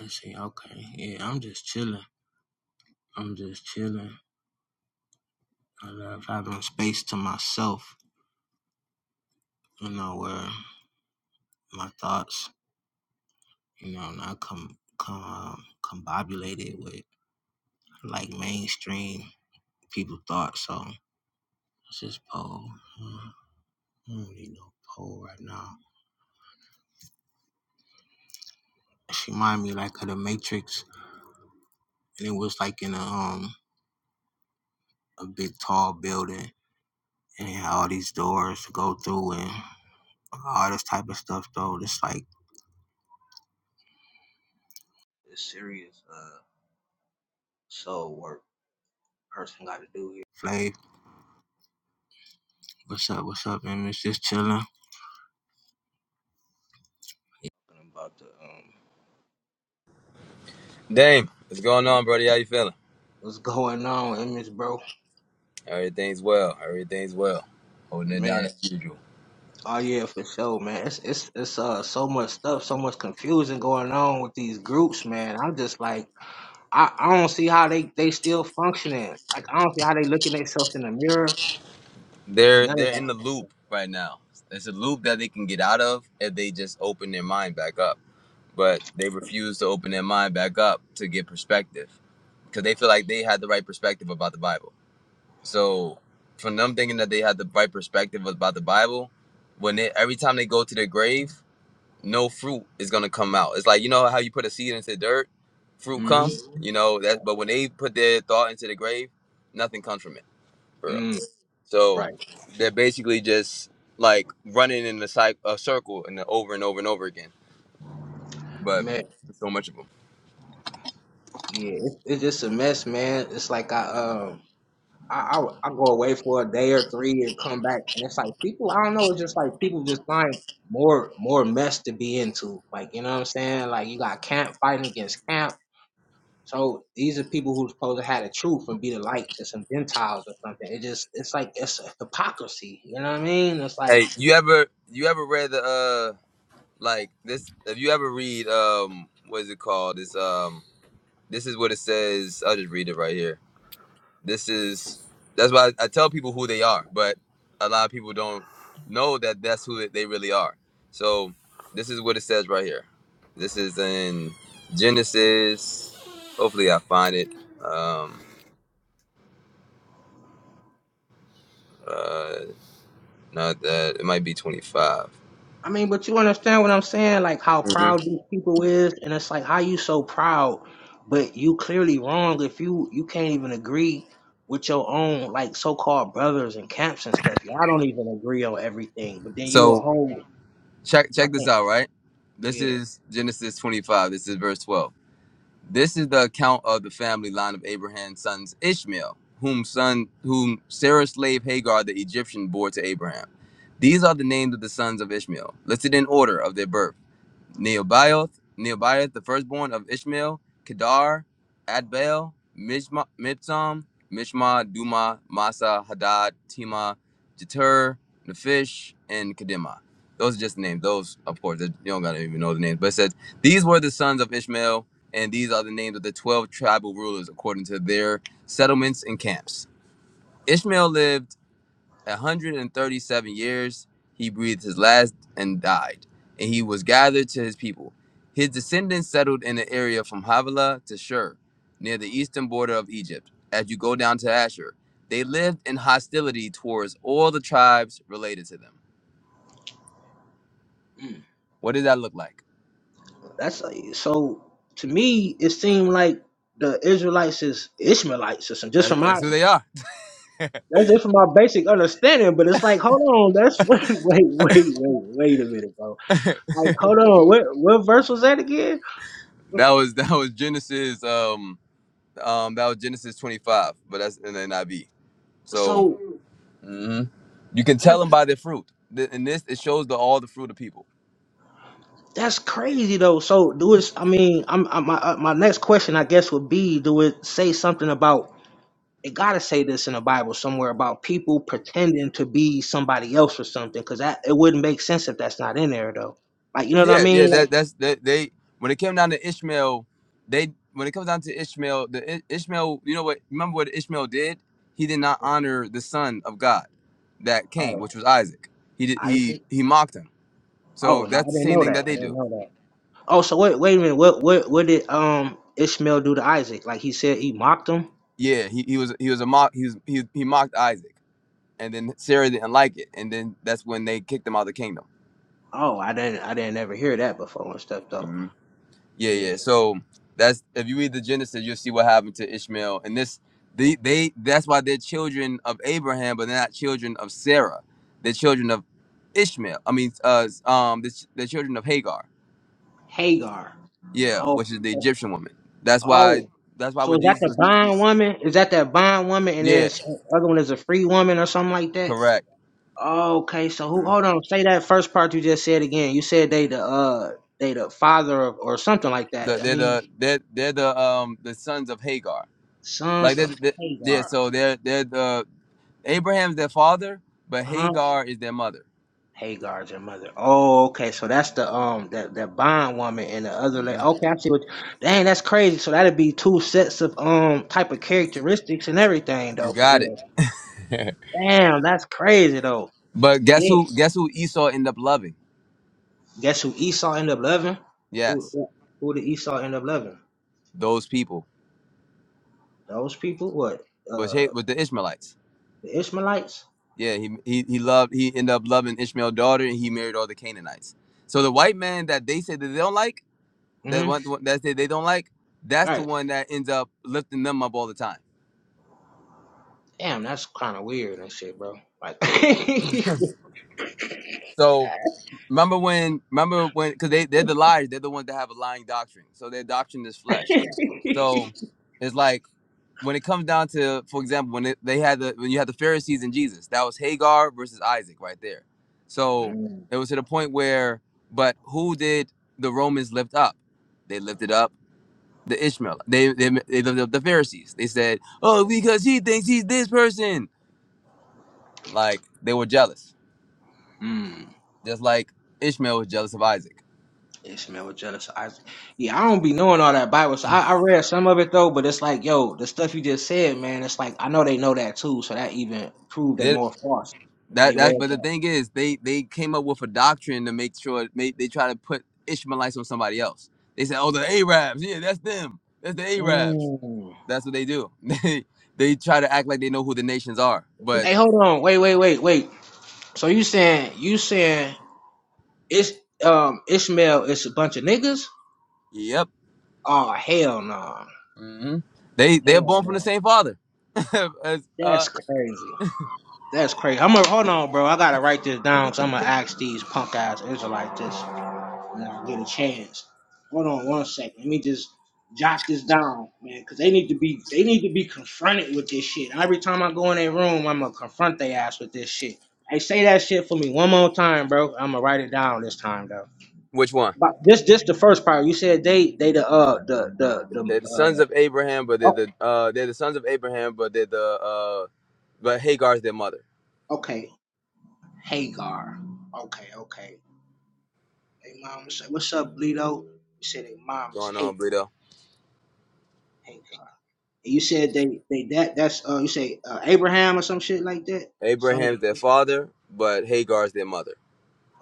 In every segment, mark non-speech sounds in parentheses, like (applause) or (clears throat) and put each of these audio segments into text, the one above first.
I see. Okay. Yeah, I'm just chilling. I'm just chilling. I love having space to myself. You know where my thoughts, you know, not com com um, combobulated with like mainstream people thoughts. So it's just poll. Uh, I don't need no poll right now. She reminded me like of the Matrix, and it was like in a um a big tall building, and it had all these doors to go through and all this type of stuff. Though it's like it's serious. uh soul work person got to do here. Flay, what's up? What's up, Image? Just chilling. about the um, Dame, what's going on, brother? How you feeling? what's going on, image, bro? Everything's well. Everything's well. Holding it down Man, as usual. oh yeah, for sure, man. It's it's it's uh so much stuff, so much confusion going on with these groups, man. I'm just like, I, I don't see how they they still functioning. Like I don't see how they looking themselves in the mirror. or They're None of they're in that the loop stuff. right now. It's a loop that they can get out of if they just open their mind back up. But they refuse to open their mind back up to get perspective because they feel like they had the right perspective about the Bible. So from them thinking that they had the right perspective about the Bible, when they every time they go to their grave, no fruit is gonna come out. It's like you know how you put a seed into dirt, fruit Mm-hmm. comes. You know that, but when they put their thought into the grave, nothing comes from it, for real. Mm, So right, they're basically just like running in the cy- a circle and over and over and over again. But man. so much of them. Yeah, it, it's just a mess, man. It's like I um. I, I I go away for a day or three and come back, and it's like people. I don't know. It's just like people just find more more mess to be into. Like you know what I'm saying? Like you got camp fighting against camp. So these are people who's supposed to have the truth and be the light to some Gentiles or something. It just it's like it's a hypocrisy. You know what I mean? It's like Hey, you ever you ever read the uh like this? If you ever read um what is it called? This um this is what it says. I'll just read it right here. This is that's why I, tell people who they are, but a lot of people don't know that that's who they really are. So this is what it says right here. This is in Genesis. Hopefully, I find it. Um, uh, not that it might be twenty I mean, but you understand what I'm saying? Like how proud these people is, and it's like how you so proud, but you clearly wrong if you you can't even agree with your own like so-called brothers and camps and stuff. Y'all don't even agree on everything, but then you a So whole. check I check this think out, right? This yeah, is Genesis twenty five. This is verse twelve. This is the account of the family line of Abraham's sons Ishmael, whom son whom Sarah's slave Hagar the Egyptian bore to Abraham. These are the names of the sons of Ishmael, listed in order of their birth. Neobioth, Neobioth, the firstborn of Ishmael, Kedar, Adbel, Mishma, Mibsam, Mishma, Duma, Masa, Hadad, Tima, Jeter, Nefish, and Kedema. Those are just names. Those, of course, you don't gotta even know the names. But it says these were the sons of Ishmael, and these are the names of the twelve tribal rulers according to their settlements and camps. Ishmael lived. 137 years he breathed his last and died, and he was gathered to his people. His descendants settled in the area from Havilah to Shur, near the eastern border of Egypt, as you go down to Asher. They lived in hostility towards all the tribes related to them. mm. What does that look like? that's like, so. To me, it seemed like the Israelites is Ishmaelites or something. Just That, from that's my who they are. that's just from my basic understanding, but it's like hold on, that's (laughs) wait wait wait wait wait a minute, bro Like, hold on, what what verse was that again? That was (laughs) that was Genesis um um that was Genesis 25, but that's in the NIV. So So mhm. you can tell that's them by their fruit. Th- In this, it shows the all the fruit of people. that's crazy though. So do it. I mean, I'm, i my uh, my next question, I guess, would be: Do it say something about? It gotta say this in the Bible somewhere about people pretending to be somebody else or something, because that it wouldn't make sense if that's not in there though. Like, you know what I Yeah, yeah, mean? Like, that that's that they when it came down to Ishmael, they when it comes down to Ishmael, the I- Ishmael, you know what? Remember what Ishmael did? He did not honor the son of God that came, oh, which was Isaac. He did I he think- he mocked him. So oh no, that's I the didn't same know thing that. that I they didn't do. know that. Oh, so wait, wait a minute. What what what did um Ishmael do to Isaac? Like he said he mocked him. Yeah, he, he was he was a mock he was he, he mocked Isaac, and then Sarah didn't like it, and then that's when they kicked him out of the kingdom. Oh, I didn't I didn't ever hear that before and stuff though. Yeah, Yeah. yeah. So that's if you read the Genesis, you'll see what happened to Ishmael. And this they they that's why they're children of Abraham, but they're not children of Sarah. They're children of Ishmael. I mean, uh, um, the, the children of Hagar. Hagar. Yeah, Oh which is the so- Egyptian woman. That's why. oh. That's why So when is that Jesus the was. bond woman? Is that that bond woman and then Yeah, some- other one is a free woman or something like that? correct. Okay, so who hold on, say that first part you just said again. You said they the uh they the father of or something like that. The, I they're mean the they're they're the um the sons of Hagar. Like sons they're, of they yeah. Hagar. So they're they're the Abraham's their father, but Uh-huh. Hagar is their mother. Hagar's her mother. Oh, okay. So that's the um that that bond woman and the other lady. Mhm. Okay, I see what. Dang, that's crazy. So that'd be two sets of um type of characteristics and everything You though, for got real. it. (laughs) Damn, that's crazy though. But guess Yeah. who? Guess who Esau ended up loving? Guess who Esau ended up loving? Who Yes, who who did Esau end up loving? those people. Those people? What? Was Uh, hate with the Ishmaelites. the Ishmaelites. Yeah, he, he he loved. He ended up loving Ishmael's daughter, and he married all the Canaanites. So the white man that they say that they don't like, that Hmm. one that they they don't like, that's the Right. one that ends up lifting them up all the time. Damn, that's kind of weird and shit, bro. Like. (laughs) mm. So remember when? Remember when? Because they they're the liars. They're the ones that have a lying doctrine. So their doctrine is flesh. So it's like when it comes down to, for example, when it, they had the when you had the Pharisees and Jesus, that was Hagar versus Isaac right there. So it was to the point where, but who did the Romans lift up? They lifted up the Ishmael. They they, they lifted up the Pharisees. They said, "Oh, because he thinks he's this person." Like they were jealous, Mm. just like Ishmael was jealous of Isaac. Ishmael, was jealous of Isaac. Yeah, I don't be knowing all that Bible. So I, I read some of it though, but it's like, yo, the stuff you just said, man. It's like I know they know that too, so that even proved they more false. If That they read that but the that. thing is they they came up with a doctrine to make sure they, they try to put Ishmaelites on somebody else. They said, Oh the Arabs, yeah, that's them. That's the Arabs. Mm. That's what they do. (laughs) They they try to act like they know who the nations are. But Hey, hold on, wait, wait, wait, wait. So you saying you saying it's um Ishmael is a bunch of niggas? yep. Oh hell no, hmm They they're hell born from the no. same father. (laughs) As, uh, That's crazy. That's crazy. I'm gonna hold on, bro. I gotta write this down because I'm gonna ask these punk ass Israelites this. when I get a chance. Hold on one second. Let me just jot this down, man, because they need to be they need to be confronted with this shit. Every time I go in their room, I'm gonna confront their ass with this shit. Hey, say that shit for me one more time, bro. I'm gonna write it down this time though. Which one? But this this the first part. You said they they the uh the the the They're the sons uh of Abraham, but they're oh, the uh, they're the sons of Abraham, but they're the uh, but Hagar's their mother. okay Hagar. Okay, okay. Hey mom, what's up, what's Bleedo? You said their mom is Going on, Hagar. Brito. Hagar. And You said they they that that's uh you say uh, Abraham or some shit like that. Some. Abraham's their father, but Hagar's their mother.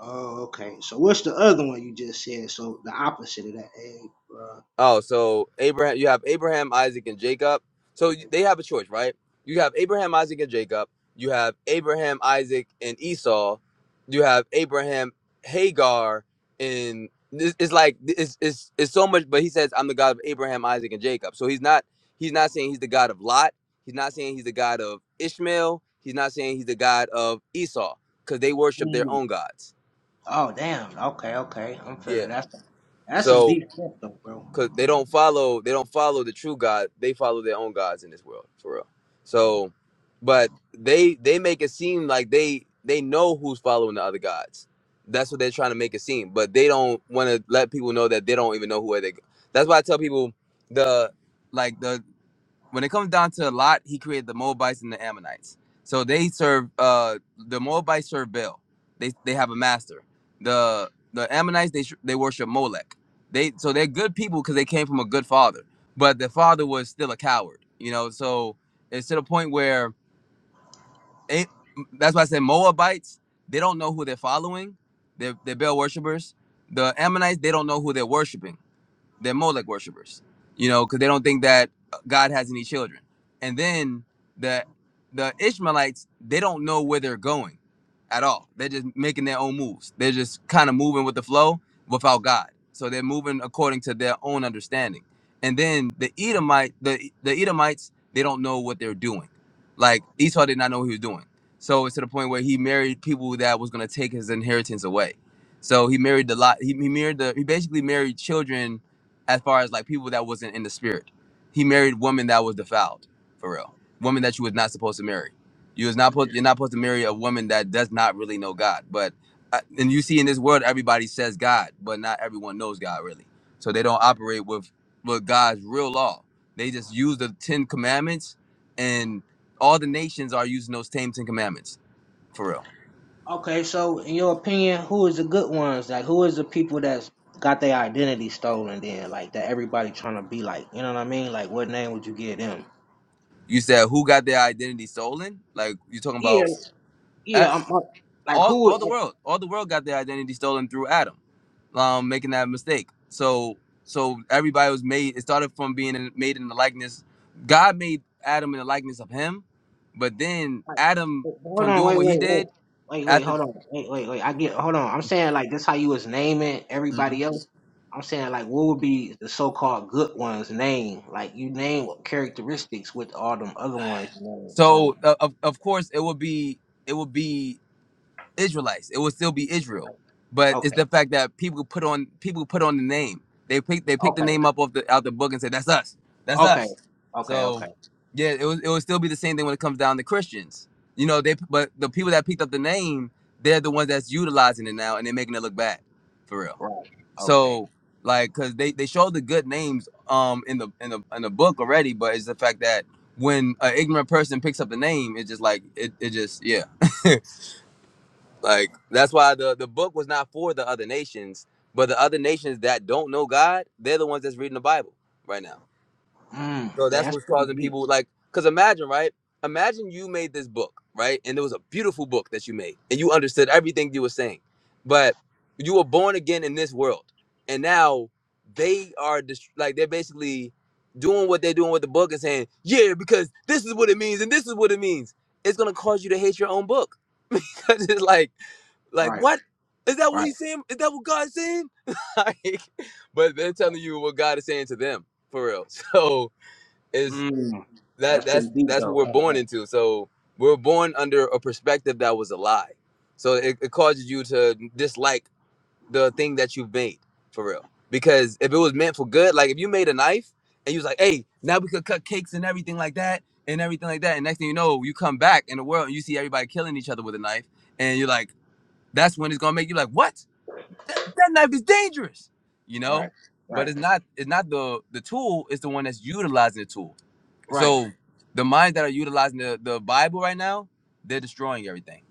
Oh, okay. So what's the other one you just said? So the opposite of that, Abraham. Oh, so Abraham, you have Abraham, Isaac, and Jacob. So you- they have a choice, right? You have Abraham, Isaac, and Jacob. You have Abraham, Isaac, and Esau. You have Abraham, Hagar, and this it's like it's it's it's so much. But he says, "I'm the God of Abraham, Isaac, and Jacob." So he's not he's not saying he's the God of Lot. He's not saying he's the God of Ishmael. He's not saying he's the God of Esau because they worship their Mm. own gods. Oh, damn. Okay, okay. I'm Yeah. feeling that's that's some So deep stuff though, bro. because they don't follow they don't follow the true God. They follow their own gods in this world for real. So, but they they make it seem like they they know who's following the other gods. That's what they're trying to make it seem. But they don't want to let people know that they don't even know who are they. That's why I tell people the like the when it comes down to Lot, he created the Moabites and the Ammonites. So they serve uh the Moabites serve Baal. They they have a master. The the Ammonites they they worship Molech. They so they're good people because they came from a good father, but the father was still a coward. You know, so it's to the point where it, that's why I said Moabites they don't know who they're following. They're, they're Baal worshippers. The Ammonites they don't know who they're worshiping. They're Molech worshippers, you know, because they don't think that God has any children. And then the the Ishmaelites, they don't know where they're going at all. They're just making their own moves. They're just kind of moving with the flow without God. So they're moving according to their own understanding. And then the Edomite, the the Edomites, they don't know what they're doing. Like Esau did not know what he was doing. So it's to the point where he married people that was going to take his inheritance away. So he married the lot. He, he married the. He basically married children as far as like people that wasn't in the spirit. He married women that was defiled, for real. Women that you was not supposed to marry. You was not supposed you're not supposed to marry a woman that does not really know God. But uh, and you see in this world everybody says God, but not everyone knows God really. So they don't operate with with God's real law. They just use the Ten Commandments, and all the nations are using those same Ten Commandments for real. Okay, so in your opinion, who is the good ones? Like, who is the people that's got their identity stolen? Then, like that everybody trying to be like, you know what I mean? Like, what name would you give them? You said who got their identity stolen? Like you're talking Yeah, about? yeah. I'm, i like, all who? all the world all the world got their identity stolen through adam um making that mistake so so everybody was made it started from being in, made in the likeness god made adam in the likeness of him but then Like, adam wait, Hold from on, doing wait, what wait, he wait, did wait, wait, after hold on, wait, wait, wait. I get, hold on. I'm saying like this how you was naming Mhm. everybody else. I'm saying like what would be the so-called good ones name? Like you name what characteristics with all them other ones you name. So so uh, of, of course it would be it would be israelites it would still be israel like, but it's okay, the fact that people put on people put on the name they pick they picked the okay, name up off the out the book and said, that's us that's us okay, okay, So okay, yeah, it was it would still be the same thing when it comes down to Christians. You know, they but the people that picked up the name, they're the ones that's utilizing it now and they're making it look bad, for real. right, okay. So like, cause they they showed the good names um in the in the in the book already, but it's the fact that when an ignorant person picks up the name, it's just like it it just yeah like that's why the the book was not for the other nations, but the other nations that don't know God, they're the ones that's reading the Bible right now Mm, so yeah, that's that's what's pretty causing deep. people like cuz imagine, right? Imagine you made this book, right? And it was a beautiful book that you made and you understood everything you were saying. But you were born again in this world. And now they are just like they're basically doing what they're doing with the book and saying, "Yeah, because this is what it means and this is what it means." It's going to cause you to hate your own book. (laughs) because it's like like Right, what? Is that what right. he's saying? Is that what God's saying? (laughs) like, but they're telling you what God is saying to them for real. (laughs) So is Mm, that that's pretty that's deep that's what we're though. born into. So we're born under a perspective that was a lie. So it, it causes you to dislike the thing that you've made for real. Because if it was meant for good, like if you made a knife and you was like, hey, now we could cut cakes and everything like that and everything like that. And next thing you know, you come back in the world and you see everybody killing each other with a knife. And you're like, that's when it's gonna make you like, what? That, that knife is dangerous, you Right, know? right, But right, it's right. not it's not the the tool, it's the one that's utilizing the tool right. so the minds that are utilizing the, the Bible right now, they're destroying everything.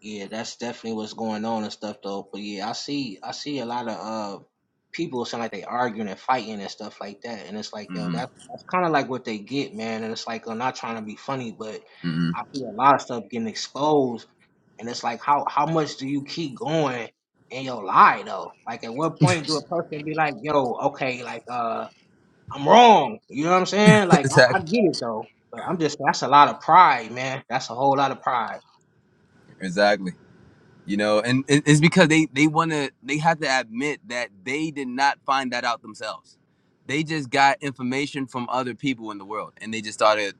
Yeah, that's definitely what's going on and stuff though. But yeah, I see I see a lot of uh people sound like they arguing and fighting and stuff like that. And it's like, yo, hmm that that's kinda like what they get, man. And it's like I'm not trying to be funny, but hmm I see a lot of stuff getting exposed and it's like how how much do you keep going in your lie though? Like at what point do a person be like, yo, okay, like uh I'm wrong. You know what I'm saying? (laughs) Like I, I exactly. get it though. But I'm just that's a lot of pride, man. That's a whole lot of pride. Exactly. you know and it- it's because they they want to they have to admit that they did not find that out themselves they just got information from other people in the world and they just started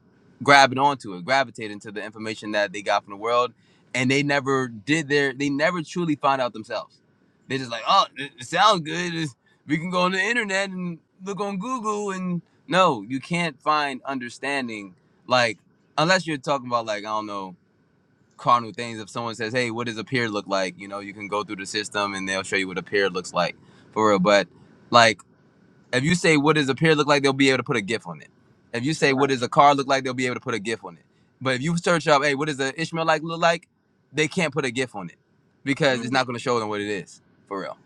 grabbing onto it gravitating to the information that they got from the world and they never did their they never truly found out themselves they just like oh it, it sounds good It's- we can go on the internet and look on google and no you can't find understanding like unless you're talking about like i don't know carnal things. If someone says, "Hey, what does a peer look like?" You know, you can go through the system and they'll show you what a peer looks like for real. But like, if you say, "What does a peer look like?" They'll be able to put a GIF on it. If you say, "What Right. does a car look like?" They'll be able to put a GIF on it. But if you search up, "Hey, what does a Ishmael like look like?" They can't put a GIF on it because it's Mm. not going to show them what it is for real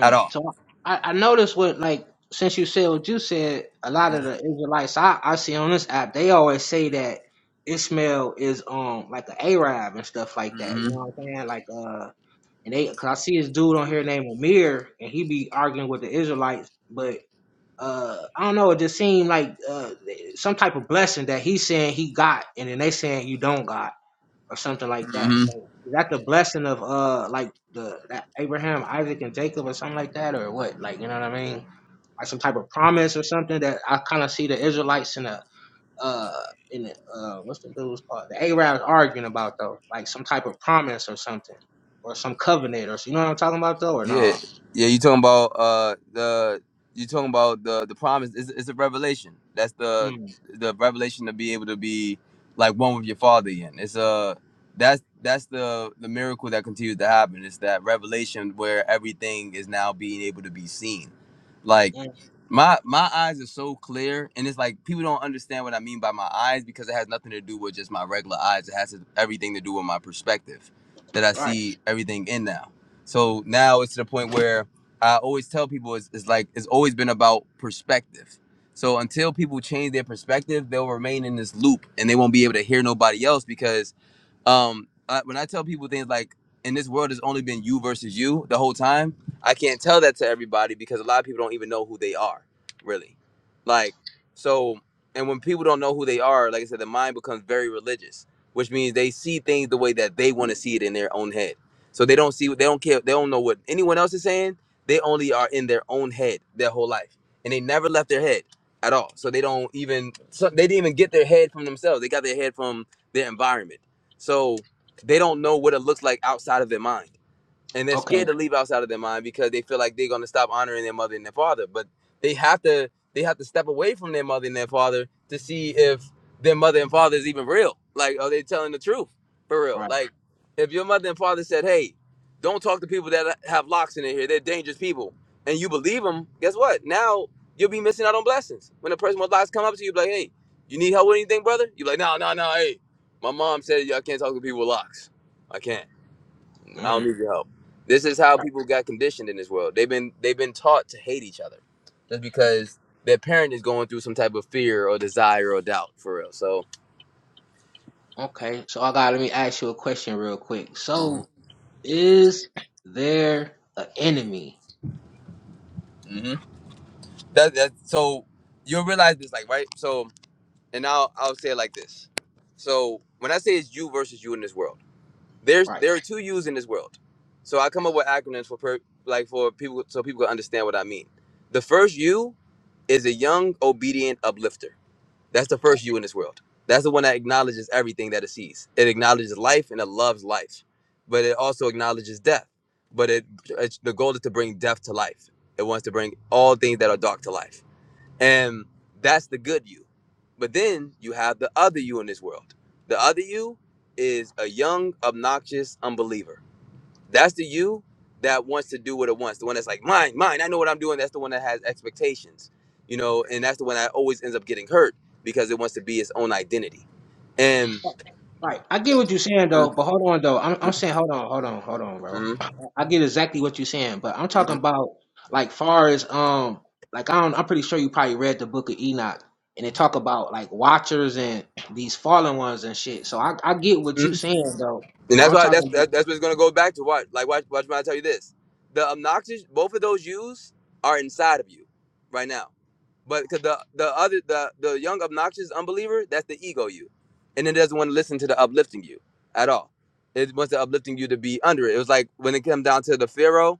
at all. So I, I noticed what like since you said what you said, a lot of the Israelites I, I see on this app, they always say that Ishmael is um like an Arab and stuff like that. You know what I'm saying? Like uh and they cause I see this dude on here named Amir and he be arguing with the Israelites, but uh I don't know, it just seemed like uh some type of blessing that he's saying he got and then they saying you don't got or something like that. Mm-hmm. So, is that the blessing of uh like the that Abraham, Isaac, and Jacob or something like that, or what? Like you know what I mean? Like some type of promise or something that I kind of see the Israelites and the uh in the uh what's the dude's called the Arabs arguing about though, like some type of promise or something, or some covenant or you know what I'm talking about though, or Yeah, no? yeah. You talking about uh the you talking about the the promise? It's, it's a revelation. That's the Mm, the revelation to be able to be like one with your father again. It's uh that's that's the the miracle that continues to happen. It's that revelation where everything is now being able to be seen. Like mm, my my eyes are so clear, and it's like people don't understand what I mean by my eyes because it has nothing to do with just my regular eyes. It has to- everything to do with my perspective that I right. see everything in now. So now it's to the point where I always tell people it's, it's like it's always been about perspective. So until people change their perspective, they'll remain in this loop and they won't be able to hear nobody else because um, I, when I tell people things like in this world, it's only been you versus you the whole time. I can't tell that to everybody because a lot of people don't even know who they are, really. Like so, and when people don't know who they are, like I said, the mind becomes very religious, which means they see things the way that they want to see it in their own head. So they don't see, they don't care, they don't know what anyone else is saying. They only are in their own head their whole life, and they never left their head at all. So they don't even, so they didn't even get their head from themselves. They got their head from their environment. So they don't know what it looks like outside of their mind and they're Okay. scared to leave outside of their mind because they feel like they're going to stop honoring their mother and their father but they have to they have to step away from their mother and their father to see if their mother and father is even real like are they telling the truth for real Right. like if your mother and father said hey don't talk to people that have locks in their hair they're dangerous people and you believe them guess what now you'll be missing out on blessings when a person with locks come up to you be like hey you need help with anything brother you're like no no no hey my mom said i can't talk to people with locks i can't I don't Mm, need your help. This is how right. people got conditioned in this world. They've been they've been taught to hate each other. That's mm. because their parent is going through some type of fear or desire or doubt for real. So Okay. So I got let me ask you a question real quick. So Mhm. is there an enemy? Mhm. that that so you'll realize this like right. So and I'll I'll say it like this. So when I say it's you versus you in this world, there's Right. there are two yous in this world. So I come up with acronyms for per, like for people so people can understand what I mean. The first you is a young obedient uplifter. That's the Right. first you in this world. That's the one that acknowledges everything that it sees. It acknowledges life and it loves life, but it also acknowledges death. But it, it's the goal is to bring death to life. It wants to bring all things that are dark to life, and that's the good you. But then you have the other you in this world. The other you is a young, obnoxious unbeliever that's the you that wants to do what it wants. The one that's like, mine, mine, I know what I'm doing. That's the one that has expectations, you know, and that's the one that always ends up getting hurt because it wants to be its own identity. And Right. I get what you're saying though, Mhm, but hold on though. I'm I'm saying hold on, hold on, hold on, bro. mhm, I get exactly what you're saying, but I'm talking mhm, about like far as um like I don't I'm pretty sure you probably read the book of Enoch and they talk about like watchers and these fallen ones and shit. So I, I get what you're mhm. saying though. and But that's I'm why that's talking about that, that's what's gonna go back to watch. Like watch watch when I tell you this. The obnoxious both of those yous are inside of you right now. But because the the other the the young obnoxious unbeliever, that's the ego you, and it doesn't want to listen to the uplifting you at all. It wants the uplifting you to be under it. It was like when it came down to the Pharaoh,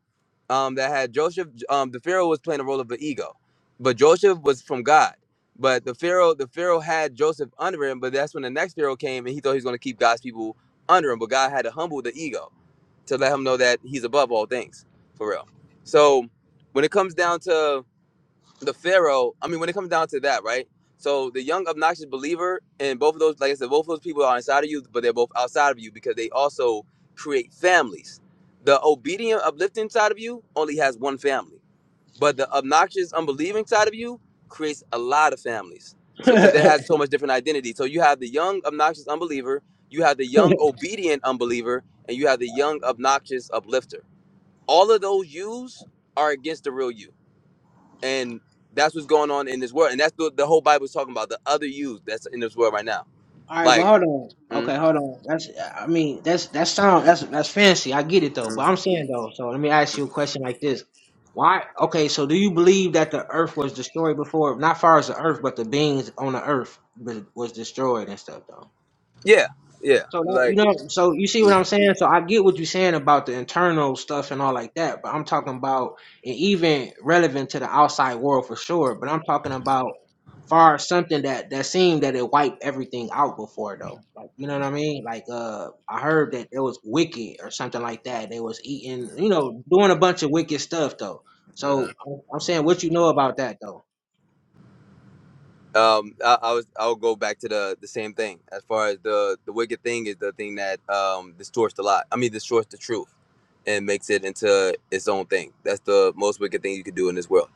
um, that had Joseph. Um, the Pharaoh was playing the role of the ego, but Joseph was from God. But the Pharaoh, the Pharaoh had Joseph under him. But that's when the next Pharaoh came, and he thought he was going to keep God's people under him. But God had to humble the ego to let him know that he's above all things, for real. So when it comes down to the Pharaoh, I mean, when it comes down to that, right? So the young obnoxious believer and both of those, like I said, both of those people are inside of you, but they're both outside of you because they also create families. The obedient, uplifting side of you only has one family, but the obnoxious, unbelieving side of you creates a lot of families. So because it has so much different identity. So you have the young obnoxious unbeliever, you have the young obedient unbeliever, and you have the young obnoxious uplifter. All of those yous are against the real you and that's what's going on in this world and that's the, the whole bible's talking about the other you that's in this world right now All right, but like hold on. mm, Okay, hold on. That's I mean that's that sound that's that's fancy. I get it though, but mm, I'm saying though. So let me ask you a question like this: Why? Okay, so do you believe that the Earth was destroyed before? Not far as the Earth, but the beings on the Earth was was destroyed and stuff though. yeah yeah So that you like know, so you see what mm, I'm saying. So I get what you're saying about the internal stuff and all like that, but I'm talking about and even relevant to the outside world for sure. But I'm talking about far as something that that seemed that it wiped everything out before though. Like you know what I mean? Like uh, I heard that it was wicked or something like that. They was eating, you know, doing a bunch of wicked stuff though. mhm. So I'm I'm saying what you know about that though. um I, I was i'll go back to the the same thing as far as the the wicked thing is the thing that um distorts the lie i mean distorts the truth and makes it into its own thing that's the most wicked thing you can do in this world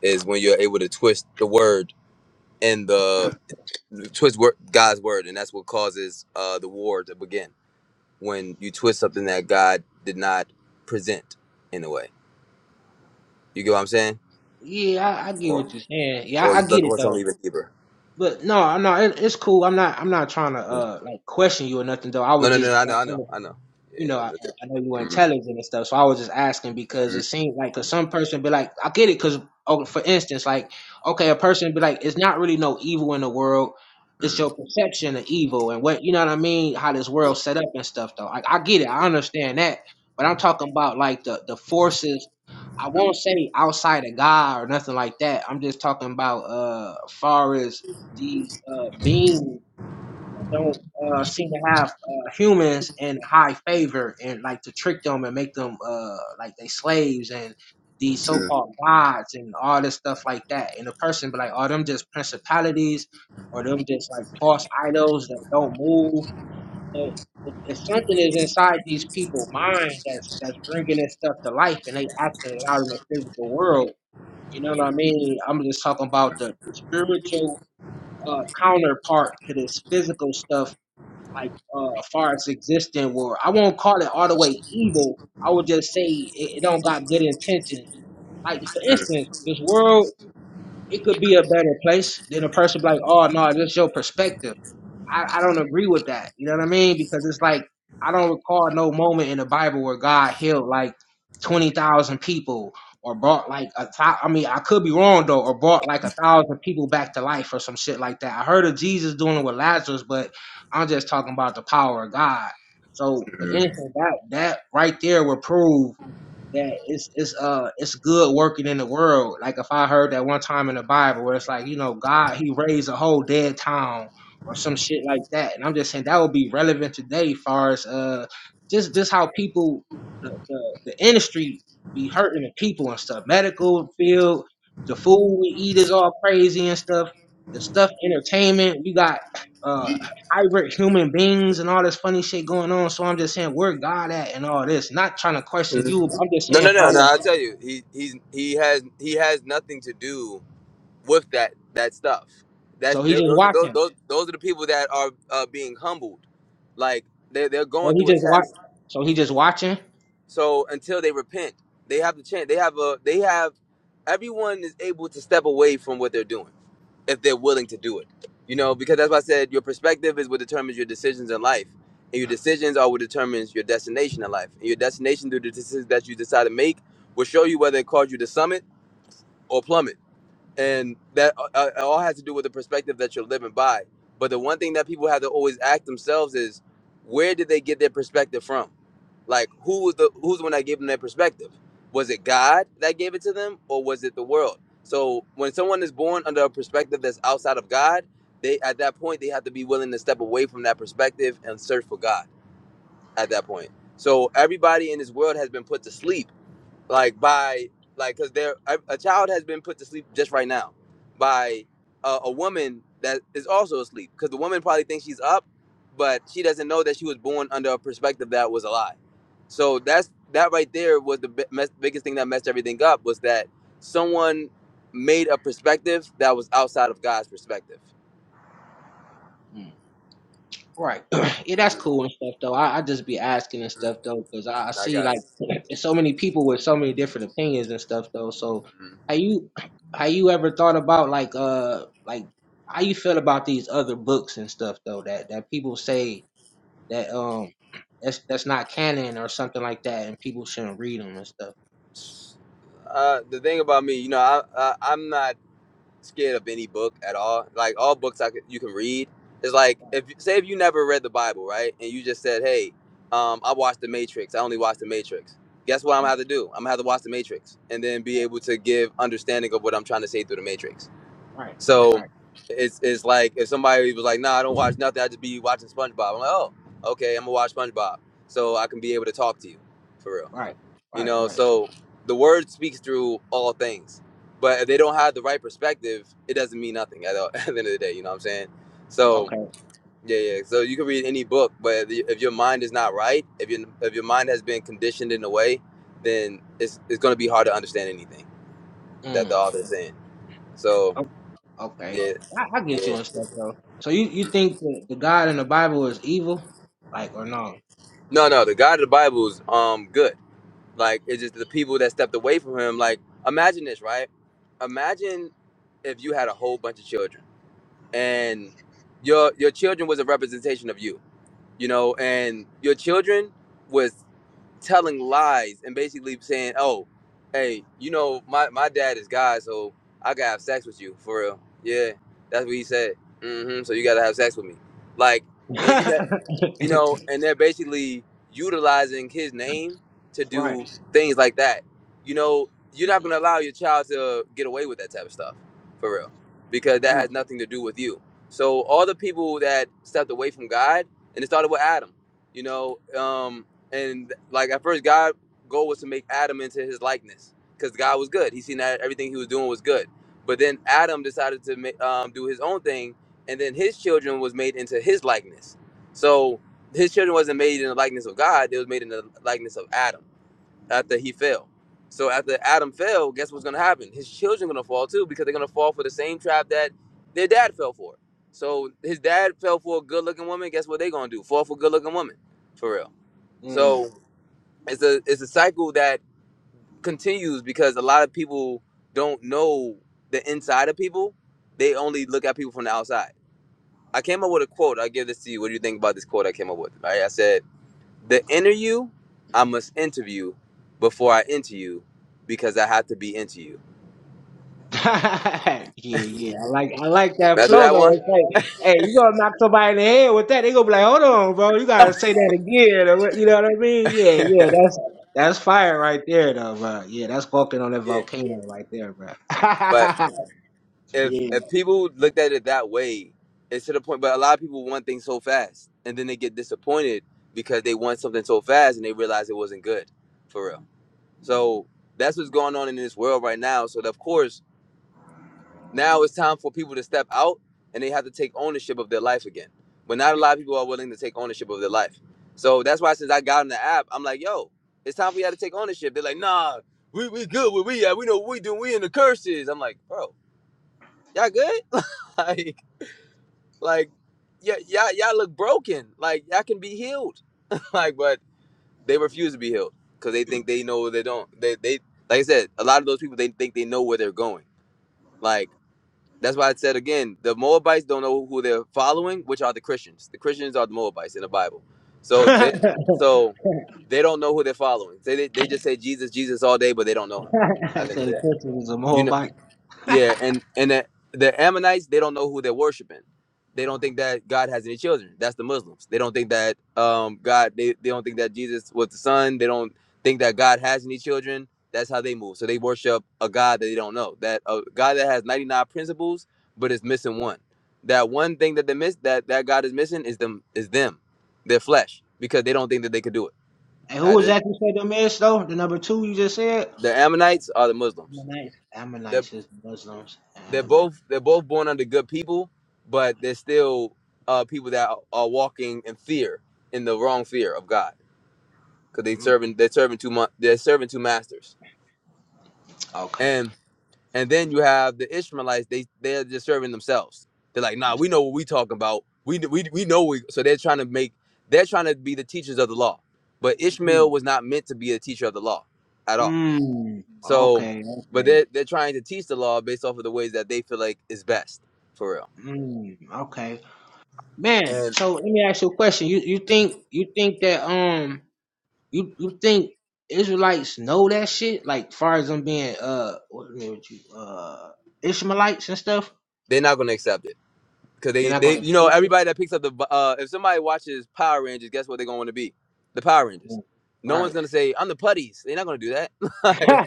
is when you're able to twist the word and the twist word, god's word and that's what causes uh the war to begin when you twist something that God did not present in a way. You get what I'm saying? Yeah, I, I get Or what you're saying. Yeah, or I, I you look get it for though. something even deeper. But no, no, it, it's cool. I'm not, I'm not trying to Mm. uh like question you or nothing though. I No, would no, no, just I know, I know, I know. you Yeah. know, I I, know. I know you were Mm, intelligent and stuff, so I was just asking because mm, it seemed like, cause some person be like, I get it, cause oh, for instance, like, okay, a person be like, it's not really no evil in the world, it's your mm, perception of evil and what you know what I mean, how this world mm. set up and stuff. Though I, I get it, I understand that, but I'm talking about like the the forces. I won't say outside of God or nothing like that. I'm just talking about uh, far as these uh beings don't uh, seem to have uh, humans in high favor and like to trick them and make them uh, like they slaves and these so-called gods and all this stuff like that. And the person be like, are them just principalities or them just like false idols that don't move? But if, if something is inside these people' mind that's that's bringing this stuff to life and they acting it out in the physical world, you know what I mean? I'm just talking about the spiritual uh, counterpart to this physical stuff like uh as far as existing where I won't call it all the way evil. I would just say it, it don't got good intentions. Like for instance, this world it could be a better place than a person be like, oh no, that's your perspective. I, I don't agree with that. You know what I mean? Because it's like I don't recall no moment in the Bible where God healed like twenty thousand people or brought like a thou- I mean I could be wrong though or brought like a thousand people back to life or some shit like that. I heard of Jesus doing it with Lazarus, but I'm just talking about the power of God. So for instance, that that right there would prove that it's it's uh it's good working in the world. Like if I heard that one time in the Bible where it's like, you know, God he raised a whole dead town or some shit like that. And I'm just saying that would be relevant today far as uh just just how people the, the, the industry be hurting the people and stuff. Medical field, the food we eat is all crazy and stuff. The stuff entertainment, we got uh hybrid human beings and all this funny shit going on. So I'm just saying, where God at and all this. Not trying to question you, but I'm just saying, No, no, no. fine. I tell you, he he's he has he has nothing to do with that that stuff. That's So he those just those watching. those, those are the people that are uh, being humbled, like they they're they're So going he through a just watch. test. So he just watching. So until they repent, they have the chance. They have a. They have. Everyone is able to step away from what they're doing if they're willing to do it. You know, because that's why I said your perspective is what determines your decisions in life, and your decisions are what determines your destination in life. And your destination through the decisions that you decide to make will show you whether it caused you to summit or plummet and that uh, uh, it all has to do with the perspective that you're living by. But the one thing that people have to always ask themselves is, where did they get their perspective from? Like, who was the who's the one that gave them their perspective? Was it God that gave it to them, or was it the world? So when someone is born under a perspective that's outside of God, they at that point they have to be willing to step away from that perspective and search for God. At that point, so everybody in this world has been put to sleep like by like because there a, a child has been put to sleep just right now by a, a woman that is also asleep because the woman probably thinks she's up but she doesn't know that she was born under a perspective that was a lie so that's that right there was the bi- mess, biggest thing that messed everything up was that someone made a perspective that was outside of god's perspective Mm. Right. (clears throat) yeah, that's cool and stuff though. I, I just be asking and Mhm. stuff though, because I, I i see got like you (clears throat) there's so many people with so many different opinions and stuff though. So Mhm. have you (clears throat) have you ever thought about like uh like how you feel about these other books and stuff though that that people say that um (clears throat) that's that's not canon or something like that, and people shouldn't read them and stuff. uh, the thing about me you know I, I i'm not scared of any book at all. Like all books I could, you can read. It's like if say if you never read the Bible, right? And you just said, "Hey, um, I watched The Matrix. I only watched The Matrix." Guess what I'm gonna have to do? I'm gonna have to watch The Matrix and then be able to give understanding of what I'm trying to say through The Matrix. Right, So right, it's it's like if somebody was like, "Nah, I don't watch nothing. I just be watching SpongeBob." I'm like, "Oh, okay. I'm gonna watch SpongeBob, so I can be able to talk to you for real." right, You right, right. know, right. so the word speaks through all things. But if they don't have the right perspective, it doesn't mean nothing at, all, (laughs) at the end of the day. You know what I'm saying? So Okay. yeah, yeah. So you can read any book, but if if your mind is not right, if your if your mind has been conditioned in a way, then it's it's going to be hard to understand anything that the Mm. author is saying. So o- Okay. yeah, I, I get yeah. you and stuff though. So you you think that the God in the Bible is evil, like or no? No, no. The God of the Bible is um good. Like it's just the people that stepped away from him. Like imagine this, right? Imagine if you had a whole bunch of children and your your children was a representation of you you know and your children was telling lies and basically saying oh hey you know my, my dad is god so i gotta have sex with you for real yeah that's what he said hmm so you gotta have sex with me like (laughs) and you ne- you right. know, and they're basically utilizing his name to do things like that. You know, you're not Mm, gonna allow your child to get away with that type of stuff, for real, because that has Right. nothing to do with you. So all the people that stepped away from God, and it started with Adam, you know, um, and like at first, God' goal was to make Adam into His likeness, because God was good. He seen that everything He was doing was good, but then Adam decided to ma- um, do his own thing, and then his children was made into His likeness. So his children wasn't made in the likeness of God, they was made in the likeness of Adam after he fell. So after Adam fell, guess what's gonna happen? His children gonna fall too because they're gonna fall for the same trap that their dad fell for. So his dad fell for a good looking woman, guess what they gonna do? Fall for good looking woman. For real. Mm. So it's a it's a cycle that continues because a lot of people don't know the inside of people. They only look at people from the outside. I came up with a quote. I give this to you. What do you think about this quote I came up with? Right? I said the inner you, I must interview before I enter you because I have to be into you. (laughs) yeah, yeah. I like I like that Remember flow that though. one? It's like, hey, you gonna knock somebody in the head with that? They gonna be like, hold on, bro, you gotta say that again. or what- You know what I mean? Yeah, (laughs) yeah. That's that's fire right there, though, bro. Yeah, that's walking on that yeah. volcano right there, bro. (laughs) But if yeah. if people looked at it that way, it's to the point. But a lot of people want things so fast, and then they get disappointed because they want something so fast, and they realize it wasn't good, for real. So that's what's going on in this world right now. So of course Now it's time for people to step out and they have to take ownership of their life again. But not a lot of people are willing to take ownership of their life. So that's why since I got on the app, I'm like, yo, it's time for y'all to take ownership. They're like, nah, we, we good where we at. We know what we do. We in the curses. I'm like, bro, y'all good? (laughs) Like, like, yeah, y'all, y'all look broken. Like, y'all can be healed. (laughs) Like, but they refuse to be healed because they think they know where they don't. They, they, like I said, a lot of those people, they think they know where they're going. Like, That's why I said again, the Moabites don't know who they're following, which are the Christians. The Christians are the Moabites in the Bible. (laughs) So they so they don't know who they're following. They they, they just say Jesus, Jesus all day, but they don't know him at I the end of said the the day. question is a You whole know. bite. Yeah, and and the, the Ammonites they don't know who they're worshiping. They don't think that God has any children. That's the Muslims. They don't think that um God they, they don't think that Jesus was the son. They don't think that God has any children. That's how they move. So they worship a God that they don't know. That a God that has 99 principles but is missing one. That one thing that they miss that that God is missing is them is them, their flesh because they don't think that they could do it. Hey, who Uh, was The that you said the miss though? The number two you just said? the Ammonites are the Muslims. Ammonites. Ammonites is Muslims. they're Ammon. both they're both born under good people, but they're still uh, people that are, are walking in fear, in the wrong fear of God, because they Mm, serving they're serving two mon- they're serving two masters, okay. and and then you have the Ishmaelites they they're just serving themselves. They're like, nah, we know what we talking about. We we we know we so they're trying to make they're trying to be the teachers of the law, but Ishmael Mm. was not meant to be a teacher of the law at all. Mm. So, Okay. but Okay. they're they're trying to teach the law based off of the ways that they feel like is best for real. Mm, okay, man. So let me ask you a question. You you think you think that um you you think Israelites know that shit? Like far as them being uh what, I mean, what you uh Ishmaelites and stuff, They're not gonna accept it because they're they not they gonna you know accept it. everybody that picks up the uh if somebody watches Power Rangers, guess what they're gonna want to be? The Power Rangers. Mm, No one's Right, gonna say I'm the putties. They're not gonna do that. (laughs) (laughs) like,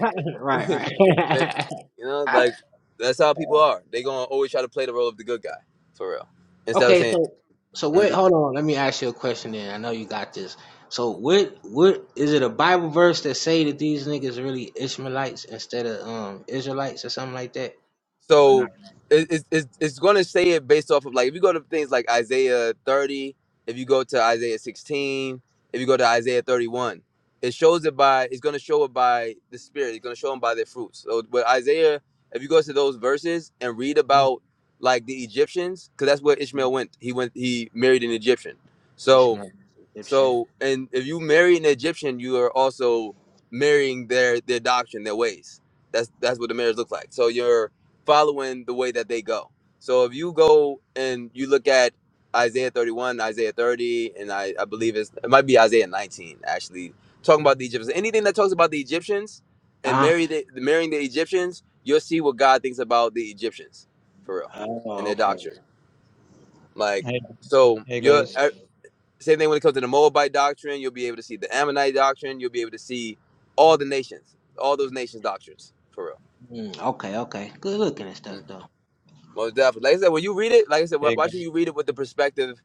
(laughs) right, they, right. you know, like that's how people (laughs) are. They gonna always try to play the role of the good guy for real instead of okay, saying. so so what? Hold on. Let me ask you a question. Then I know you got this. So what what is it a Bible verse that say that these niggas really Ishmaelites instead of um Israelites or something like that? Or So not it, it's it's, it's going to say it based off of like if you go to things like Isaiah 30, if you go to Isaiah 16, if you go to Isaiah 31, it shows it by it's going to show it by the Spirit. It's going to show them by their fruits. So with Isaiah, if you go to those verses and read about like the Egyptians, because that's where Mhm. Ishmael went. He went. He married an Egyptian. So Ishmael Egyptian. so, and if you marry an Egyptian, you are also marrying their their doctrine, their ways. That's that's what the marriage looks like. So you're following the way that they go. So if you go and you look at Isaiah 31, Isaiah 30, and I, I believe it's, it might be Isaiah 19 actually talking about the Egyptians. Anything that talks about the Egyptians and Uh huh. marry the, marrying the Egyptians, you'll see what God thinks about the Egyptians for real and Oh, their okay. doctrine. Like Hey, so, hey you're guys. same thing when it comes to the Moabite doctrine. You'll be able to see the Ammonite doctrine. You'll be able to see all the nations, all those nations' doctrines, for real. Mm, okay, okay. Good looking and stuff Mm. though. Most definitely. Like I said, when you read it, like I said, why Hey, why should gu- you read it with the perspective,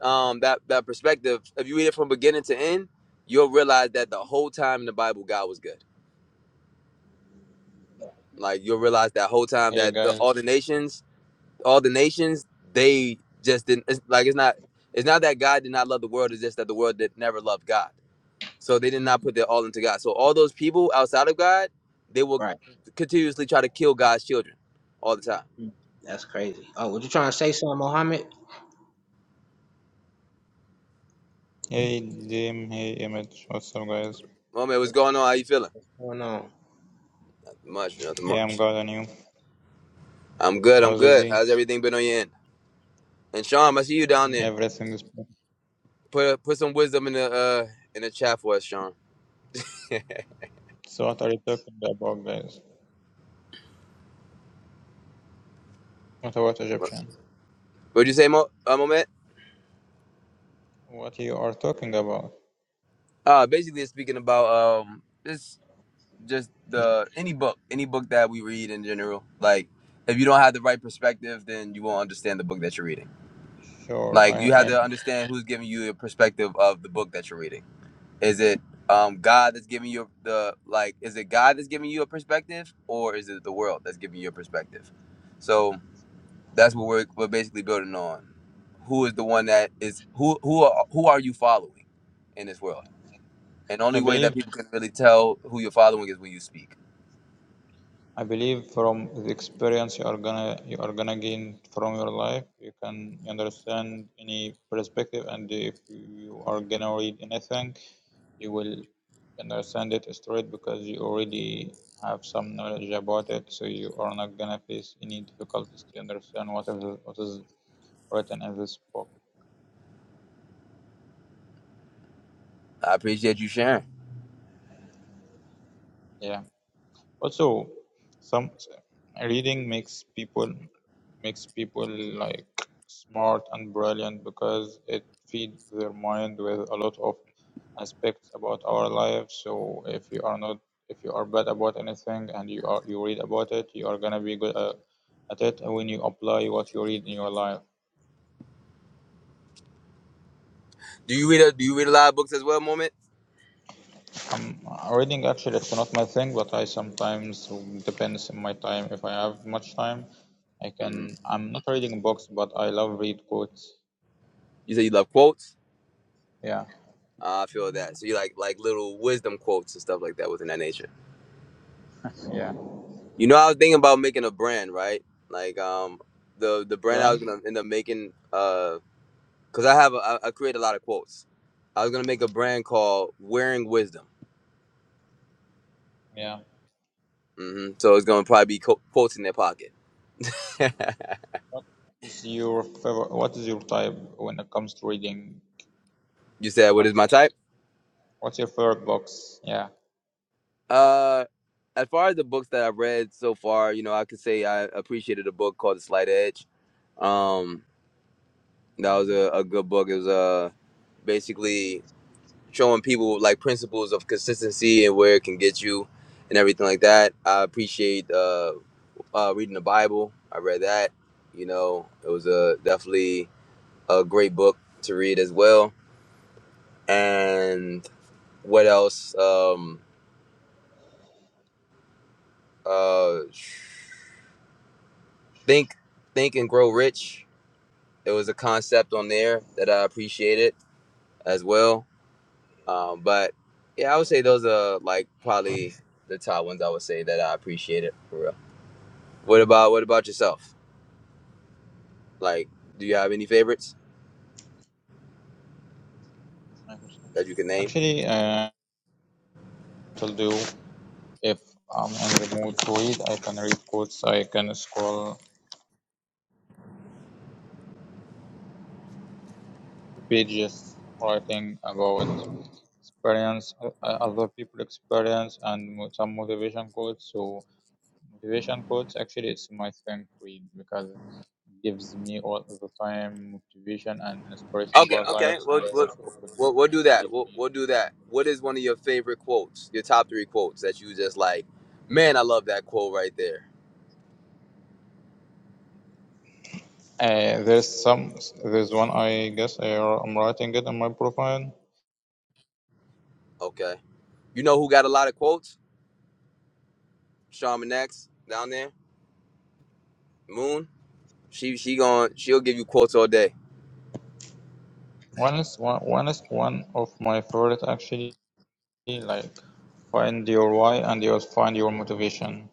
um, that that perspective? If you read it from beginning to end, you'll realize that the whole time in the Bible, God was good. Like you'll realize that whole time hey that the, guys. all the nations, all the nations, they just didn't. It's, like it's not. It's not that God did not love the world. It's just that the world did, never loved God So they did not Mm, put their all into God. So all those people outside of God, they will right. continuously try to kill God's children all the time. Mm, that's crazy. Oh, were you trying Mm. to say something, Mohammed? Hey, Jim. Hey, Image. What's up, guys? Well, man, what's What's, going on? How you feeling? what's going on? Nothing much, nothing Yeah, I'm much. God and you. I'm good. I'm How's your good. day? How's everything been on your end? And Sean, I see you down there. Everything is good. Put put some wisdom in the uh in the chat for us, Sean. So, what are you talking about, guys? What about (laughs) Egyptian? What'd you say, Mo? Uh, moment. What you are talking about? Uh, basically, it's speaking about um, this just the any book, any book that we read in general. Like, if you don't have the right perspective, then you won't understand the book that you're reading. Sure, Like I, you have I, to understand who's giving you the perspective of the book that you're reading. Is it um God that's giving you the like is it God that's giving you a perspective or is it the world that's giving you a perspective? So that's what we're we're basically building on. Who is the one that is who who are, who are you following in this world? And the I only way believe that people can really tell who you're following is when you speak. I believe from the experience you are gonna you are gonna gain from your life, you can understand any perspective, and if you are gonna read anything, you will understand it straight because you already have some knowledge about it, so you are not gonna face any difficulties to understand what is what is written in this book. I appreciate you sharing. Yeah. Also, some reading makes people makes people like smart and brilliant because it feeds their mind with a lot of aspects about our life. So if you are not if you are bad about anything and you are you read about it, you are gonna be good uh, at it when you apply what you read in your life. Do you read a do you read a lot of books as well, moment? Um, reading actually it's not my thing, but I sometimes depends on my time. If I have much time, I hmm can. I'm not reading books, but I love read quotes. You say you love quotes? Yeah, Uh, I feel that. So you like like little wisdom quotes and stuff like that within that nature. yeah. You know, I was thinking about making a brand, right? Like um, the the brand I was Brian, gonna end up making, uh, cause I have a, I, I create a lot of quotes. I was gonna make a brand called Wearing Wisdom. yeah. hmm So it's gonna probably be co- quotes in their pocket. (laughs) What is your favorite? What is your type when it comes to reading? you said, what is What's my your type? What's your favorite books? Yeah. Uh, as far as the books that I've read so far, you know, I could say I appreciated a book called The Slight Edge. Um, that was a, a good book. It was uh, basically showing people like principles of consistency and where it can get you and everything like that. I appreciate uh, uh, reading the Bible. I read that. You know, it was a definitely a great book to read as well. And what else? Um, uh, think, think and grow rich. It was a concept on there that I appreciated as well. Um, but yeah, I would say those are like probably the top ones I would say that I appreciated. for real. What about what about yourself? Like, do you have any favorites I could that you can name? Actually, uh, it'll do. If I'm in the mood to read, I can read quotes. I can scroll pages writing about experience, uh, uh, other people experience, and mo- some motivation quotes. So motivation quotes actually it's my strength read because it gives me all the time motivation and inspiration Okay, about life, okay. We'll and we'll, also it could lead, we'll, we'll it do could that. lead We'll, me. we'll do that. What is one of your favorite quotes? Your top three quotes that you just like? Man, I love that quote right there. Uh, there's some there's one I guess I, I'm writing it on my profile. Okay. You know who got a lot of quotes? Shaman X down there. Moon. She she going she'll give you quotes all day. One is one, one is one of my favorite actually like find your why and you'll find your motivation.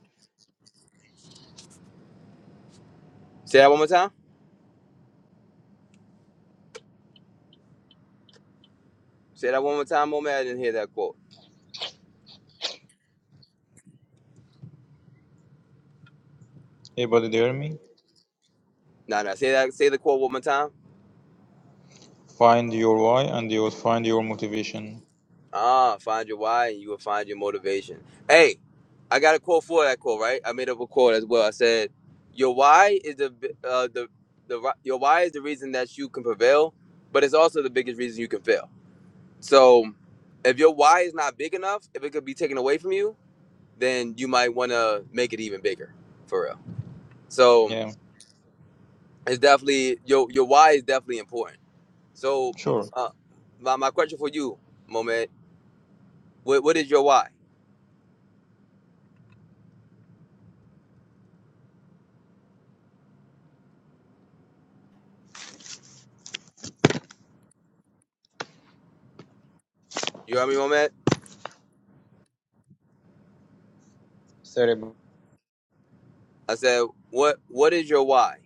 Say that one more time. Say that one more time, Moment. I didn't hear that quote. Hey, buddy, do you hear me? Nah, nah. Say that. Say the quote one more time. Find your why, and you will find your motivation. Ah, find your why and you will find your motivation. Hey, I got a quote for that quote, right? I made up a quote as well. I said, "Your why is the uh, the the ri- your why is the reason that you can prevail, but it's also the biggest reason you can fail." So, if your why is not big enough, if it could be taken away from you, then you might want to make it even bigger, for real. So, Yeah, it's definitely your your why is definitely important. So, m- sure. uh, my my question for you, Moment, what what is your why? You know what I mean, Moment? Sorry, b- I said, "What? What is your why?"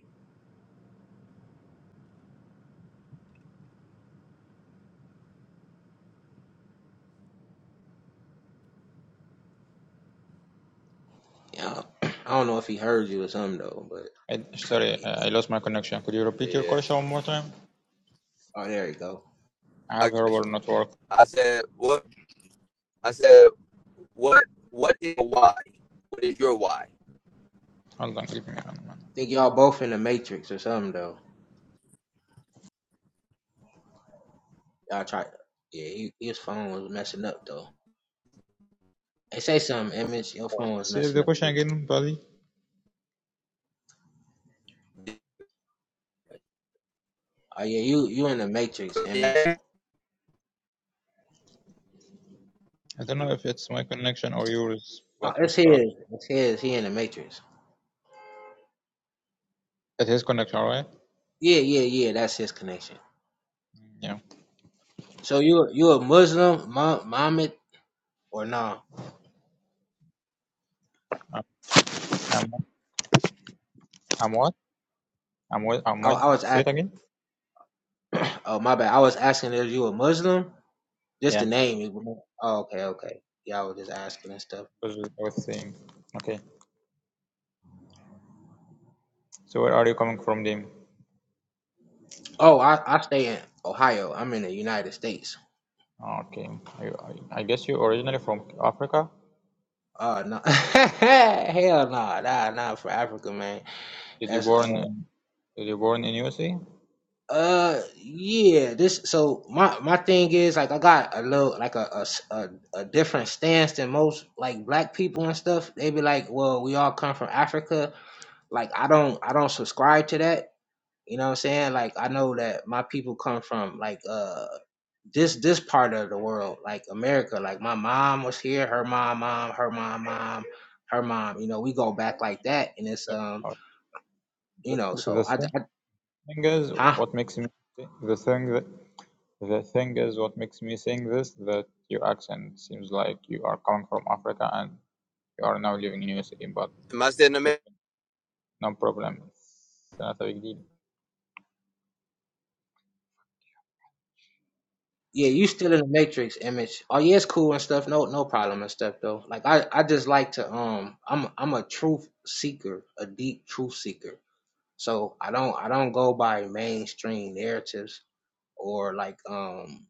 Yeah. (clears throat) I don't know if he heard you or something though, but I, sorry, yeah. I I lost my connection. Could you repeat your Yeah, question one more time? oh, there you go. I have I got horrible you. network. I said, "What?" I said, "What? What is your why? What is your why?" Hold on, give me a minute. Think y'all both in the Matrix or something though. Y'all try. Yeah, he, his phone was messing up though. Hey, say something, Image. Your phone was See messing the up question too. again, buddy. Oh yeah, you you in the Matrix, Image. Am I don't know if it's my connection or yours, Oh, but I'm it's his. struggling. It's his. He in the Matrix. It is connection, right? Yeah, yeah, yeah. That's his connection. Yeah. So you you a Muslim, Mo- Mohammed, or no? I'm, I'm, I'm what? I'm what? I'm I, I was what? Say it asking. again. (clears throat) Oh my bad. I was asking if you a Muslim. Just Yeah. the name. it was- Oh, okay, okay. Yeah, I was just asking and stuff. Because I was saying. Okay. So where are you coming from, Dim? Oh, I I stay in Ohio. I'm in the United States. Okay. I, I I guess you're originally from Africa. Oh no, (laughs) hell no, nah, nah, nah for Africa, man. Did you That's uh, born in, did you born in USA? Uh, yeah. This so my my thing is like I got a little like a a, s- a- a different stance than most like black people and stuff. They be like, well, we all come from Africa. Like I don't I don't subscribe to that. You know what I'm saying? Like I know that my people come from like uh this this part of the world, like America. Like my mom was here, her mom, mom, her mom, mom, her mom. You know, we go back like that, and it's Yep. um, Uh, you The, know, so the I, thing I thing is, huh? what makes me thi- the thing that the thing is what makes me think this that your accent seems like you are coming from Africa and you are now living in USA, but I still in the? it's okay, ma- no problem. It's not a big deal. Yeah, you still in the matrix image. Oh yeah, it's cool and stuff. No, no problem and stuff though. Like I, I just like to um, I'm, I'm a truth seeker, a deep truth seeker. So I don't, I don't go by mainstream narratives or like um,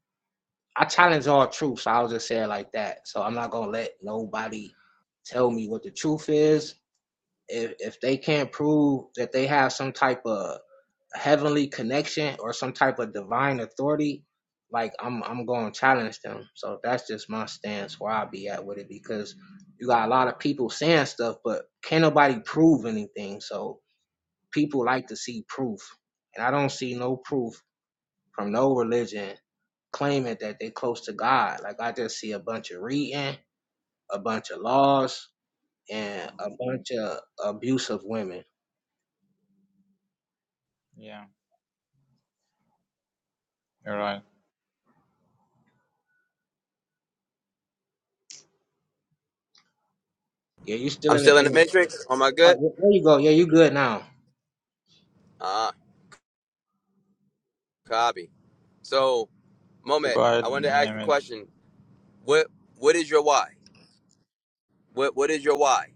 I challenge all truths. I'll just say it like that. So I'm not gonna let nobody tell me what the truth is if if they can't prove that they have some type of heavenly connection or some type of divine authority, like I'm I'm going to challenge them. So that's just my stance where I'll be at with it because you got a lot of people saying stuff, but can't nobody prove anything. So people like to see proof, and I don't see no proof from no religion claiming that they close to God. Like I just see a bunch of reading, a bunch of laws, and a bunch of abuse of women. Yeah, you're right. Yeah, you still I'm in the still in the image. matrix. Am I Oh, good? there there you go. Yeah, you good now. Ah, copy. So, So go moment. ahead, I wanted to ask the Mehmet. question. What? What is your why? What? What is your why?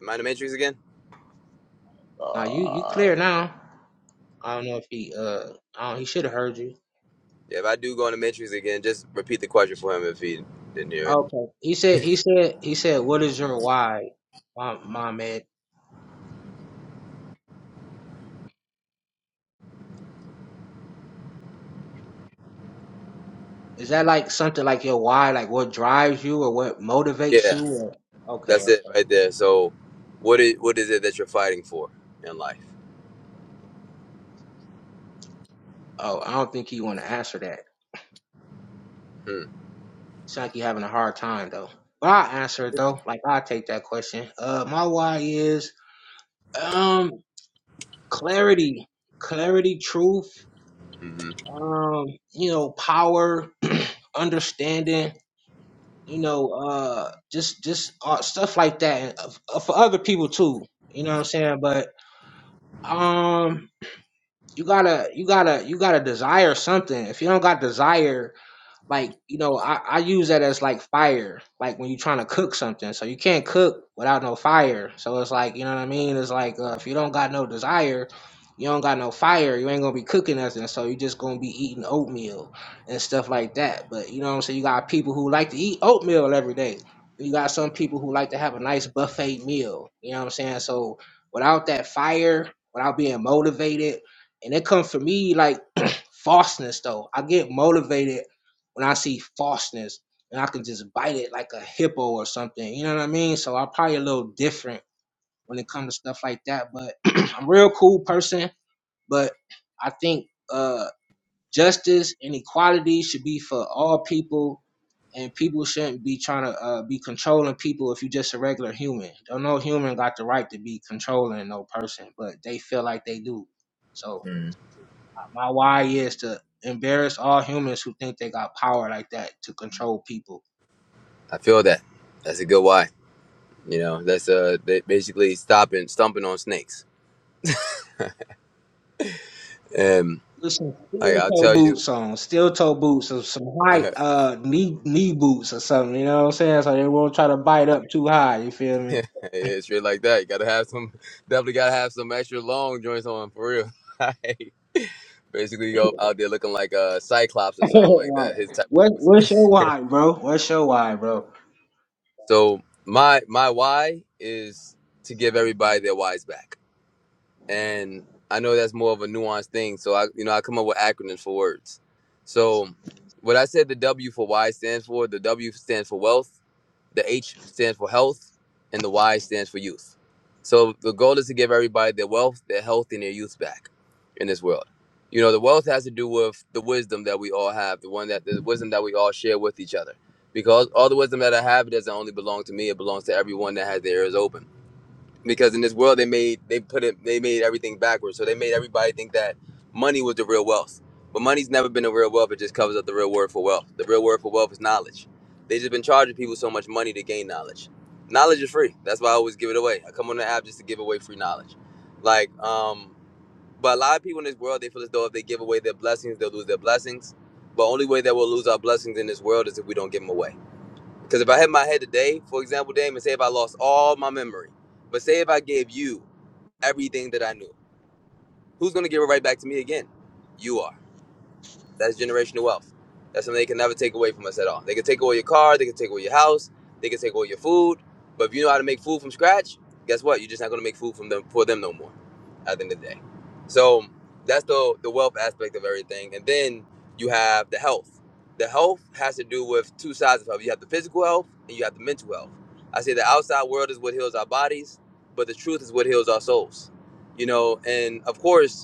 Am I in the matrix again? Now you you Uh, clear now. I don't know if he uh I don't, he should have heard you. Yeah, if I do go in the matrix again, just repeat the question for him if he didn't hear it. Okay. He said he said he said what is your why, mom mom Ed? Is that like something like your why, like what drives you or what motivates Yeah, you? Or, okay, that's it okay. right there. So, what is what is it that you're fighting for in life? Oh, I don't think he want to answer that. Sound like you having a hard time though. But I'll answer it though. Like I'll take that question. Uh, my why is um clarity, clarity, truth Mm-hmm. um, you know, power, understanding, you know, uh, just just uh, stuff like that and, uh, for other people too. You know what I'm saying? But um, you gotta you gotta you gotta desire something. If you don't got desire, like you know I, I use that as like fire like when you're trying to cook something so you can't cook without no fire so it's like you know what i mean it's like uh, if you don't got no desire you don't got no fire you ain't gonna be cooking nothing so you just gonna be eating oatmeal and stuff like that but you know what i'm saying you got people who like to eat oatmeal every day you got some people who like to have a nice buffet meal you know what i'm saying so without that fire without being motivated and it comes for me like (clears throat) falseness though i get motivated when I see falseness and I can just bite it like a hippo or something. You know what I mean? So I'm probably a little different when it comes to stuff like that. But (clears throat) I'm a real cool person. But I think uh, justice and equality should be for all people. And people shouldn't be trying to uh, be controlling people if you're just a regular human. Don't no human got the right to be controlling no person, but they feel like they do. So Mm. uh, my why is to embarrass all humans who think they got power like that to control people I feel that. That's a good why. You know, that's uh ba- basically stopping stumping on snakes. Um, with some like steel I'll toe tell you, boots on, steel toe boots or some (laughs) high yeah, uh knee knee boots or something. You know what I'm saying? So they won't try to bite up too high. You feel me? it's shit like that. You gotta have some, definitely gotta have some extra long joints on for real. (laughs) Like, basically, go out there looking like a cyclops (laughs) or something like right. that. His type What of what's your boots. (laughs) why, bro? What's your why, bro? so my my why is to give everybody their whys back. and I know that's more of a nuanced thing. So I, you know, I come up with acronyms for words. So what I said the W for Y stands for, the W stands for wealth, the H stands for health, and the Y stands for youth. So the goal is to give everybody their wealth, their health, and their youth back in this world. You know, the wealth has to do with the wisdom that we all have, the one that the wisdom that we all share with each other. Because all the wisdom that I have it doesn't only belong to me; it belongs to everyone that has their ears open because in this world they made they put it they made everything backwards so they made everybody think that money was the real wealth but money's never been the real wealth it just covers up the real word for wealth the real word for wealth is knowledge they just been charging people so much money to gain knowledge knowledge is free that's why i always give it away i come on the app just to give away free knowledge like um but a lot of people in this world they feel as though if they give away their blessings they'll lose their blessings but only way that we'll lose our blessings in this world is if we don't give them away because if I had my head today, for example, Damon, say if I lost all my memory, but say if I gave you everything that I knew, who's gonna give it right back to me again? You are. That's generational wealth. That's something they can never take away from us at all. They can take away your car, they can take away your house, they can take away your food. But if you know how to make food from scratch, guess what? You're just not gonna make food from them for them no more. At the end of the day, so that's the the wealth aspect of everything, and then you have the health. The health has to do with two sides of health. You have the physical health and you have the mental health. I say the outside world is what heals our bodies, but the truth is what heals our souls. You know, and of course,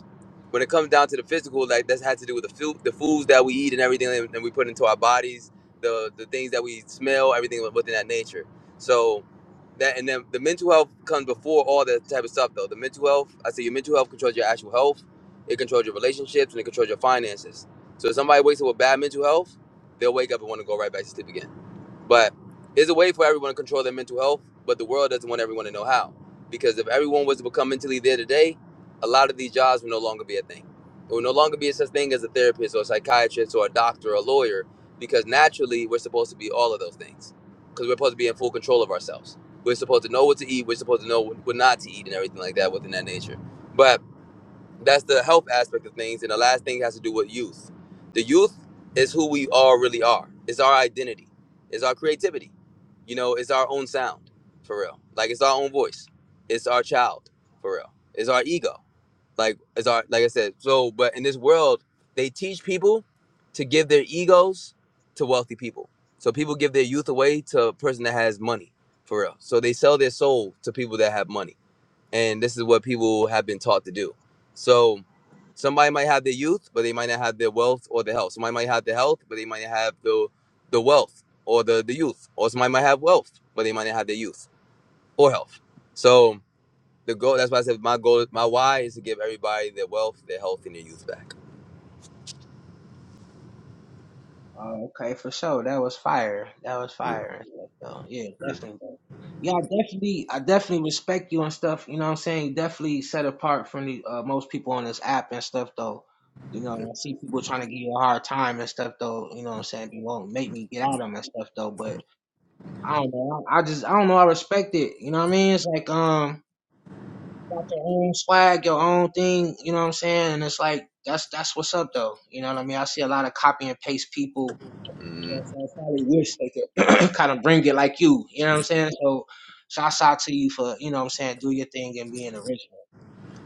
when it comes down to the physical, like that has to do with the food, the foods that we eat and everything that we put into our bodies, the the things that we smell, everything within that nature. So that and then the mental health comes before all that type of stuff though. The mental health, I say your mental health controls your actual health, it controls your relationships and it controls your finances. So if somebody wakes up with bad mental health, they'll wake up and want to go right back to sleep again. But there's a way for everyone to control their mental health, but the world doesn't want everyone to know how. Because if everyone was to become mentally there today, a lot of these jobs would no longer be a thing. It would no longer be such a thing as a therapist or a psychiatrist or a doctor or a lawyer, because naturally we're supposed to be all of those things. Because we're supposed to be in full control of ourselves. We're supposed to know what to eat, we're supposed to know what not to eat and everything like that within that nature. But that's the health aspect of things. And the last thing has to do with youth. The youth is who we all really are. It's our identity. It's our creativity. You know, it's our own sound, for real. Like it's our own voice. It's our child, for real. It's our ego. Like it's our like I said. So, but in this world, they teach people to give their egos to wealthy people. So people give their youth away to a person that has money, for real. So they sell their soul to people that have money and this is what people have been taught to do. So somebody might have their youth, but they might not have their wealth or their health. Somebody might have the health, but they might not have the the wealth or the, the youth. Or somebody might have wealth, but they might not have their youth or health. So the goal that's why I said my goal my why is to give everybody their wealth, their health, and their youth back. Oh, okay, for sure. That was fire. That was fire and stuff though. Yeah, definitely. bro. Yeah, I definitely I definitely respect you and stuff, you know what I'm saying? Definitely set apart from the uh, most people on this app and stuff though. You know, I see people trying to give you a hard time and stuff though, you know what I'm saying? They won't make me get out of them and stuff though, but I don't know. I just I don't know, I respect it. You know what I mean? It's like um you got your own swag, your own thing, you know what I'm saying? And it's like that's that's what's up though. You know what I mean? I see a lot of copy and paste people you Mm. know what i Probably wish they could (clears throat) kind of bring it like you. You know what I'm saying? So shouts out to you for, you know what I'm saying, do your thing and being original.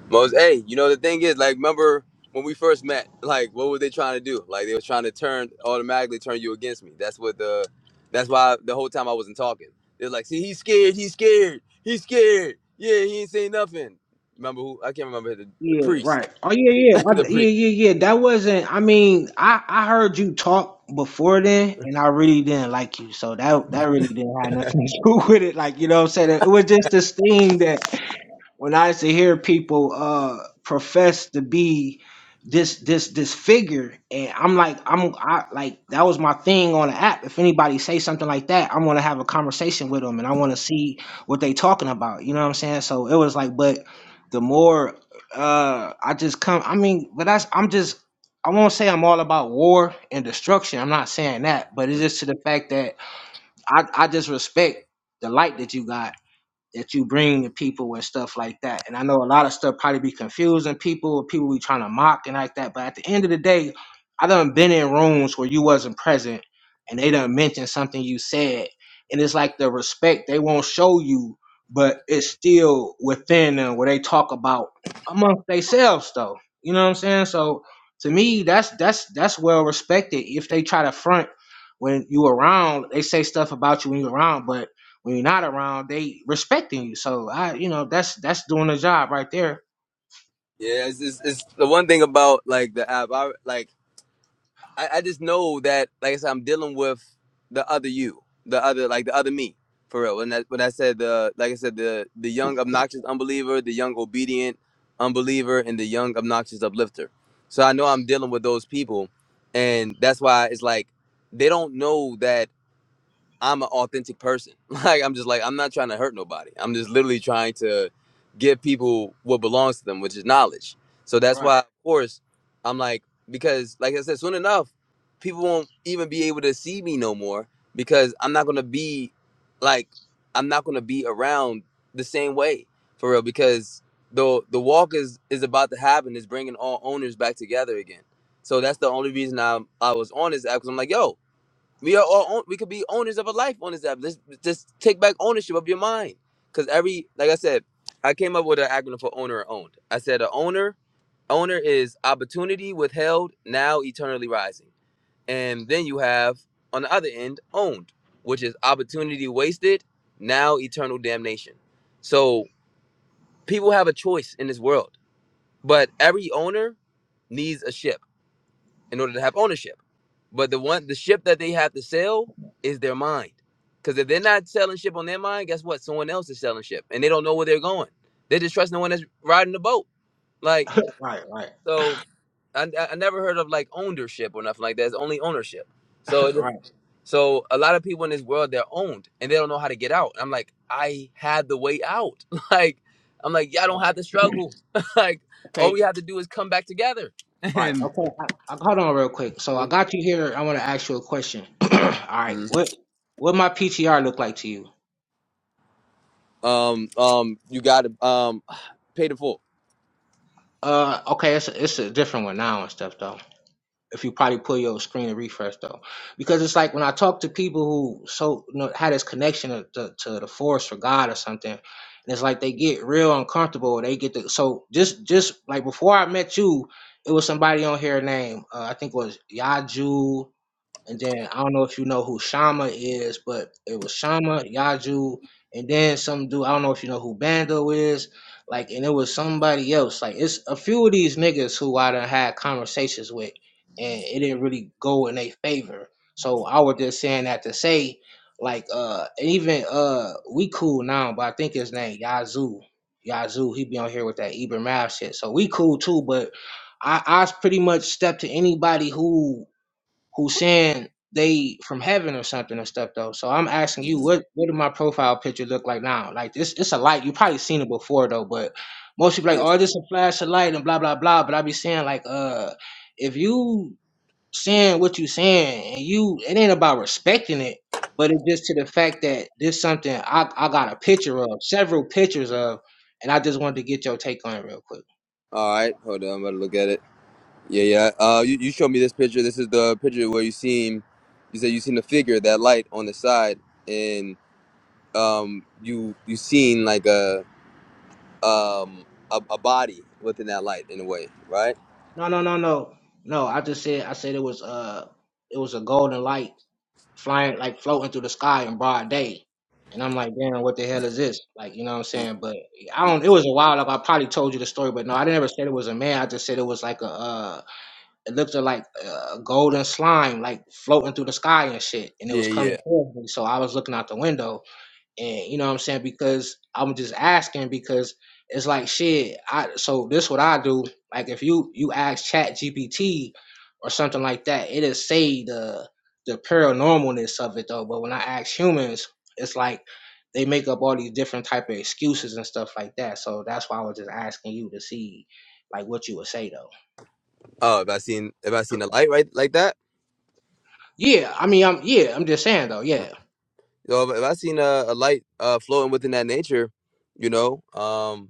Most, hey, you know the thing is, like, remember when we first met? Like, what were they trying to do? Like, they was trying to turn automatically turn you against me. That's what the, that's why the whole time I wasn't talking. They're like, see, he's scared, he's scared, he's scared. Yeah, he ain't saying nothing. Remember who? I can't remember the, Yeah, priest, right. Oh yeah, yeah. (laughs) the I, yeah, priest. yeah, yeah. That wasn't I mean, I, I heard you talk before then and I really didn't like you. So that that really didn't have nothing (laughs) to do with it. Like, you know what I'm saying? It was just this thing that when I used to hear people uh profess to be this this this figure, and I'm like I'm I like that was my thing on the app. If anybody say something like that, I want to have a conversation with them, and I want to see what they talking about. You know what I'm saying? So it was like, but the more uh I just come, I mean, but that's I'm just. I won't say I'm all about war and destruction. I'm not saying that, but it's just to the fact that I, I just respect the light that you got that you bring to people and stuff like that. And I know a lot of stuff probably be confusing people, people be trying to mock and like that. But at the end of the day, I done been in rooms where you wasn't present and they done mentioned something you said. And it's like the respect they won't show you, but it's still within them where they talk about amongst themselves though. You know what I'm saying? So to me, that's that's that's well respected. If they try to front when you around, they say stuff about you when you around, but when you're not around, they respecting you. So I, you know, that's that's doing the job right there. Yeah, it's, it's, it's the one thing about like the app. I like. I, I just know that, like I said, I'm dealing with the other you, the other, like the other me, for real. When that, when I said the, like I said, the the young obnoxious unbeliever, the young obedient unbeliever, and the young obnoxious uplifter. So I know I'm dealing with those people, and that's why it's like they don't know that I'm an authentic person. (laughs) Like I'm just like I'm not trying to hurt nobody. I'm just literally trying to give people what belongs to them, which is knowledge. So that's Right, why, of course, I'm like because, like I said, soon enough, people won't even be able to see me no more because I'm not gonna be like I'm not gonna be around the same way for real because the the walk is is about to happen. It's bringing all owners back together again. So that's the only reason I I was on this app because I'm like, yo, we are all own, we could be owners of a life on this app. Let's just take back ownership of your mind. Cause every like I said, I came up with an acronym for owner or owned. I said a owner owner is opportunity withheld now eternally rising, and then you have on the other end owned, which is opportunity wasted now eternal damnation. So people have a choice in this world, but every owner needs a shift in order to have ownership. But the one the ship that they have to sell is their mind. Because if they're not selling ship on their mind, guess what? Someone else is selling ship, and they don't know where they're going. They just trust no one that's riding the boat. Like right, right, so, I, I never heard of like ownership or nothing like that. It's only ownership. So it (clears throat) right, right. so a lot of people in this world they're owned and they don't know how to get out. I'm like, I had the way out. (laughs) Like I'm like, y'all don't have to struggle. (laughs) like all we Okay, have to do is come back together. right. Okay, I, I, hold on real quick. So I got you here. I want to ask you a question. (clears throat) All right, what what my PTR look like to you? Um, um, you got to um, (sighs) pay the full. Uh, okay, it's a, it's a different one now and stuff though. if you probably pull your screen and refresh though, because it's like when I talk to people who so you know, had this connection to, to, to the force or God or something, and it's like they get real uncomfortable. They get the so just just like before I met you, it was somebody on here named uh, I think it was Yaju and then I don't know if you know who Shama is, but it was Shama, Yaju, and then some dude. I don't know if you know who Bando is. Like, and it was somebody else. Like, it's a few of these niggas who I done had conversations with, and it didn't really go in their favor. So I was just saying that to say, like, uh, and even uh, we cool now, but I think his name Yazoo. Yazoo, he be on here with that Eber Mav shit. So we cool too, but I I pretty much step to anybody who who's saying they from heaven or something or stuff though. So I'm asking you, Mhm. what what do my profile picture look like now? Like this, it's a light. You probably seen it before though, but most people like, Yeah. oh, this a flash of light and blah blah blah. But I be saying like, uh, if you saying what you saying and you, it ain't about respecting it, but it's just to the fact that this something I I got a picture of, several pictures of, and I just wanted to get your take on it real quick. All right, hold on. I'm about to look at it. Yeah, yeah. Uh, you, you showed me this picture. This is the picture where you seen, you said you seen the figure, that light on the side, and um, you you seen like a um a, a body within that light in a way, right? No no no no no. I just said I said it was uh it was a golden light flying like floating through the sky in broad day. And I'm like, damn, what the hell is this? Like, you know what I'm saying? But I Mhm. don't. It was a while ago. I probably told you the story, but no, I never said it was a man. I just said it was like a. Uh, it looked like a golden slime, like floating through the sky and shit, and it Yeah, was yeah. coming towards me. So I was looking out the window, and you know what I'm saying because I'm just asking because it's like shit. I so this what I do. Like if you you ask Chat GPT or something like that, it'll say the the paranormalness of it though. But when I ask humans, it's like they make up all these different type of excuses and stuff like that. So that's why I was just asking you to see like what you would say though. Oh, have I seen have I seen a light right like that? Yeah, I mean I'm yeah I'm just saying though. Mm. Yeah, So if if I seen a, a light uh floating within that nature, you know, um.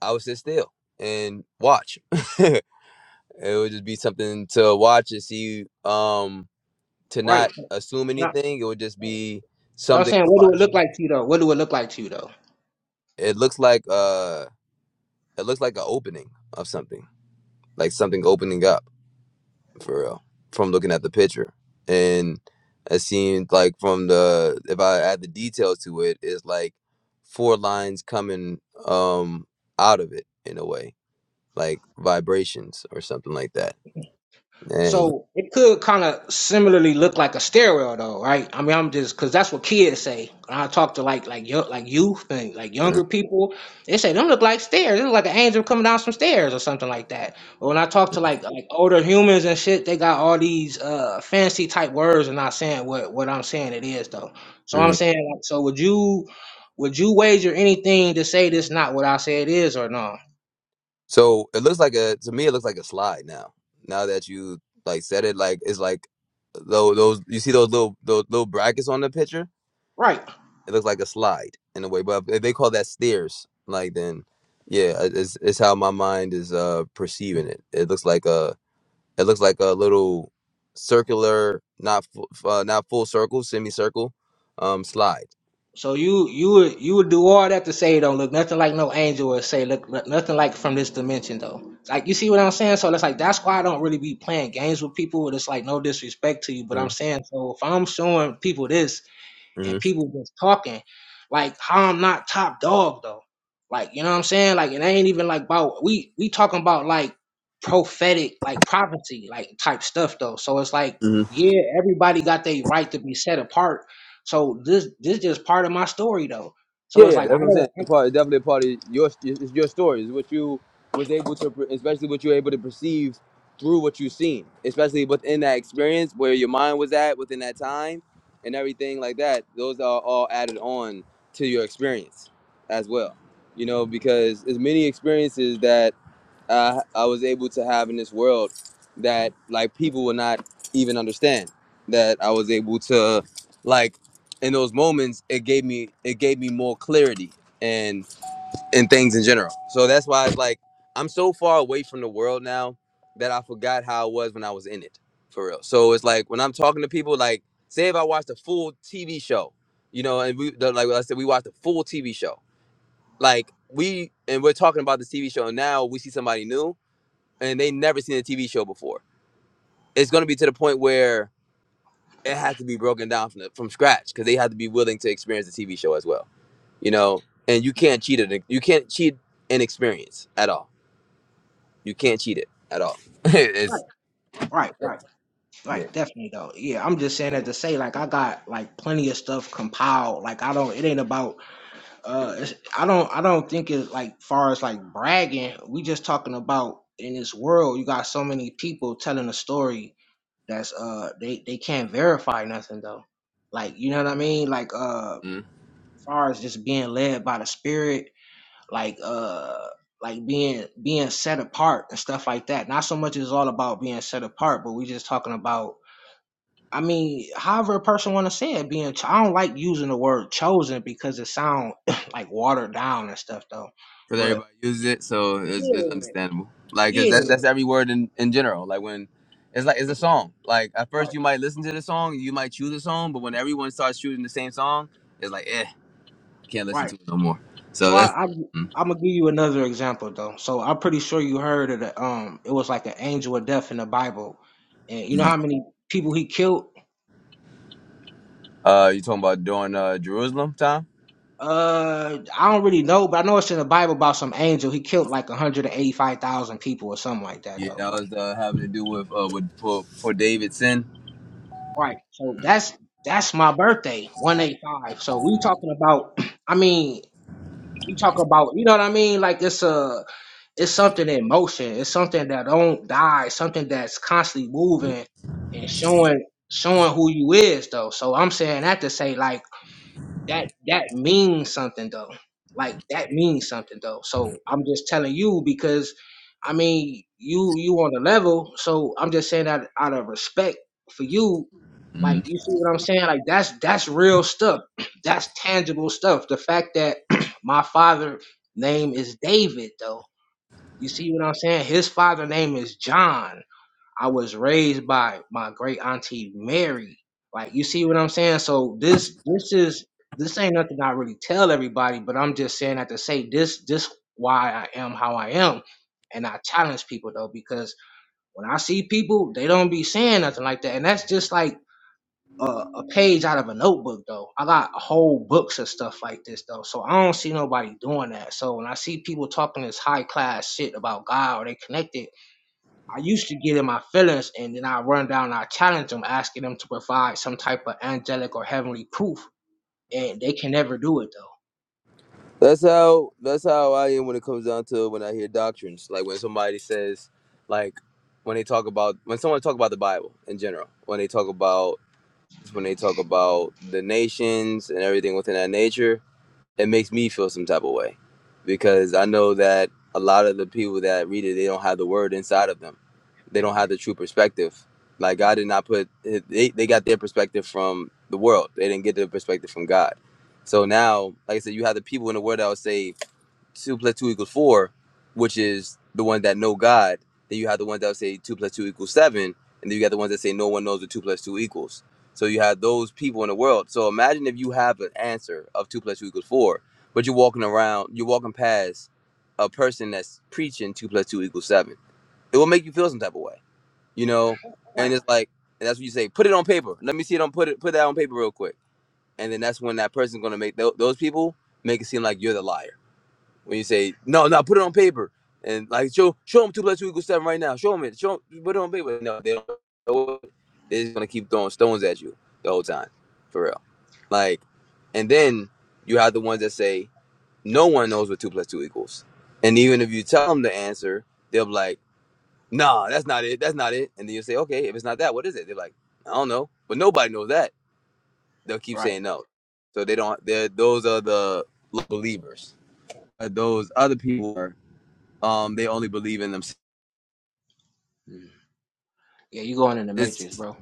I would sit still and watch. (laughs) it would just be something to watch and see. Um, to not right. assume anything, it would just be But I'm something saying to what do it watch. look like to you though? What do it look like to you though? It looks like uh, it looks like an opening of something, like something opening up for real from looking at the picture. And it seemed like from the if I add the details to it, it's like four lines coming um out of it in a way, like vibrations or something like that. And So it could kind of similarly look like a stairwell, though, right? I mean, I'm just because that's what kids say. When I talk to like like yo like youth and like younger people, they say them look like stairs. They look like an angel coming down some stairs or something like that. But when I talk to like like older humans and shit, they got all these uh fancy type words and not saying what what I'm saying it is though. So I'm hmm saying like, so would you would you wager anything to say this not what I say it is or no? So it looks like a to me it looks like a slide now. Now that you like said it, like it's like those those you see those little those little brackets on the picture. Right. It looks like a slide in a way, but if they call that stairs, like then yeah, it- it's it's how my mind is uh perceiving it. It looks like a it looks like a little circular, not fu- uh, not full circle, semicircle, um slide. So you you would you would do all that to say it don't look nothing like no angel or say look, look nothing like from this dimension though. Like you see what I'm saying? So that's like that's why I don't really be playing games with people. It's like no disrespect to you, but I'm saying so if I'm showing people this Mm-hmm. and people just talking. Like how I'm not top dog though. Like you know what I'm saying? Like it ain't even like about we we talking about like prophetic like prophecy like type stuff though. So it's like yeah, everybody got their right to be set apart. So this this just part of my story though. Yeah, So it's yeah, like I that's what I'm saying. don't It's a I- part, it's definitely a part of your. It's your story. It's what you was able to, per- especially what you were able to perceive through what you've seen, especially within that experience where your mind was at within that time, and everything like that. Those are all added on to your experience as well. You know, because there's many experiences that uh, I was able to have in this world that like people will not even understand that I was able to like in those moments it gave me it gave me more clarity and and things in general. So that's why it's like I'm so far away from the world now that I forgot how I was when I was in it for real. So it's like when I'm talking to people like say if I watched a full TV show, you know, and we the- like I said we watched a full TV show. Like we and we're talking about this TV show and now we see somebody new and they never seen a TV show before. It's going to be to the point where it has to be broken down from the, from scratch because they have to be willing to experience the TV show as well. You know, and you can't cheat it. You can't cheat an experience at all. You can't cheat it at all. (laughs) right it's right right right definitely though. Yeah, I'm just saying that to say like I got like plenty of stuff compiled. Like I don't it ain't about uh it's, i don't i don't think it's like far as like bragging we just talking about in this world you got so many people telling a story that's uh they they can't verify nothing though like you know what i mean like uh because far as just being led by the spirit like uh like being being set apart and stuff like that not so much it's all about being set apart but we just talking about I mean, however a person want to say it, being cho- I don't like using the word chosen because it sound (laughs) (clears throat) like watered down and stuff though. But everybody uses it, so it's, it's yeah, understandable. Like 'cause yeah, that's that's every word in in general. Like when. It's like it's a song. Like at first right, you might listen to the song, you might choose a song, but when everyone starts choosing the same song, it's like eh, can't listen right. to it no more. So So I, that's I mm. I'm gonna give you another example though. So I'm pretty sure you heard of the um, it was like an angel of death in the Bible, and you know how many people he killed. Uh, you talking about during uh, Jerusalem time? Uh, I don't really know, but I know it's in the Bible about some angel. He killed like 185,000 people or something like that, Yeah, though. that Like was uh, having to do with uh, with for, for David's sin. Right. So that's that's my birthday, 185. So we talking about (clears throat) I mean, we talk about, you know what I mean? Like it's a it's something in motion. It's something that don't die, something that's constantly moving and showing showing who you is though. So I'm saying that to say like that that means something though. Like that means something though. So I'm just telling you because I mean you you on the level. So I'm just saying that out of respect for you. Like Mm. you see what I'm saying? Like that's that's real stuff. (clears throat) That's tangible stuff. The fact that (clears throat) my father name is David though. You see what I'm saying? His father name is John. I was raised by my great auntie Mary. Like you see what I'm saying? So this this is this ain't nothing I really tell everybody, but I'm just saying that to say this this why I am how I am. And I challenge people though, because when I see people, they don't be saying nothing like that. And that's just like a, a page out of a notebook though. I got whole books of stuff like this though. So I don't see nobody doing that. So when I see people talking this high class shit about God or they connected, I used to get in my feelings and then I run down and I challenge them, asking them to provide some type of angelic or heavenly proof. And they can never do it though. That's how that's how I am when it comes down to when I hear doctrines. Like when somebody says, like when they talk about when someone talk about the Bible in general, when they talk about when they talk about the nations and everything within that nature, it makes me feel some type of way because I know that a lot of the people that read it, they don't have the word inside of them. They don't have the true perspective. Like God did not put they they got their perspective from the world. They didn't get their perspective from God. So now, like I said, you have the people in the world that will say two plus two equals four, which is the one that know God. Then you have the ones that say two plus two equals seven, and then you got the ones that say no one knows what two plus two equals. So you have those people in the world. So imagine if you have an answer of two plus two equals four, but you're walking around, you're walking past a person that's preaching two plus two equals seven. It will make you feel some type of way, you know. And Right. it's like, and that's what you say. Put it on paper. Let me see it on put it put that on paper real quick. And then that's when that person's gonna make tho- those people make it seem like you're the liar when you say no, no, put it on paper and like show show them two plus two equals seven right now. Show them it. Show 'em- put it on paper. No, they don't. know it. They're just gonna keep throwing stones at you the whole time, for real. Like, and then you have the ones that say no one knows what two plus two equals, and even if you tell them the answer, they'll be like, nah, that's not it. That's not it. And then you say, okay, if it's not that, what is it? They're like, I don't know, but nobody knows that. They'll keep Right. saying no, so they don't. They're those are the believers. Those other people are um, they only believe in themselves. Mm. Yeah, you going in the matrix, It's bro.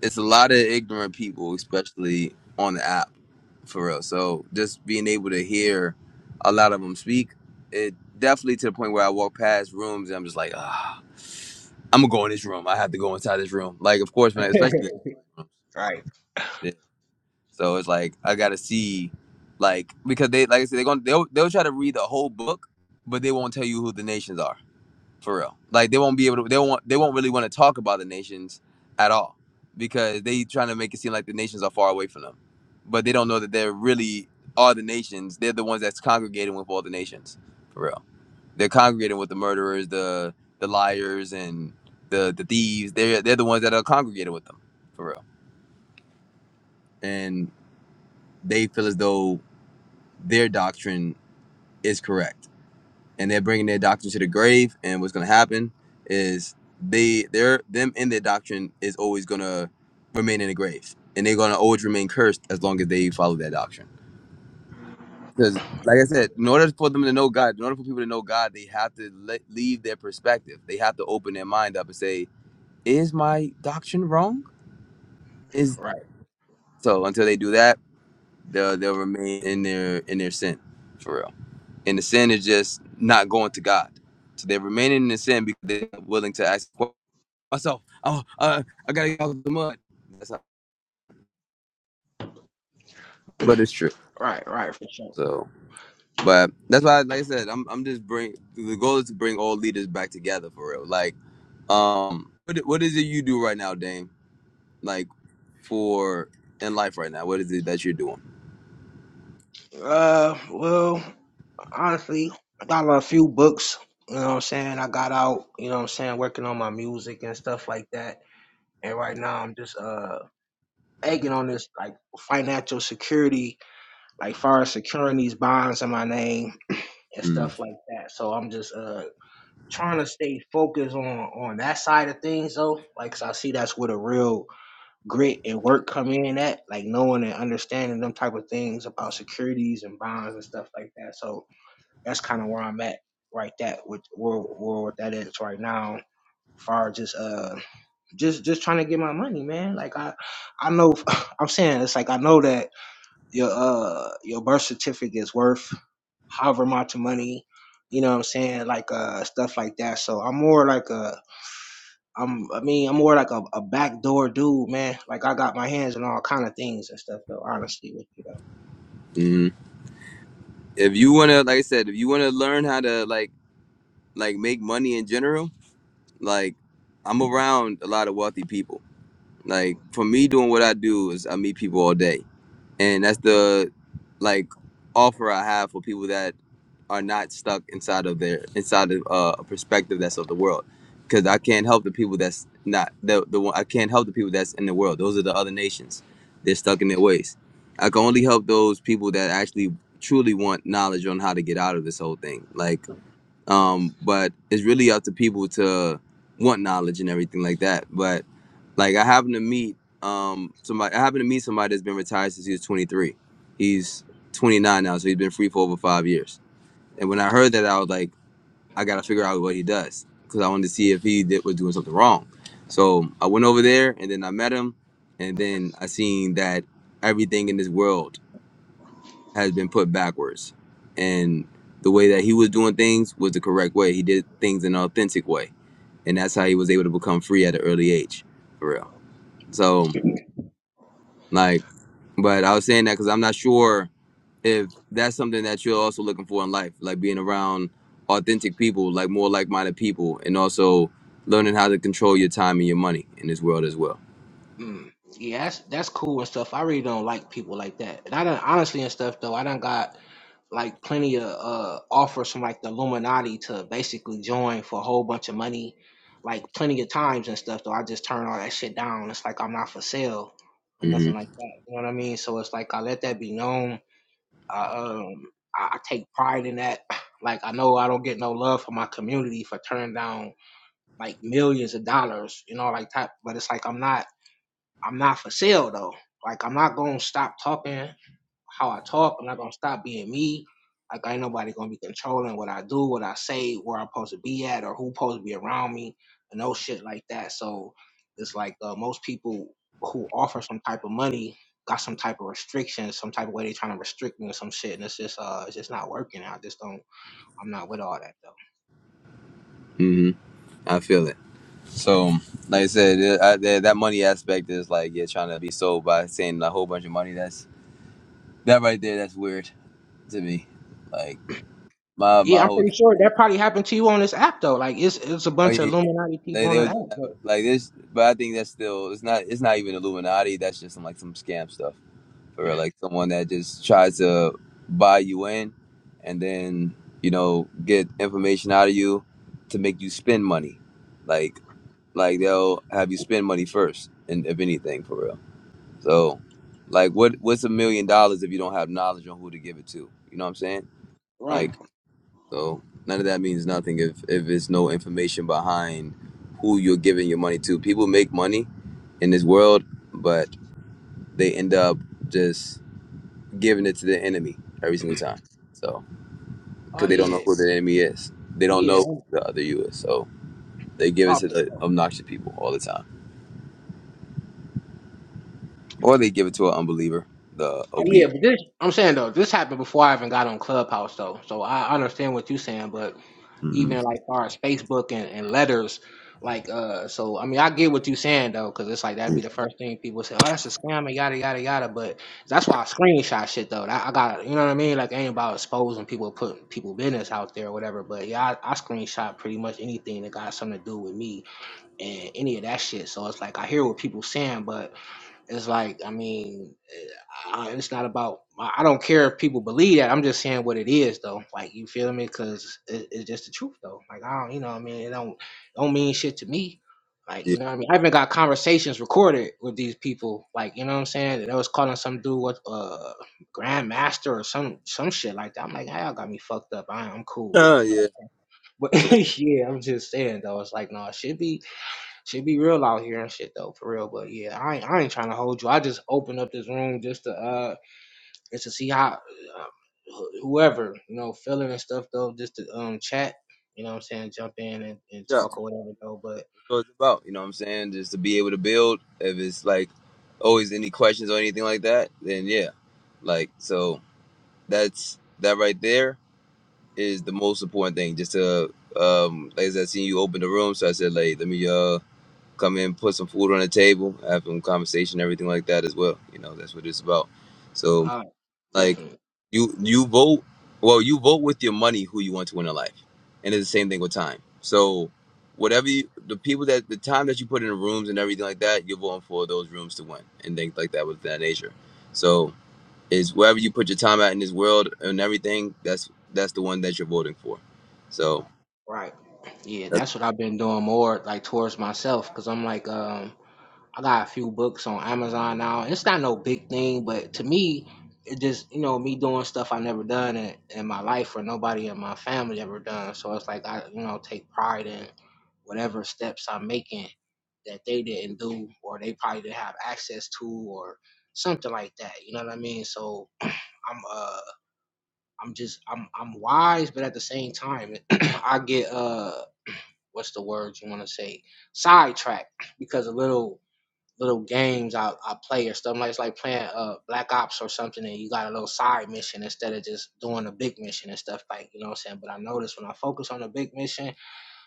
it's a lot of ignorant people, especially on the app for real. So just being able to hear a lot of them speak, it definitely to the point where I walk past rooms and I'm just like, ah, I'm gonna go in this room. I have to go inside this room. Like, of course, man, especially the rooms. Right, Yeah. So it's like I gotta see, like, because they, like I said, they're gonna they'll, they'll try to read the whole book, but they won't tell you who the nations are. for real. Like they won't be able to. They won't. They won't really want to talk about the nations at all because they trying to make it seem like the nations are far away from them, but they don't know that they're really are the nations. They're the ones that's congregating with all the nations for real. They're congregating with the murderers, the the liars, and the the thieves. They're they're the ones that are congregated with them for real, and they feel as though their doctrine is correct and they're bringing their doctrine to the grave. And what's going to happen is they, their, them and their doctrine is always going to remain in the grave, and they're going to always remain cursed as long as they follow that doctrine. Because, like I said, in order for them to know God, in order for people to know God, they have to le- leave their perspective. They have to open their mind up and say, "Is my doctrine wrong?" Is right, so until they do that, they'll, they'll remain in their in their sin, for real. and the sin is just not going to God. So they're remaining in the sin because they're not willing to ask "Well, myself. Oh, uh, I gotta get out of the mud. That's not, but it's true. right, right, for sure. So, but that's why, like I said, I'm I'm just bring the goal is to bring all leaders back together for real. Like, um, what what is it you do right now, Dame? Like for in life right now, what is it that you're doing? Uh well, honestly, I got a few books, you know what I'm saying? I got out, you know what I'm saying, working on my music and stuff like that. And right now I'm just uh egging on this like financial security, like far as securing these bonds in my name and Mm. stuff like that. So I'm just uh trying to stay focused on on that side of things though. Like 'cause I see that's where the real grit and work come in at, like knowing and understanding them type of things about securities and bonds and stuff like that. So that's kind of where I'm at right that with where where what that is right now. Far as just uh just just trying to get my money, man. Like I I know (laughs) I'm saying it's like I know that your uh your birth certificate is worth however much money you know what i'm saying like uh stuff like that so i'm more like a i'm i mean i'm more like a, a backdoor dude man like i got my hands on all kind of things and stuff though honestly with you know hmm If you wanna, like I said, if you wanna learn how to like like make money in general, like I'm around a lot of wealthy people Like for me doing what I do is I meet people all day. And that's the like offer I have for people that are not stuck inside of their inside of uh, a perspective that's of the world. Because I can't help the people that's not the the one I can't help the people that's in the world. Those are the other nations. They're stuck in their ways. I can only help those people that actually truly want knowledge on how to get out of this whole thing. Like um but it's really up to people to want knowledge and everything like that but like i happen to meet um somebody i happen to meet somebody that's been retired since he was 23 he's 29 now so he's been free for over five years and when i heard that i was like i gotta figure out what he does because i wanted to see if he did, was doing something wrong so i went over there and then i met him and then i seen that everything in this world has been put backwards. And the way that he was doing things was the correct way. He did things in an authentic way. And that's how he was able to become free at an early age, for real. So, like, but I was saying that because I'm not sure if that's something that you're also looking for in life, like being around authentic people, like more like minded people, and also learning how to control your time and your money in this world as well. mm, yeah that's that's cool and stuff i really don't like people like that and i don't honestly and stuff though i don't got like plenty of uh, offers from like the Illuminati to basically join for a whole bunch of money, like plenty of times and stuff. Though I just turn all that shit down. It's like I'm not for sale or hmm nothing like that. You know what I mean? So it's like I let that be known. I um I, I take pride in that. (clears throat) Like I know I don't get no love from my community for turning down like millions of dollars. You know, like type. But it's like I'm not I'm not for sale though. Like I'm not gonna stop talking how I talk. I'm not gonna stop being me. Like ain't nobody gonna be controlling what I do, what I say, where I'm supposed to be at, or who's supposed to be around me, and no shit like that. So it's like uh, most people who offer some type of money got some type of restrictions, some type of way they trying to restrict me or some shit, and it's just uh, it's just not working. I just don't. I'm not with all that though. hmm I feel it. So, like I said, it- I, that that money aspect is like yeah, trying to be sold by saying a whole bunch of money. That's that right there. That's weird to me. Like my Yeah, my I'm whole pretty thing. sure that probably happened to you on this app though. Like it's it's a Oh bunch yeah, of yeah, yeah. Illuminati they people on they the was app, doing that, but, like this, but I think that's still it's not it's not even Illuminati. That's just some, like some scam stuff for real. Like someone that just tries to buy you in, and then you know get information out of you to make you spend money. Like like they'll have you spend money first, and if anything for real. So, like, what what's a million dollars if you don't have knowledge on who to give it to? You know what I'm saying? right? Like, so none of that means nothing if if it's no information behind who you're giving your money to. People make money in this world, but they end up just giving it to the enemy every single time. So, Oh because they don't know yeah, who the enemy is, they don't yeah. know office. who the other you is. So they give it to the obnoxious people all the time, or they give it to an unbeliever, the Oh yeah, obedient. but this I'm saying though, this happened before I even got on Clubhouse though. So I understand what you're saying, but even Mm-hmm. like far as Facebook and, and letters, like uh so I mean I get what you're saying though, because it's like that'd be the first thing people say, Oh, that's a scam and yada yada yada. But that's why I screenshot shit though. That, I got you know what I mean? Like it ain't about exposing people putting people business out there or whatever. But yeah, I, I screenshot pretty much anything that got something to do with me and any of that shit. So it's like I hear what people saying, but it's like I mean uh, it's not about i don't care if people believe that i'm just saying what it is though like you feel me because it, it's just the truth though like i don't you know what i mean it don't don't mean shit to me like Yeah, you know what i mean i even got conversations recorded with these people like you know what i'm saying and they was calling some dude what uh grandmaster or some some shit like that i'm like "Hey, y'all got me fucked up I, i'm cool Ah, you yeah. know but (laughs) yeah i'm just saying though it's like no it should be should be real out here and shit though for real but yeah i ain't, I ain't trying to hold you i just opened up this room just to uh it's to see how uh, whoever you know feeling and stuff though, just to um chat. You know what I'm saying? Jump in and, and Good job. talk or whatever though. But what it's about. You know what I'm saying? Just to be able to build. If it's like always any questions or anything like that, then yeah. Like so that's that right there is the most important thing. Just to um like I said, seeing you open the room, so I said, like, let me uh come in, put some food on the table, have some conversation, everything like that as well. You know, that's what it's about. So uh, like definitely you you vote well, you vote with your money who you want to win in life. And it's the same thing with time. So whatever you, the people that the time that you put in the rooms and everything like that, you're voting for those rooms to win and things like that with that nature. So is wherever you put your time at in this world and everything, that's that's the one that you're voting for. So right. Yeah, that's that's what I've been doing more like towards myself because I'm like um I got a few books on Amazon now. It's not no big thing, but to me, it just you know me doing stuff I never done in, in my life or nobody in my family ever done. So it's like I you know take pride in whatever steps I'm making that they didn't do or they probably didn't have access to or something like that. You know what I mean? So I'm uh I'm just I'm I'm wise, but at the same time (clears throat) I get uh what's the word you want to say sidetracked because a little little games I, I play or stuff like it's like playing uh Black Ops or something and you got a little side mission instead of just doing a big mission and stuff like you know what I'm saying. But I noticed when I focus on a big mission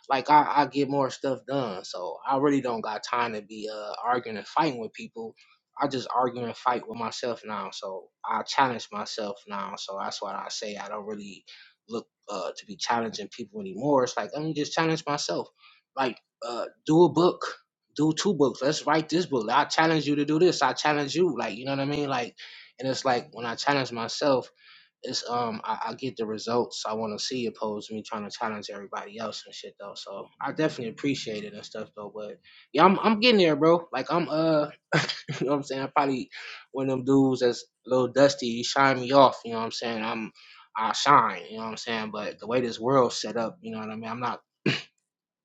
like I, I get more stuff done. So I really don't got time to be uh arguing and fighting with people. I just argue and fight with myself now. So I challenge myself now. So that's why I say I don't really look uh to be challenging people anymore. It's like let me just challenge myself. Like uh do a book, do two books. Let's write this book. I challenge you to do this. I challenge you. Like you know what I mean? Like and it's like when I challenge myself it's um I, I get the results I want to see opposed to me trying to challenge everybody else and shit though. So I definitely appreciate it and stuff though. But yeah, I'm I'm getting there, bro. Like I'm uh (laughs) you know what I'm saying I'm probably one of them dudes that's a little dusty. You shine me off, you know what I'm saying? I'm I shine, you know what I'm saying. But the way this world's set up, you know what I mean. I'm not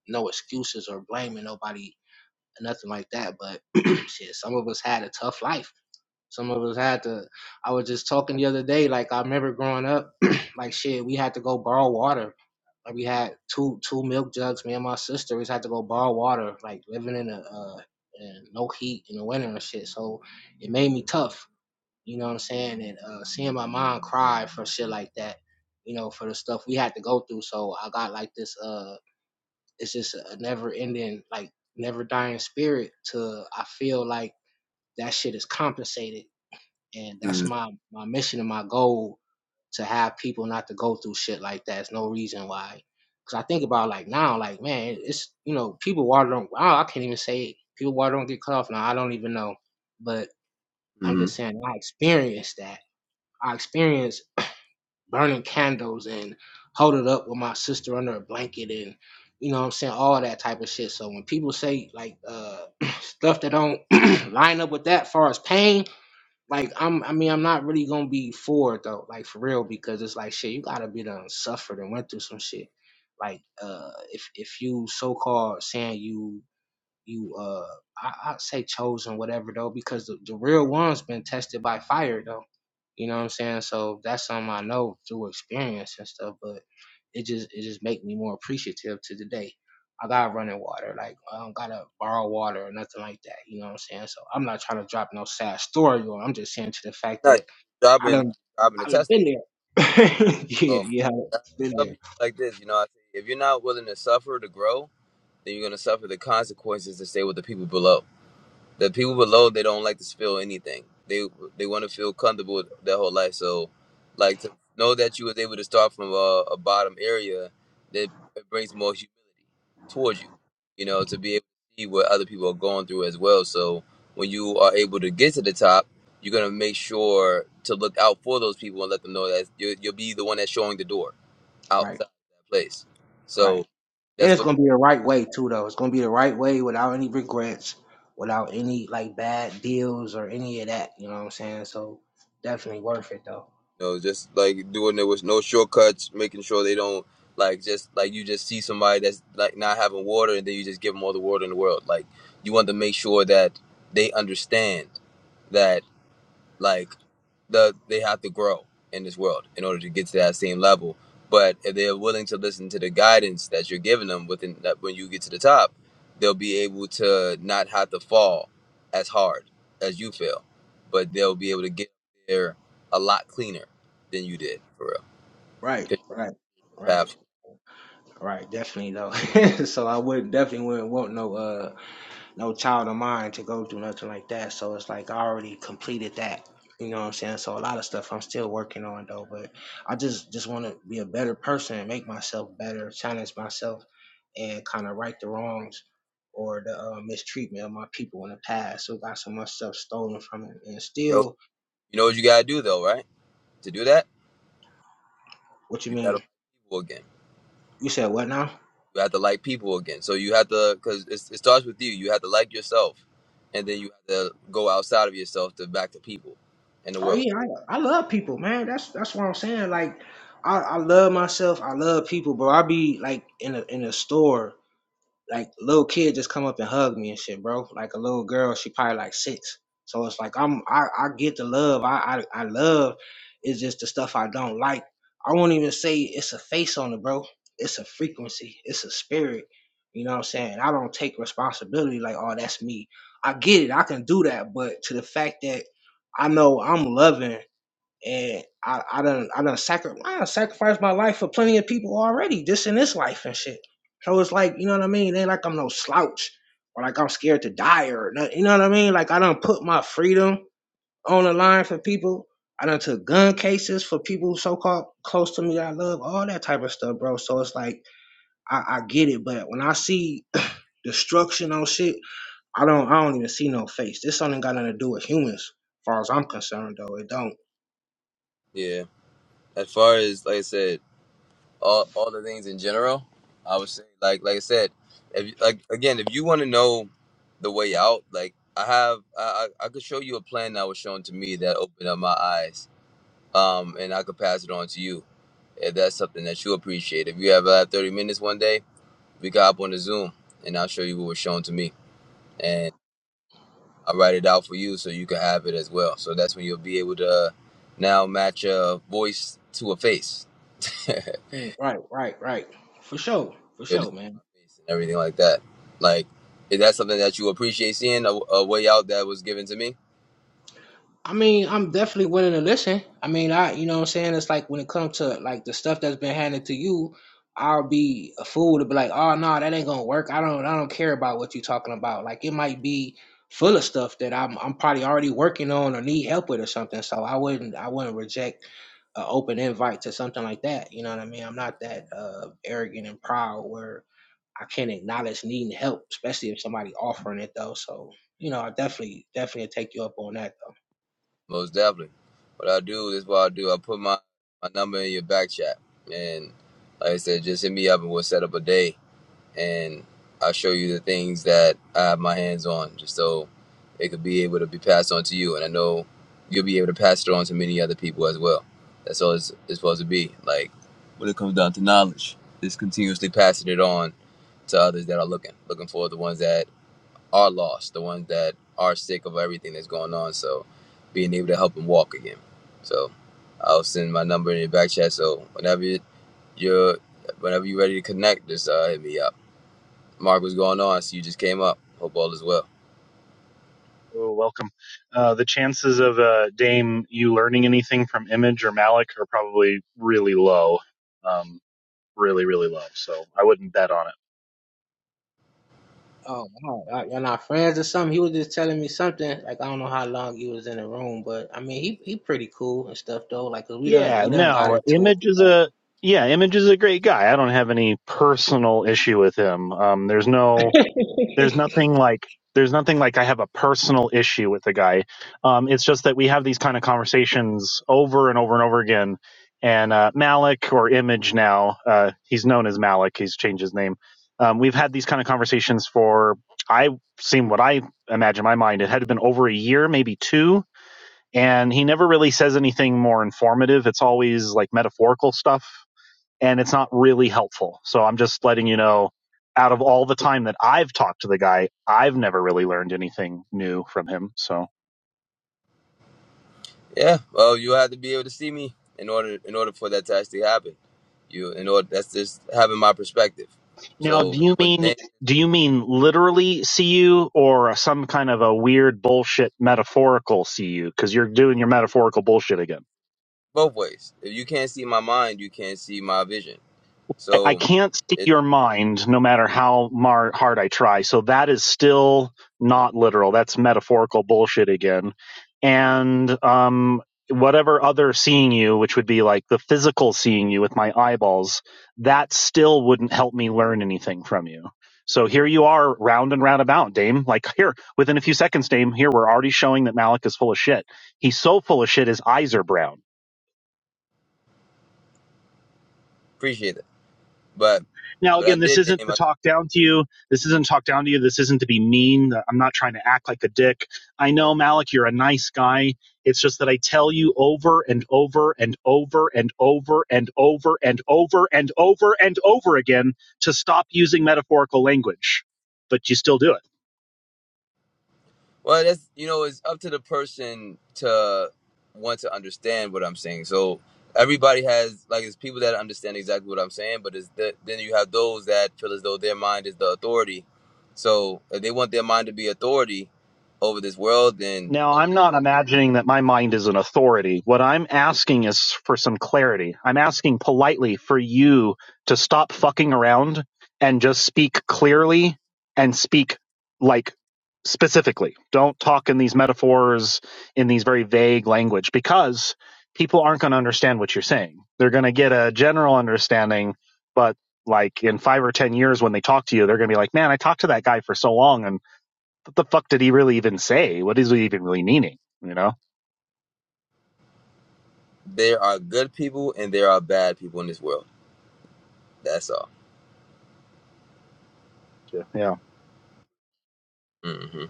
no excuses or blaming nobody or nothing like that. But (clears throat) shit, some of us had a tough life. Some of us had to. I was just talking the other day. Like I remember growing up, (clears throat) like shit, we had to go borrow water. Like we had two two milk jugs. Me and my sister, we just had to go borrow water. Like living in a uh, in no heat in the winter and shit. So it made me tough. You know what I'm saying? And uh, seeing my mom cry for shit like that. You know, for the stuff we had to go through. So I got like this. Uh, it's just a never ending, like never dying spirit. To I feel like that shit is compensated and that's my my mission and my goal to have people not to go through shit like that. It's no reason why. Cause I think about like now, like man, it's you know people water don't. I can't even say it. people water don't get cut off now. I don't even know, but I'm mm-hmm. just saying I experienced that. I experienced burning candles and holding up with my sister under a blanket and you know what I'm saying all that type of shit. So when people say like uh (clears throat) stuff that don't (clears throat) line up with that, far as pain, like I'm, I mean, I'm not really gonna be for it though, like for real, because it's like shit. You gotta be done suffered and went through some shit. Like, uh, if if you so called saying you you uh I, I say chosen whatever though because the, the real one's been tested by fire though you know what i'm saying so that's something i know through experience and stuff but it just it just make me more appreciative to the day i got running water like i don't gotta borrow water or nothing like that you know what i'm saying so i'm not trying to drop no sad story or i'm just saying to the fact not that i jobbing done jobbing the i done test. been there (laughs) yeah Um yeah I been tell there people like this, you know, I say if you're not willing to suffer to grow, then you're gonna suffer the consequences to stay with the people below. The people below they don't like to spill anything. They they want to feel comfortable with their whole life. So, like to know that you was able to start from a, a bottom area, that it brings more human towards you. You know, to be able to see what other people are going through as well. So when you are able to get to the top, you're gonna make sure to look out for those people and let them know that you, you'll be the one that's showing the door right outside that place. right So And that's it's what. gonna be the right way too, though. It's gonna be the right way without any regrets, without any like bad deals or any of that. You know what I'm saying? So definitely worth it though. You know, just like doing it with no shortcuts, making sure they don't like just like you just see somebody that's like not having water and then you just give them all the water in the world. Like you want to make sure that they understand that like the they have to grow in this world in order to get to that same level. But if they're willing to listen to the guidance that you're giving them within that when you get to the top, they'll be able to not have to fall as hard as you fell, but they'll be able to get there a lot cleaner than you did for real. Right, 'Cause right, you're the right, path. right. Definitely though. (laughs) so I would definitely wouldn't want no uh no child of mine to go through nothing like that. So it's like I already completed that. You know what I'm saying? So a lot of stuff I'm still working on though, but I just just want to be a better person and make myself better, challenge myself, and kind of right the wrongs or the uh, mistreatment of my people in the past who got so much stuff stolen from them. And You know, still, you know what you gotta do though, right? To do that, what you you gotta mean? like people again. You said what now? You have to like people again. So you have to, because it, starts with you. You have to like yourself, and then you have to go outside of yourself to back to people in the Oh world. yeah, I, I love people, man. That's that's what I'm saying. Like I, I love myself. I love people, bro. I be like in a in a store like little kid just come up and hug me and shit, bro. Like a little girl, she probably like six. So it's like I'm I, I get the love. I, I I love it's just the stuff I don't like. I won't even say it's a face on it, bro. It's a frequency. It's a spirit. You know what I'm saying? I don't take responsibility like, oh, that's me. I get it. I can do that. But to the fact that I know I'm loving and I, I done I done sacri- I done sacrificed my life for plenty of people already, just in this life and shit. So it's like, you know what I mean? It Ain't like I'm no slouch or like I'm scared to die or nothing, you know what I mean? Like I done put my freedom on the line for people. I done took gun cases for people so called close to me that I love, all that type of stuff, bro. So it's like I, I get it, but when I see (clears throat) destruction on shit, I don't I don't even see no face. This something got nothing to do with humans, as far as I'm concerned though. It don't. Yeah. As far as like I said, all all the things in general, I would say like like I said, if like again, if you want to know the way out, like I have, I I I could show you a plan that was shown to me that opened up my eyes, um, and I could pass it on to you if that's something that you appreciate. If you ever have uh, 30 minutes one day We got up on the Zoom, and I'll show you what was shown to me, and I'll write it out for you so you can have it as well. So that's when you'll be able to uh, now match a voice to a face, (laughs) Mm, Right, right, right. For sure. For You'll just sure, see man. my face and everything like that. Like, is that something that you appreciate seeing a, a way out that was given to me? I mean, I'm definitely willing to listen. I mean, I, you know what I'm saying? It's like when it comes to like the stuff that's been handed to you, I'll be a fool to be like, "Oh no, that ain't going to work. I don't I don't care about what you're talking about." Like it might be full of stuff that I'm I'm probably already working on or need help with or something. So I wouldn't I wouldn't reject an open invite to something like that. You know what I mean? I'm not that uh arrogant and proud where I can't acknowledge needing help, especially if somebody offering it though. So you know, I definitely definitely take you up on that. Though. Most definitely. What I do is what I do. I put my my number in your back chat, and like I said, just hit me up and we'll set up a day and I'll show you the things that I have my hands on, just so it could be able to be passed on to you. And I know you'll be able to pass it on to many other people as well. That's all it's, it's supposed to be. Like when it comes down to knowledge, it's continuously passing it on to others that are looking, looking for the ones that are lost, the ones that are sick of everything that's going on. So being able to help them walk again. So I'll send my number in your back chat. So whenever you're, whenever you're ready to connect, just uh, hit me up. Mark, what's going on? So you just came up. Hope all is well. Oh, welcome. Uh, the chances of uh, Dame you learning anything from Image or Malik are probably really low, um, really really low. So I wouldn't bet on it. Oh, wow. y'all not friends or something? He was just telling me something. Like I don't know how long he was in the room, but I mean, he he pretty cool and stuff though. Like 'cause we done Yeah, we done got no, into Image is it. a yeah, Image is a great guy. I don't have any personal issue with him. Um, there's no there's Before. nothing like there's nothing like I have a personal issue with the guy. Um, it's just that we have these kind of conversations over and over and over again. And uh, Malik or Image now, uh, he's known as Malik. He's changed his name. Um, we've had these kind of conversations for I seen what I imagine in my mind. It had been over a year, maybe two, and he never really says anything more informative. It's always like metaphorical stuff and it's not really helpful. So I'm just letting you know out of all the time that I've talked to the guy, I've never really learned anything new from him. So Yeah. Well, you had to be able to see me in order in order for that to actually happen. You in order that's just having my perspective. now do So, you but mean then do you mean literally CU or some kind of a weird bullshit metaphorical CU cuz you're doing your metaphorical bullshit again? both ways. If you can't see my mind, you can't see my vision. I, I So, can't see it, your mind no matter how mar- hard I try. So that is still not literal. That's metaphorical bullshit again. And um, whatever other seeing you, which would be like the physical seeing you with my eyeballs, that still wouldn't help me learn anything from you. So here you are, round and round about, Dame. Like here, within a few seconds, Dame. Here we're already showing that Malik is full of shit. He's so full of shit, his eyes are brown appreciate it. But Now, but I again, this did, isn't Dame. to talk down to you. This isn't to talk down to you. This isn't to be mean. I'm not trying to act like a dick. I know, Malik, you're a nice guy. It's just that I tell you over and over and over and over and over and over and over and over again to stop using metaphorical language, but you still do it. Well, that's you know, it's up to the person to want to understand what I'm saying. So everybody has like it's people that understand exactly what I'm saying, but it's the, then you have those that feel as though their mind is the authority. So if they want their mind to be authority over this world, then Now, I'm not imagining that my mind is an authority. What I'm asking is for some clarity. I'm asking politely for you to stop fucking around and just speak clearly and speak like specifically. Don't talk in these metaphors, in these very vague language, because people aren't going to understand what you're saying. They're going to get a general understanding, but like in five or 10 years when they talk to you, they're going to be like, man, I talked to that guy for so long. and what the fuck did he really even say? What is he even really meaning? You know? there are good people and there are bad people in this world. That's all. Yeah. Yeah. hmm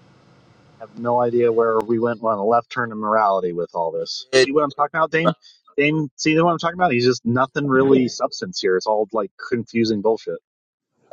I have no idea where we went on a left turn in morality with all this. Good. See what I'm talking about, Dame? Dame, see what I'm talking about? He's just nothing really (laughs) substance here. It's all like confusing bullshit.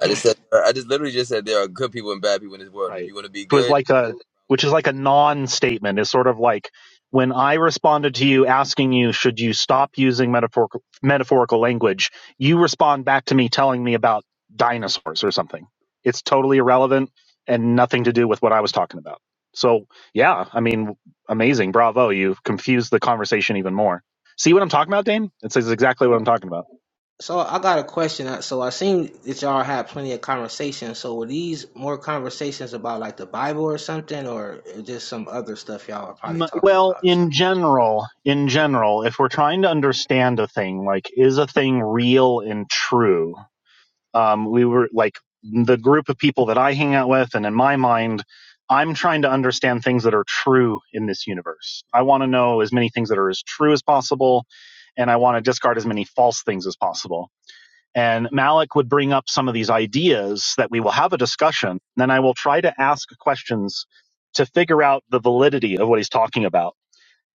I just said I just literally just said there are good people and bad people in this world, and if right you want to be it was good, like a which is like a non-statement it's sort of like when i responded to you asking you should you stop using metaphorical metaphorical language you respond back to me telling me about dinosaurs or something it's totally irrelevant and nothing to do with what i was talking about so yeah i mean amazing bravo you have confused the conversation even more see what i'm talking about dane it says exactly what i'm talking about So I got a question. Uh, So I seen that y'all had plenty of conversations. So were these more conversations about like the Bible or something, or just some other stuff y'all are Um, probably talking well, about or in something? general, in general, if we're trying to understand a thing, like is a thing real and true? Um, we were like the group of people that I hang out with, and in my mind, I'm trying to understand things that are true in this universe. I want to know as many things that are as true as possible, and I want to discard as many false things as possible. And Malik would bring up some of these ideas that we will have a discussion. Then I will try to ask questions to figure out the validity of what he's talking about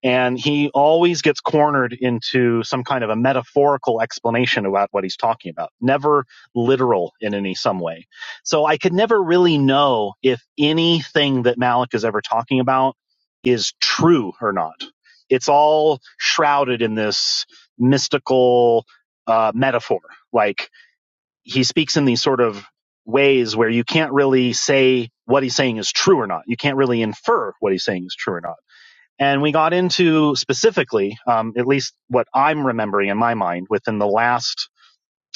and he always gets cornered into some kind of a metaphorical explanation about what he's talking about, never literal in any some way. So I could never really know if anything that Malick is ever talking about is true or not. It's all shrouded in this mystical uh, metaphor. Like he speaks in these sort of ways where you can't really say what he's saying is true or not. You can't really infer what he's saying is true or not. And we got into specifically, um, at least what I'm remembering in my mind, within the last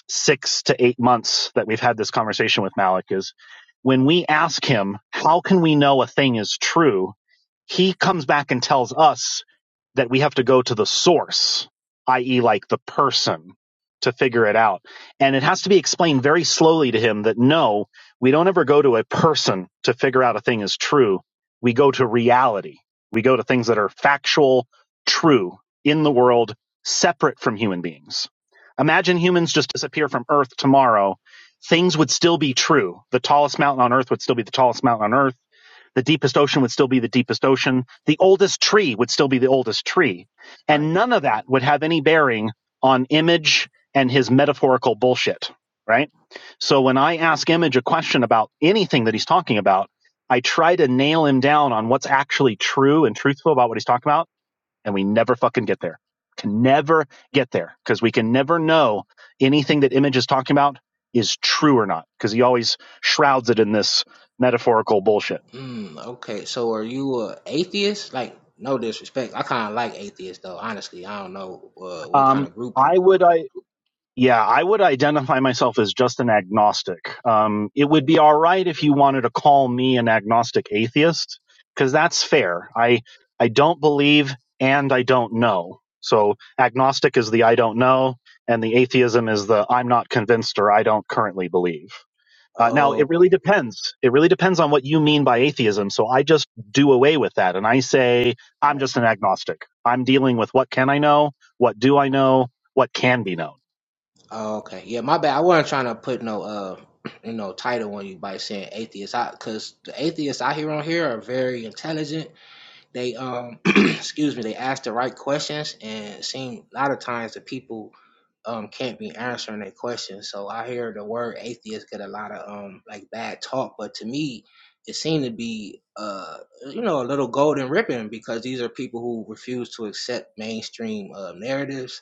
six to eight months that we've had this conversation with Malik is when we ask him, how can we know a thing is true? He comes back and tells us that we have to go to the source, i.e., like the person to figure it out. And it has to be explained very slowly to him that no, we don't ever go to a person to figure out a thing is true. We go to reality. We go to things that are factual, true in the world, separate from human beings Imagine humans just disappear from Earth tomorrow. Things would still be true. The tallest mountain on Earth would still be the tallest mountain on Earth. The deepest ocean would still be the deepest ocean. The oldest tree would still be the oldest tree. Right. And none of that would have any bearing on Image and his metaphorical bullshit, right? So when I ask Image a question about anything that he's talking about, I try to nail him down on what's actually true and truthful about what he's talking about and we never fucking get there. Can never get there because we can never know anything that image is talking about is true or not because he always shrouds it in this metaphorical bullshit. Mm, okay, so are you a atheist? Like, no disrespect. I kind of like atheists, though. Honestly, I don't know uh, what kind Um, of group you. I would Are. I Yeah, I would identify myself as just an agnostic. Um, it would be all right if you wanted to call me an agnostic atheist, because that's fair. I I don't believe and I don't know. So agnostic is the I don't know, and the atheism is the I'm not convinced or I don't currently believe. Uh, now it Oh, really depends. It really depends on what you mean by atheism. So I just do away with that, and I say I'm right. just an agnostic. I'm dealing with what can I know, what do I know, what can be known. Oh, okay. Yeah, my bad. I wasn't trying to put no uh, (clears throat) you know, title on you by saying atheist. I because the atheists I hear on here are very intelligent They um (clears throat) excuse me, they ask the right questions and it seem a lot of times the people um can't be answering their questions. So I hear the word atheist get a lot of um like bad talk, but to me it seemed to be uh you know a little golden ribbon because these are people who refuse to accept mainstream uh, narratives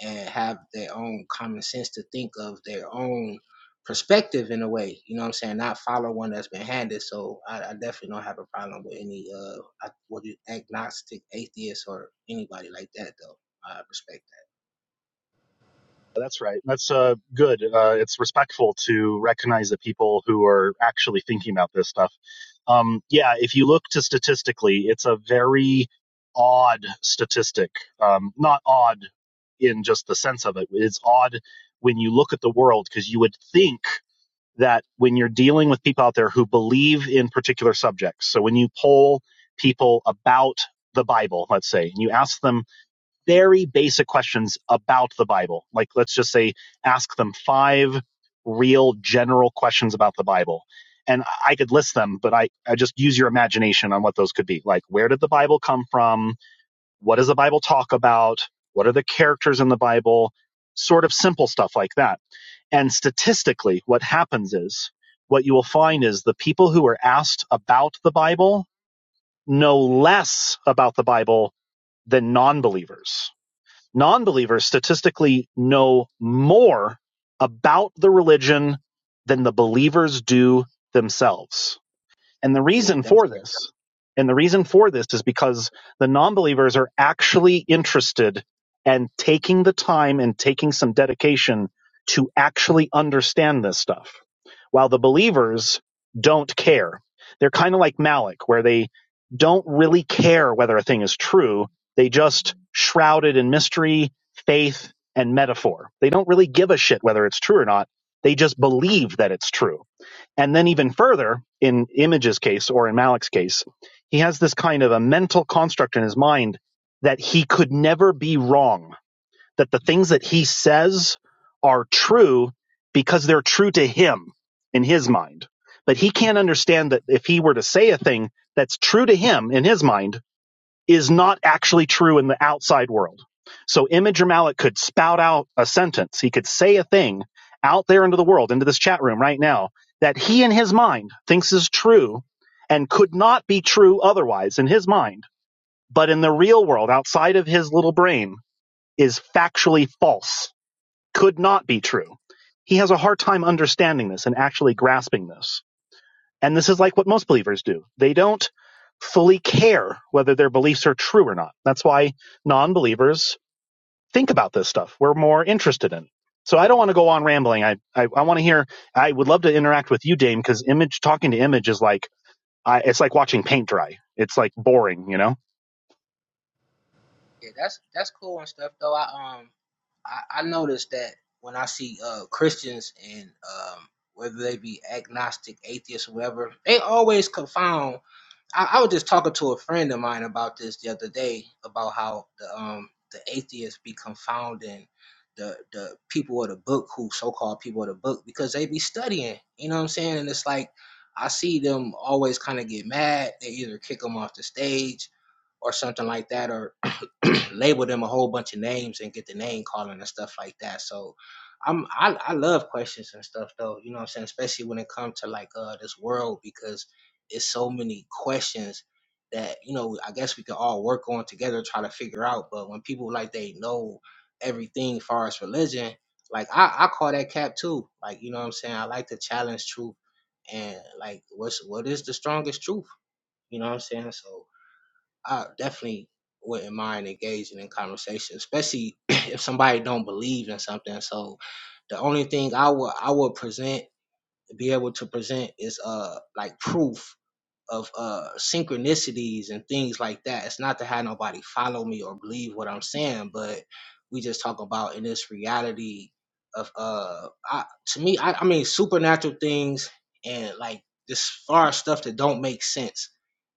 and have their own common sense to think of their own perspective in a way. You know what I'm saying? Not follow one that's been handed. So I, I definitely don't have a problem with any uh I- what you agnostic atheist or anybody like that though. I respect That's right. That's uh, good. Uh, it's respectful to recognize the people who are actually thinking about this stuff. Um, yeah, if you look to statistically, it's a very odd statistic. Um, not odd in just the sense of it. It's odd when you look at the world because you would think that when you're dealing with people out there who believe in particular subjects, so when you poll people about the Bible, let's say, and you ask them very basic questions about the Bible. Like, let's just say, ask them five real general questions about the Bible. And I could list them, but I, I just use your imagination on what those could be. Like, where did the Bible come from? What does the Bible talk about? What are the characters in the Bible? Sort of simple stuff like that. And statistically, what happens is what you will find is the people who are asked about the Bible know less about the Bible than non believers non believers statistically know more about the religion than the believers do themselves. And the that. Yeah, reason that's for this, and the reason for this is because the non believers are actually interested and taking the time and taking some dedication to actually understand this stuff, while the believers don't care. They're kind of like Malik, where they don't really care whether a thing is true. They just shroud it in mystery, faith, and metaphor. They don't really give a shit whether it's true or not. They just believe that it's true and then even further, in Image's case or in Malik's case, he has this kind of a mental construct in his mind that he could never be wrong, that the things that he says are true because they're true to him in his mind. But he can't understand that if he were to say a thing that's true to him in his mind, is not actually true in the outside world. So Image Malik could spout out a sentence. He could say a thing out there into the world, into this chat room right now, that he in his mind thinks is true and could not be true otherwise in his mind. But in the real world, outside of his little brain, is factually false, could not be true. He has a hard time understanding this and actually grasping this. And this is like what most believers do. They don't fully care whether their beliefs are true or not. That's why non believers think about this stuff. We're more interested in. So I don't want to go on rambling. I, I, I want to hear, I would love to interact with you, Dame, because image, talking to image is like, I, it's like watching paint dry. It's like boring, you know? yeah, that's that's cool and stuff though. I um I, I noticed that when I see uh Christians and um whether they be agnostic, atheists, or whatever, they always confound I, I was just talking to a friend of mine about this the other day about how the um the atheists be confounding the the people of the book who so called people of the book because they be studying. You know what I'm saying? And it's like I see them always kind of get mad. They either kick them off the stage or something like that, or (clears throat) label them a whole bunch of names and get the name calling and stuff like that. So. I'm I, I love questions and stuff though, you know what I'm saying, especially when it comes to like uh this world because it's so many questions that you know i guess we could all work on together try to figure out but when people like they know everything as far as religion like i, I call that cap too like you know what i'm saying i like to challenge truth and like what's what is the strongest truth you know what i'm saying so i definitely wouldn't mind engaging in conversation especially (clears throat) if somebody don't believe in something so the only thing i would i would present be able to present is uh like proof of uh synchronicities and things like that. It's not to have nobody follow me or believe what I'm saying, but we just talk about in this reality of uh I, to me I, I mean supernatural things and like this far stuff that don't make sense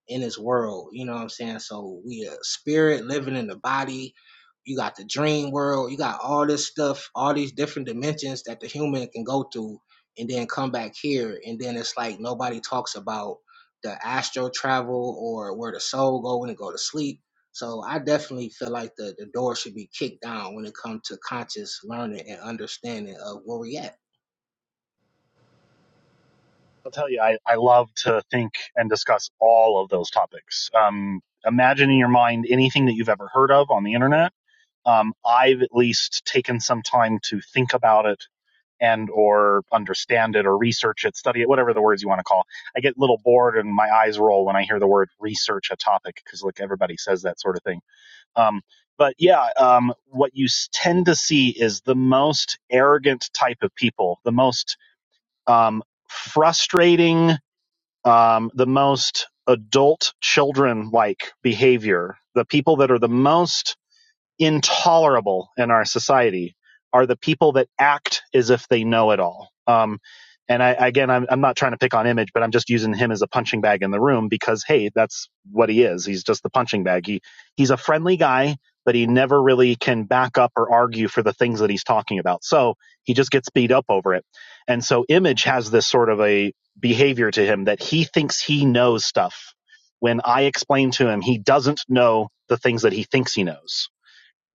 in this world. You know what I'm saying? So we a spirit living in the body. You got the dream world. You got all this stuff, all these different dimensions that the human can go through and then come back here. And then it's like nobody talks about the astral travel or where the soul go when it go to sleep. So I definitely feel like the, the door should be kicked down when it comes to conscious learning and understanding of where we at. I'll tell you, I, I love to think and discuss all of those topics. Um, imagine in your mind anything that you've ever heard of on the internet. Um, I've at least taken some time to think about it and or understand it or research it, study it, whatever the words you want to call. I get a little bored and my eyes roll when I hear the word research a topic because like everybody says that sort of thing. Um, but yeah, um, what you tend to see is the most arrogant type of people, the most um, frustrating, um, the most adult children like behavior, the people that are the most intolerable in our society are the people that act as if they know it all. Um, and I, again, I'm, I'm not trying to pick on Image, but I'm just using him as a punching bag in the room because, hey, that's what he is. He's just the punching bag. He he's a friendly guy, but he never really can back up or argue for the things that he's talking about. So he just gets beat up over it. And so Image has this sort of a behavior to him that he thinks he knows stuff. When I explain to him, he doesn't know the things that he thinks he knows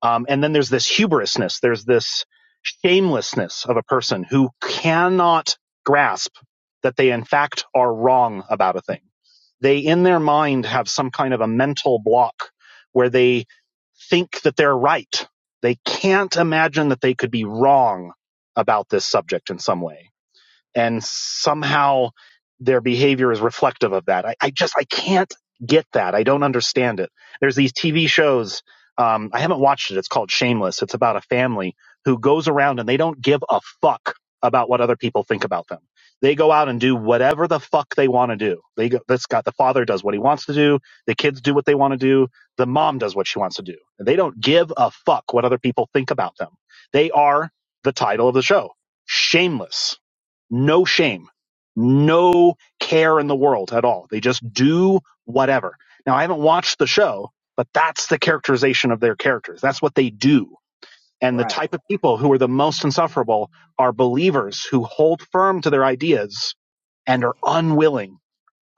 um, and then there's this hubrisness, there's this shamelessness of a person who cannot grasp that they, in fact, are wrong about a thing. They, in their mind, have some kind of a mental block where they think that they're right. They can't imagine that they could be wrong about this subject in some way and somehow their behavior is reflective of that. I, I just I can't get that. I don't understand it. There's these TV shows. Um, I haven't watched it. It's called Shameless. It's about a family who goes around and they don't give a fuck about what other people think about them. They go out and do whatever the fuck they want to do. They go, that's got the father does what he wants to do. The kids do what they want to do. The mom does what she wants to do. They don't give a fuck what other people think about them. They are the title of the show. Shameless no shame, no care in the world at all. They just do whatever. Now, I haven't watched the show, but that's the characterization of their characters. That's what they do. And the Right. type of people who are the most insufferable are believers who hold firm to their ideas and are unwilling,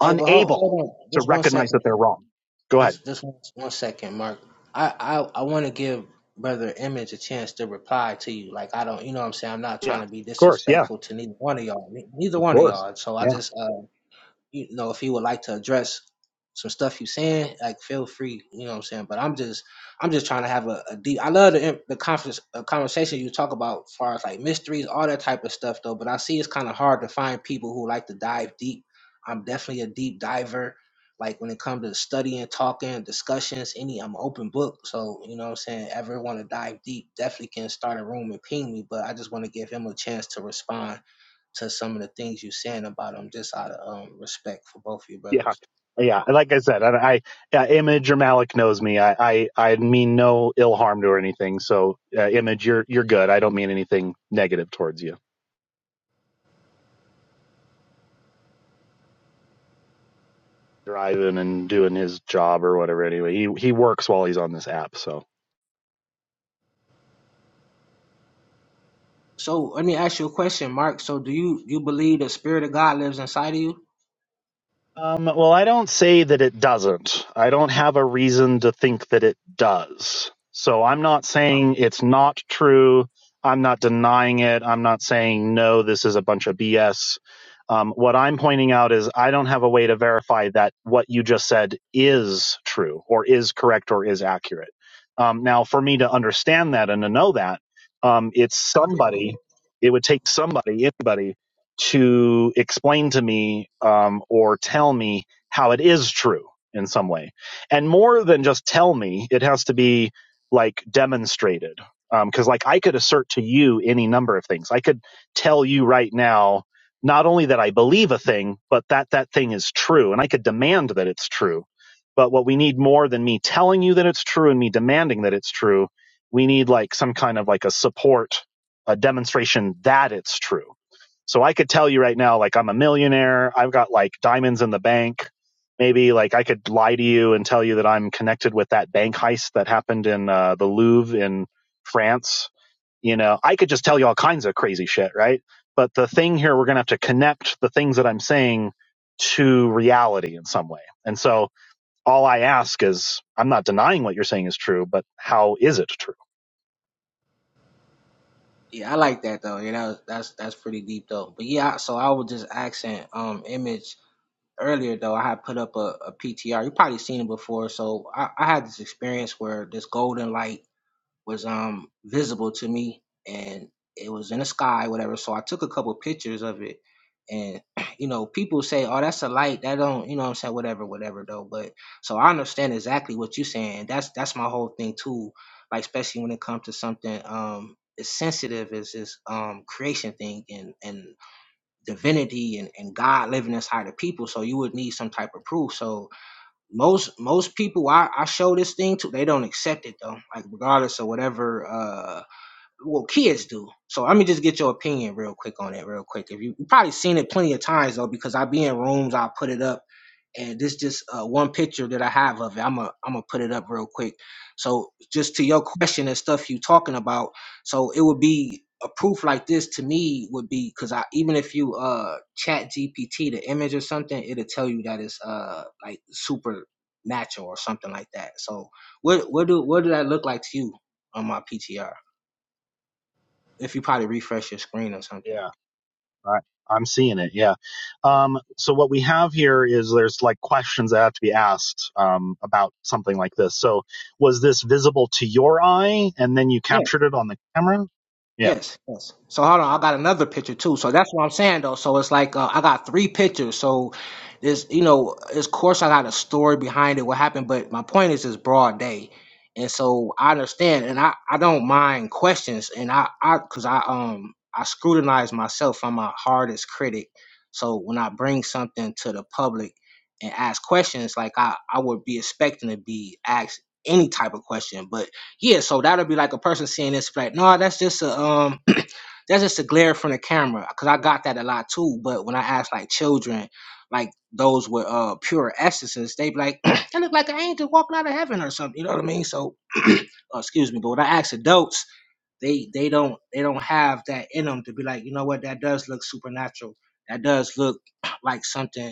Hey, but hold, unable hold on to just one recognize second. that they're wrong. Go ahead. Just just one, one second, Mark. I I, I want to give Brother Image a chance to reply to you. Like I don't, you know, what I'm saying I'm not Yeah. trying Of to be course. Yeah. disrespectful to neither one of y'all. Ne- Neither Of one of course. y'all. So I Yeah. just uh you know, if you would like to address some stuff you saying, like feel free, you know what I'm saying. But I'm just, I'm just trying to have a, a deep. I love the the conference uh, conversation you talk about, as far as like mysteries, all that type of stuff, though. But I see it's kind of hard to find people who like to dive deep. I'm definitely a deep diver. Like when it comes to studying, talking, discussions, any, I'm an open book. So you know what I'm saying. Ever want to dive deep? Definitely can start a room and ping me. But I just want to give him a chance to respond to some of the things you're saying about them, just out of um, respect for both of you Yeah, brothers. yeah. Like I said, I, I uh, Image or Malik knows me. I, I, I mean no ill harm to her or anything. So, uh, Image, you're you're good. I don't mean anything negative towards you. Driving and doing his job or whatever. Anyway, he he works while he's on this app. So. So let me ask you a question, Mark. So do you you believe the spirit of God lives inside of you? Um, well, I don't say that it doesn't. I don't have a reason to think that it does. So I'm not Oh, saying it's not true. I'm not denying it. I'm not saying, no, this is a bunch of BS. Um, what I'm pointing out is I don't have a way to verify that what you just said is true or is correct or is accurate. Um, now, for me to understand that and to know that, um, it's somebody, it would take somebody, anybody to explain to me um, or tell me how it is true in some way. And more than just tell me, it has to be like demonstrated. Because um, like I could assert to you any number of things. I could tell you right now not only that I believe a thing, but that that thing is true, and I could demand that it's true. But what we need more than me telling you that it's true and me demanding that it's true, we need like some kind of like a support, a demonstration that it's true so I could tell you right now, like I'm a millionaire. I've got like diamonds in the bank. Maybe like I could lie to you and tell you that I'm connected with that bank heist that happened in uh, the Louvre in France. You know, I could just tell you all kinds of crazy shit, right? But the thing here, we're gonna have to connect the things that I'm saying to reality in some way. And so all I ask is, I'm not denying what you're saying is true, but how is it true? yeah, I like that though. You know, that's that's pretty deep though. But yeah, so I was just asking um image earlier though. I had put up a, PTR. You probably seen it before. So I, I had this experience where this golden light was um visible to me and it was in the sky whatever so i took a couple pictures of it and (clears throat) you know people say oh that's a light that don't you know what i'm saying whatever whatever though but so i understand exactly what you're saying that's that's my whole thing too like especially when it comes to something um as sensitive as this um creation thing and and divinity and, and god living inside of people so you would need some type of proof so most most people I, I show this thing to they don't accept it though like regardless of whatever uh well kids do so let me just get your opinion real quick on it real quick if you you probably seen it plenty of times though because i be in rooms i put it up and this just uh, one picture that I have of it. I'm gonna I'm gonna put it up real quick. So just to your question and stuff you talking about, so it would be a proof like this to me would be because I even if you uh chat GPT the image or something, it'll tell you that it's uh like supernatural or something like that. So what what do what did that look like to you on my PTR? If you probably refresh your screen or something. Yeah. I, I'm seeing it. Yeah. Um, so what we have here is there's like questions that have to be asked um, about something like this. So was this visible to your eye, and then you captured it on the camera? Yeah. Yes, yes. So hold on, I yeah, got another picture too. So that's what I'm saying though. So it's like uh, I got three pictures. So this, you know, of course I got a story behind it, what happened. But my point is, it's broad day, and so I understand, and I I don't mind questions, and I I because I um I scrutinize myself. I'm my hardest critic. So when I bring something to the public and ask questions, like I I would be expecting to be asked any type of question, but yeah, so that'll be like a person seeing this like, no, that's just a um (clears throat) that's just a glare from the camera. Cause I got that a lot too. But when I ask like children, like those with uh pure essences, they be like, (clears throat) that look like an angel walking out of heaven or something. You know what I mean? So (clears throat) oh, excuse me, but when I ask adults, they they don't they don't have that in them to be like, you know what, that does look supernatural. That does look (clears throat) like something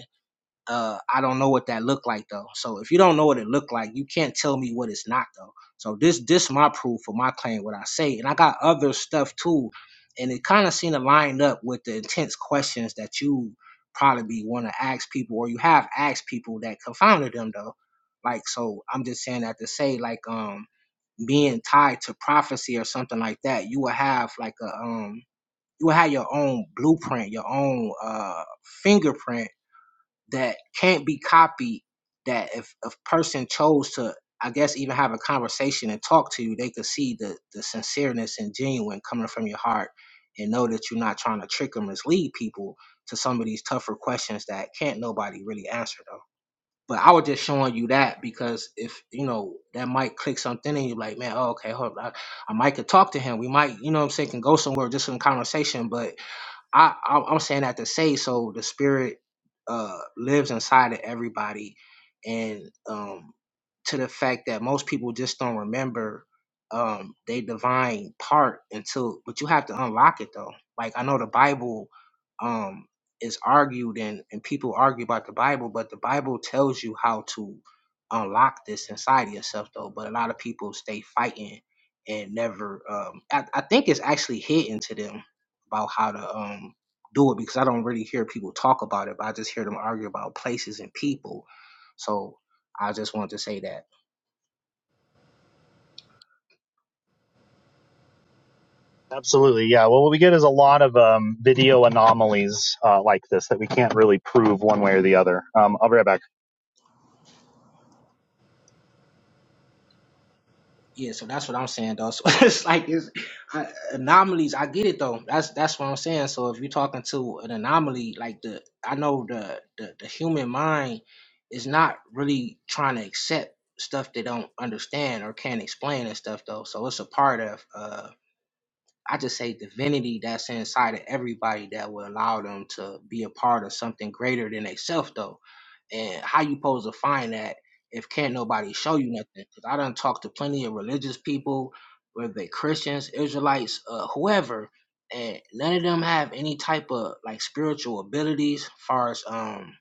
uh, I don't know what that looked like though. So if you don't know what it looked like, you can't tell me what it's not though. So this this my proof for my claim, what I say, and I got other stuff too, and it kind of seemed to line up with the intense questions that you probably want to ask people, or you have asked people that confounded them though. Like so, I'm just saying that to say like um being tied to prophecy or something like that, you will have like a um you will have your own blueprint, your own uh fingerprint that can't be copied that if a person chose to i guess even have a conversation and talk to you they could see the the sincereness and genuine coming from your heart and know that you're not trying to trick or mislead people to some of these tougher questions that can't nobody really answer though but i was just showing you that because if you know that might click something and you're like man oh, okay hold on. I, I might could talk to him we might you know what i'm saying can go somewhere just in conversation but I, I I'm saying that to say so the spirit uh lives inside of everybody, and um to the fact that most people just don't remember um they divine part until but you have to unlock it though. Like I know the Bible um is argued and and people argue about the Bible, but the Bible tells you how to unlock this inside of yourself though. But a lot of people stay fighting and never um I, I think it's actually hidden to them about how to um do it because I don't really hear people talk about it, but I just hear them argue about places and people. So I just wanted to say that. Absolutely, yeah. Well, what we get is a lot of um, video anomalies uh, like this that we can't really prove one way or the other. Um, I'll be right back. Yeah, so that's what I'm saying though. So (laughs) it's like it's I, anomalies. I get it though. That's that's what I'm saying. So if you're talking to an anomaly, like the I know the the, the human mind is not really trying to accept stuff they don't understand or can't explain and stuff though. So it's a part of uh I just say divinity that's inside of everybody that will allow them to be a part of something greater than themselves though and how you supposed to find that if can't nobody show you nothing? Cause I done talked to plenty of religious people, whether they Christians, Israelites, uh, whoever, and none of them have any type of like spiritual abilities, as far as um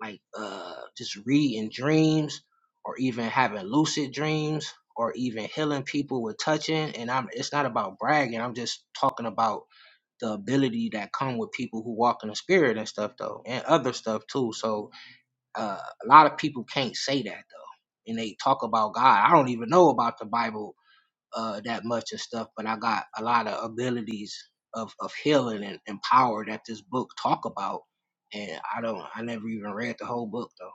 like uh just reading dreams or even having lucid dreams or even healing people with touching. And I'm it's not about bragging. I'm just talking about the ability that come with people who walk in the spirit and stuff though, and other stuff too. So uh, a lot of people can't say that though, and they talk about God. I don't even know about the Bible uh, that much and stuff, but I got a lot of abilities of of healing and, and power that this book talk about. And I don't, I never even read the whole book though.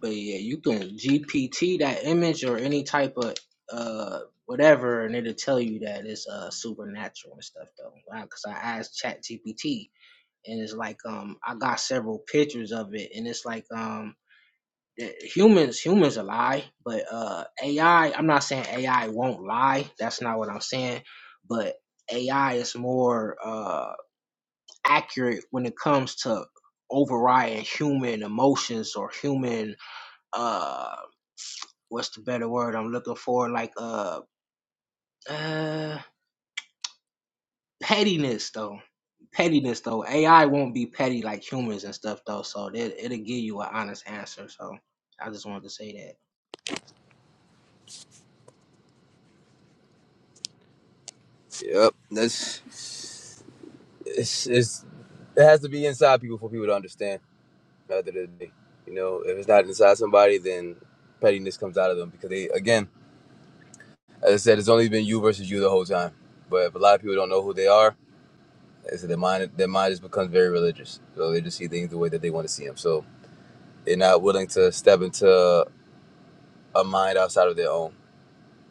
But yeah, you can GPT that image or any type of uh whatever, and it'll tell you that it's uh supernatural and stuff though. Because I asked Chat GPT, and it's like um I got several pictures of it, and it's like um eh, humans humans will lie but uh ai i'm not saying ai won't lie that's not what i'm saying but ai is more uh accurate when it comes to overriding human emotions or human uh what's the better word i'm looking for like uh uh pettiness though pettiness though ai won't be petty like humans and stuff though so it, it'll give you an honest answer so i just wanted to say that yep, that's. it's, it's it has to be inside people for people to understand. At the end of the day, you know, if it's not inside somebody, then pettiness comes out of them because they, again, as I said, it's only been you versus you the whole time. But if a lot of people don't know who they are, I said, their mind their mind just becomes very religious, so they just see things the way that they want to see them. So they're not willing to step into a mind outside of their own,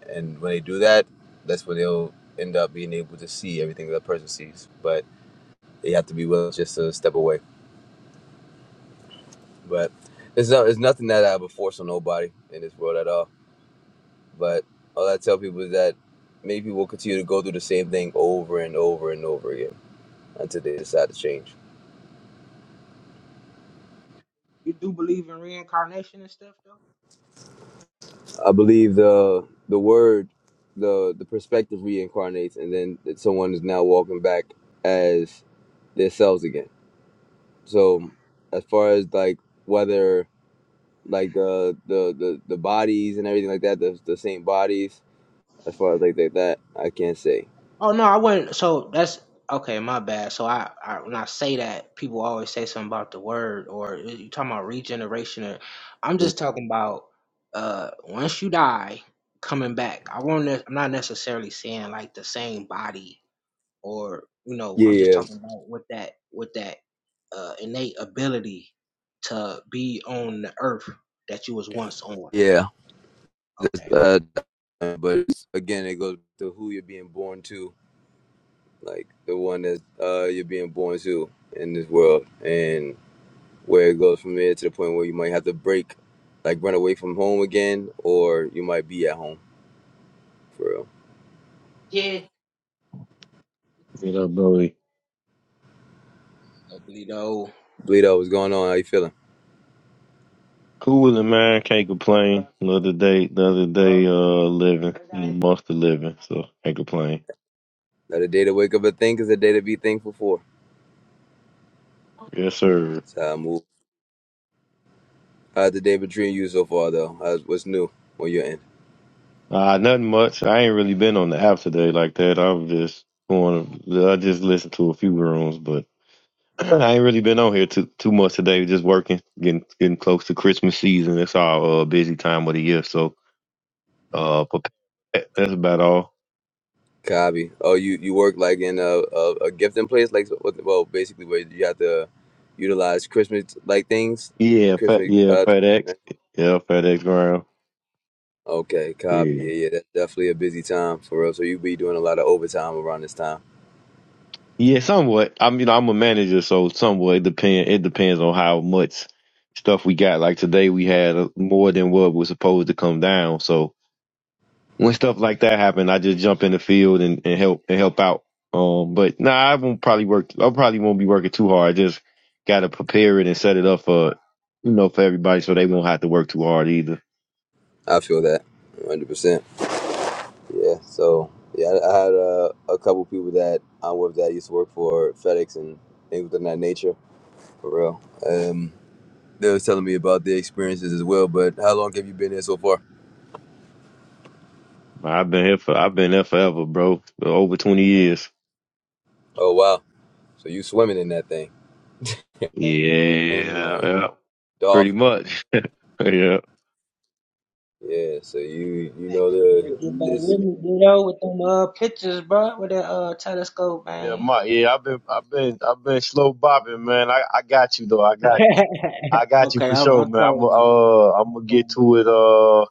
and when they do that, that's when they'll end up being able to see everything that a person sees. But they have to be willing just to step away But it's not, it's nothing that I would force on nobody in this world at all. But all I tell people is that many people will continue to go through the same thing over and over and over again until they decide to change. You do believe in reincarnation and stuff though? I believe the the word, the the perspective reincarnates, and then that someone is now walking back as themselves again. So as far as like whether like the the the, the bodies and everything like that, the the same bodies. As far as like that, that I can't say. Oh no, I wasn't. So that's okay. My bad. So I, I when I say that, people always say something about the word or you talking about regeneration. Or I'm Mm, just talking about uh once you die, coming back. I won't. ne- I'm not necessarily saying like the same body or you know Yeah, i'm just yeah. talking about with that with that uh, innate ability to be on the earth that you was once on Yeah, okay uh, but again, it goes to who you're being born to, like the one that uh, you're being born to in this world, and where it goes from there to the point where you might have to break, like run away from home again, or you might be at home for real. Get up, Bowie. Oblido. Bleed out, what's going on? How you feeling? Cool with it, man. Can't complain. Another day, another day, uh, living, month of living. So can't complain. Now the day to wake up and think is the day to be thankful for. Yes, sir. That's how I move. How's the day between you so far, though? How's, what's new? When you're in? Uh, nothing much. I ain't really been on the app today like that. I'm just going. I just listened to a few rooms, but (clears throat) I ain't really been on here too too much today. Just working, getting getting close to Christmas season. That's our uh, busy time of the year. So, uh, prepare. that's about all. Copy. Oh, you you work like in a a, a gifting place, like so, what- well, basically where you have to utilize Christmas like things, Yeah, fat Christmas. yeah, Uh, FedEx. Yeah, FedEx ground. okay, copy. Yeah. Yeah, yeah, that's definitely a busy time for us. So you be doing a lot of overtime around this time. Yeah, somewhat. I am you know I'm a manager, so somewhat it depend. It depends on how much stuff we got. Like today, we had uh, more than what was supposed to come down. So when stuff like that happen, I just jump in the field and, and help and help out. Um, but nah, I won't probably work. I probably won't be working too hard. I just gotta prepare it and set it up for you know for everybody, so they won't have to work too hard either. I feel that, hundred percent. Yeah. So yeah, I, I had uh, a couple people that I am with that used to work for FedEx and things of that nature. For real. Um, they was telling me about their experiences as well. But how long have you been there so far? I've been here for I've been there forever, bro. Over twenty years. Oh wow. So you swimming in that thing. And Yeah, like yeah pretty dolphin. much. (laughs) yeah. Yeah, so you you know the Get back this with me, Vito, with them uh, pictures, bro, with that uh, telescope, Yeah, man. my yeah, I've been I've been I've been slow bopping, man. I, I got you though. I (laughs) got I got you okay for i'm, sure, I'm man. I'm telling you uh I'm I'm gonna get telling you, to it bro. uh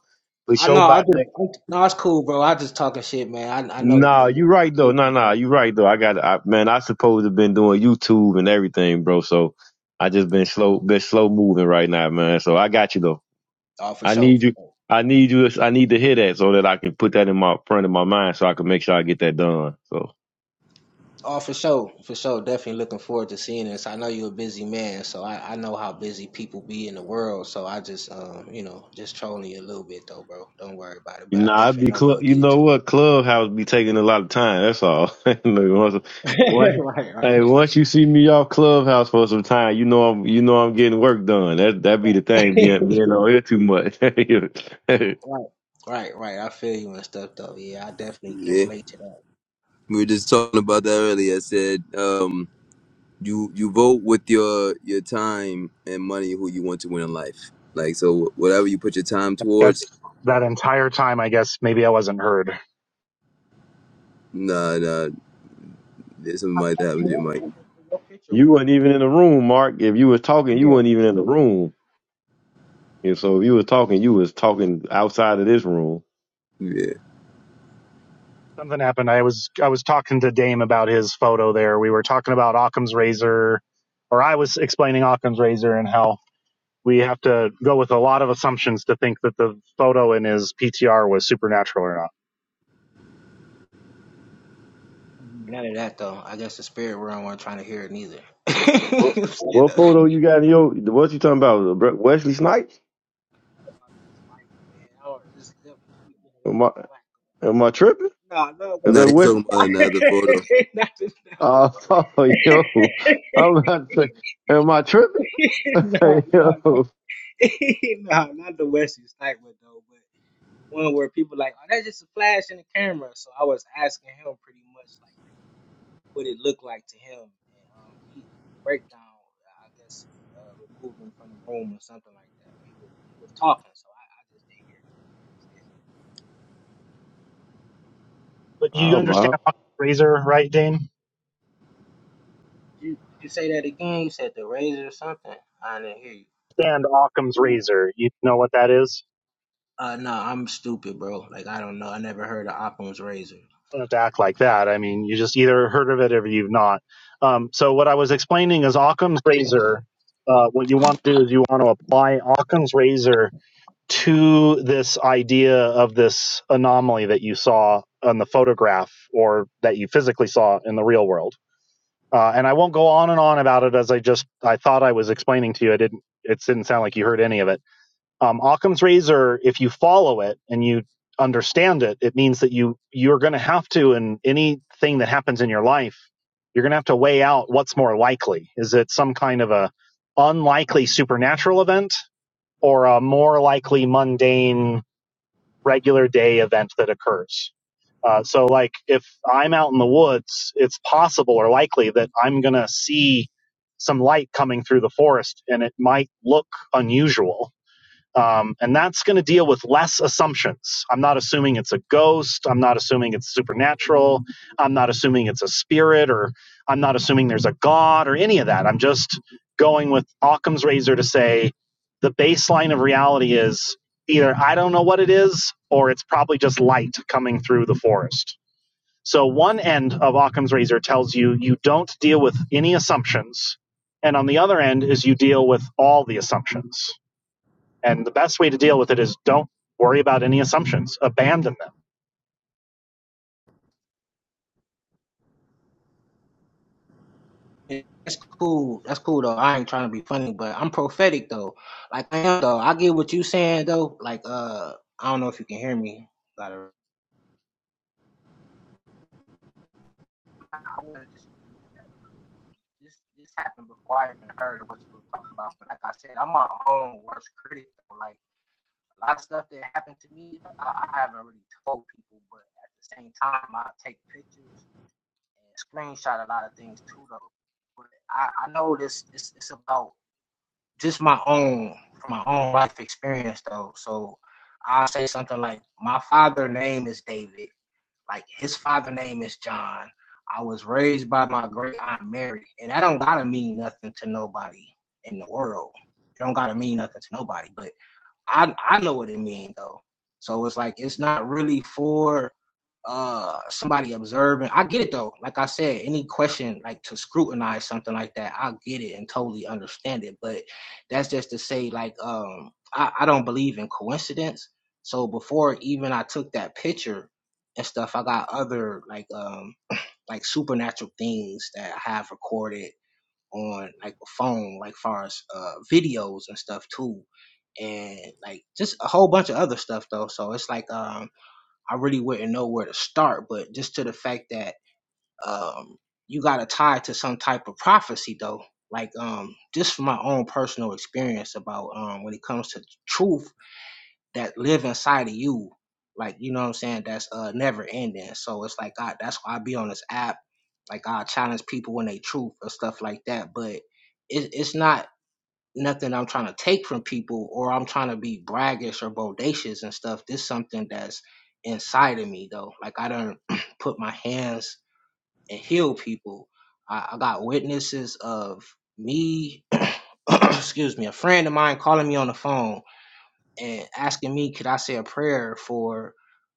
for i sure know i by just next. I, no it's cool bro i just talking shit man i, I know Nah, you you right though. busy Nah, nah, bro you right though. I got I, man. I supposed to been doing YouTube and everything, bro. So I just been slow been slow moving right now, man. So I got you though. oh for I sure need for you. sure I need you. I need to hear that so that I can put that in my front of my mind so I can make sure I get that done. So. Oh, for sure, for sure. Definitely looking forward to seeing this. I know you're a busy man, so I, I know how busy people be in the world. So I just, um, you know, just trolling you a little bit though, bro. Don't worry about it. You But I know, I definitely be know club. you'll You get it know to me. what? Clubhouse be taking a lot of time. That's all. (laughs) Look, once, (laughs) once, right, hey, right, once you see me off Clubhouse for some time, you know I'm, you know I'm getting work done. That that be the thing. (laughs) Being being on here too much. right, right, right. I feel you and stuff though. Yeah, I definitely can yeah. relate to that. We were just talking about that earlier. I said, um, you you vote with your your time and money who you want to win in life. Like so whatever you put your time Yes, towards, that entire time, I guess maybe I wasn't heard. nah nah there's something like that with your mic. Your (laughs) picture you wasn't wasn't even in the even. room, Mark. If you was talking, you there. weren't even in the room. And so if you was talking, you was talking outside of this room. Yeah. Something happened. I was I was talking to Dame about his photo there. We were talking about Occam's razor, or I was explaining Occam's razor and how we have to go with a lot of assumptions to think that the photo in his PTR was supernatural or not. None of that though. I guess the spirit realm weren't trying to hear it neither. (laughs) You What, know what I'm saying, what though? photo you got in your? What you talking about? Wesley Snipes? About this life, man. I don't- it's- I be getting a lot Am of I flack. am I tripping? No, no. know Is Nah, that you he's Wesley talking about (laughs) another photo. Oh, (laughs) yo, I'm about to say, am I tripping? (laughs) yo, But you I'm understand out. Occam's razor, right, Dame? Did you did you say that again? You said the razor or something? I didn't hear Understand Occam's you. razor. You know what that is. Uh, no, I'm stupid, bro. Like I don't know. I never heard of Occam's razor. You don't have to act like that. I mean, you just either heard of it or you've not. Um, so what I was explaining is Occam's razor. Uh, what you want to do is you want to apply Occam's razor to this idea of this anomaly that you saw on the photograph or that you physically saw in the real world. Uh, and I won't go on and on about it as I just I thought I was explaining to you. I didn't. It didn't sound like you heard any of it. Um, Occam's razor. If you follow it and you understand it, it means that you you're going to have to in anything that happens in your life, you're going to have to weigh out what's more likely. Is it some kind of a unlikely supernatural event or a more likely mundane regular day event that occurs. Uh, so, like, if I'm out in the woods, it's possible or likely that I'm going to see some light coming through the forest and it might look unusual um, and that's going to deal with less assumptions. I'm not assuming it's a ghost. I'm not assuming it's supernatural. I'm not assuming it's a spirit, or I'm not assuming there's a god or any of that. I'm just going with Occam's razor to say the baseline of reality is either I don't know what it is, or it's probably just light coming through the forest. So one end of Occam's razor tells you you don't deal with any assumptions, and on the other end is you deal with all the assumptions. And the best way to deal with it is don't worry about any assumptions, abandon them. That's cool. That's cool though. I ain't trying to be funny, but I'm prophetic though. Like I am though. I get what you saying though. Like uh, I don't know if you can hear me. Got a- I wanna just- This this happened before I even heard what you were talking about. But like I said, I'm my own worst critic. a lot of stuff that happened to me, I, I haven't really told people, but at the same time, I take pictures and screenshot a lot of things too, though. But I, I know this it's, it's about just my own from my own life experience though. So I'll say something like, my father' name is David. Like his father' name is John. I was raised by my great aunt Mary, and that don't gotta mean nothing to nobody in the world. It don't gotta mean nothing to nobody, but I I know what it means though. So it's like it's not really for uh somebody observing. I get it though. Like I said, any question like to scrutinize something like that, I get it and totally understand it. But that's just to say like um I, I don't believe in coincidence. So before even I took that picture and stuff, I got other like um (clears throat) like supernatural things that I have recorded on like a phone, like far as uh, videos and stuff too, and like just a whole bunch of other stuff though. So it's like um, I really wouldn't know where to start, but just to the fact that um, you got to tie it to some type of prophecy though. Like um, just from my own personal experience about um, when it comes to truth that live inside of you. Like, you know what I'm saying? That's uh never ending. So it's like I that's why I be on this app. Like I challenge people when they truth and stuff like that. But it, it's not nothing I'm trying to take from people or I'm trying to be braggish or bodacious and stuff. This is something that's inside of me though. Like I don't (clears throat) put my hands and heal people. I, I got witnesses of me (clears throat) excuse me, a friend of mine calling me on the phone and asking me could I say a prayer for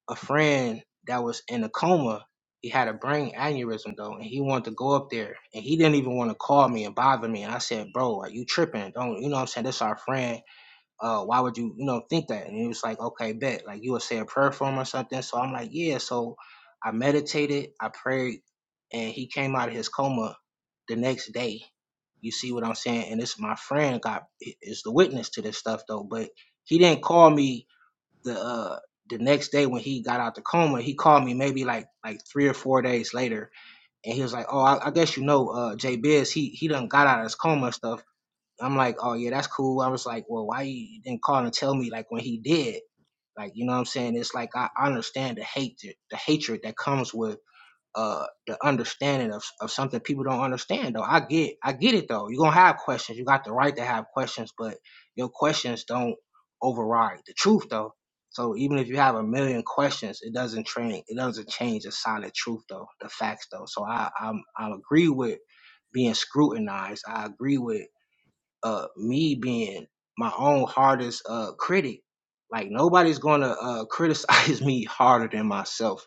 a friend that was in a coma. He had a brain aneurysm though, and he wanted to go up there, and he didn't even want to call me and bother me. And I said, "Bro, are you tripping? Don't you know what I'm saying? This our friend uh, why would you, you know, think that? And it was like, okay, bet. Like you would say a prayer for him or something. So I'm like, yeah. So I meditated, I prayed, and he came out of his coma the next day. You see what I'm saying? And it's my friend got is the witness to this stuff though. But he didn't call me the uh the next day when he got out the coma. He called me maybe like like three or four days later, and he was like, oh, I, I guess you know, uh, Jay Biz, he he done got out of his coma and stuff. I'm like, oh yeah, that's cool. I was like, well, why you didn't call and tell me like when he did? Like, you know what I'm saying? It's like I understand the hate, the, the hatred that comes with uh the understanding of of something people don't understand though. I get I get it though. You're gonna have questions. You got the right to have questions, but your questions don't override the truth though. So even if you have a million questions, it doesn't train it doesn't change the solid truth though, the facts though. So I I'm I agree with being scrutinized. I agree with uh me being my own hardest uh critic like nobody's gonna uh criticize (laughs) me harder than myself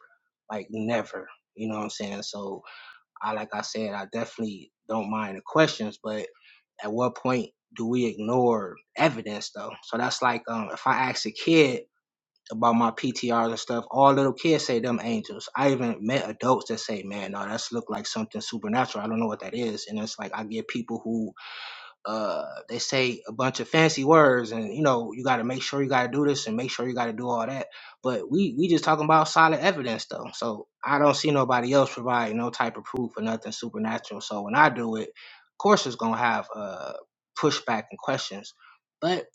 like never you know what i'm saying so i like i said i definitely don't mind the questions but at what point do we ignore evidence though so that's like um if i ask a kid about my PTRs and stuff, all little kids say them angels. I even met adults that say, "Man, no, that's look like something supernatural. I don't know what that is." And it's like I get people who uh they say a bunch of fancy words and you know you got to make sure you got to do this and make sure you got to do all that but we we just talking about solid evidence though so i don't see nobody else providing no type of proof or nothing supernatural so when i do it of course it's gonna have uh pushback and questions but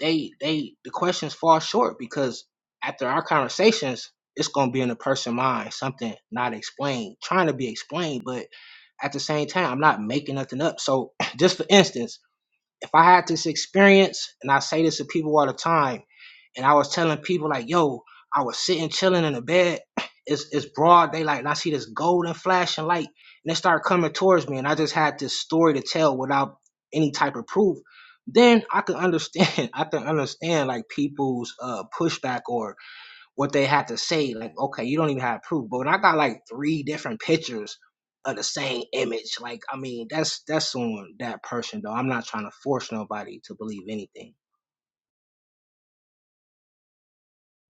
they they the questions fall short because after our conversations it's gonna be in the person mind something not explained trying to be explained but at the same time i'm not making nothing up so (clears throat) just for instance if I had this experience, and I say this to people all the time, and I was telling people like, yo, I was sitting chilling in the bed, it's it's broad daylight, and I see this golden flashing light, and it started coming towards me, and I just had this story to tell without any type of proof. Then I could understand, (laughs) I could understand like people's uh pushback or what they had to say, like, okay, you don't even have proof. But when I got like three different pictures of the same image, like, I mean, that's that's on that person though. I'm not trying to force nobody to believe anything.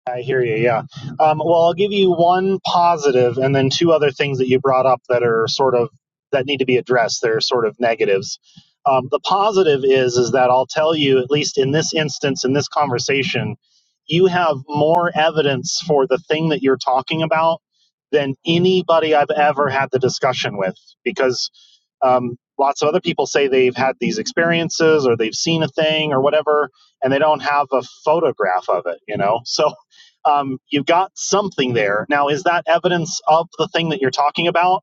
I hear you. Yeah. Um, well, I'll give you one positive, and then two other things that you brought up that are sort of that need to be addressed. They're sort of negatives. Um, the positive is is that I'll tell you, at least in this instance, in this conversation, you have more evidence for the thing that you're talking about than anybody I've ever had the discussion with, because um, lots of other people say they've had these experiences or they've seen a thing or whatever and they don't have a photograph of it you know (laughs) so um, you've got something there now is that evidence of the thing that you're talking about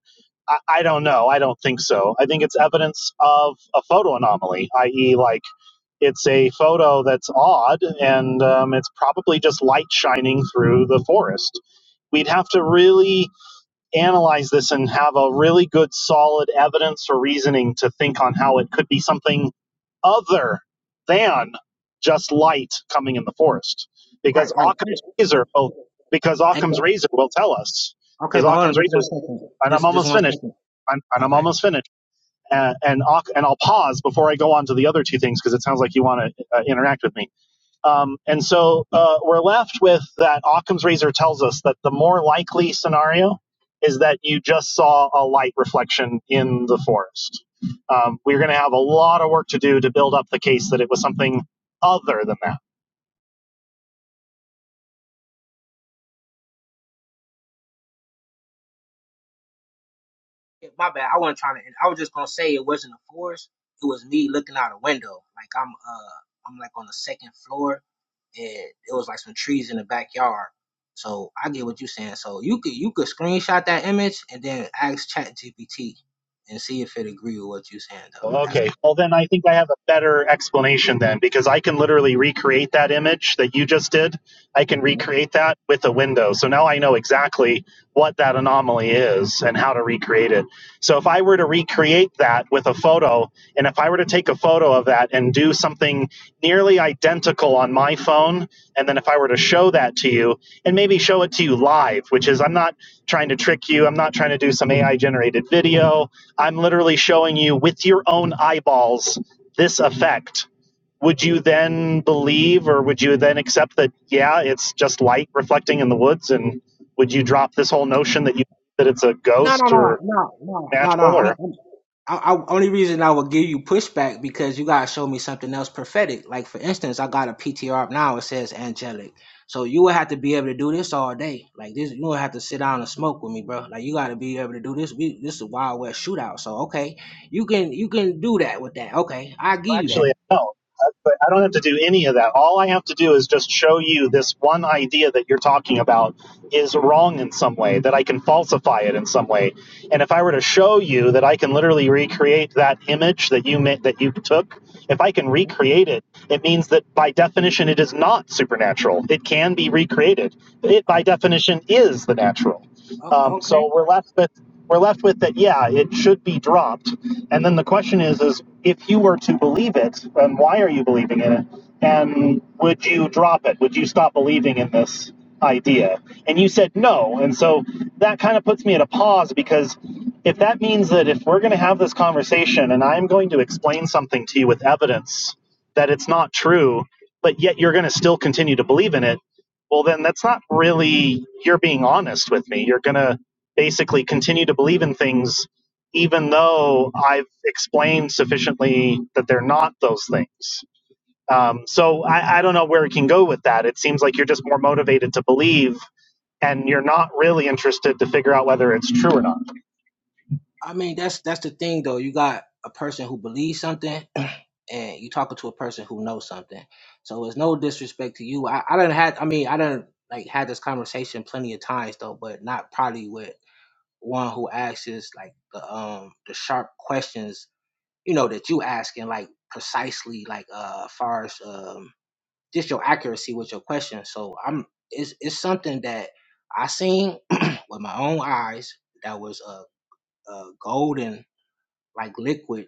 I, I don't know i don't think so i think it's evidence of a photo anomaly i.e like it's a photo that's odd and um, it's probably just light shining through the forest we'd have to really analyze this and have a really good solid evidence or reasoning to think on how it could be something other than just light coming in the forest because Right, right. Occam's razor Well, will, because and- Occam's razor will tell us Okay, because but hold on, Occam's just razor one second. and I'm Just just almost one finished second. I'm, and I'm Okay. almost finished and and, and I'll pause before I go on to the other two things because it sounds like you want to uh, interact with me um, and so uh, we're left with that Occam's razor tells us that the more likely scenario is that you just saw a light reflection in the forest. Um, we're going to have a lot of work to do to build up the case that it was something other than that Yeah, my bad. I wasn't trying to. I was just gonna say it wasn't a forest. It was me looking out a window. Like I'm, uh, I'm like on the second floor, and it was like some trees in the backyard. So I get what you're saying. So you could you could screenshot that image and then ask Chat GPT and see if it agree with what you're saying though. Well, That's Okay. Well, then I think I have a better explanation then because I can literally recreate that image that you just did. I can recreate that with a window. So now I know exactly what that anomaly is and how to recreate it. So if I were to recreate that with a photo, and if I were to take a photo of that and do something nearly identical on my phone, and then if I were to show that to you and maybe show it to you live, which is I'm not trying to trick you, I'm not trying to do some AI generated video. I'm literally showing you with your own eyeballs this effect. Would you then believe or would you then accept that, yeah, it's just light reflecting in the woods? And would you drop this whole notion that you that it's a No, no, ghost no, or no, no, no, no. natural I'm, or I'm I, I, only reason I would give you pushback because you gotta show me something else prophetic. Like for instance, I got a PTR up now. It says angelic. So you would have to be able to do this all day. Like this, you would have to sit down and smoke with me, bro. Like you gotta be able to do this. We this is a wild west shootout. So okay, you can you can do that with that. Okay, I give well, you that actually, no. I don't. I don't have to do any of that. All I have to do is just show you this one idea that you're talking about is wrong in some way, that I can falsify it in some way And if I were to show you that I can literally recreate that image that you ma- that you took, if I can hmm recreate it, it means that by definition it is not supernatural. It can be recreated. It by Oh, definition is the natural. oh, Um, okay. so we're left with we're left with that. Yeah, it should be dropped. And then the question is, is if you were to believe it, and why are you believing in it? And would you drop it? Would you stop believing in this? idea. And you said no. And so that kind of puts me at a pause because if that means that if we're going to have this conversation and I'm going to explain something to you with evidence that it's not true, but yet you're going to still continue to believe in it, well, then that's not really, you're being honest with me. You're going to basically continue to believe in things even though I've explained sufficiently that they're not those things. Um, so I, I don't know where it can go with that. It seems like you're just more motivated to believe, and you're not really interested to figure out whether it's true or not. I mean, that's that's the thing though. You got a person who believes something, (clears throat) and you talking to a person who knows something. So it's no disrespect to you. I I don't had. I mean, I don't like had this conversation plenty of times though, but not probably with one who asks like the um the sharp questions you know that you asking like precisely like uh as far as um just your accuracy with your question so i'm it's it's something that i seen (clears throat) with my own eyes that was a, a golden like liquid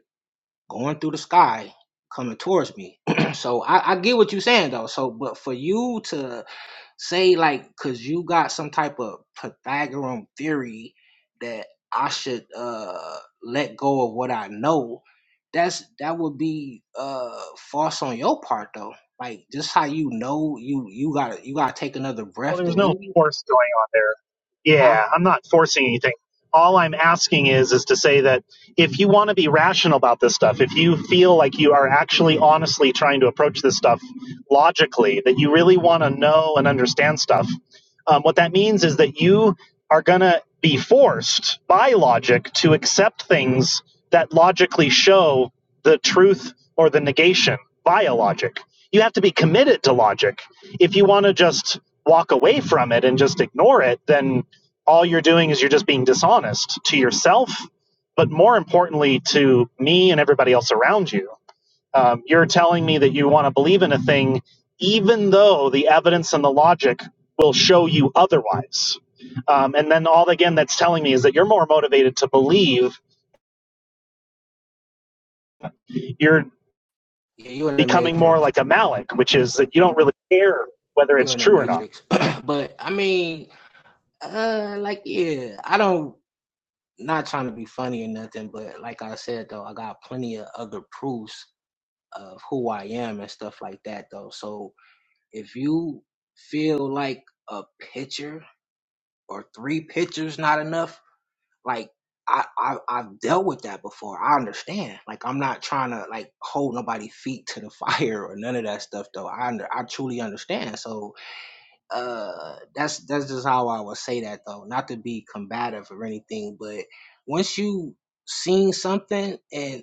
going through the sky coming towards me (clears throat) so I, I get what you're saying though so but for you to Say like cause you got some type of Pythagorean theory that I should uh let go of what I know, that's that would be uh false on your part though. Like just how you know you you gotta you gotta take another Well, breath to there's no leave, force going on there. huh? Yeah, I'm not forcing anything. All I'm asking is is to say that if you want to be rational about this stuff, if you feel like you are actually honestly trying to approach this stuff logically, that you really want to know and understand stuff, um, what that means is that you are going to be forced by logic to accept things that logically show the truth or the negation via logic. You have to be committed to logic if you want to just walk away from it and just ignore it, then all you're doing is you're just being dishonest to yourself, but more importantly to me and everybody else around you. Um, you're telling me that you want to believe in a thing, even though the evidence and the logic will show you otherwise. Um, and then all again that's telling me is that you're more motivated to believe you're Yeah, you're in the becoming more matrix. like a Malik, which is that you don't really care whether You're it's in the true or not. matrix. (clears throat) but I mean, uh like yeah, I don't not trying to be funny or nothing, but like I said though, I got plenty of other proofs of who I am and stuff like that though. So if you feel like a picture or three pictures not enough, like I, I I've dealt with that before. I understand. Like I'm not trying to like hold nobody's feet to the (laughs) fire or none of that stuff though. I under, I truly understand. So uh that's that's just how I would say that though. Not to be combative or anything, but once you seen something and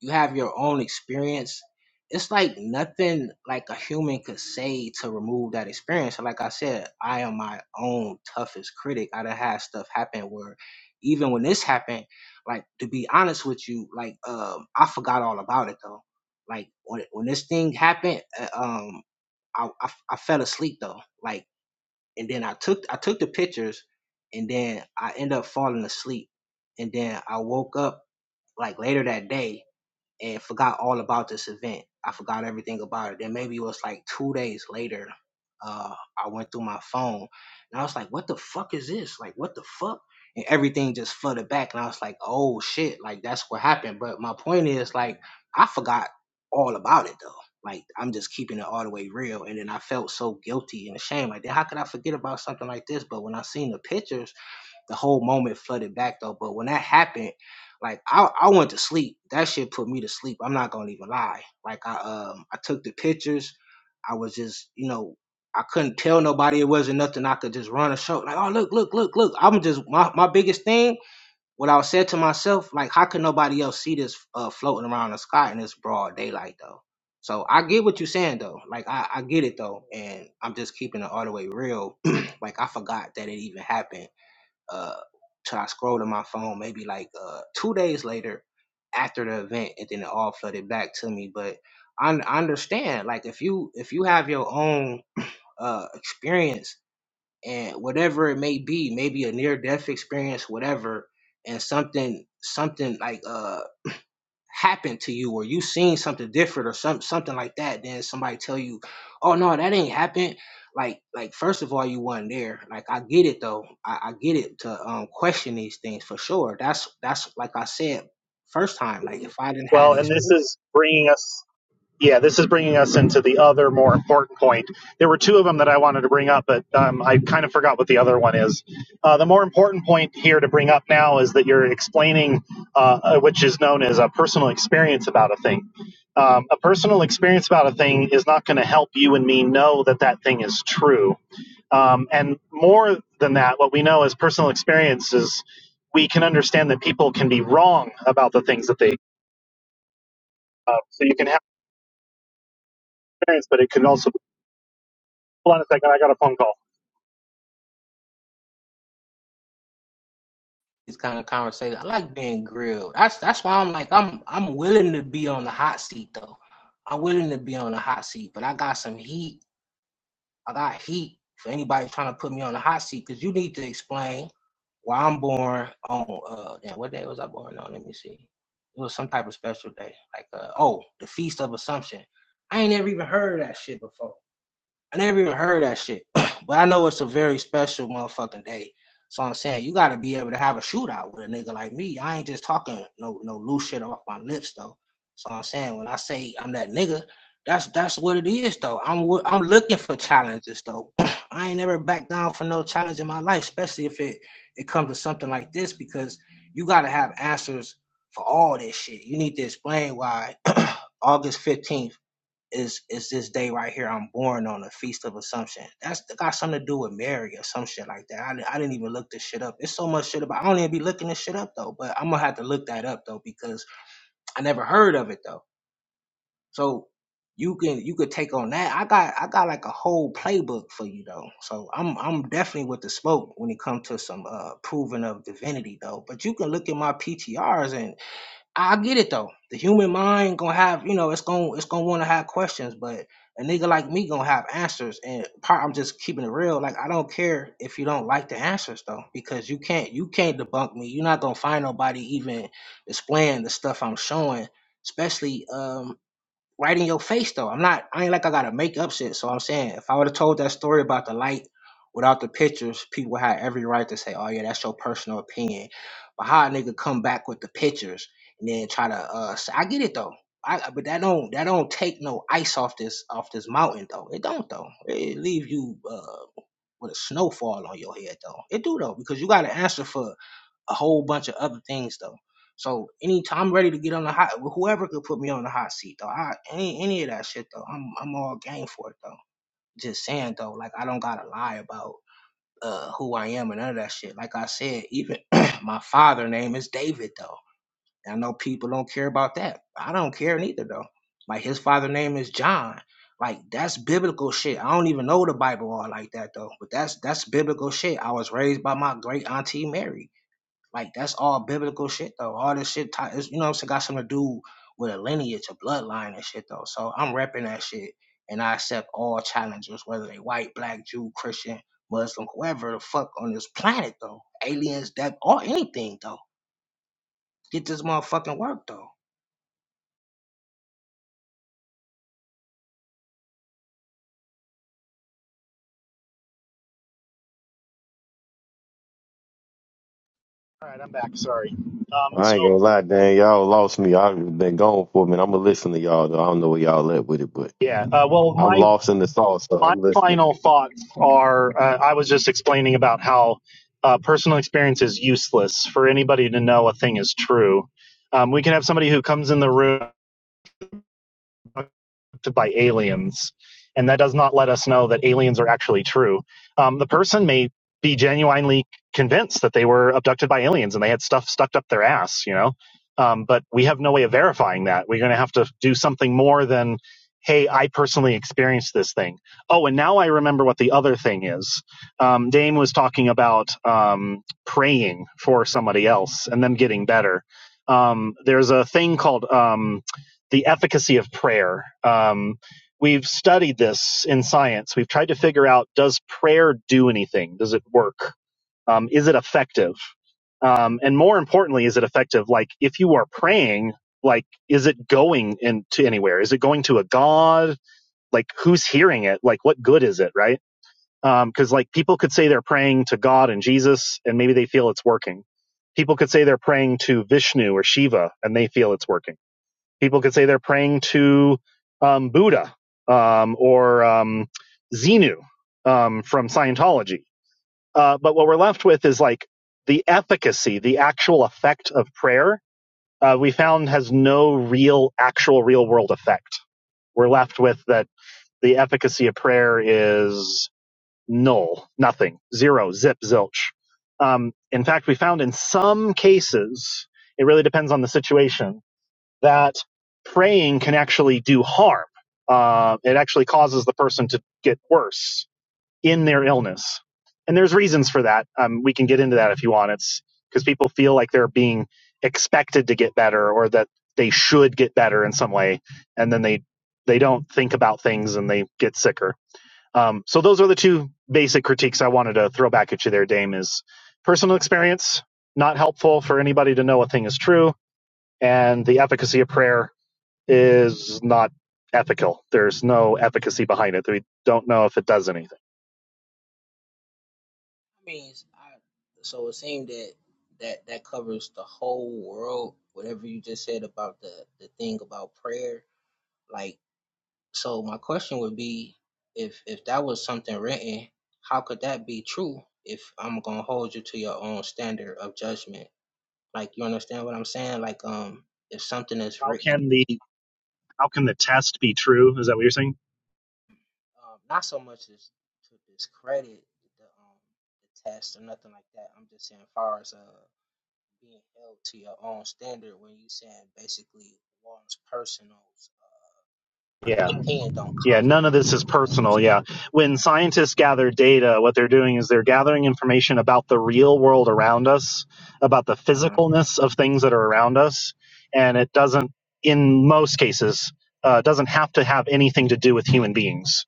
you have your own experience it's like nothing like a human could say to remove that experience And like i said i am my own toughest critic i done had stuff happen where even when this happened like to be honest with you like um i forgot all about it though like when, when this thing happened uh, um I, I I fell asleep though like and then i took i took the pictures and then i ended up falling asleep and then i woke up like later that day and forgot all about this event. I forgot everything about it. Then maybe it was like two days later, uh, I went through my phone and I was like, what the fuck is this? Like, what the fuck? And everything just flooded back. And I was like, oh shit, like that's what happened. But my point is, like, I forgot all about it though. Like, I'm just keeping it all the way real. And then I felt so guilty and ashamed. Like, how could I forget about something like this? But when I seen the pictures, the whole moment flooded back though. But when that happened, like I, I went to sleep. That shit put me to sleep. I'm not gonna even lie. Like I um I took the pictures. I was just, you know, I couldn't tell nobody it wasn't nothing I could just run a show. Like, oh look, look, look, look. I'm just my, my biggest thing, what I said to myself, like how could nobody else see this uh floating around the sky in this broad daylight though? So I get what you're saying though. Like I, I get it though. And I'm just keeping it all the way real. (clears throat) like I forgot that it even happened uh till I try scrolling my phone maybe like uh two days later after the event and then it all flooded back to me but i, I understand like if you if you have your own uh experience and whatever it may be maybe a near death experience whatever and something something like uh happened to you or you seen something different or some, something like that then somebody tell you oh no that ain't happened like like first of all you wasn't there like i get it though i, I get it to um question these things for sure that's that's like i said first time like if i didn't have Well, and these this is bringing us Yeah, this is bringing us into the other more important point. There were two of them that I wanted to bring up, but um, I kind of forgot what the other one is. Uh, the more important point here to bring up now is that you're explaining, uh, uh, which is known as a personal experience about a thing. Um, a personal experience about a thing is not going to help you and me know that that thing is true. Um, and more than that, what we know as personal experiences, we can understand that people can be wrong about the things that they. Uh, so you can have experience, but it can also Hold on a second. I got a phone call. these kind of conversations i like being grilled that's that's why i'm like i'm i'm willing to be on the hot seat though i'm willing to be on the hot seat but i got some heat I got heat for anybody trying to put me on the hot seat because you need to explain why I'm born on uh damn, what day was I born on? Let me see. It was some type of special day, like uh, oh, the Feast of Assumption. I ain't never even heard of that shit before. I never even heard that shit. (clears throat) but I know it's a very special motherfucking day. So I'm saying you gotta be able to have a shootout with a nigga like me. I ain't just talking no no loose shit off my lips though. So I'm saying when I say I'm that nigga, that's that's what it is though. I'm I'm looking for challenges though. (clears throat) I ain't never backed down for no challenge in my life, especially if it it comes to something like this because you gotta have answers for all this shit. You need to explain why (clears throat) August 15th is is this day right here. I'm born on the feast of Assumption. That's got something to do with Mary or some shit like that. I, di- I didn't even look this shit up. It's so much shit about. I don't even be looking this shit up though. But I'm gonna have to look that up though because I never heard of it though. So you can you could take on that. I got I got like a whole playbook for you though. So I'm I'm definitely with the smoke when it comes to some uh proving of divinity though. But you can look at my PTRs I get it though. The human mind gonna have, you know, it's gonna it's gonna want to have questions, but a nigga like me gonna have answers. And part, I'm just keeping it real. Like I don't care if you don't like the answers though, because you can't you can't debunk me. You're not gonna find nobody even displaying the stuff I'm showing, especially um right in your face though. I'm not I ain't like I gotta make up shit. So I'm saying if I would have told that story about the light without the pictures, people had every right to say, Oh yeah, that's your personal opinion. But how a nigga come back with the pictures and then try to uh say, I get it though. I but that don't that don't take no ice off this off this mountain though. It don't though. It leave you uh with a snowfall on your head though. It do though, because you gotta answer for a whole bunch of other things though. So anytime I'm ready to get on the hot whoever could put me on the hot seat though. I any any of that shit though. I'm I'm all game for it though. Just saying though, like I don't gotta lie about uh who I am and none of that shit. Like I said, even (clears throat) my father name is David though. And I know people don't care about that. I don't care neither though. Like his father name is John. Like that's biblical shit. I don't even know the Bible all like that though. But that's that's biblical shit. I was raised by my great auntie Mary. Like that's all biblical shit though. All this shit, ti- it's- you know what I'm saying, got something to do with a lineage, a bloodline and shit though. So I'm repping that shit, and I accept all challengers, whether they white, black, Jew, Christian, Muslim, whoever the fuck on this planet though, aliens, that or anything though. Get this motherfucking work though. All right, I'm back. Sorry. Um, I so ain't gonna lie, Dan. Y'all lost me. I've been gone for a minute. I'm gonna listen to y'all, though. I don't know where y'all at with it, but yeah. Uh, well, I'm my lost in the sauce, so my I'm listening. final thoughts are. Uh, I was just explaining about how uh, personal experience is useless for anybody to know a thing is true. Um, we can have somebody who comes in the room. to, by aliens, and that does not let us know that aliens are actually true. Um, the person may be genuinely convinced that they were abducted by aliens and they had stuff stuck up their ass, you know. Um, but we have no way of verifying that. We're going to have to do something more than, hey, I personally experienced this thing. Oh, and now I remember what the other thing is. Um, Dame was talking about um, praying for somebody else and them getting better. Um, there's a thing called um, the efficacy of prayer. Um, we've studied this in science. We've tried to figure out does prayer do anything? Does it work? Um, is it effective? Um, and more importantly, is it effective? Like if you are praying, like is it going into anywhere? Is it going to a god? Like who's hearing it? Like what good is it? Right? Because like people could say they're praying to God and Jesus, and maybe they feel it's working. People could say they're praying to Vishnu or Shiva, and they feel it's working People could say they're praying to um, Buddha um, or um, Xenu um, from Scientology. Uh, but what we're left with is like the efficacy, the actual effect of prayer, uh, we found has no real, actual real world effect. We're left with that the efficacy of prayer is null, nothing, zero, zip, zilch. Um, in fact, we found in some cases, it really depends on the situation, that praying can actually do harm. Uh, it actually causes the person to get worse in their illness. And there's reasons for that. Um, we can get into that if you want. It's because people feel like they're being expected to get better or that they should get better in some way. And then they, they don't think about things and they get sicker. Um, so those are the two basic critiques I wanted to throw back at you there, Dame, is personal experience, not helpful for anybody to know a thing is true, and the efficacy of prayer is not ethical. There's no efficacy behind it. We don't know if it does anything. I mean, it's- I, so it seemed that that that covers the whole world. Whatever you just said about the the thing about prayer, like. So my question would be, if if that was something written, how could that be true? If I'm gonna hold you to your own standard of judgment, like you understand what I'm saying? Like um, if something is How written, can the how can the test be true? Is that what you're saying? um, not so much as to discredit the um the test or nothing like that. I'm just saying, far as uh being held to your own standard when you saying basically one's personal Yeah. uh, opinion don't Yeah. count. None of this You is know? personal. so, Yeah. When scientists gather data, what they're doing is they're gathering information about the real world around us, about the uh-huh. physicalness of things that are around us. And it doesn't, in most cases, uh, doesn't have to have anything to do with human beings.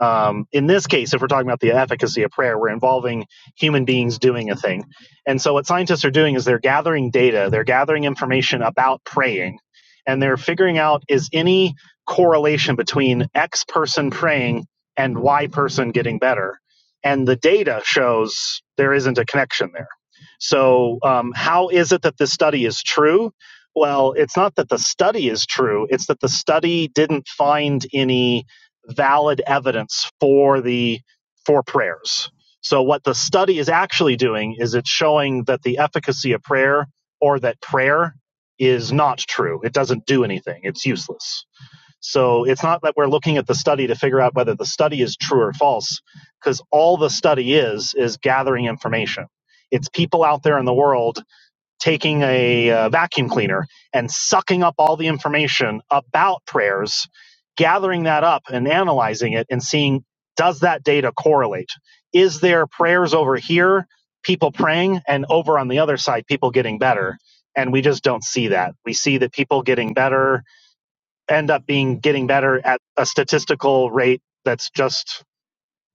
um, in this case, if we're talking about the efficacy of prayer, we're involving human beings doing a thing. And so, what scientists are doing is they're gathering data, they're gathering information about praying, and they're figuring out is any correlation between X person praying and Y person getting better. And the data shows there isn't a connection there. So, um, how is it that this study is true? Well, it's not that the study is true, it's that the study didn't find any valid evidence for the for prayers. So what the study is actually doing is it's showing that the efficacy of prayer or that prayer is not true. It doesn't do anything. It's useless. So it's not that we're looking at the study to figure out whether the study is true or false because all the study is is gathering information. It's people out there in the world taking a uh, vacuum cleaner and sucking up all the information about prayers, gathering that up and analyzing it and seeing does that data correlate? Is there prayers over here, people praying, and over on the other side, people getting better? And we just don't see that. We see that people getting better end up being getting better at a statistical rate that's just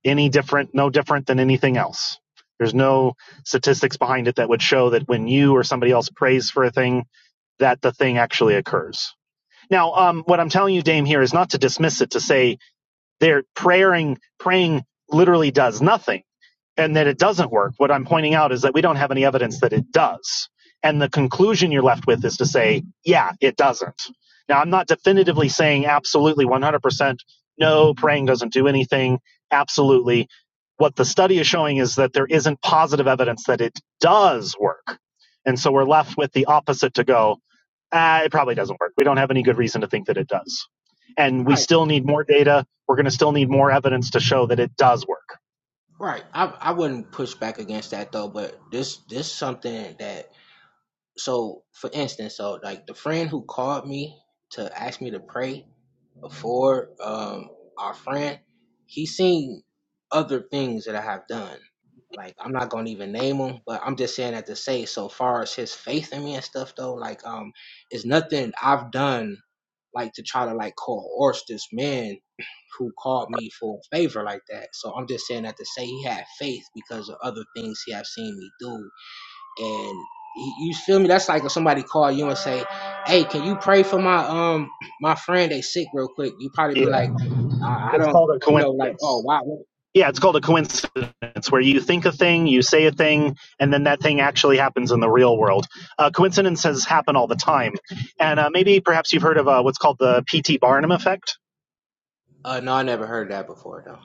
any different, no different than anything else. There's no statistics behind it that would show that when you or somebody else prays for a thing, that the thing actually occurs. Now, um, what I'm telling you, Dame, here is not to dismiss it to say they're praying, praying literally does nothing and that it doesn't work. What I'm pointing out is that we don't have any evidence that it does. And the conclusion you're left with is to say, yeah, it doesn't. Now, I'm not definitively saying absolutely 100%, no, praying doesn't do anything, absolutely. What the study is showing is that there isn't positive evidence that it does work. And so we're left with the opposite to go, ah, it probably doesn't work. We don't have any good reason to think that it does. And we still need more data. We're going to still need more evidence to show that it does work. Right. I I wouldn't push back against that though, but this this something that so for instance, so like the friend who called me to ask me to pray, before um, our friend, he's seen other things that I have done. Like I'm not gonna even name them, but I'm just saying that to say so far as his faith in me and stuff though, like um, it's nothing I've done like to try to like coerce this man who called me for a favor like that. So I'm just saying that to say he had faith because of other things he have seen me do and you feel me? That's like if somebody call you and say, "Hey, can you pray for my um (clears throat) my friend? They sick real quick." You probably be It like, "I, I It's don't, called a you know, like, oh coincidence. wow." Yeah, it's called a coincidence, where you think a thing, you say a thing, and then that thing actually happens in the real world. Uh, coincidences happen all the time. And uh, maybe perhaps you've heard of uh, what's called the P.T. Barnum effect. Uh, no, I never heard that before though.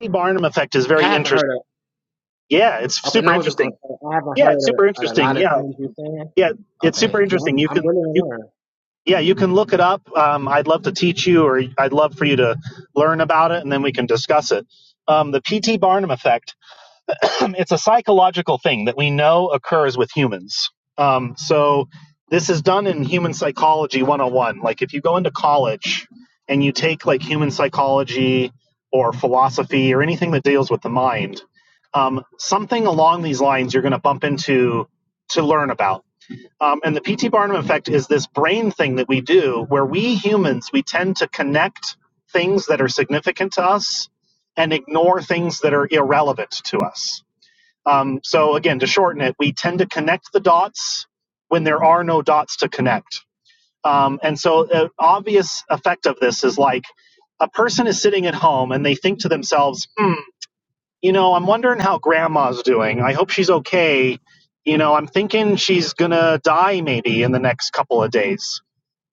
P.T. Barnum effect is I very haven't interesting. heard of. Yeah, it's Okay, super now I was just gonna interesting. say I haven't Yeah, it's heard super of, of a interesting. lot of Yeah, things you're saying. yeah, it's super Okay, yeah, I'm, interesting. You I'm can, willing to you, learn. yeah, you can look it up. Um, I'd love to teach you, or I'd love for you to learn about it, and then we can discuss it. Um, the P.T. Barnum effect (coughs) (clears throat) it's a psychological thing that we know occurs with humans. Um, so this is done in human psychology 101. Like if you go into college and you take like human psychology or philosophy or anything that deals with the mind, um, something along these lines you're going to bump into to learn about. Um, and the P.T. Barnum effect is this brain thing that we do where we humans, we tend to connect things that are significant to us and ignore things that are irrelevant to us um, so again, to shorten it, we tend to connect the dots when there are no dots to connect. Um, and so, an obvious effect of this is like a person is sitting at home and they think to themselves, hmm, you know, I'm wondering how grandma's doing. I hope she's okay. You know, I'm thinking she's going to die maybe in the next couple of days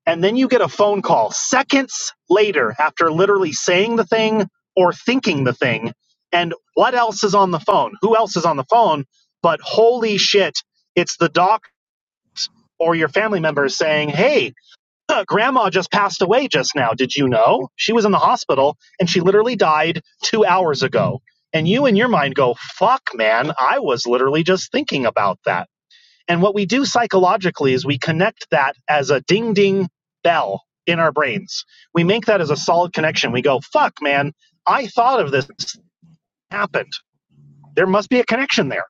and then you get a phone call seconds later after literally saying the thing or thinking the thing. And what else is on the phone? Who else is on the phone? But holy shit, it's the doc or your family member saying, Hey, uh, grandma just passed away just now. Did you know? She was in the hospital and she literally died two hours ago. And you in your mind go, Fuck, man, I was literally just thinking about that and what we do psychologically is we connect that as a ding ding bell in our brains. We make that as a solid connection. We go, fuck, man, I thought of this happened. There must be a connection there.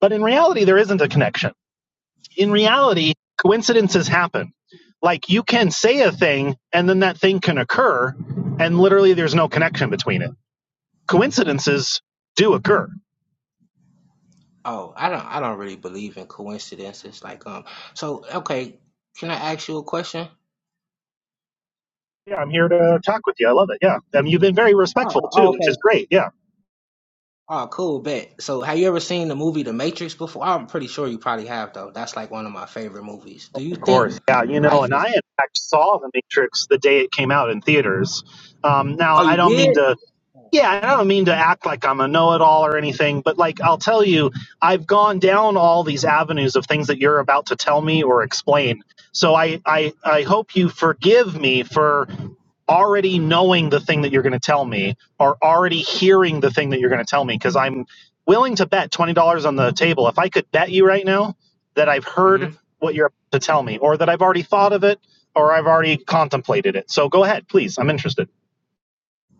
But in reality, there isn't a connection. In reality, coincidences happen. Like you can say a thing and then that thing can occur, and literally there's no connection between it. Coincidences do occur. Oh, I don't, I don't really believe in coincidences. Like, um, so okay, can I ask you a question? Yeah, I'm here to talk with you. I love it. Yeah. I mean, you've been very respectful Oh, oh, too, okay. which is great. Yeah. Oh, cool, bet. So, have you ever seen the movie The Matrix before? I'm pretty sure you probably have, though. That's like one of my favorite movies. Do you Of think course, yeah, you know, life and is? I in fact saw The Matrix the day it came out in theaters. Um, now, Oh, I you don't did? mean to yeah, I don't mean to act like I'm a know it all or anything, but like I'll tell you, I've gone down all these avenues of things that you're about to tell me or explain. So I, I, I hope you forgive me for already knowing the thing that you're going to tell me or already hearing the thing that you're going to tell me because I'm willing to bet $20 on the table. If I could bet you right now that I've hmm heard what you're about to tell me or that I've already thought of it or I've already contemplated it. So go ahead, please. I'm interested.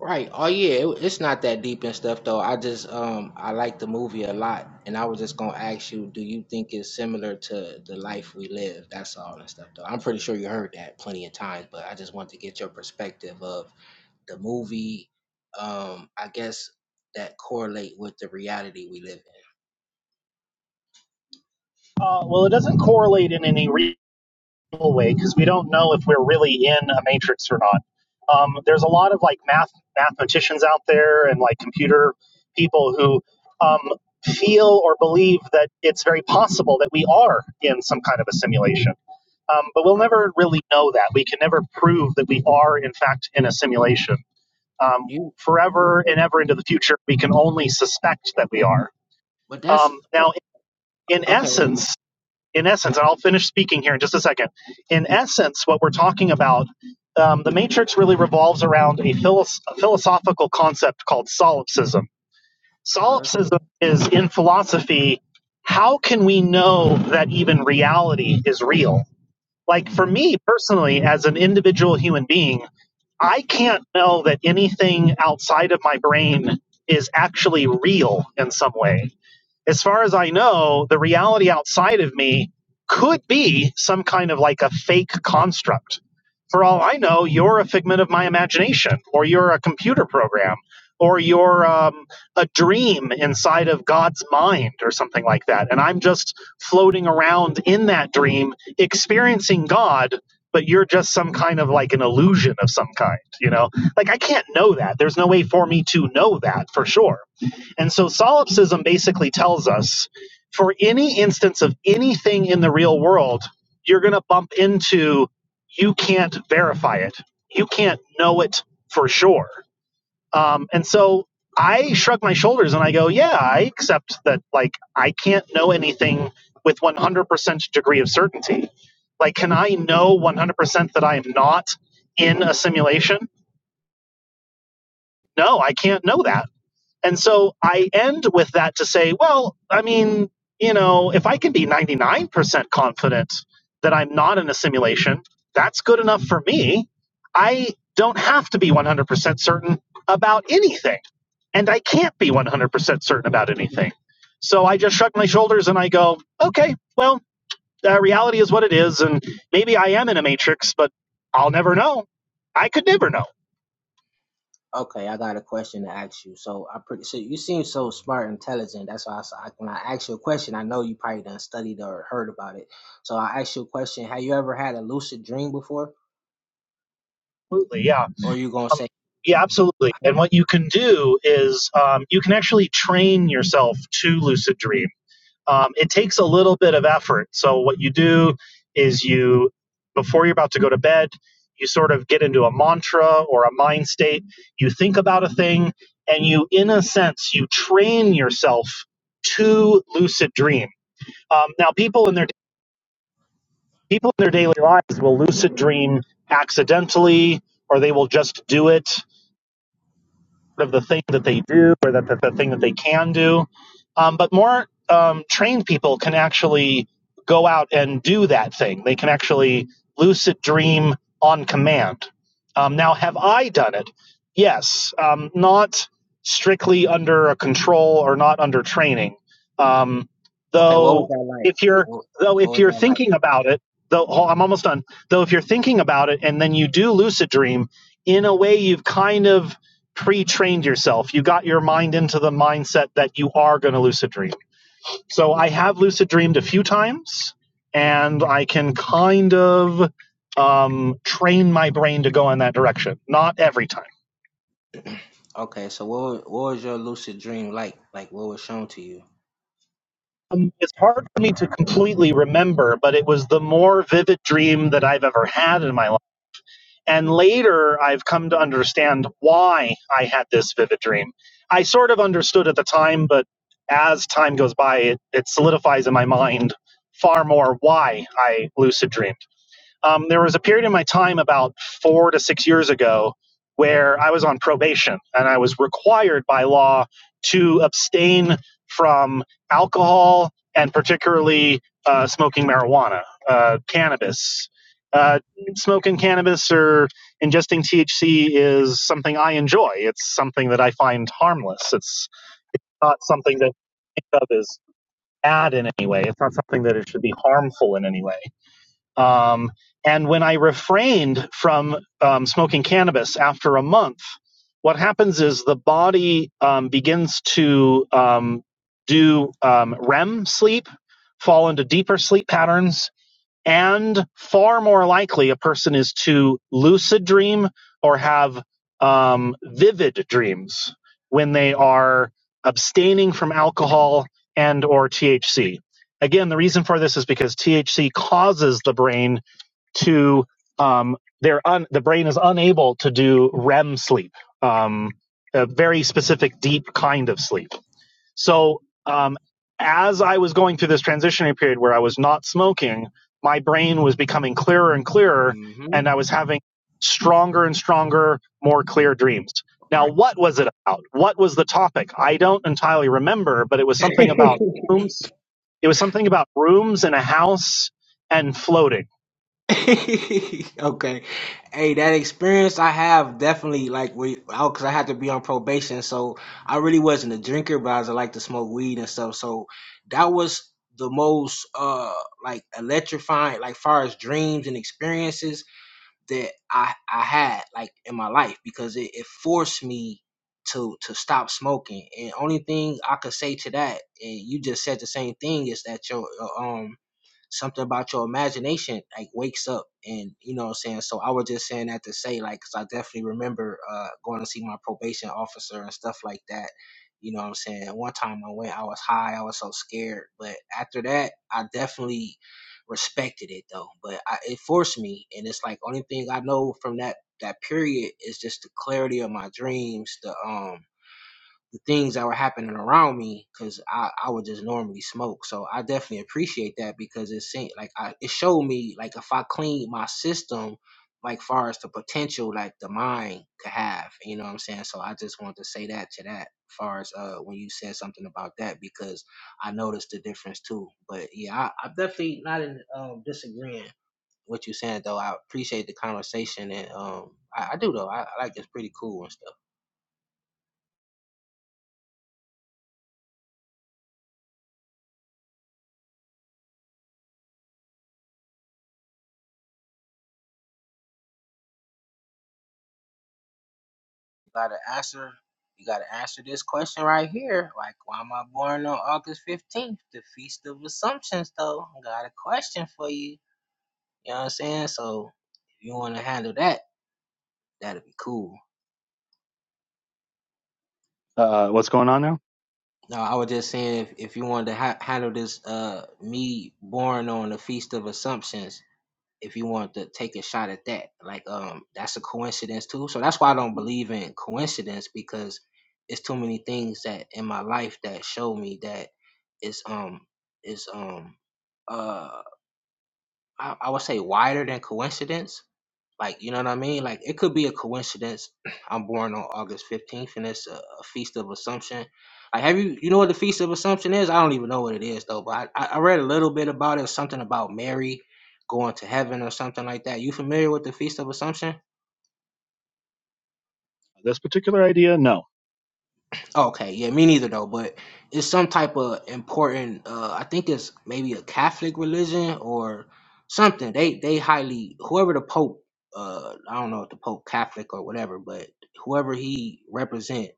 Right. Oh, yeah. it- It's not that deep and stuff, though. I just um I like the movie a lot, and I was just gonna ask you, do you think it's similar to the life we live? That's all and stuff, though. I'm pretty sure you heard that plenty of times, but I just want to get your perspective of the movie. Um, I guess that correlate with the reality we live in. Uh, well, it doesn't correlate in any real way because we don't know if we're really in a matrix or not. Um, there's a lot of like math mathematicians out there and like computer people who um, feel or believe that it's very possible that we are in some kind of a simulation. Um, but we'll right? never really know that. We can never prove that we are, in fact, in a simulation. Um, You you forever and can't. ever into the future, we can only suspect that we are. But that's Um, now, in okay. essence, in essence, and I'll finish speaking here in just a second. In essence, what we're talking about, um, the matrix really revolves around a, philos- a philosophical concept called solipsism. Her. Solipsism is, in philosophy, how can we know that even reality is real? Like for hmm me personally, as an individual human being, I can't know that anything outside of my brain is actually real in some way as far as I know, the reality outside of me could be some kind of like a fake construct. For all I know, you're a figment of my imagination, or you're a computer program, or you're um, a dream inside of God's mind, or something like that. And I'm just floating around in that dream, experiencing God, but you're just some kind of like an illusion of some kind, you know? Like, I can't know that. There's no way for me to know that for sure and so solipsism basically tells us for any instance of anything in the real world, you're going to bump into you can't verify it, you can't know it for sure. Um, and so I shrug my shoulders and I go, yeah, I accept that, like, I can't know anything with 100% degree of certainty. Like, can I know 100% that I'm not in a simulation? No, I can't know that and so I end with that to say, well, I mean, you know, if I can be 99% confident that I'm not in a simulation, that's good enough for me. I don't have to be 100% certain about anything, and I can't be 100% certain about anything. So I just shrug my shoulders and I go, okay, well, uh, reality is what it is, and maybe I am in a matrix, but I'll never know. I could never know. Okay, I got a question to ask you. So I pretty so you seem so smart, and intelligent. That's why I, s- I- when I ask you a question, I know you probably done studied or heard about it. So I ask you a question. Have you ever had a lucid dream before? Absolutely, yeah. Or you gonna Um, say, yeah, absolutely. And "Huh? what you can do is um, you can actually train yourself to lucid dream. Um, it takes a little bit of effort. So what you do is you, before you're about to go to bed, you sort of get into a mantra or a mind state. You think about a thing, and you, in a sense, you train yourself to lucid dream. Um, now, people in their people in their daily lives will lucid dream accidentally, or they will just do it of the thing that they do or that, that the thing that they can do. Um, but more um, trained people can actually go out and do that thing. They can actually lucid dream on command. Um, now, have I done it? Yes, um, not strictly under a control or not under training. Um, okay, what though, was that if like? you're What, though what if was you're that like? thinking about it, though oh, I'm almost done. Though if you're thinking about it and then you do lucid dream, in a way, you've kind of pre-trained yourself. You got your mind into the mindset that you are going to lucid dream. So I have lucid dreamed a few times, and I can kind of um, train my brain to go in that direction. Not every time. Okay, so what was, what was your lucid dream like? Like what was shown to you? Um, it's hard for me to completely remember, but it was the more vivid dream that I've ever had in my life And later, I've come to understand why I had this vivid dream. I sort of understood at the time, but as time goes by, it, it solidifies in my mind far more why I lucid dream um, there was a period in my time about four to six years ago where I was on probation and I was required by law to abstain from alcohol and particularly uh, smoking marijuana, uh, cannabis. Uh, smoking cannabis or ingesting THC is something I enjoy. It's something that I find harmless. It's it's not something that I think of as bad in any way. It's not something that it should be harmful in any way. Um, and when I refrained from um, smoking cannabis after a month, what happens is the body um, begins to um, do um, REM sleep, fall into deeper sleep patterns, and far more likely a person is to lucid dream or have um, vivid dreams when they are abstaining from alcohol and or THC. Again, the reason for this is because THC causes the brain to um, they're un, the brain is unable to do REM sleep, um, a very specific deep kind of sleep. So, um, as I was going through this transitionary period where I was not smoking, my brain was becoming clearer and clearer, Mm-hmm. and I was having stronger and stronger, more clear dreams. Right. Now, what was it about? What was the topic? I don't entirely remember, but it was something about rooms. It was something about rooms in a house and floating. (laughs) okay. Hey, that experience I have definitely like because I 'cause I had to be on probation, so I really wasn't a drinker, but I was like to smoke weed and stuff. So that was the most uh like electrifying, like far as dreams and experiences that I I had like in my life because it, it forced me to to stop smoking. And only thing I could say to that, and you just said the same thing, is that your uh, um something about your imagination like wakes up and you know what I'm saying. So I was just saying that to say like 'cause I definitely remember uh going to see my probation officer and stuff like that. You know what I'm saying? One time I went, I was high, I was so scared. But after that, I definitely respected it though. But I, it forced me, and it's like only thing I know from that that period is just the clarity of my dreams, the um the things that were happening around me because I, I would just normally smoke. So I definitely appreciate that because it seemed like I, it showed me like if I clean my system, like far as the potential like the mind could have, you know what I'm saying? So I just wanted to say that to that far as uh when you said something about that because I noticed the difference too. But yeah, I, I'm definitely not in um disagreeing what you are saying though. I appreciate the conversation and um I, I do though. I, I like it's pretty cool and stuff. You gotta answer. You gotta answer this question right here. Like, why am I born on August fifteenth, the feast of Assumptions? Though, I got a question for you. You know what I'm saying? So, if you want to handle that, that'd be cool. Uh, what's going on now? No, I was just saying if, if you wanted to ha- handle this, uh, me born on the feast of Assumptions, if you want to take a shot at that. Like, um, that's a coincidence too. So that's why I don't believe in coincidence because it's too many things that in my life that show me that it's um it's um uh I, I would say wider than coincidence like, you know what I mean? Like, it could be a coincidence. (clears throat) I'm born on August 15th, and it's a, a feast of Assumption. Like, have you, you know what the feast of Assumption is? I don't even know what it is though. But I, I I read a little bit about it. Something about Mary going to heaven or something like that. You familiar with the feast of Assumption? This particular idea? No. Okay, yeah, me neither though. But it's some type of important. Uh, I think it's maybe a Catholic religion or something. They they highly whoever the Pope. Uh, I don't know if the Pope Catholic or whatever, but whoever he represent.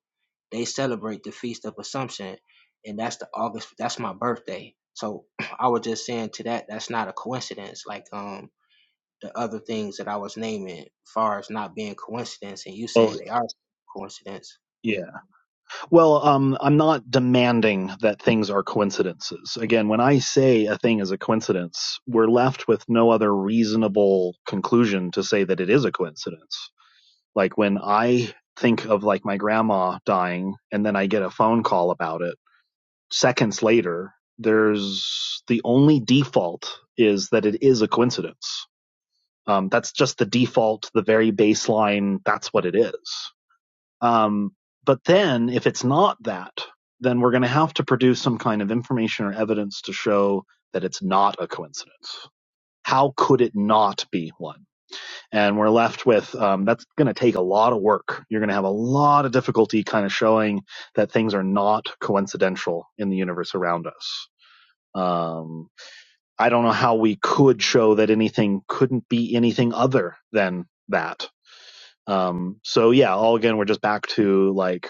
they celebrate the Feast of Assumption, and that's the August. That's my birthday. So (clears throat) I was just saying to that, that's not a coincidence. Like um the other things that I was naming, far as not being coincidence, and you Oh, saying they are coincidence. yeah. Well, um, I'm not demanding that things are coincidences. Again, when I say a thing is a coincidence, we're left with no other reasonable conclusion to say that it is a coincidence. Like when I think of like my grandma dying and then I get a phone call about it, seconds later, there's the only default is that it is a coincidence. Um, that's just the default, the very baseline. That's what it is. Um, but then, if it's not that, then we're going to have to produce some kind of information or evidence to show that it's not a coincidence. How could it not be one? And we're left with um, that's going to take a lot of work. You're going to have a lot of difficulty kind of showing that things are not coincidental in the universe around us. Um, I don't know how we could show that anything couldn't be anything other than that. Um, so yeah, all again, we're just back to like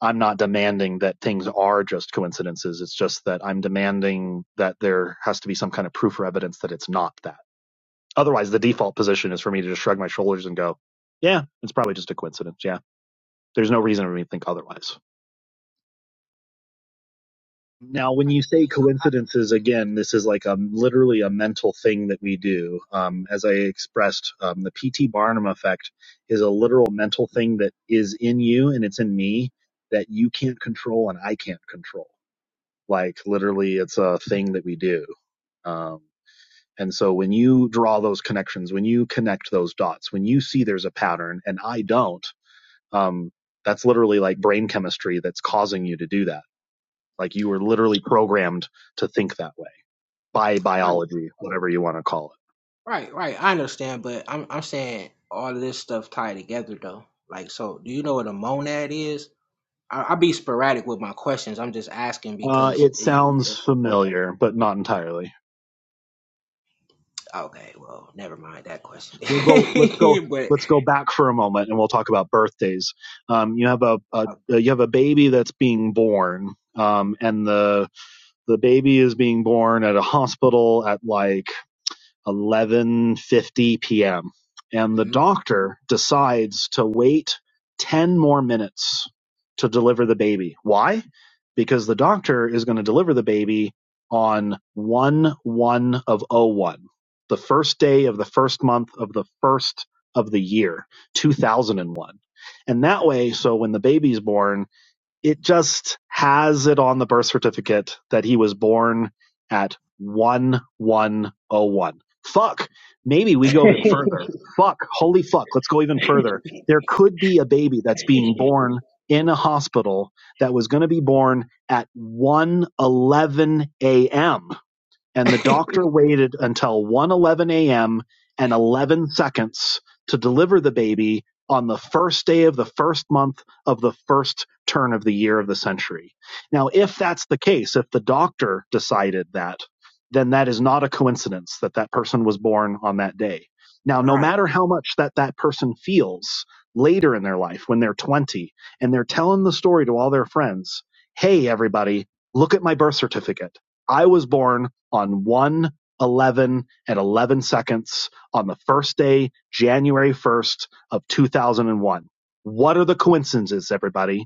I'm not demanding that things are just coincidences. It's just that I'm demanding that there has to be some kind of proof or evidence that it's not that. Otherwise, the default position is for me to just shrug my shoulders and go, yeah, it's probably just a coincidence. Yeah. There's no reason for me to think otherwise. Now, when you say coincidences, again, this is like a literally a mental thing that we do. Um, as I expressed, um, the P.T. Barnum effect is a literal mental thing that is in you and it's in me that you can't control and I can't control Like literally, it's a thing that we do. Um, and so when you draw those connections, when you connect those dots, when you see there's a pattern and I don't, um, that's literally like brain chemistry that's causing you to do that. Like you were literally programmed to think that way by Right, biology, whatever you want to call right, right. I understand, but I'm I'm saying all of this stuff tied together though. Like, so do you know what a monad is? I, I be sporadic with my questions. I'm just asking it. Uh, because it i- sounds if a, familiar, but not entirely. okay, well, never mind that Yeah. question. We'll go. Let's go. (laughs) but. Let's go back for a moment, and we'll talk about birthdays. Um, you have a, a uh, uh, you have a baby that's being born, um, and the the baby is being born at a hospital at like 11:50 p.m. and the mhm. doctor decides to wait 10 more minutes to deliver the baby. Why? Because the doctor is going to deliver the baby on 1 1 of oh 01, the first day of the first month of the first of the year, 2001. And that way, so when the baby's born, it just has it on the birth certificate that he was born at 1101. Fuck. Maybe we go even further. Fuck. Holy fuck. Let's go even further. There could be a baby that's being born in a hospital that was going to be born at 111 a.m and the doctor waited until 1:11 a.m. and 11 seconds to deliver the baby on the first day of the first month of the first turn of the year of the century. Now, if that's the case, if the doctor decided that, then that is not a coincidence that that person was born on that day. Now, no Right. matter how much that that person feels later in their life when they're 20 and they're telling the story to all their friends, "Hey everybody, look at my birth certificate. I was born on one eleven 11 and 11 seconds on the first day, January 1st of 2001. What are the coincidences, everybody?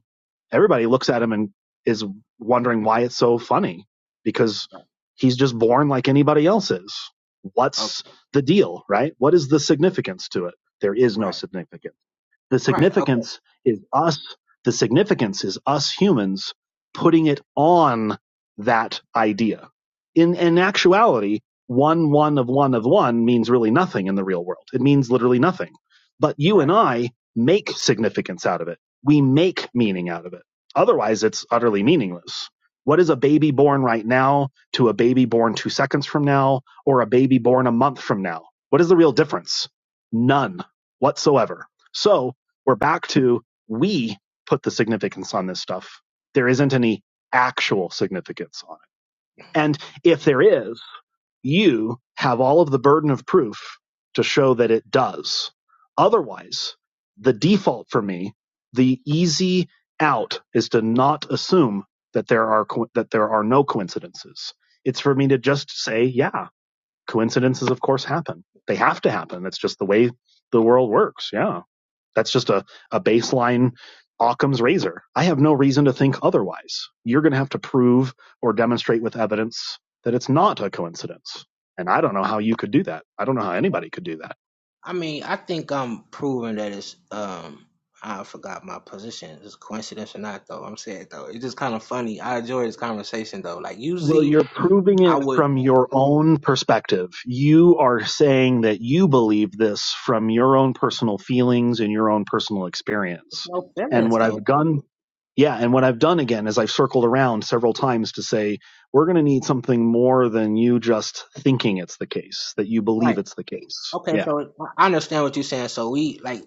Everybody looks at him and is wondering why it's so funny because he's just born like anybody else is. What's Okay. the deal, right? What is the significance to it? There is no Right. significance. The Right. Okay. significance is us the significance is us humans putting it on that idea. In in actuality, one one of one of one means really nothing in the real world. It means literally nothing. But you and Right. I make significance out of it. We make meaning out of it. Otherwise it's utterly meaningless. What is a baby born right now to a baby born two seconds from now or a baby born a month from now? What is the real difference? None whatsoever. So we're back to we put the significance on this stuff. There isn't any actual significance on it. And if there is, you have all of the burden of proof to show that it does. Otherwise, the default for me, the easy out is to not assume that there are co- that there are no coincidences. It's for me to just say, yeah, coincidences of course happen they have to happen that's just the way the world works yeah that's just a, a baseline occam's razor i have no reason to think otherwise you're going to have to prove or demonstrate with evidence that it's not a coincidence and i don't know how you could do that i don't know how anybody could do that I mean, I think I'm proving that it's um I forgot my position. It's coincidence or not though. I'm saying though. It's just kind of funny. I enjoy this conversation though. Like Well, usually you're proving I it would from your own perspective. You are saying that you believe this from your own personal feelings and your own personal it's experience. no And feelings what I've though. done, yeah, and what I've done again is I've circled around several times to say, we're going to need something more than you just thinking it's the case, that you believe Right. it's the case. Okay, Yeah. so I I understand what you're saying. So we like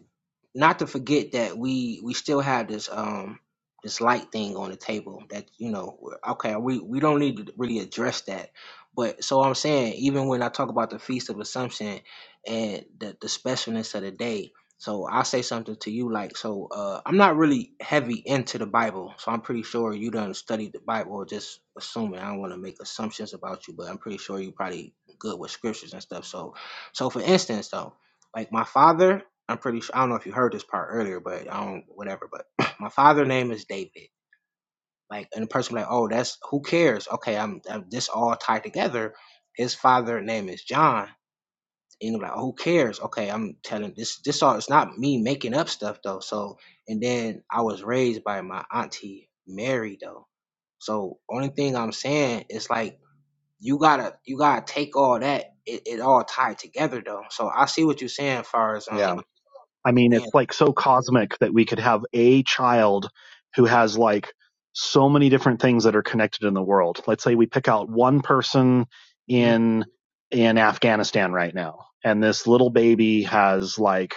not to forget that we we still have this um this light thing on the table that you know we're- okay we we don't need to really address that but so i'm saying even when i talk about the feast of assumption and the, the specialness of the day so i'll say something to you like so uh i'm not really heavy into the bible so i'm pretty sure you done studied the bible or just assuming i don't want to make assumptions about you but i'm pretty sure you probably good with scriptures and stuff so so for instance though like my father I'm pretty sure I don't know if you heard this part earlier, but I don't whatever. But (clears throat) my father' name is David. Like, and the person be like, oh, that's who cares? Okay, I'm, I'm this all tied together. His father' name is John, and you're like, "Oh, who cares? Okay, I'm telling this. This all it's not me making up stuff though. So, and then I was raised by my auntie Mary though. So, only thing I'm saying is like you gotta you gotta take all that. It, it all tied together though. So I see what you're saying, as far as Yeah. um I mean, being. it's like so cosmic that we could have a child who has like so many different things that are connected in the world. Let's say we pick out one person mm-hmm. in in Afghanistan right now, and this little baby has like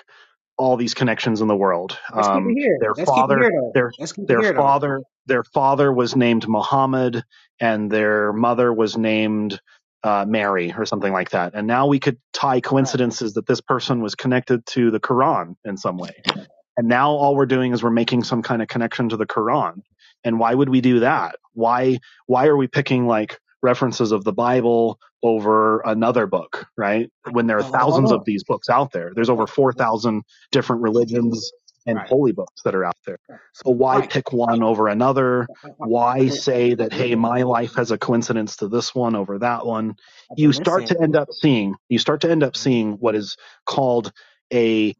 all these connections in the world. Let's keep it Um, here. their Let's keep it here father, though. their Let's keep it their here though. All father, their father was named Muhammad, and their mother was named uh, Mary or something like that. And now we could tie right. coincidences that this person was connected to the Quran in some way and now all we're doing is we're making some kind of connection to the Quran. And why would we do that? Why why are we picking like references of the Bible over another book, right? I, When there are oh, hold thousands of on. these books out there. Wait, There's over wait, wait. 4,000 different religions All and right. holy books that are out there. So why Right. pick one over another? but Why li- say I, I that hey, didn't. my life has a coincidence to this one over that one? But You start listen. to end up seeing you start to end up Mhm. seeing what is called a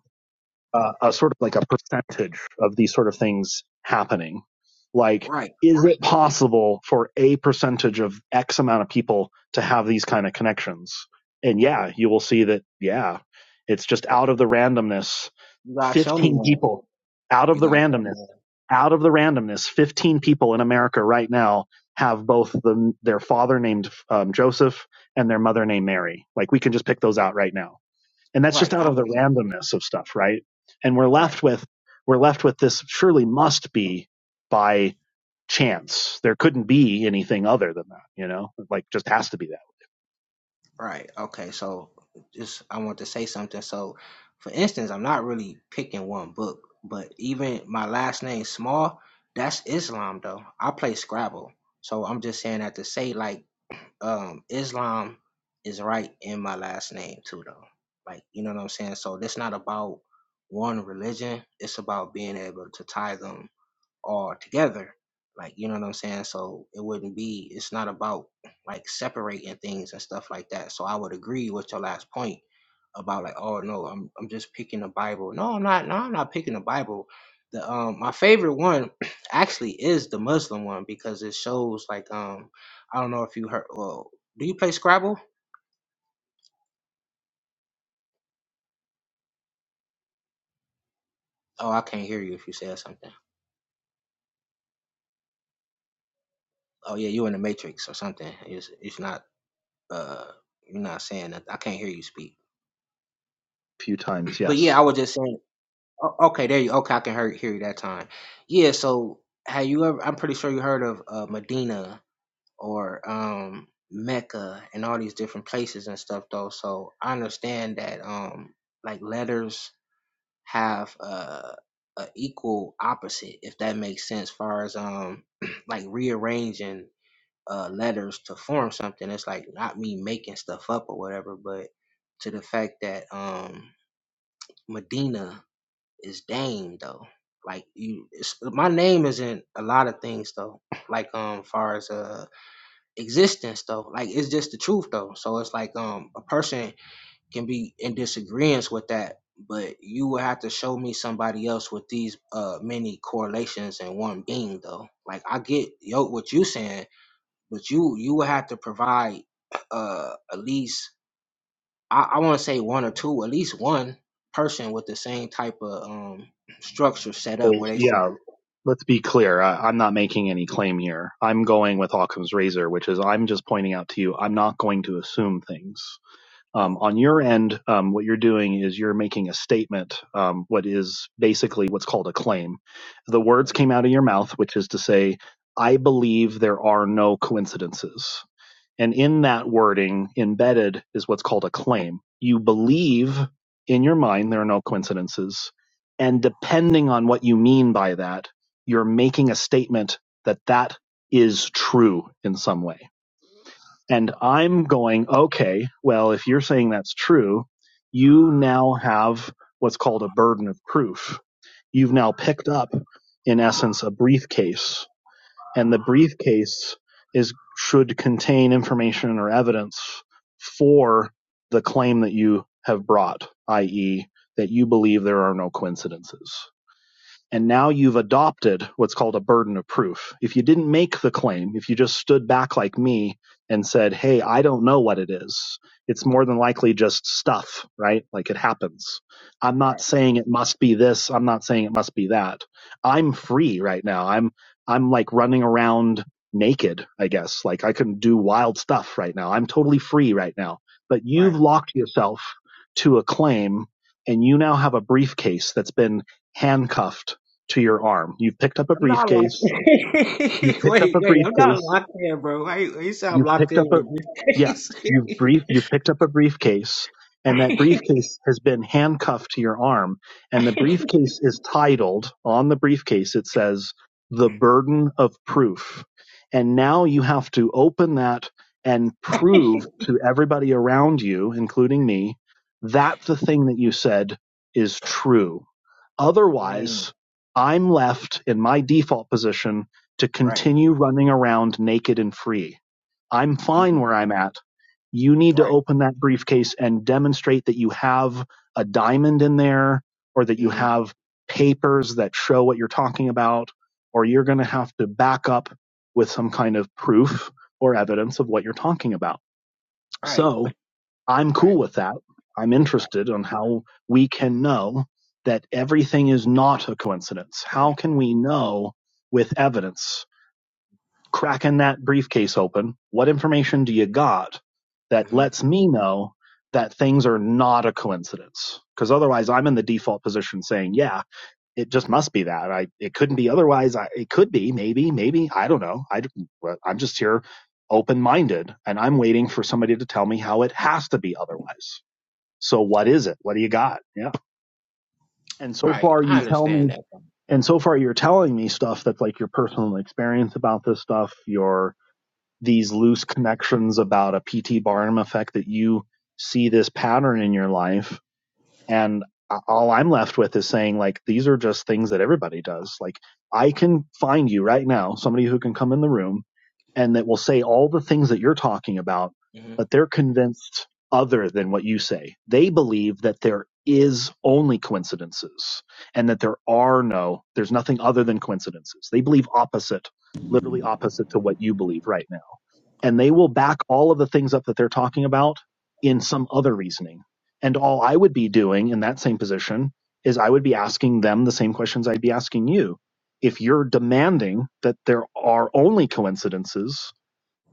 uh, a sort of like a percentage of these sort of things happening. Like, Right. is it possible for a percentage of X amount of people to have these kind of connections? And yeah, you will see that, yeah, it's just out of the randomness, You gotta show me 15 one. people out of You the gotta show me randomness, one. out of the randomness, 15 people in America right now have both the, their father named um, Joseph and their mother named Mary. Like, we can just pick those out right now and that's just Right. out I of the mean, randomness of stuff right and we're right. left with we're left with this surely must be by chance there couldn't be anything other than that you know like just has to be that Right. Okay. So just I want to say something. So for instance, I'm not really picking one book, but even my last name small, that's Islam though. I play Scrabble. So I'm just saying that to say like um Islam is right in my last name too though. Like you know what I'm saying? So it's not about one religion, it's about being able to tie them all together. Like, you know what I'm saying? So it wouldn't be, it's not about like separating things and stuff like that. So I would agree with your last point about like, oh no, I'm I'm just picking the Bible. No, I'm not no, I'm not picking the Bible. The um my favorite one (clears throat) actually is the Muslim one because it shows like um I don't know if you heard well, do you play Scrabble? Oh, I can't hear you if you said something. Oh yeah, you in the Matrix or something. It's it's not uh you're not saying that I can't hear you speak. A few (clears throat) times But yeah, I yes was just saying O- Okay, there you. Okay, I can hear hear you that time. Yeah. So, have you ever? I'm pretty sure you heard of uh, Medina or um, Mecca and all these different places and stuff, though. So I understand that um, like letters have uh, a equal opposite, if that makes sense. Far as um, (clears throat) like rearranging uh letters to form something. It's like not me making stuff up or whatever, but to the fact that um Medina is Dame though. Like you, it's, my name is in a lot of things though. (clears throat) Like um, far as uh existence though, like it's just the truth though. So it's like um, a person can be in disagreement with that, but you will have to show me somebody else with these uh many correlations in one being though. Like I get yo what you saying, but you you will have to provide uh at least I, I want to say one or two, at least one person with the same type of um, structure set up oh where they say, yeah let's be clear I, i'm not making any claim here i'm going with occam's razor which is i'm just pointing out to you i'm not going to assume things Um, "Oh, on your end, um, what you're doing is you're making a statement, um, what is basically what's called a claim. The words oh, came out of your mouth, which is to say, I believe there are no coincidences. And in that wording, embedded is what's called a claim. You believe in your mind there are no coincidences. And depending on what you mean by that, you're making a statement that that is true in some way and I'm going, okay, well, if you're saying that's true, you now have what's called a burden of proof. You've now picked up, in essence, a briefcase, and the briefcase is should contain information or evidence for the claim that you have brought, i.e., that you believe there are no coincidences. And now you've adopted what's called a burden of proof. If you didn't make the claim, if you just stood back like me and said, Hey, I don't know what it is, it's more than likely just stuff, right? Like it happens. I'm not saying it must be this. I'm not saying it must be that. I'm free right now. I'm, I'm like running around naked, I guess. Like I can do wild stuff right now. I'm totally free right now. But you've right." locked yourself to a claim and you now have a briefcase that's been handcuffed to your arm. You've picked up a I'm not locked. briefcase. In. You've (laughs) picked up wait, a wait, I'm not briefcase. locked in, bro. Why you, why you say I'm You've locked picked in up with a a yeah. briefcase? You've brief. You've picked up a briefcase, (laughs) and that briefcase has been handcuffed to your arm. And the briefcase is titled on the briefcase. It says the burden of proof, and now you have to open that and prove to everybody around you, including me, that the thing that you said is true mm, Otherwise, I'm left in my default position to right, continue running around naked and free. I'm fine mm, where I'm at. You need to right, open that briefcase and demonstrate that you have a diamond in there or that you mm, have papers that show what you're talking about, or you're going to have to back up with some kind of proof or evidence of what you're talking about. right, So, I'm right, cool with that. I'm right. interested on how we can know that everything is not a coincidence. How can we know with evidence? Cracking that briefcase open, what information do you got that Mm-hmm. lets me know that things are not a coincidence? Because otherwise, I'm in the default position saying, yeah, it just must be that. I it couldn't be otherwise. I, it could be, maybe, maybe I don't know. I well, I'm just here open minded, and I'm waiting for somebody to tell me how it has to be otherwise so what is it? What do you got? Yeah. And so Right, far I you tell understand me, that. and so far you're telling me stuff that's like your personal experience about this stuff, your these loose connections about a PT Barnum effect that you see this pattern in your life and all i'm left with is saying like these are just things that everybody does like i can find you right now somebody who can come in the room and that will say all the things that you're talking about hmm but they're convinced other than what you say they believe that there is only coincidences and that there are no there's nothing other than coincidences they believe opposite literally opposite to what you believe right now and they will back all of the things up that they're talking about in some other reasoning and all I would be doing in that same position is I would be asking them the same questions I'd be asking you. If you're demanding that there are only coincidences,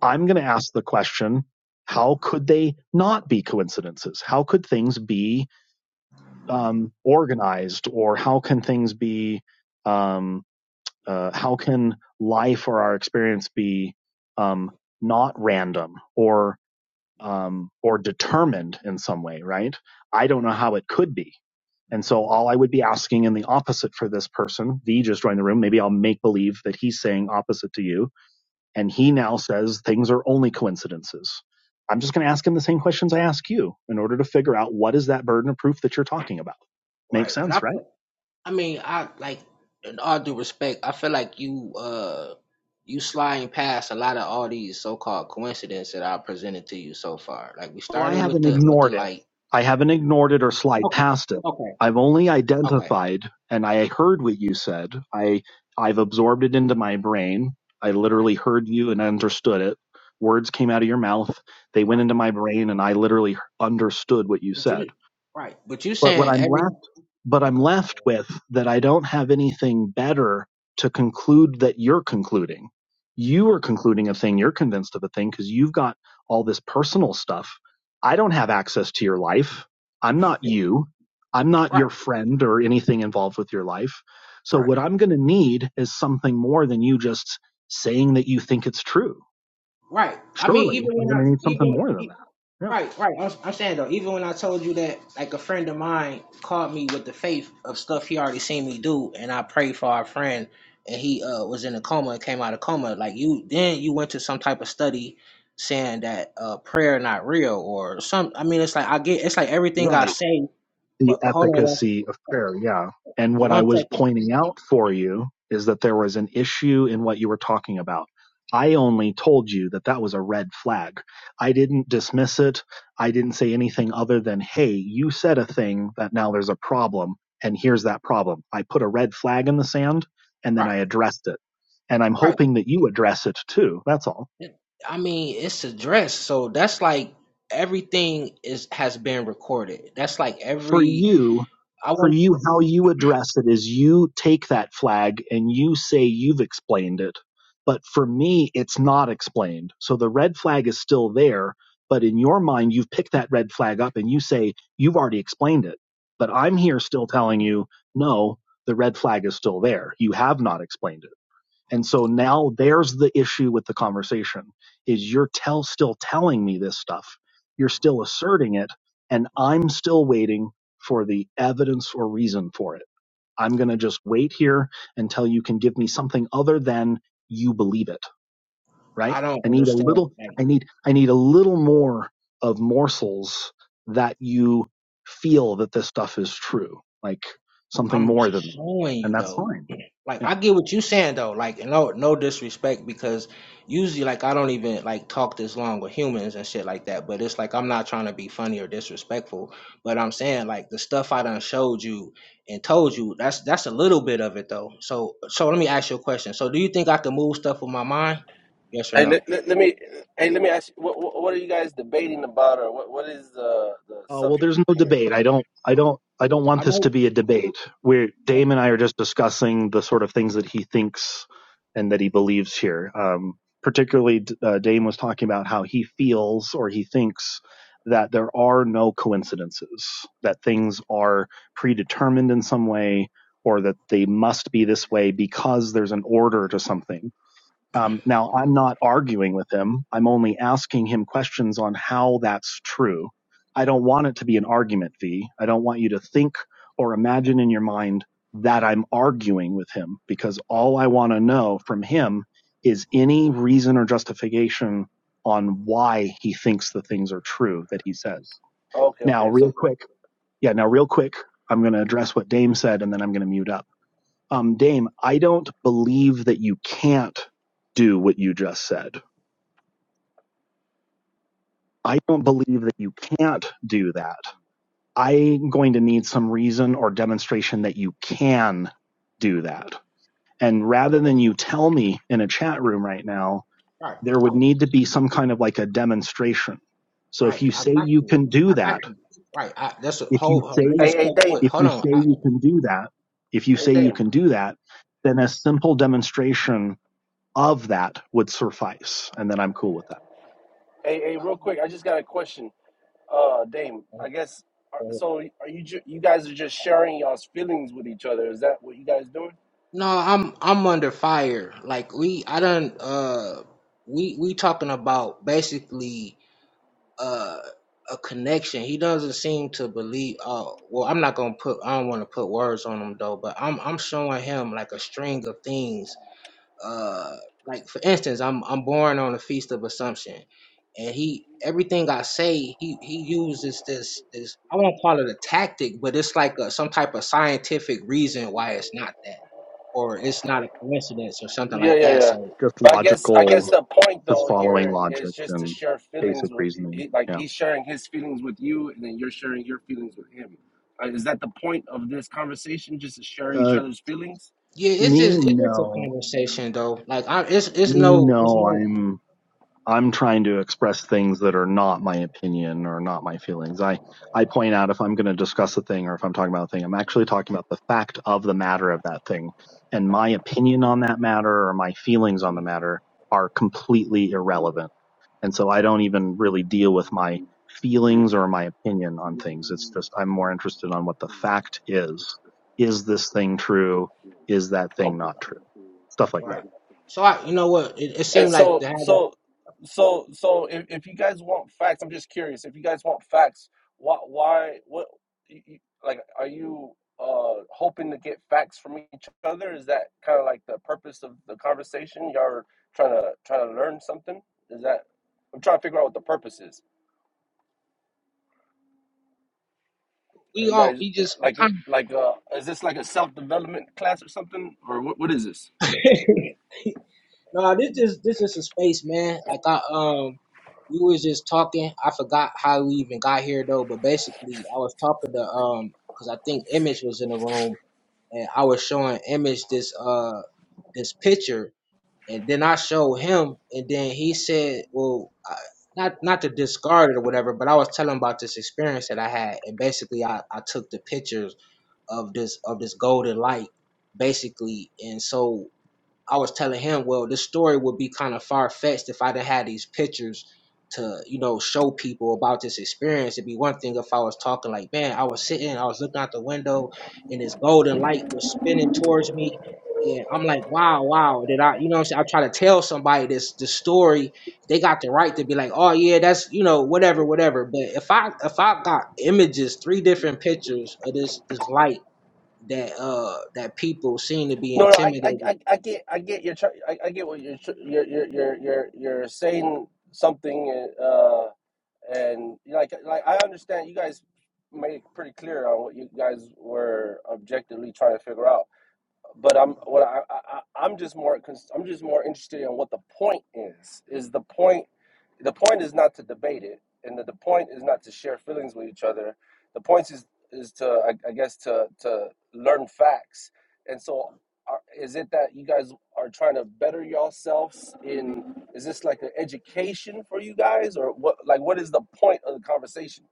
I'm going to ask the question how could they not be coincidences? How could things be um, organized? Or how can things be, um, uh, how can life or our experience be um, not random? Or um, or determined in some way, right? I don't know how it could be. And so all I would be asking in the opposite for this person, V just joined the room, maybe I'll make believe that he's saying opposite to you. And he now says things are only coincidences. I'm just going to ask him the same questions I ask you in order to figure out what is that burden of proof that you're talking about. Makes Right, but sense, right? I I mean, I like in all due respect, I feel like you uh you sliding past a lot of all these so called coincidences that I presented to you so far. Like we Well, I started with haven't the with the ignored it. like I haven't ignored it or slide okay, past it. okay, I've only okay, identified, and I heard what you said. I I've absorbed it into my brain. I right, literally heard you and understood it. Words came out of your mouth. They went right. into my brain, and I literally understood what you But said. you right. But you But what saying I'm every left, but I'm okay, left with that I don't have anything better to conclude that you're concluding. You are concluding a thing. You're convinced of a thing because you've got all this personal stuff. I don't have access to your life. I'm not you. I'm not right, your friend or anything involved with your life. So right, what I'm going to need is something more than you just saying that you think it's true. right. I mean even Surely I'm when going I to need something even more than e, that. Yeah. Right, right. I'm, I'm saying though, even when I told you that, like a friend of mine called me with the faith of stuff he already seen me do, and I prayed for our friend, and he uh, was in a coma and came out of coma. Like you, then you went to some type of study saying that uh, prayer not real or some. I mean, it's like I get, it's like everything Right. I say, the but but hold on one, efficacy of prayer. Yeah. And for what I one was second. pointing out for you is that there was an issue in what you were talking about. I only told you that that was a red flag. I didn't dismiss it. I didn't say anything other than, hey, you said a thing that now there's a problem, and here's that problem. I put a red flag in the sand and then Right, I addressed it. And I'm right. hoping that you address it too. That's all. I mean, it's addressed, so that's like everything is has been recorded. That's like For every. you, I for want. you how you address it is you take that flag and you say you've explained it but for me it's not explained so the red flag is still there but in your mind you've picked that red flag up and you say you've already explained it but i'm here still telling you no the red flag is still there you have not explained it and so now there's the issue with the conversation is you're tell still telling me this stuff. You're still asserting it and I'm still waiting for the evidence or reason for it. I'm going to just wait here until you can give me something other than you believe it, right? I don't I need a understand. little Like. I need I need a little more of morsels that you feel that this stuff is true, like something I'm more than showing and you that's though. fine. Like I get what you saying though. Like and no no disrespect because usually like I don't even like talk this long with humans and shit like that. But it's like I'm not trying to be funny or disrespectful. But I'm saying like the stuff I done showed you and told you that's that's a little bit of it though. So so let me ask you a question. So do you think I can move stuff with my mind? Yes or Hey, no? let, let, let me. Hey, let me ask you. What, what what are you guys debating about, or what what is the the Uh, well, subject there's no here? debate. I don't, I don't, I don't want I this to know. be a debate where oh, Dame and I are just discussing the sort of things that he thinks and that he believes here. Um, particularly, uh, Dame was talking about how he feels or he thinks that there are no coincidences, that things are predetermined in some way, or that they must be this way because there's an order to something um, now, I'm not arguing with him. I'm only asking him questions on how that's true. I don't want it to be an argument, V. I don't want you to think or imagine in your mind that I'm arguing with him because all I want to know from him is any reason or justification on why he thinks the things are true that he says. Okay, Now, okay. real So, quick. Yeah, now, real quick, I'm going to address what Dame said and then I'm going to mute up um, Dame, I don't believe that you can't do what you just said. I don't believe that you can't do that. I'm going to need some reason or demonstration that you can do that. And rather than you tell me in a chat room right now, Right. there would need to be some kind of like a demonstration. So if Right. you I say got you you. can do I got that, you. Right. I, that's a if whole. you Hold on, Let's say, hey, just hey, cut through Dame, it. if Hold you on. say I, you can do that, if you hey, say you Dame, can do that, then a simple demonstration of that would suffice, and then I'm cool with that. hey, hey, I, real quick. I just got a question. Uh, Dame, I guess. are- I, So, are you ju- you guys are just sharing y'all's feelings with each other? Is that what you guys doing? No, I'm I'm under fire. Like we I done uh we we talking about basically uh a connection. He doesn't seem to believe Oh well I'm not gonna put I don't wanna put words on him though, but I'm I'm showing him like a string of things uh like for instance i'm i'm born on the feast of assumption and he everything i say he he uses this this i won't call it a tactic but it's like a, some type of scientific reason why it's not that or it's not a coincidence or something Yeah, like yeah, that yeah. so Just But I guess I logical, guess the point just though following here is logic just to and share feelings basic with reasoning. he, like Yeah. he's sharing his feelings with you, and then you're sharing your feelings with him. Uh, is that the point of this conversation? Just to share each Uh, other's feelings? yeah it's me just it's just a no, conversation though like i it's it's me no it's no. no I'm I'm trying to express things that are not my opinion or not my feelings. I I point out if I'm going to discuss a thing or if I'm talking about a thing, I'm actually talking about the fact of the matter of that thing, and my opinion on that matter or my feelings on the matter are completely irrelevant And so I don't even really deal with my feelings or my opinion on things. It's just I'm more interested on what the fact is. Is this thing true? Is that thing Oh. not true? Stuff like that. right so i you know what it, it And seemed like so, the so, so, so, if, if you guys want facts, I'm just curious. If you guys want facts, why, why, what, you, you- like, are you uh hoping to get facts from each other? Is that kind of like the purpose of the conversation? Y'all are trying to trying to learn something? Is that? I'm trying to figure out what the purpose is. Are we you all guys we just we like eh, kind like uh is this like a self development class or something or what, what is this? of (laughs) No, this is this is a space, man. Like I um we was just talking. I forgot how we even got here though, but basically I was talking to um because I think Image was in the room and I was showing Image this uh this picture and then I showed him and then he said, Well I, not not to discard it or whatever, but I was telling him about this experience that I had and basically I, I took the pictures of this of this golden light basically and so I was telling him, well, this story would be kind of far fetched if I didn't have these pictures to, you know, show people about this experience. It'd be one thing if I was talking like, man, I was sitting, I was looking out the window, and this golden light was spinning towards me. And I'm like, wow, wow. Did I, you know what I'm saying? I try to tell somebody this this story. They got the right to be like, oh yeah, that's you know, whatever, whatever. But if I if I got images, three different pictures of this this light that uh that people seem to be No, no, I, I, intimidated I, I get, I get your, tr- I, I get what you're, tr- you're, you're, you're, you're, you're saying something, uh, and like, like I understand you guys made it pretty clear on what you guys were objectively trying to figure out. But I'm, what I, I, I- I'm just more, cons- I'm just more interested in what the point is. Is the point? the point is not to debate it, and the, the point is not to share feelings with each other. The point is is to I, I guess to to learn facts. And so, are, is it that you guys are trying to better yourselves? In is this like an education for you guys, or what? Like, what is the point of the conversation?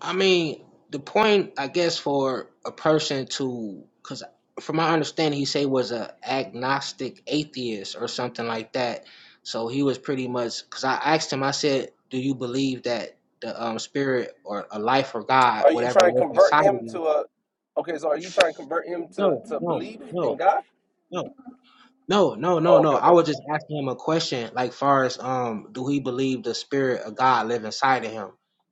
I mean, the point, I guess, for a person to, because from my understanding, he say was a agnostic atheist or something like that. So he was pretty much, because I asked him, I said, "Do you believe that the um, spirit or a life or God, Are you whatever, trying to live convert inside him of to you?" a? Okay, so are you trying to convert him to No, to no, believe in no, God? no, no, no, no, Oh, no. okay, I okay. was just asking him a question, like far as um, do he believe the spirit of God live inside of him?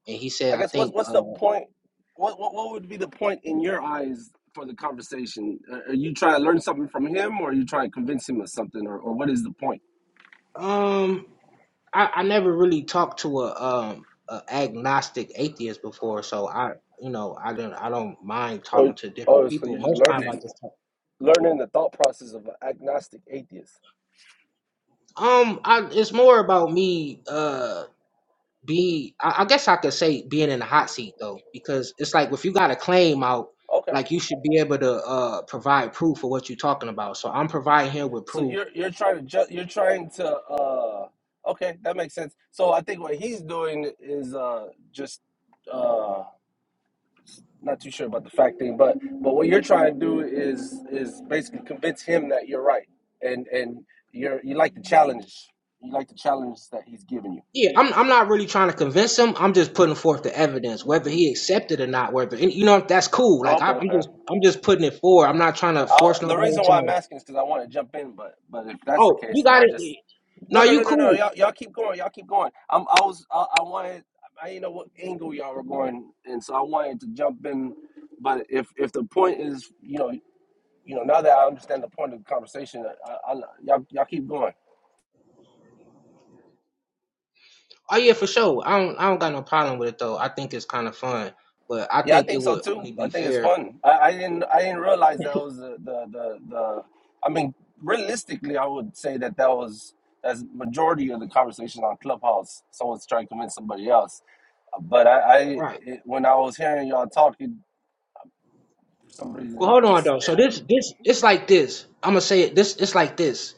And he said, I I guess what's think. what's the uh, point? What what what would be the point in your eyes for the conversation? Are you trying to learn something from him, or are you trying to convince him of something, or, or what is the point? Um, I, I never really talked to a um a agnostic atheist before, so I you know I don't I don't mind Oh, talking to different oh, so people. you're just Most time I learning, just talk. learning the thought process of an agnostic atheist. Um, I, it's more about me uh be I, I guess I could say being in the hot seat though because it's like if you got a claim out Okay, like you should be able to uh provide proof of what you're talking about. So I'm providing him with so proof you're you're trying to ju- you're trying to uh okay that makes sense. So I think what he's doing is uh just Uh, not too sure about the fact thing, but but what you're trying to do is is basically convince him that you're right, and and you're you like the challenge, you like the challenge that he's giving you. Yeah, I'm I'm not really trying to convince him. I'm just putting forth the evidence, whether he accepted or not. Whether and, you know that's cool. Like Okay, I'm, I'm okay. just I'm just putting it forward. I'm not trying to I'll, force the nobody reason into why I'm no. asking is because I want to jump in, but but if that's the Oh, case, you then got I'll it. just no No, no you no no no cool. y'all y'all keep going y'all keep going. I'm I was I, I wanted I didn't know what angle y'all were going, and so I wanted to jump in, but if if the point is you know you know now that I understand the point of the conversation, I, I, y'all y'all keep going. Oh yeah, for sure. I don't I don't got no problem with it though. I think it's kind of fun, but I Yeah, I think think it so would too. only I be think it's fair. fun. I, I didn't I didn't realize that was the, the the the. I mean, realistically, I would say that that was that's majority of the conversation on Clubhouse. Someone's trying to convince somebody else. But I, I Right. it, when I was hearing y'all talking, for some reason, But hold it on just though. So this didn't. this it's like this. I'm gonna say it. This it's like this.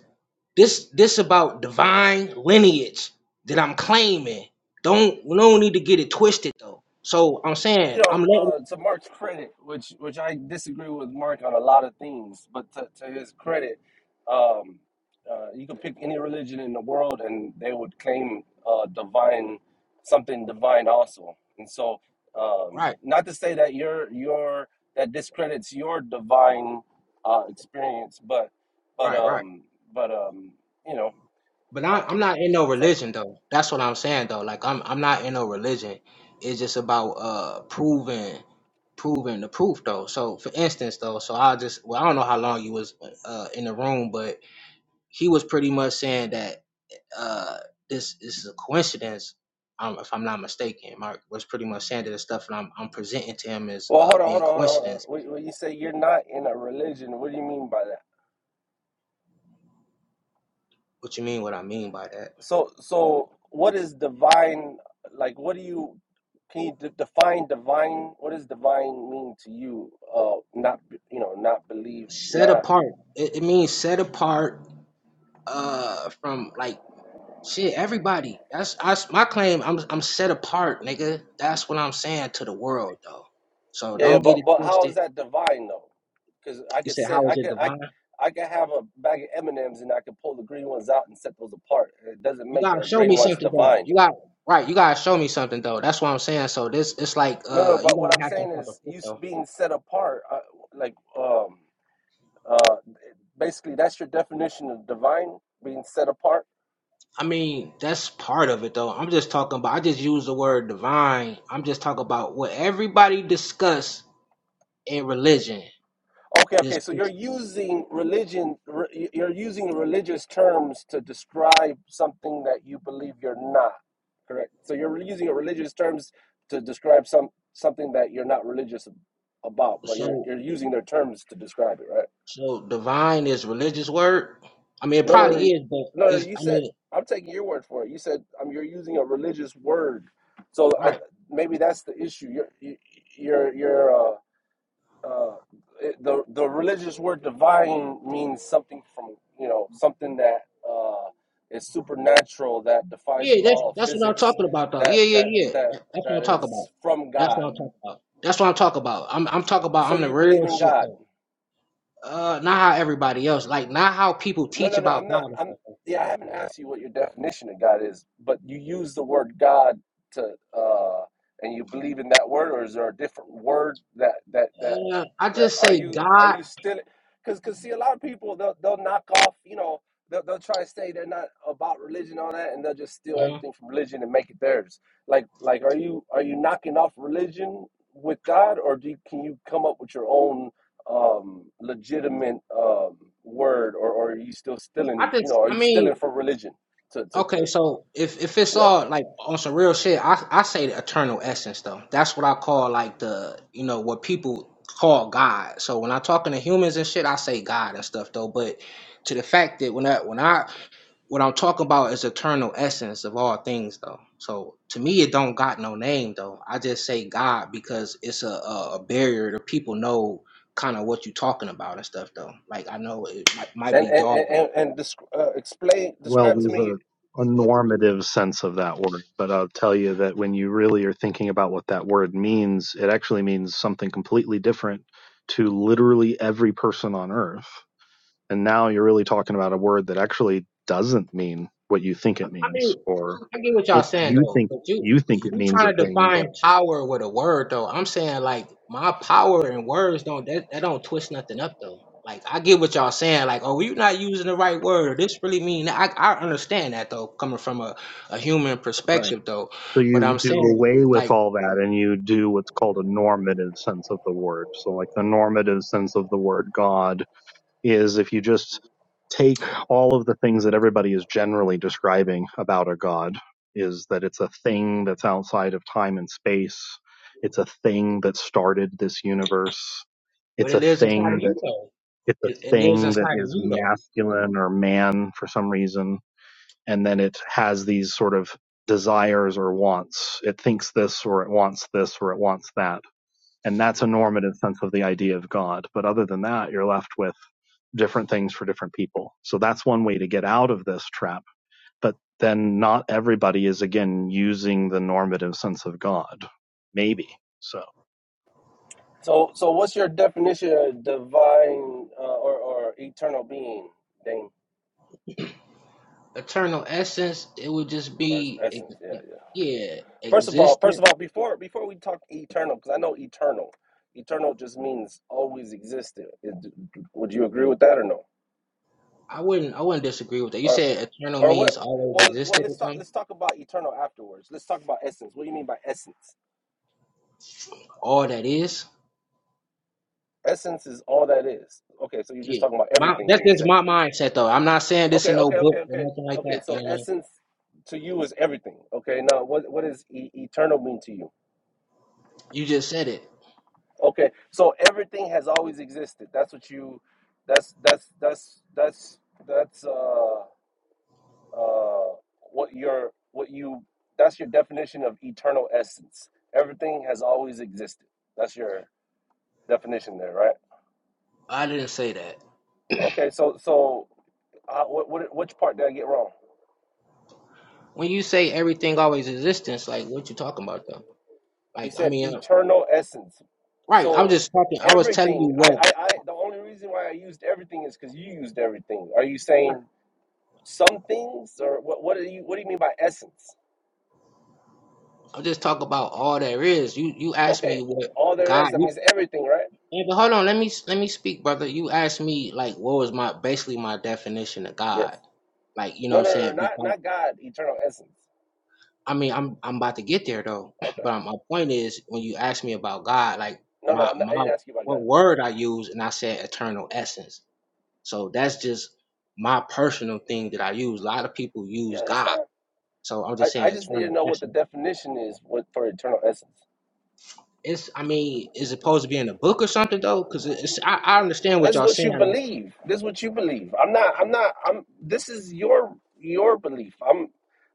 This this about divine lineage that I'm claiming. Don't we don't need to get it twisted though. So I'm you saying know, I'm letting uh, to Mark's credit, which which I disagree with Mark on a lot of things, but to, to his credit, um, uh, you could pick any religion in the world, and they would claim uh, divine something divine also. And so, um, right, not to say that your your that discredits your divine uh, experience, but but right, right. um, but um, you know, But I, uh, I'm not in no so. religion though. That's what I'm saying though. Like I'm I'm not in no religion. It's just about uh proving proving the proof though. So for instance though, so I just well I don't know how long you was uh in the room, but he was pretty much saying that uh, this, this is a coincidence, um, if I'm not mistaken. Mark was pretty much saying that the stuff and I'm, I'm presenting to him as Well, uh, hold on, hold on, being hold on. Hold on. coincidence. When when you say you're not in a religion, what do you mean by that? What you mean? What I mean by that? So, so what is divine? Like, what do you can you de- define divine? What does divine mean to you? Uh, not you know, not believe, Set not apart. It, it means set apart uh, from like shit. Everybody. That's I, my claim. I'm I'm set apart, nigga. That's what I'm saying to the world, though. So yeah, yeah. don't get it But but how is twisted. that divine though? Because I You could said, say "How is I it could I divine?" I could have a bag of M and M's and I could pull the green ones out and set those apart. It doesn't You make gotta the show green me ones something though. divine. You got right. You gotta show me something though. That's what I'm saying. So this, it's like No, no. uh, you But gotta what I'm have some saying type of is proof you s- though. being set apart, uh, like um uh, basically that's your definition of divine being set apart. I mean, that's part of it though. I'm just talking about. I just use the word divine. I'm just talking about what everybody discuss in religion. Okay, This, okay. So you're this using religion, re- you're using religious terms to describe something that you believe you're not. Correct. So you're using religious terms to describe some something that you're not religious about, but you're so you're using their terms to describe it, right? so divine is religious word. I mean, it No, no, probably no. is, but No, no, it's. you I said mean, I'm taking your word for it. You said um, you're using a religious word. So I right? maybe that's the issue. You're you, you're you're uh, uh, the the religious word divine means something from you know something that uh, is supernatural that defies Yeah, that's law of that's what I'm physics talking about though. that Yeah, yeah, that yeah. that That, that's what that I'm talking about. is from That's what God. I'm talking about. That's what I'm talking about. I'm I'm talking about So I'm the you believe real in shit God. though. Uh, not how everybody else, like not how people No, teach no, no. about I'm not. God. I'm. Yeah, I haven't asked you what your definition of God is, but you use the word God to, uh, and you believe in that word, or is there a different word that that that Uh, I that just are say you are God. you still? Because because see, a lot of people they'll they'll knock off, you know, they'll they'll try to say they're not about religion and all that, and they'll just steal Mhm. everything from religion and make it theirs. Like like, are you are you knocking off religion with God, or do you, can you come up with your own? um, legitimate um, word, or, or are you still I stealing? You just, know, are I you stealing mean, for religion? To, to, okay, to so if if it's yeah, all like on some real shit, I I say the eternal essence though. That's what I call like the you know what people call God. So when I'm talking to humans and shit, I say God and stuff though. But to the fact that when I when I What I'm talking about is eternal essence of all things, though. So to me, it don't got no name, though. I just say God because it's a a, a barrier to people know kind of what you talking about and stuff, though. Like I know it might, might and be and and dog. and, and desc- uh, explain, Well, describe to there's me. a, a normative sense of that word, but I'll tell you that when you really are thinking about what that word means, it actually means something completely different to literally every person on earth And now you're really talking about a word that actually doesn't mean what you think it I means, mean, or I get what y'all it saying you though, think but you you think it you means a trying to thing, define but power with a word though. I'm saying like my power and words don't that, that don't twist nothing up though. Like I get what y'all saying, like oh you're not using the right word. Or this really mean that. I I understand that though, coming from a, a human Right. perspective so though. But you I'm do saying away with like, all that and you do what's called a normative sense of the word. So like the normative sense of the word God is if you just take all of the things that everybody is generally describing about a god is that it's a thing that's outside of time and space it's a thing that started this universe but it's it a lives inside thing of you that though. it's a It, it lives thing that inside of is you though. masculine or man for some reason and then it has these sort of desires or wants it thinks this or it wants this or it wants that and that's a normative sense of the idea of god but other than that you're left with different things for different people. So that's one way to get out of this trap. But then not everybody is again using the normative sense of God. Maybe. So So so, what's your definition of divine uh, or or eternal being, Dane, Eternal essence, it would just or its be, essence? ex- Yeah, ex- yeah. yeah, First of all, existent first of all, before before we talk eternal, because I know eternal, eternal just means always existed. Is- Would you agree with that or no? I wouldn't I wouldn't disagree with that. You Or said eternal Or what? means always Well, well, existed let's or talk. something? Let's talk about eternal afterwards. Let's talk about essence. What do you mean by essence? All that is? Essence is all that is. Okay, so you're just Yeah. talking about My everything that's when you just say, my mindset though. I'm not saying this in okay, no okay, okay, book or okay, nothing like okay. that. You So know what I mean? essence to you is everything. Okay, now what what does e- eternal mean to you? You just said it. Okay, so everything has always existed. That's what you. That's that's that's that's that's uh uh what your what you that's your definition of eternal essence. Everything has always existed. That's your definition there, right? I didn't say that. Okay, so so uh, what, what which part did I get wrong? When you say everything always existence, like what you talking about though? You Like I said mean uh, eternal essence. right, I'm So just talking I was telling you everything. I what I, I the only reason why I used everything is because you used everything. Are you right, saying some things or what? What do you what do you mean by essence? I'm just talking about all there is. You you asked me Okay, what all there is God that means everything, right? Hey, but hold on, let me let me speak, brother. You asked me like what was my basically my definition of Yes. God. Like, you know what No, I'm no, no, no, saying? not Because not God. Eternal essence. I mean I'm I'm about to get there though. (clears throat) Okay. But my point is when you ask me about God, like No, no, my I'm not, I my didn't ask you about what God. word I use and I said eternal essence. So that's just my personal thing that I use. A lot of people Yeah, use that's fine. God. So I'm I, just saying I just need to eternal know what the essence. definition is what, for eternal essence. It's I mean, is it supposed to be in a book or something though? Because it's I, I understand what That's y'all what saying. you like, believe. This is what you believe. I'm not. I'm not. I'm. This is your your belief. I'm.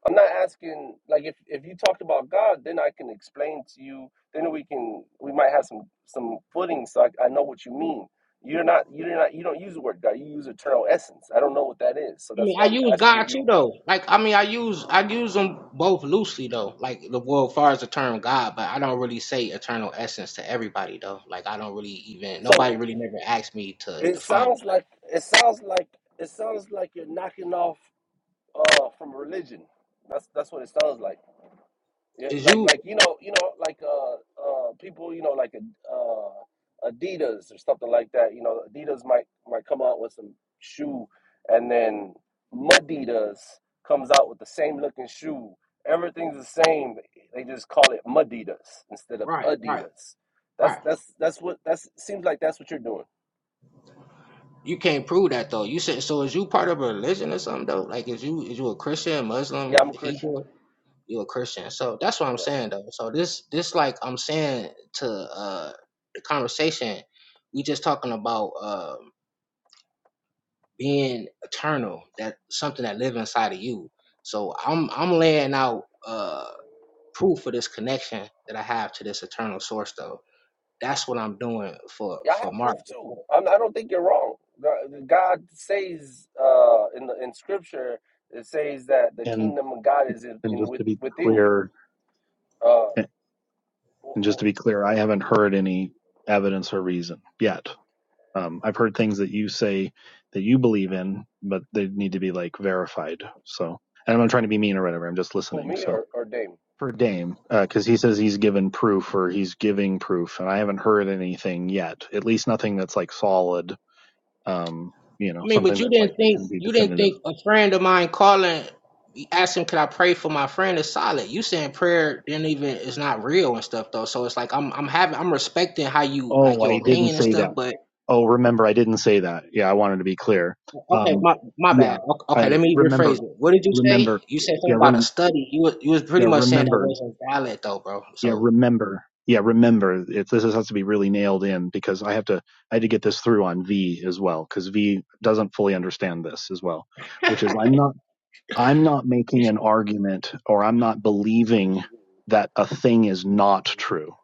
I'm not asking. Like if if you talked about God, then I can explain to you. Then we can. We might have some some footing, so I, I know what you mean. You're not. You're not. You don't use the word God. You use eternal essence. I don't know what that is, so I that's mean, I why I'm use asking God too, you. though. Like, I mean, I use I use them both loosely, though. Like, the well, as far as the term God, but I don't really say eternal essence to everybody, though. Like, I don't really even nobody So really never asked me to it define it. sounds Like, like it sounds like it sounds like you're knocking off uh from religion. That's that's what it sounds like. Yeah, is like you like you know you know like uh uh people you know like uh Adidas or something like that. You know Adidas might might come out with some shoe, and then Madidas comes out with the same looking shoe. Everything's the same. They just call it Madidas instead of right, right, Adidas. That's right? that's that's what that's seems like that's what you're doing. You can't prove that though. You said so. Is you part of a religion or something though? Like, is you is you a Christian, Yeah, Muslim, I'm a Christian. Hebrew? You a Christian? So that's what I'm yeah. saying though. So this this like I'm saying to uh the conversation, we just talking about. um being eternal, that something that lives inside of you. So I'm I'm laying out uh proof of this connection that I have to this eternal source though. That's what I'm doing for Yeah, I for have Mark. proof too. I I'm, I don't think you're wrong. God God says uh, in the, in Scripture, it says that the and kingdom of God is in, and in just with, to be within you. clear Uh, and just who to be clear, I haven't heard any evidence or reason yet. Um, I've heard things that you say that you believe in, but they need to be like verified. So and I'm not trying to be mean or whatever. I'm just who, listening. me So or, or Damon? for Dame because uh, he says he's given proof or he's giving proof, and I haven't heard anything yet. At least nothing that's like solid. Um, you know, mean, but something you that like didn't that can think be you didn't definitive. think a friend of mine calling asking could I pray for my friend is solid. You saying prayer didn't even is not real and stuff though. So it's like I'm I'm having I'm respecting how you Oh, like your I didn't opinion and say that. stuff, but Oh, remember, I didn't say that. Yeah, I wanted to be clear. Okay, Um, my my yeah, bad. Okay, I okay, let me rephrase remember, it. What did you say? remember. You said Yeah, something about a rem- study. You was, you was pretty yeah, much saying that remember. wasn't valid though, bro. Yeah, So, remember. Yeah, remember. It, this has to be really nailed in because I have to. I had to get this through on V as well because V doesn't fully understand this as well, (laughs) I- which is I'm not I'm not making an argument or I'm not believing that a thing is not true.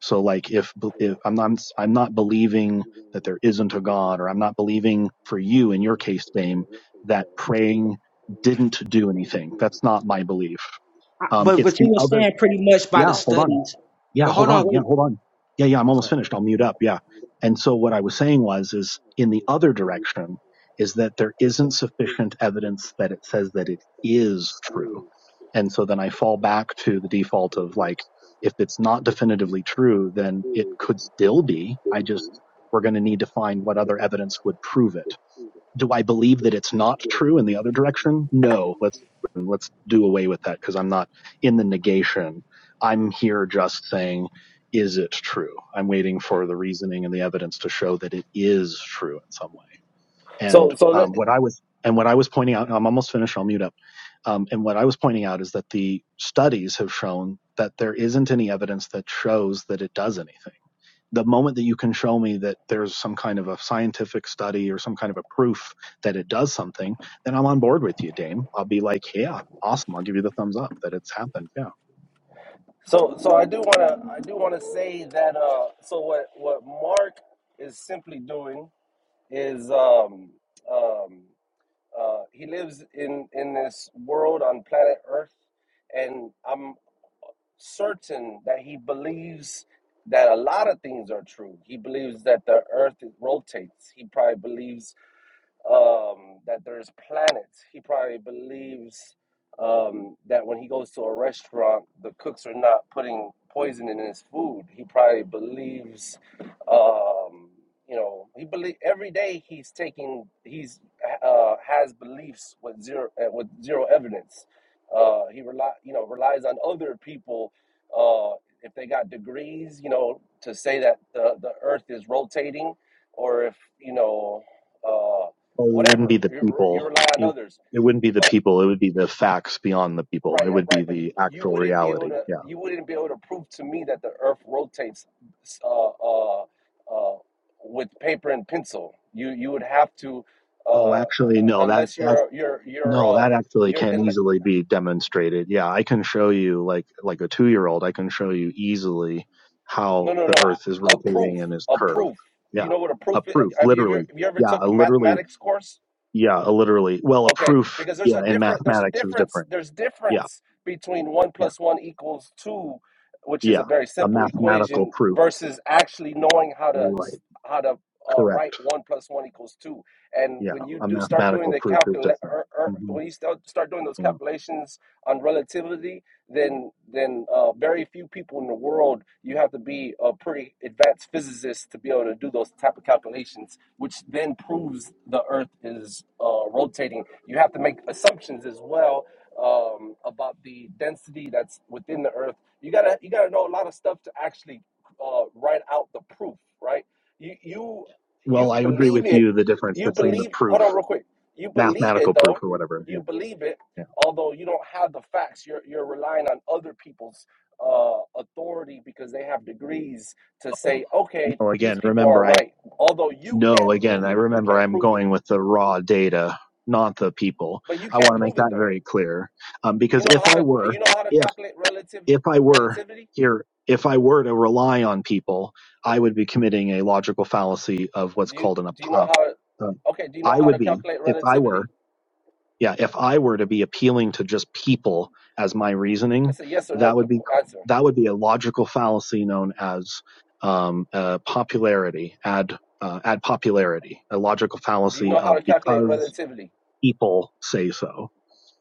So like if, if I'm not, I'm not believing that there isn't a God or I'm not believing for you in your case, Dame, that praying didn't do anything. That's not my belief. Um, but it's but you the were other. saying pretty much by the Yeah. Hold on. studies. Yeah, But hold hold on, on. Yeah, wait. hold on. Yeah, yeah, I'm almost Okay, finished. I'll mute up. Yeah. And so what I was saying was is in the other direction is that there isn't sufficient evidence that it says that it is true. And so then I fall back to the default of like if it's not definitively true, then it could still be. I just we're going to need to find what other evidence would prove it do I believe that it's not true in the other direction? No, let's let's do away with that because I'm not in the negation. I'm here just saying, is it true? I'm waiting for the reasoning and the evidence to show that it is true in some way. And So so um, that, what I was and what I was pointing out, I'm almost finished. I'll mute up. Um, and what I was pointing out is that the studies have shown that there isn't any evidence that shows that it does anything the moment that you can show me that there's some kind of a scientific study or some kind of a proof that it does something, then I'm on board with you, Dame. I'll be like, yeah, awesome. I'll give you the thumbs up that it's happened. Yeah. so so I do wanna I do wanna say that. Uh, so what what Mark is simply doing is um, um, uh, he lives in in this world on planet Earth, and I'm certain that he believes that a lot of things are true. He believes that the earth rotates. He probably believes um, that there's planets. He probably believes um, that when he goes to a restaurant, the cooks are not putting poison in his food. He probably believes, um, you know, he believe every day he's taking he's uh, has beliefs with zero uh, with zero evidence. Uh, he rely you know relies on other people. Uh, if they got degrees, you know, to say that the, the earth is rotating, or if, you know, uh, Well, it wouldn't whatever be the you, you people. rely on It, others it wouldn't be the but people. It would be the facts beyond the people. right It yeah, would be right but you, the you actual wouldn't be able reality. to Yeah. you wouldn't be able to prove to me that the earth rotates uh, uh, uh, with paper and pencil you you would have to Oh, uh, uh, actually, no, that, unless that you're you're you're No, uh, that actually you're can in, easily be demonstrated. Yeah, I can show you like like a 2-year-old, I can show you easily no how no the no earth is a rotating proof and is a curved. proof do Yeah. you know what a proof A is proof, have you ever, literally. have you ever Yeah, took a a literally mathematics course yeah, a literally. Well, a Okay, proof, because there's a yeah, in different there's a mathematics is difference different. there's Yeah. difference between one Yeah. plus one equals two, which is a Yeah. very A simple mathematical equation, proof. versus actually knowing how to Right. how to uh, write Correct. one plus one equals two. And Yeah, when you a do start doing mathematical the proof is calcul different. er, er, hmm when you start start doing those Yeah. calculations on relativity, then then uh, very few people in the world you have to be a pretty advanced physicist to be able to do those type of calculations, which then proves the Earth is uh, rotating. You have to make assumptions as well um, about the density that's within the Earth. You gotta you gotta know a lot of stuff to actually uh, write out the proof, right? You you Well, you I agree believe with it. you the difference You between the believe. proof, Hold on, real quick. You believe it mathematical proof though. or whatever. You Yeah. believe it although you don't have the facts you're you're relying on other people's uh, authority because they have degrees to Yeah. say okay Oh, these again, people are remember, I right although you know. can't again, prove I it you remember can't I'm prove it going with the raw data, not the people. but you I can't want to make prove it that though very clear. Um, you because know if how I to were, you know how to if, calculate relative if I were relativity here, if I were to rely on people, I would be committing a logical fallacy of what's do you called an, do you ap- know uh, how to, um, okay do you know I how would to be, calculate if I relativity were, yeah if i were to be appealing to just people as my reasoning it's a yes or no that would qu- be qu- answer that would be a logical fallacy known as um, uh, popularity ad uh, ad popularity a logical do you fallacy know how of to calculate because relativity people say so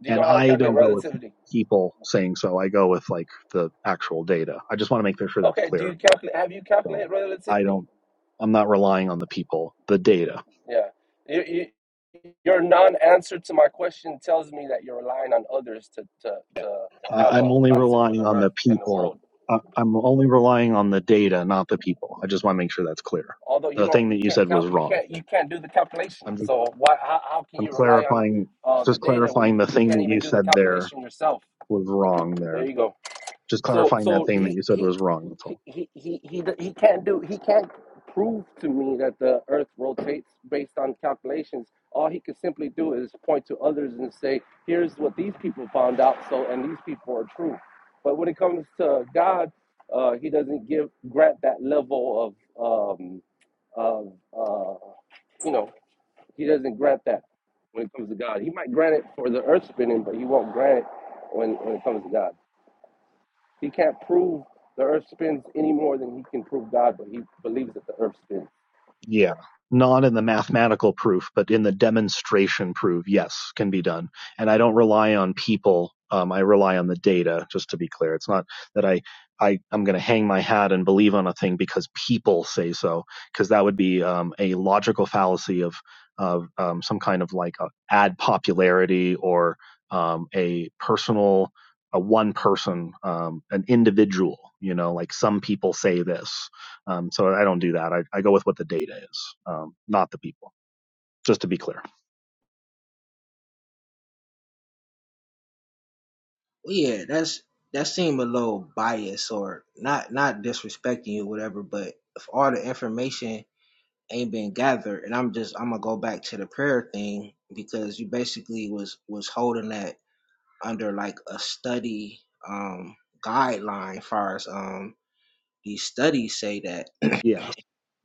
do you and know how to i calculate don't go with relativity people saying so i go with like the actual data i just want to make sure that's okay do you clear calculate have you so calculated i relativity don't i'm not relying on the people the data yeah you you. your non-answer to my question tells me that you're relying on others to to to Uh, have a I'm only concept of relying the on the earth and the people. world Uh, I'm only relying on the data, not the people. I just want to make sure that's clear. although you The don't thing you that you can't said was count you wrong. can't you can't do the calculation I'm just, so why how, how can I'm you rely on clarifying, uh, the just data when clarifying you, the you thing can't that even you do the said there calculation yourself was wrong there there. you go Just so clarifying that so thing that he you said he was wrong. That's all. he he he he d- he can't do he can't prove to me that the earth rotates based on calculations all he could simply do is point to others and say here's what these people found out so and these people are true but when it comes to god uh, he doesn't give grant that level of um of uh you know he doesn't grant that when it comes to god he might grant it for the earth spinning but he won't grant it when when it comes to god he can't prove the earth spins any more than he can prove God, but he believes that the earth spins. Yeah. Not in the mathematical proof, but in the demonstration proof, yes, can be done. And I don't rely on people. Um, I rely on the data, just to be clear. It's not that I, I, I'm going to hang my hat and believe on a thing because people say so, because that would be um, a logical fallacy of, of um, some kind of like a ad popularity or um, a personal, a one person, um, an individual, you know, like some people say this um, so I don't do that. I, I go with what the data is, um, not the people, just to be clear. Well, yeah, that's that seemed a little biased or not not disrespecting you, whatever. But if all the information ain't been gathered, and I'm just I'm gonna go back to the prayer thing because you basically was was holding that under like a study um guideline far as um these studies say that (clears throat) Yeah.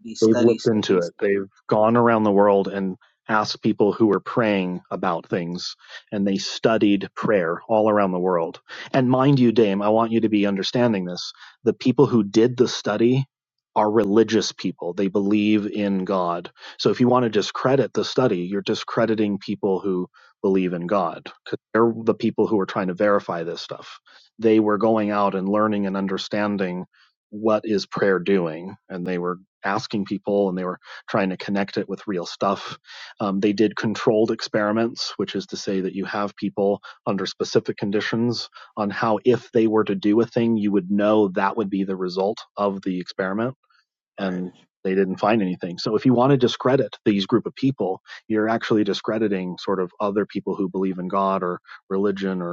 these They've looked studies say into this it. They've gone around the world and asked people who were praying about things, and they studied prayer all around the world. And mind you, Dame, I want you to be understanding this. The people who did the study are religious people, they believe in God. So if you want to discredit the study, you're discrediting people who believe in God because they're the people who are trying to verify this stuff. They were going out and learning and understanding what is prayer doing and they were asking people and they were trying to connect it with real stuff. Um, they did controlled experiments, which is to say that you have people under specific conditions on how, if they were to do a thing, you would know that would be the result of the experiment. right And they didn't find anything. So if you i, want to discredit these group of people, you're actually discrediting sort of other people who believe in God or religion or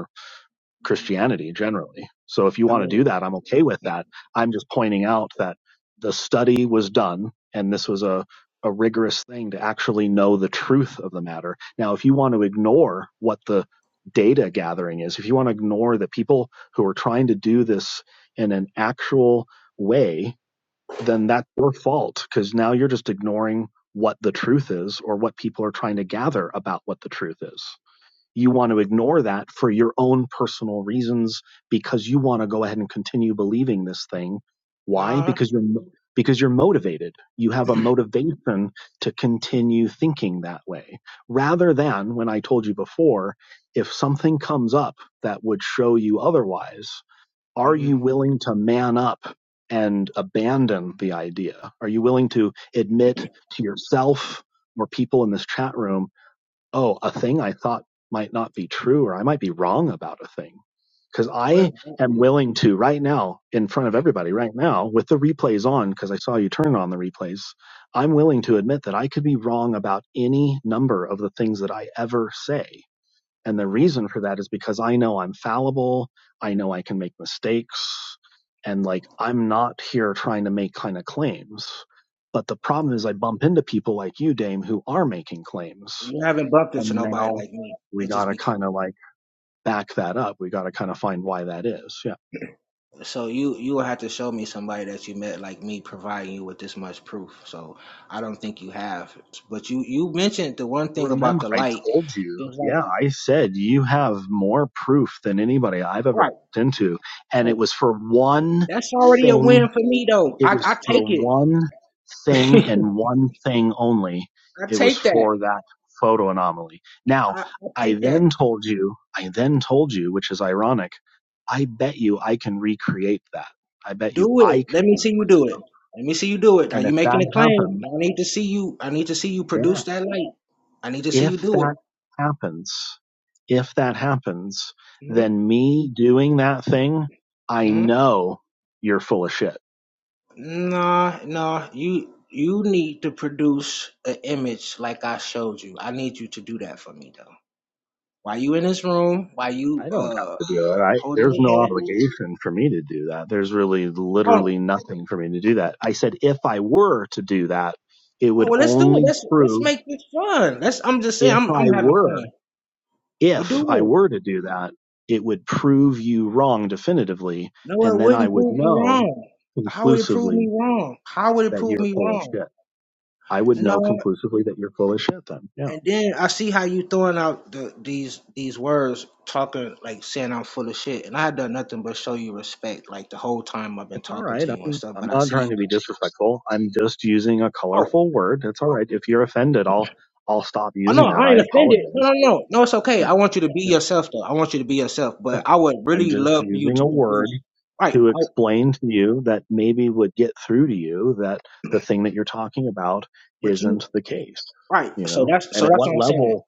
Christianity generally. So if you I want to do mean that, I'm okay with that. I'm just pointing out that the study was done and this was a, a rigorous thing to actually know the truth of the matter. Now, if you want to ignore what the data gathering is, if you want to ignore the people who are trying to do this in an actual way, then that's your fault because now you're just ignoring what the truth is or what people are trying to gather about what the truth is you want to ignore that for your own personal reasons because you want to go ahead and continue believing this thing why nah because you're mo- because you're motivated you have a motivation to continue thinking that way rather than when i told you before if something comes up that would show you otherwise are hmm you willing to man up and abandon the idea are you willing to admit to yourself or people in this chat room oh, a thing I thought might not be true, or I might be wrong about a thing. Because I what, what am willing to, right now, in front of everybody, right now, with the replays on, because I saw you turn on the replays, I'm willing to admit that I could be wrong about any number of the things that I ever say. And the reason for that is because I know I'm fallible. I know I can make mistakes. And like, I'm not here trying to make kind of claims. But the problem is, I bump into people like you, Dame, who are making claims you haven't bumped into and nobody now like me we let's got just to be clear kind of like back that up. We got to kind of find why that is. Yeah. so you you will have to show me somebody that you met like me providing you with this much proof so i don't think you have but you you mentioned the one thing about Remember, the I light told you, it's like yeah, I said you have more proof than anybody I've ever right looked into. And it so was for one that's already a thing. win for me though i, It was I for take it one thing (laughs) and one thing only. I It was take that. for that photo anomaly. Now, I, I I take that. then told you, I then told you, which is ironic, I bet you I can recreate that. I bet you Do I it. Let could me do see it you do myself it. Let me see you do it. Now And if you making that a claim. happens, Now I need to see you. I need to see you yeah, produce that light. I need to see if you do it. that happens, if that happens, Mm-hmm. then me doing that thing, I Mm-hmm. know you're full of shit. Nah, nah. You you need to produce an image like I showed you. I need you to do that for me though. While you in this room, while you I don't have uh to do it. I, holding there's your no head. obligation for me to do that. There's really Oh, literally nothing for me to do that. I said if I were to do that, it oh would well. Let's do it. only Let's let's prove make this fun. Let's. I'm just saying. if I'm I'm I having fun. were, We'll do if I it. were to do that, it would prove you wrong definitively. No, And it then I wouldn't would prove me know wrong. How would it prove conclusively me wrong? How would it that prove you're me full of wrong? shit. I would No, know conclusively that you're full of shit then. Yeah. and then I see how you throwing out the, these these words, talking like saying I'm full of shit, and I had done nothing but show you respect like the whole time I've been It's all talking right. to you and I'm, stuff. I'm But I not see trying to you. be disrespectful. I'm just using a Oh, colorful word. It's all right. If you're offended, I'll, I'll stop oh no, using that. I I ain't offended. No, apologize. no, no, no. It's okay. Yeah. I want you to be Yeah. yourself, though. I want you to be yourself. Yeah. But I would I'm really just love for you using a to word produce. Right. to I, explain to you that maybe would get through to you that the thing that you're talking about but you. isn't the case, Right. you So know? that's And so at that's what what I'm saying. level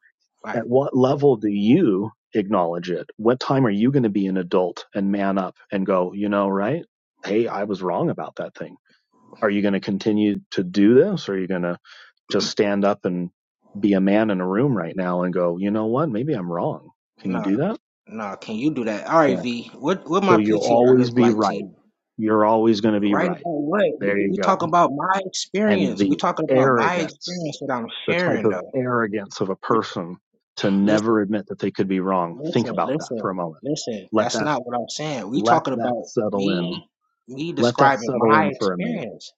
Right. At what level do you acknowledge it? What time are you going to be an adult and man up and go, you know, right? Hey, I was wrong about that thing. Are you going to continue to do this? Or are you going to just stand up and be a man in a room right now and go, you know what? Maybe I'm wrong. Can you Nah, do that? nah. Can you do that? All right, Yeah. V. What what So my you'll PTR always look be like to right. you? You're always going to be Right about right. what? We There you we go. talking about my and experience. We the talking about my arrogance, experience that I'm the type sharing of though. arrogance of a You're t- person to never listen, admit that they could be wrong. Think listen, about that listen, for a moment. listen. Let That's that not what I'm saying. We let talking that about settle in. me me Let that describing settle my in for a minute. experience.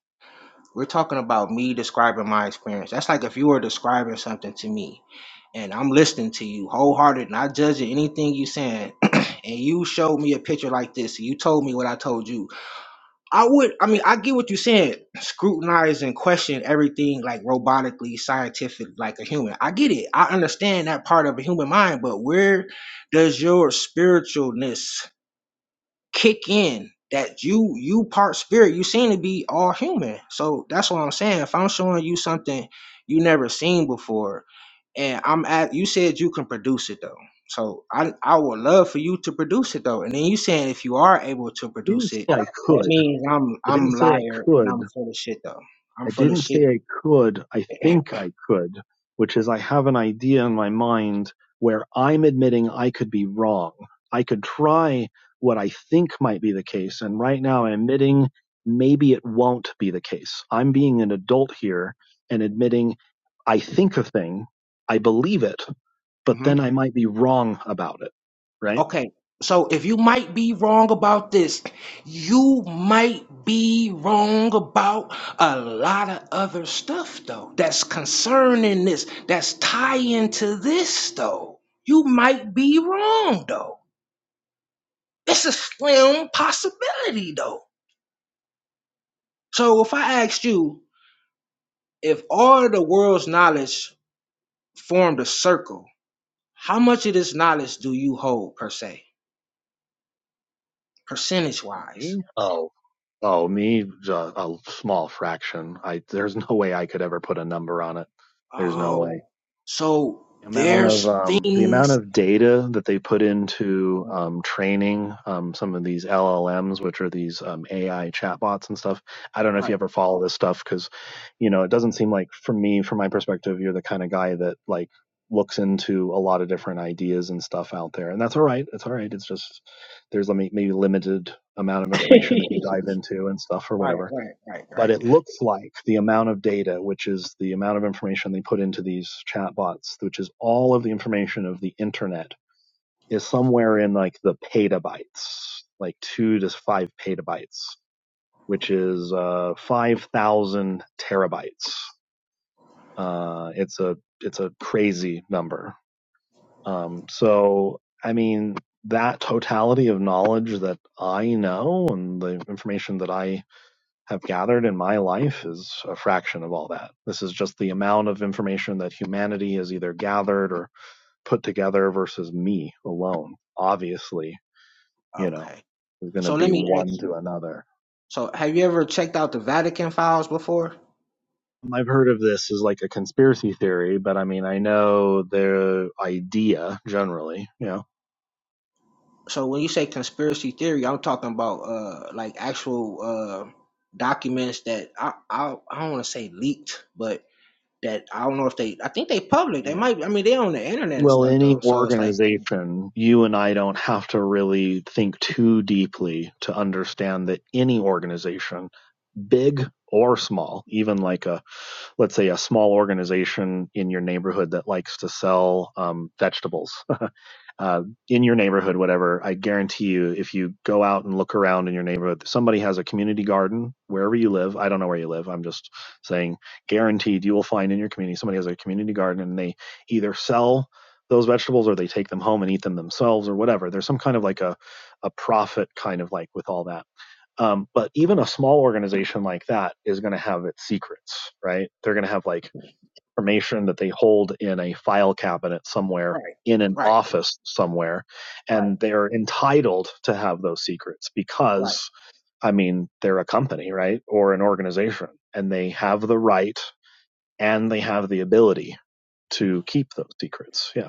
We're talking about me describing my experience. That's like if you were describing something to me. and I'm listening to you wholehearted, not judging anything you saying. (clears throat) and you showed me a picture like this, and you told me what I told you. I would, I mean, I get what you're saying. Scrutinize and question everything like robotically, scientific, like a human. I get it. I understand that part of a human mind, but where does your spiritualness? kick in that you you part spirit you seem to be all human so that's what i'm saying if i'm showing you something you never seen before and i'm at you said you can produce it though so i i would love for you to produce it though and then you saying if you are able to I didn't produce say it I that could. means i'm I didn't i'm say I liar and could. i'm full of shit though i'm I full of didn't shit say I could, I think I could, which is I have an idea in my mind where I'm admitting I could be wrong. I could try what I think might be the case, and right now I'm admitting maybe it won't be the case. I'm being an adult here and admitting I think a thing, I believe it, but then hmm I might be wrong about it, right? Okay. So if you might be wrong about this, you might be wrong about a lot of other stuff though. That's concerning this. That's tying to this though. You might be wrong though. It's a slim possibility though. So if I asked you, if all the world's knowledge formed a circle, how much of this knowledge do you hold per se, percentage wise? Me? Oh, oh, me, uh, a small fraction. I there's no way I could ever put a number on it. There's no way. Oh, so The amount of there's um, the amount things. of data that they put into um, training um, some of these LLMs, which are these um, AI chatbots and stuff. I don't know if you ever follow this stuff because, you know, it doesn't seem like for me, from my perspective, you're the kind of guy that like looks into a lot of different ideas and stuff out there, and that's all right. It's all right. It's just there's a maybe limited amount of information that you dive into and stuff or Right, whatever right, right, but right. it looks like the amount of data, which is the amount of information they put into these chatbots, which is all of the information of the internet, is somewhere in like the petabytes, like two to five petabytes, which is uh, five thousand terabytes. Uh, it's a it's a crazy number. Um, so I mean that totality of knowledge that I know and the information that I have gathered in my life is a fraction of all that. This is just the amount of information that humanity has either gathered or put together versus me alone. Obviously, you know, Okay. is going to So be let me one ask to you. another. So have you ever checked out the Vatican files before? I've heard of this as like a conspiracy theory, but I mean, I know the idea generally, you know. So when you say conspiracy theory, I'm talking about uh like actual uh documents that I I, I don't want to say leaked, but that I don't know if they. I think they public. They Yeah. might. I mean, they on the internet and Well, stuff any though. So it's like, mm, organization, you and I don't have to really think too deeply to understand that any organization big or small, even like a, let's say, a small organization in your neighborhood that likes to sell um, vegetables (laughs) uh, in your neighborhood, whatever. I guarantee you, if you go out and look around in your neighborhood, somebody has a community garden wherever you live. I don't know where you live. I'm just saying, guaranteed, you will find in your community somebody has a community garden and they either sell those vegetables or they take them home and eat them themselves or whatever. There's some kind of like a, a profit kind of like with all that um, but even a small organization like that is going to have its secrets, right? They're going to have like information that they hold in a file cabinet somewhere, right, in an right, office somewhere, right, and they're entitled to have those secrets right, because, I mean, they're a company, right? Or an organization, and they have the right and they have the ability to keep those secrets. Yeah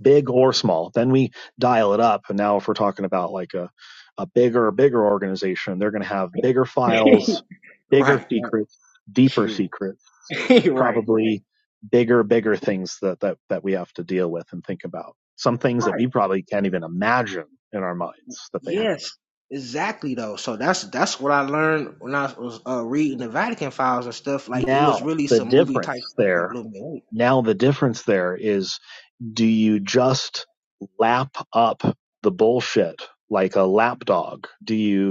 big or small. Then we dial it up. And now if we're talking about like a, a bigger, bigger organization, they're going to have bigger (laughs) files, bigger right, right, secrets, deeper yeah. secrets, (laughs) right, right, probably bigger, bigger things that, that, that we have to deal with and think about. Some things that right. we probably can't even imagine in our minds that they have. Yes, exactly though. So that's that's what I learned when I was uh, reading the Vatican files and stuff. Like it was Now really the some movie difference type stuff that there, blew me away. now the difference there is do you just lap up the bullshit like a lapdog? Do you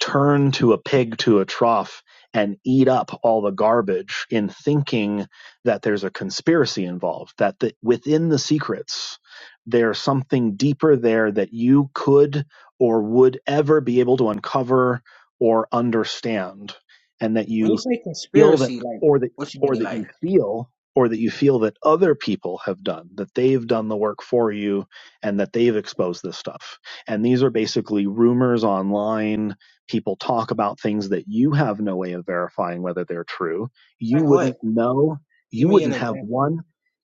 turn to a pig to a trough and eat up all the garbage in thinking that there's a conspiracy involved, that the, within the secrets, there's something deeper there that you could or would ever be able to uncover or understand, and that When you you say feel that conspiracy, like or that what you or mean? that you Like feel or that you feel that other people have done that they've done the work for you and that they've exposed this stuff and these are basically rumors online people talk about things that you have no way of verifying whether they're true you like what? wouldn't know Give you me an wouldn't have example. one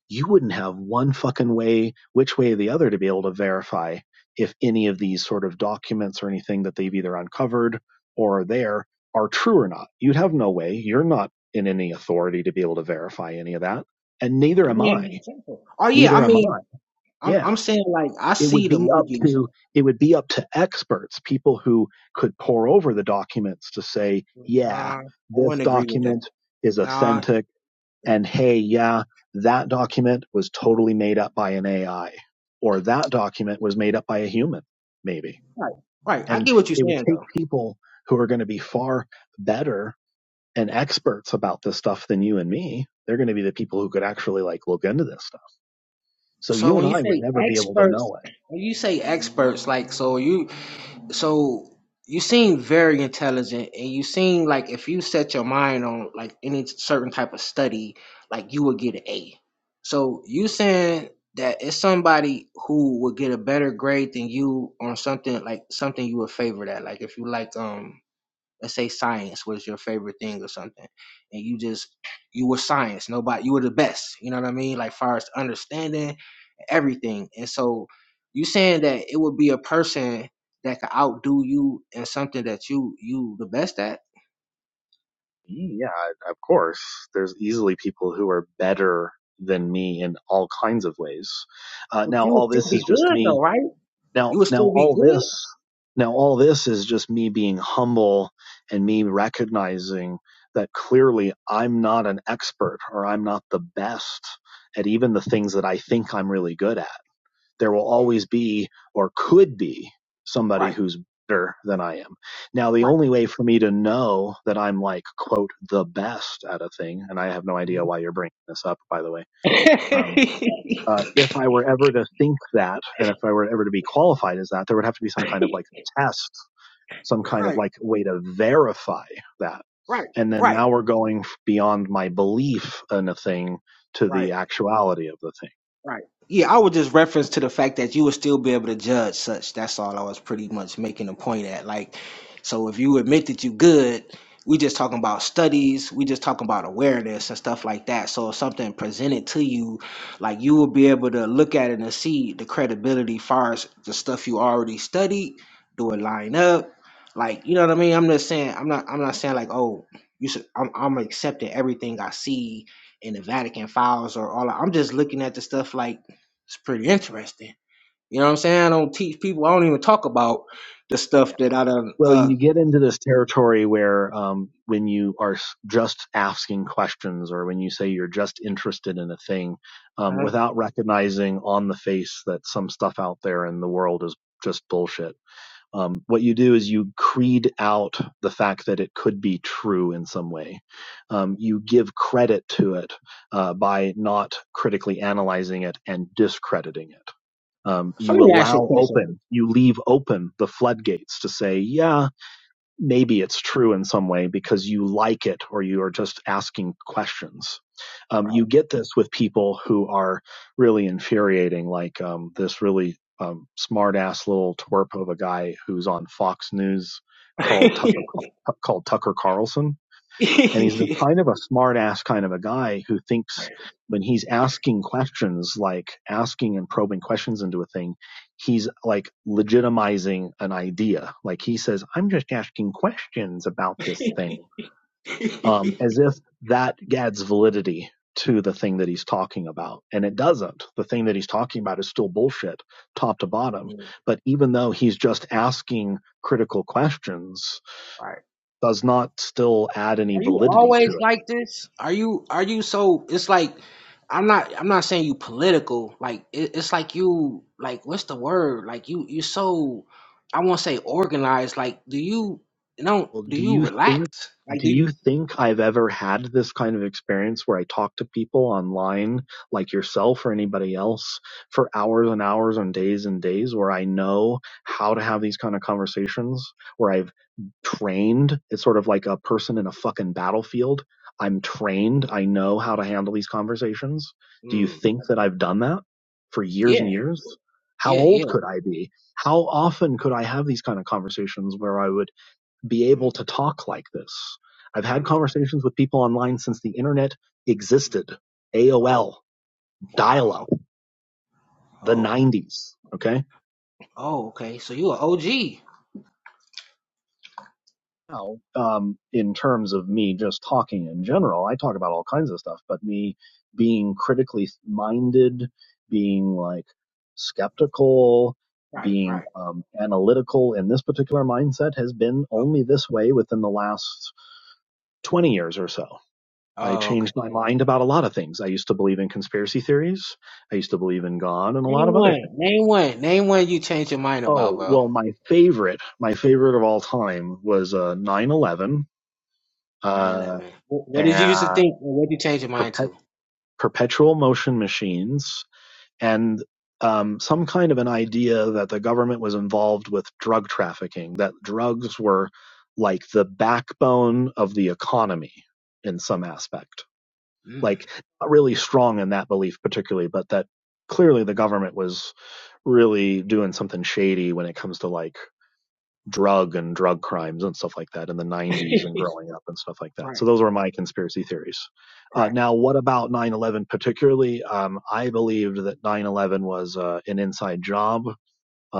you wouldn't have one fucking way which way or the other to be able to verify if any of these sort of documents or anything that they've either uncovered or are there are true or not. You would have no way. You're not in any authority to be able to verify any of that. And neither Give am me an I. example. Oh yeah, I Neither am I. mean, I'm Yeah. I'm saying like I It see would the be up movies. to it would be up to experts, people who could pour over the documents to say, yeah, Nah, I this wouldn't agree with that. document is Nah, authentic and hey, yeah, that document was totally made up by an AI or that document was made up by a human, maybe. right, right. I And get what you're it would saying though. take people who are going to be far better and experts about this stuff than you and me. They're going to be the people who could actually like look into this stuff. So So you and when you I would say never be able to experts, know it. when you say experts, like so you so you seem very intelligent, and you seem like if you set your mind on like any certain type of study, like you would get an A. So you saying that it's somebody who would get a better grade than you on something like something you would favor that, like if you like um let's say science was your favorite thing or something, and you just you were science, nobody you were the best, you know what I mean? Like far as understanding everything. And so you saying that it would be a person that could outdo you in something that you you the best at, Yeah, of course. There's easily people who are better than me in all kinds of ways. Uh, but now you all this is just me. Now, you would now still be all good, this, now all this is just me being humble and me recognizing that clearly I'm not an expert or I'm not the best at even the things that I think I'm really good at there will always be or could be somebody right? who's better than I am. Now, the Right. only way for me to know that I'm like, quote, the best at a thing, and I have no idea why you're bringing this up, by the way. Um, (laughs) uh, if I were ever to think that, and if I were ever to be qualified as that, there would have to be some kind of like test, some kind of right. like way to verify that. Right. And then Right. now we're going beyond my belief in a thing to Right. the actuality of the thing. Right. Yeah, I would just reference to the fact that you would still be able to judge such. That's all I was pretty much making a point at. Like, so if you admit that you good, we just talking about studies, we just talking about awareness and stuff like that. So if something presented to you, like you will be able to look at it and see the credibility far as the stuff you already studied, do it line up. Like, you know what I mean? I'm just saying I'm not I'm not saying like, oh, you should I'm I'm accepting everything I see and the Vatican files or all. I'm just looking at the stuff like it's pretty interesting. You know what I'm saying? I don't teach people. I don't even talk about the stuff that I done. Well, Uh, you get into this territory where um, when you are just asking questions or when you say you're just interested in a thing um, uh without recognizing on the face that some stuff out there in the world is just bullshit. Um, what you do is you creed out the fact that it could be true in some way. Um, you give credit to it uh, by not critically analyzing it and discrediting it. Um, so you let me ask you a allow question. open, you leave open the floodgates to say, yeah, maybe it's true in some way because you like it or you are just asking questions. Um, you get this with people who are really infuriating, like um, this really um, smart ass little twerp of a guy who's on Fox News called Tucker called Tucker Carlson and he's the (laughs) kind of a smart ass kind of a guy who thinks when he's asking questions, like asking and probing questions into a thing, he's like legitimizing an idea. Like he says, I'm just asking questions about this thing, um, (laughs) as if that adds validity to the thing that he's talking about. And it doesn't. The thing that he's talking about is still bullshit, top to bottom. Mm, But even though he's just asking critical questions, Right. does not still add any Are you validity to always it like this? Are you are you so it's like I'm not I'm not saying you political. Like it, it's like you like what's the word? Like you you so I won't say organized. Like do you you know Well, do do you you think relax? Like do do you you think I've ever had this kind of experience where I talk to people online like yourself or anybody else for hours and hours and days and days where I know how to have these kind of conversations where I've trained. It's sort of like a person in a fucking battlefield. I'm trained. I know how to handle these conversations. Do you mm, think that I've done that for years and yeah, years? How yeah, old yeah. could I be? How often could I have these kind of conversations where I would be able Mm, to talk like this. I've had probably. yeah. conversations with people online since the internet existed. Oh, AOL, dial wow. up, Oh, the oh, 90s. Okay. oh, okay. So you an OG. Now, um, in terms of me just talking in general, I talk about all kinds of stuff, but me being critically minded, being like skeptical, Right, being right. um, analytical in this particular mindset has been Okay. only this way within the last 20 years or so. I Oh, okay. changed my mind about a lot of things. I used to believe in conspiracy theories. I used to believe in God and a lot Name of other one. things. Name one. Name one you changed your mind about, Oh, bro. well, my favorite, my favorite of all time was uh, 9-11, Nine uh, Eleven. What did you used to and think? and What did you change your mind perpet- to? perpetual motion machines, and um, some kind of an idea that the government was involved with drug trafficking, that drugs were like the backbone of the economy in some aspect Mm, like not really strong in that belief particularly, but that clearly the government was really doing something shady when it comes to like drug and drug crimes and stuff like that in the 90s and growing up and stuff like that. So right, those were my conspiracy theories. Uh, right. now, what about 9/11 particularly? Um, I believed that 9/11 was uh, an inside job.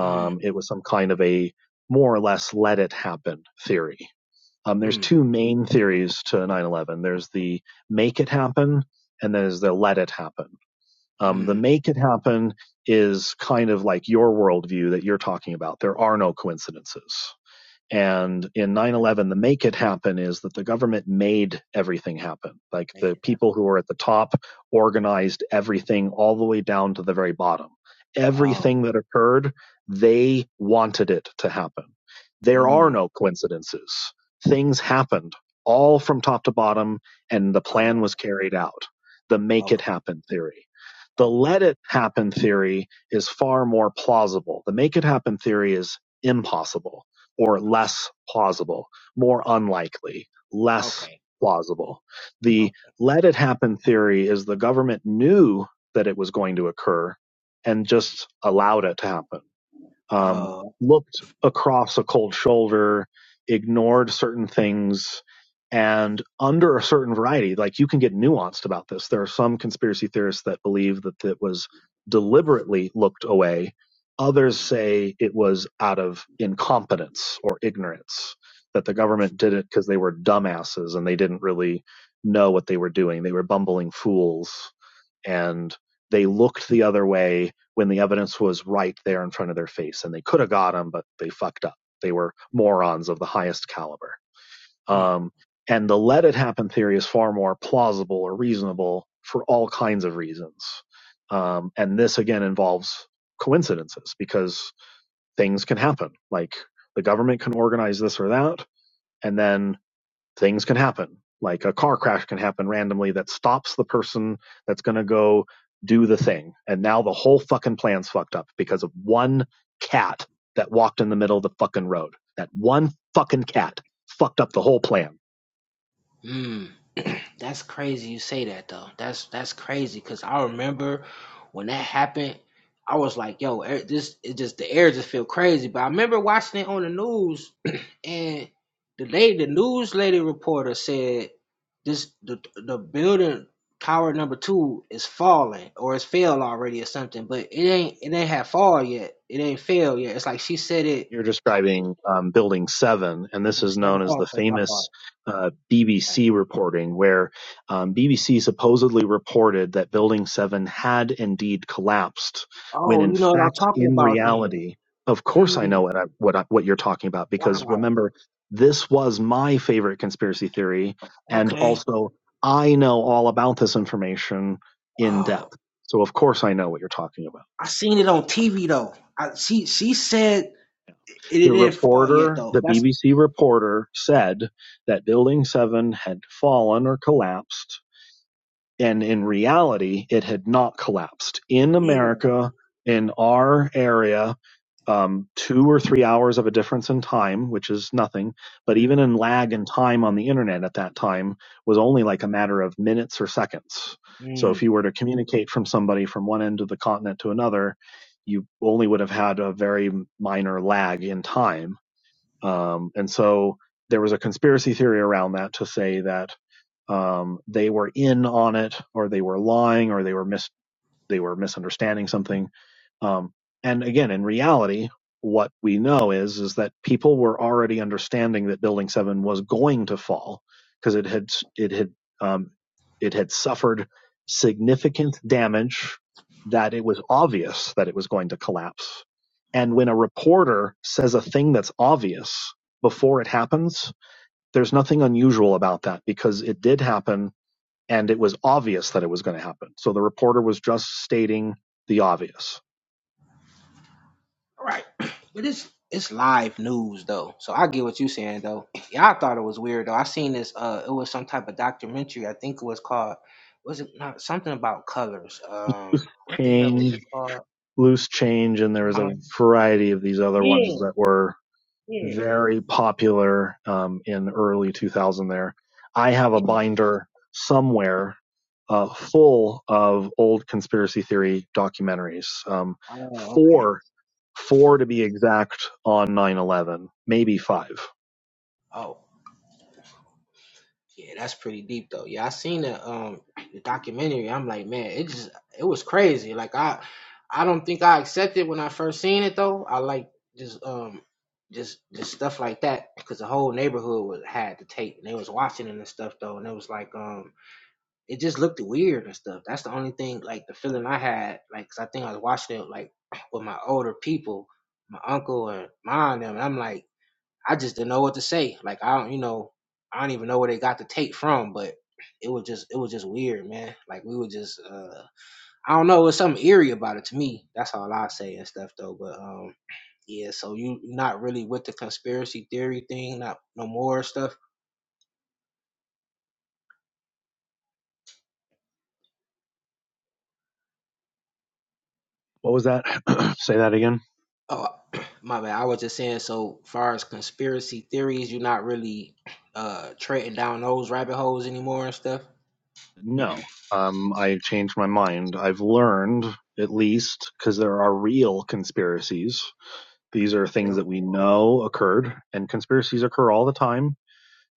Mm, it was some kind of a more or less let it happen theory um, there's mm, two main theories to 9/11. There's the make it happen, and there's the let it happen. Um, the mm. make it happen is kind of like your worldview that you're talking about. There are no coincidences. And in 9 Okay. 11, the make it happen is that the government made everything happen. Like the made that. people who were at the top organized everything all the way down to the very bottom. Oh, Everything that occurred, they wanted it to happen. There are mm, no coincidences. Things happened all from top to bottom, and the plan oh, was carried out. The make it okay, happen theory. The okay, let it happen theory is far more plausible. The make it happen theory is impossible or less plausible, more unlikely, less okay, plausible. The okay. let it happen theory is the government knew that it was going to occur and just allowed it to happen um, Oh, looked across a cold shoulder, ignored certain things, and under a certain variety, like you can get nuanced about this. There are some conspiracy theorists that believe that it was deliberately looked away. Others say it was out of incompetence or ignorance, that the government did it because they were dumbasses and they didn't really know what they were doing. They were bumbling fools and they looked the other way when the evidence was right there in front of their face and they could have got him but they fucked up they were morons of the highest caliber um, and the let it happen theory is far more plausible or reasonable for all kinds of reasons um, and this again involves coincidences because things can happen like the government can organize this or that and then things can happen. Like a car crash can happen randomly that stops the person that's going to go do the thing. And now the whole fucking plan's fucked up because of one cat that walked in the middle of the fucking road. That one fucking cat fucked up the whole plan. Mm, (clears throat) that's crazy you say that though. That's that's crazy because I remember when that happened, I was like, yo, air- this it just the air just feel crazy. But I remember watching it on the news (clears throat) and the lady, the news lady reporter said this the the building tower number two is falling or it's fell already or something, but it ain't it ain't had fall yet. It ain't fell yet. It's like she said it You're describing um, Building 7, and this in a is second. known as the Oh, okay, my famous fault. uh, Like, BBC reporting, where um, BBC supposedly reported that Building 7 had indeed collapsed, when oh, in you know what I'm fact, talking in about then. reality, of course I Mm. know what, I, what, I, what you're talking about, because Wow. remember, this was my favorite conspiracy theory, and Okay. also I know all about this information in depth. Oh, So, of course, I know what you're talking about. I seen it on TV though. I, she she said it, it The didn't fall yet reporter, though. the That's BBC reporter, said that Building 7 had fallen or collapsed, and in reality, it had not collapsed. In yeah. America, in our area, um, two or three hours of a difference in time, which is nothing, but mm even in lag and time on the internet at that time was only like a matter of minutes or seconds. So if mm. you were to communicate from somebody from one end of the continent to another, you only would have had a very minor lag in time um, and so there was a conspiracy theory around that to say that um, they were in on it, or they were lying, or they were mis they were misunderstanding something. Um, and again, in reality, what we know is is that people were already understanding that Building Seven was going to fall because it had it had um, it had suffered significant damage that it was obvious that it was going to collapse. And when a reporter says a thing that's obvious before it happens, there's nothing unusual about that because it did happen and it was obvious that it was going to happen. So the reporter was just stating the obvious. All right, (clears throat) but it's it's live news though, so I get what you're saying though. (clears throat) Yeah, I thought it was weird though. I seen this. Uh, it was some type of documentary. I think it was called. Was it not something about colors? Um, what the hell was Change, it called? loose change, and there was Huh? a variety of these other Yeah, ones that were yeah, very popular um, in early 2000 there. I have a yeah. binder somewhere uh, full of old conspiracy theory documentaries. Um, Oh, okay. four, four to be exact on 9-11, maybe five. Oh. Yeah, that's pretty deep though. Yeah, I seen the um the documentary. I'm like, man, it just it was crazy. Like I I don't think I accepted when I first seen it though. I like just um just just stuff like that because the whole neighborhood was had the tape and they was watching it and stuff though and it was like um it just looked weird and stuff. That's the only thing like the feeling I had like 'cause I think I was watching it like with my older people, my uncle and mom and them. And I'm like. I just didn't know what to say. Like I don't, you know, I don't even know where they got the tape from, but it was just, it was just weird, man. Like we were just, uh, I don't know, it was something eerie about it to me. That's all I say and stuff though. But um, yeah, so you not really with the conspiracy theory thing, not no more stuff. What was that? (clears throat) Say that again. Oh, (clears throat) my man, I was just saying. So far as conspiracy theories, you're not really uh treading down those rabbit holes anymore and stuff. No, um, I changed my mind. I've learned, at least, because there are real conspiracies. These are things Yep. that we know occurred, and conspiracies occur all the time.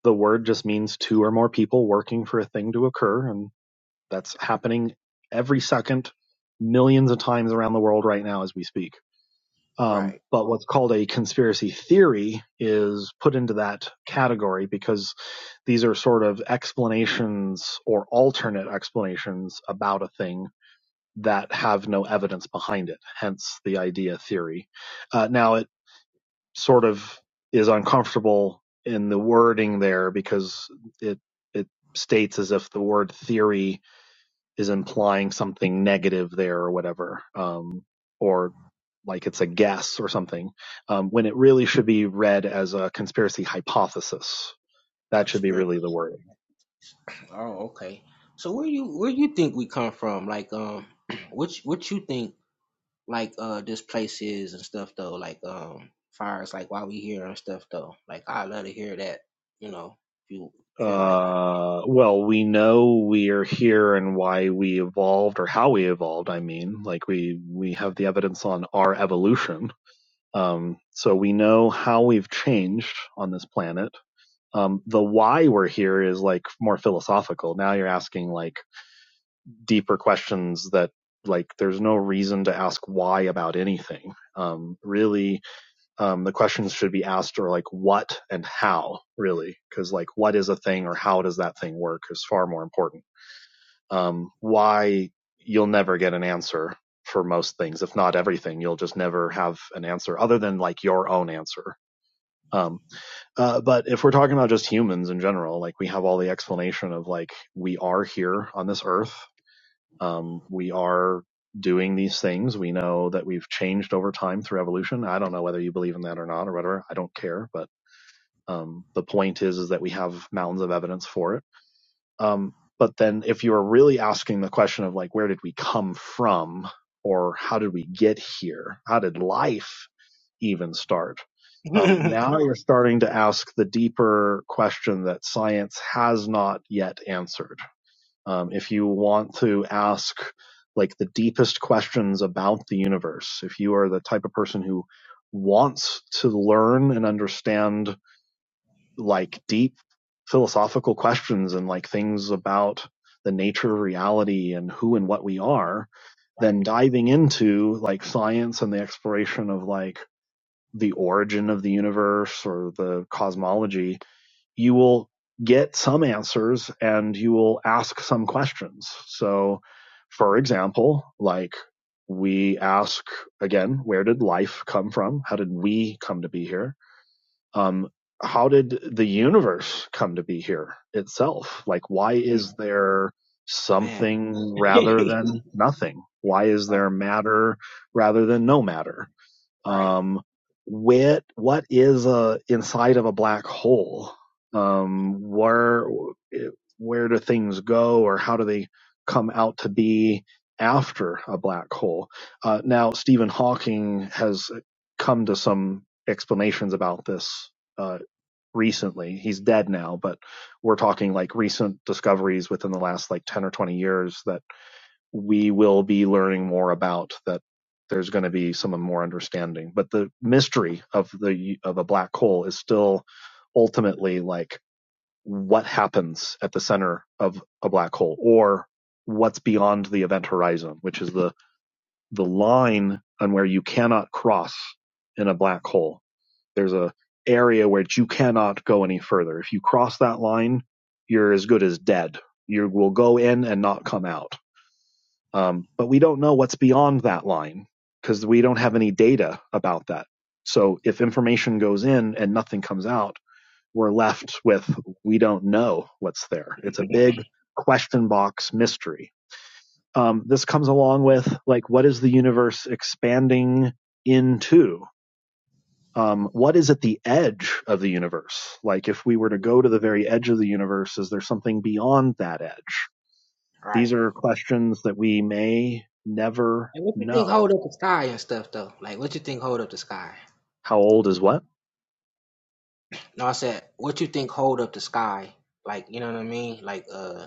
The word just means two or more people working for a thing to occur, and that's happening every second, millions of times around the world right now as we speak. Um, Right. but what's called a conspiracy theory is put into that category because these are sort of explanations or alternate explanations about a thing that have no evidence behind it, hence the idea theory. Uh, now, it sort of is uncomfortable in the wording there because it it states as if the word theory is implying something negative there or whatever, um, or like it's a guess or something, um, when it really should be read as a conspiracy hypothesis. That should be Conspiracy really the wording. Oh, okay. So where you where you think we come from? Like um (clears throat) which what you think like uh this place is and stuff though, like um far as like why we here and stuff though. Like I love to hear that, you know, if you feel like it. Uh, well, we know we are here and why we evolved or how we evolved. I mean, like we we have the evidence on our evolution, um, so we know how we've changed on this planet. Um, the why we're here is like more philosophical. Now you're asking like deeper questions that like there's no reason to ask why about anything um really um the questions should be asked are like what and how really because like what is a thing or how does that thing work is far more important um why you'll never get an answer for most things if not everything you'll just never have an answer other than like your own answer um uh, but if we're talking about just humans in general, like we have all the explanation of like we are here on this earth um, we are doing these things. We know that we've changed over time through evolution. I don't know whether you believe in that or not or whatever. I don't care, but um, the point is is that we have mountains of evidence for it. Um, but then if you are really asking the question of like where did we come from or how did we get here? How did life even start? Um, (laughs) now you're starting to ask the deeper question that science has not yet answered um, if you want to ask like the deepest questions about the universe, if you are the type of person who wants to learn and understand like deep philosophical questions and like things about the nature of reality and who and what we are, right. then diving into like science and the exploration of like the origin of the universe or the cosmology you will get some answers and you will ask some questions. So, for Mm, example, like we ask again, where did life come from? How did we come to be here? Um, how did the universe come to be here itself? Like, why mm, is there Man, something rather than nothing? Why is there matter rather than no matter? right, um, where, what is uh, inside of a black hole? Um, where eh, where do things go, or how do they come out to be after a black hole? Uh, now, Stephen Hawking has come to some explanations about this uh, recently. He's dead now, but we're talking like recent discoveries within the last like ten or twenty years that we will be learning more about that there's going to be some more understanding but the mystery of the of a black hole is still ultimately like what happens at the center of a black hole or what's beyond the event horizon which is the the line on where you cannot cross in a black hole there's a area where you cannot go any further if you cross that line you're as good as dead you will go in and not come out um, but we don't know what's beyond that line because we don't have any data about that. So if information goes in and nothing comes out, we're left with we don't know what's there. It's a big question box mystery. Um, this comes along with like what is the universe expanding into? Um, what is at the edge of the universe? Like if we were to go to the very edge of the universe, is there something beyond that edge? These right. are questions that we may never And what you think know hold up the sky and stuff though? Like what you think hold up the sky? How old is what? No, I said what you think hold up the sky? Like, you know what I mean? Like uh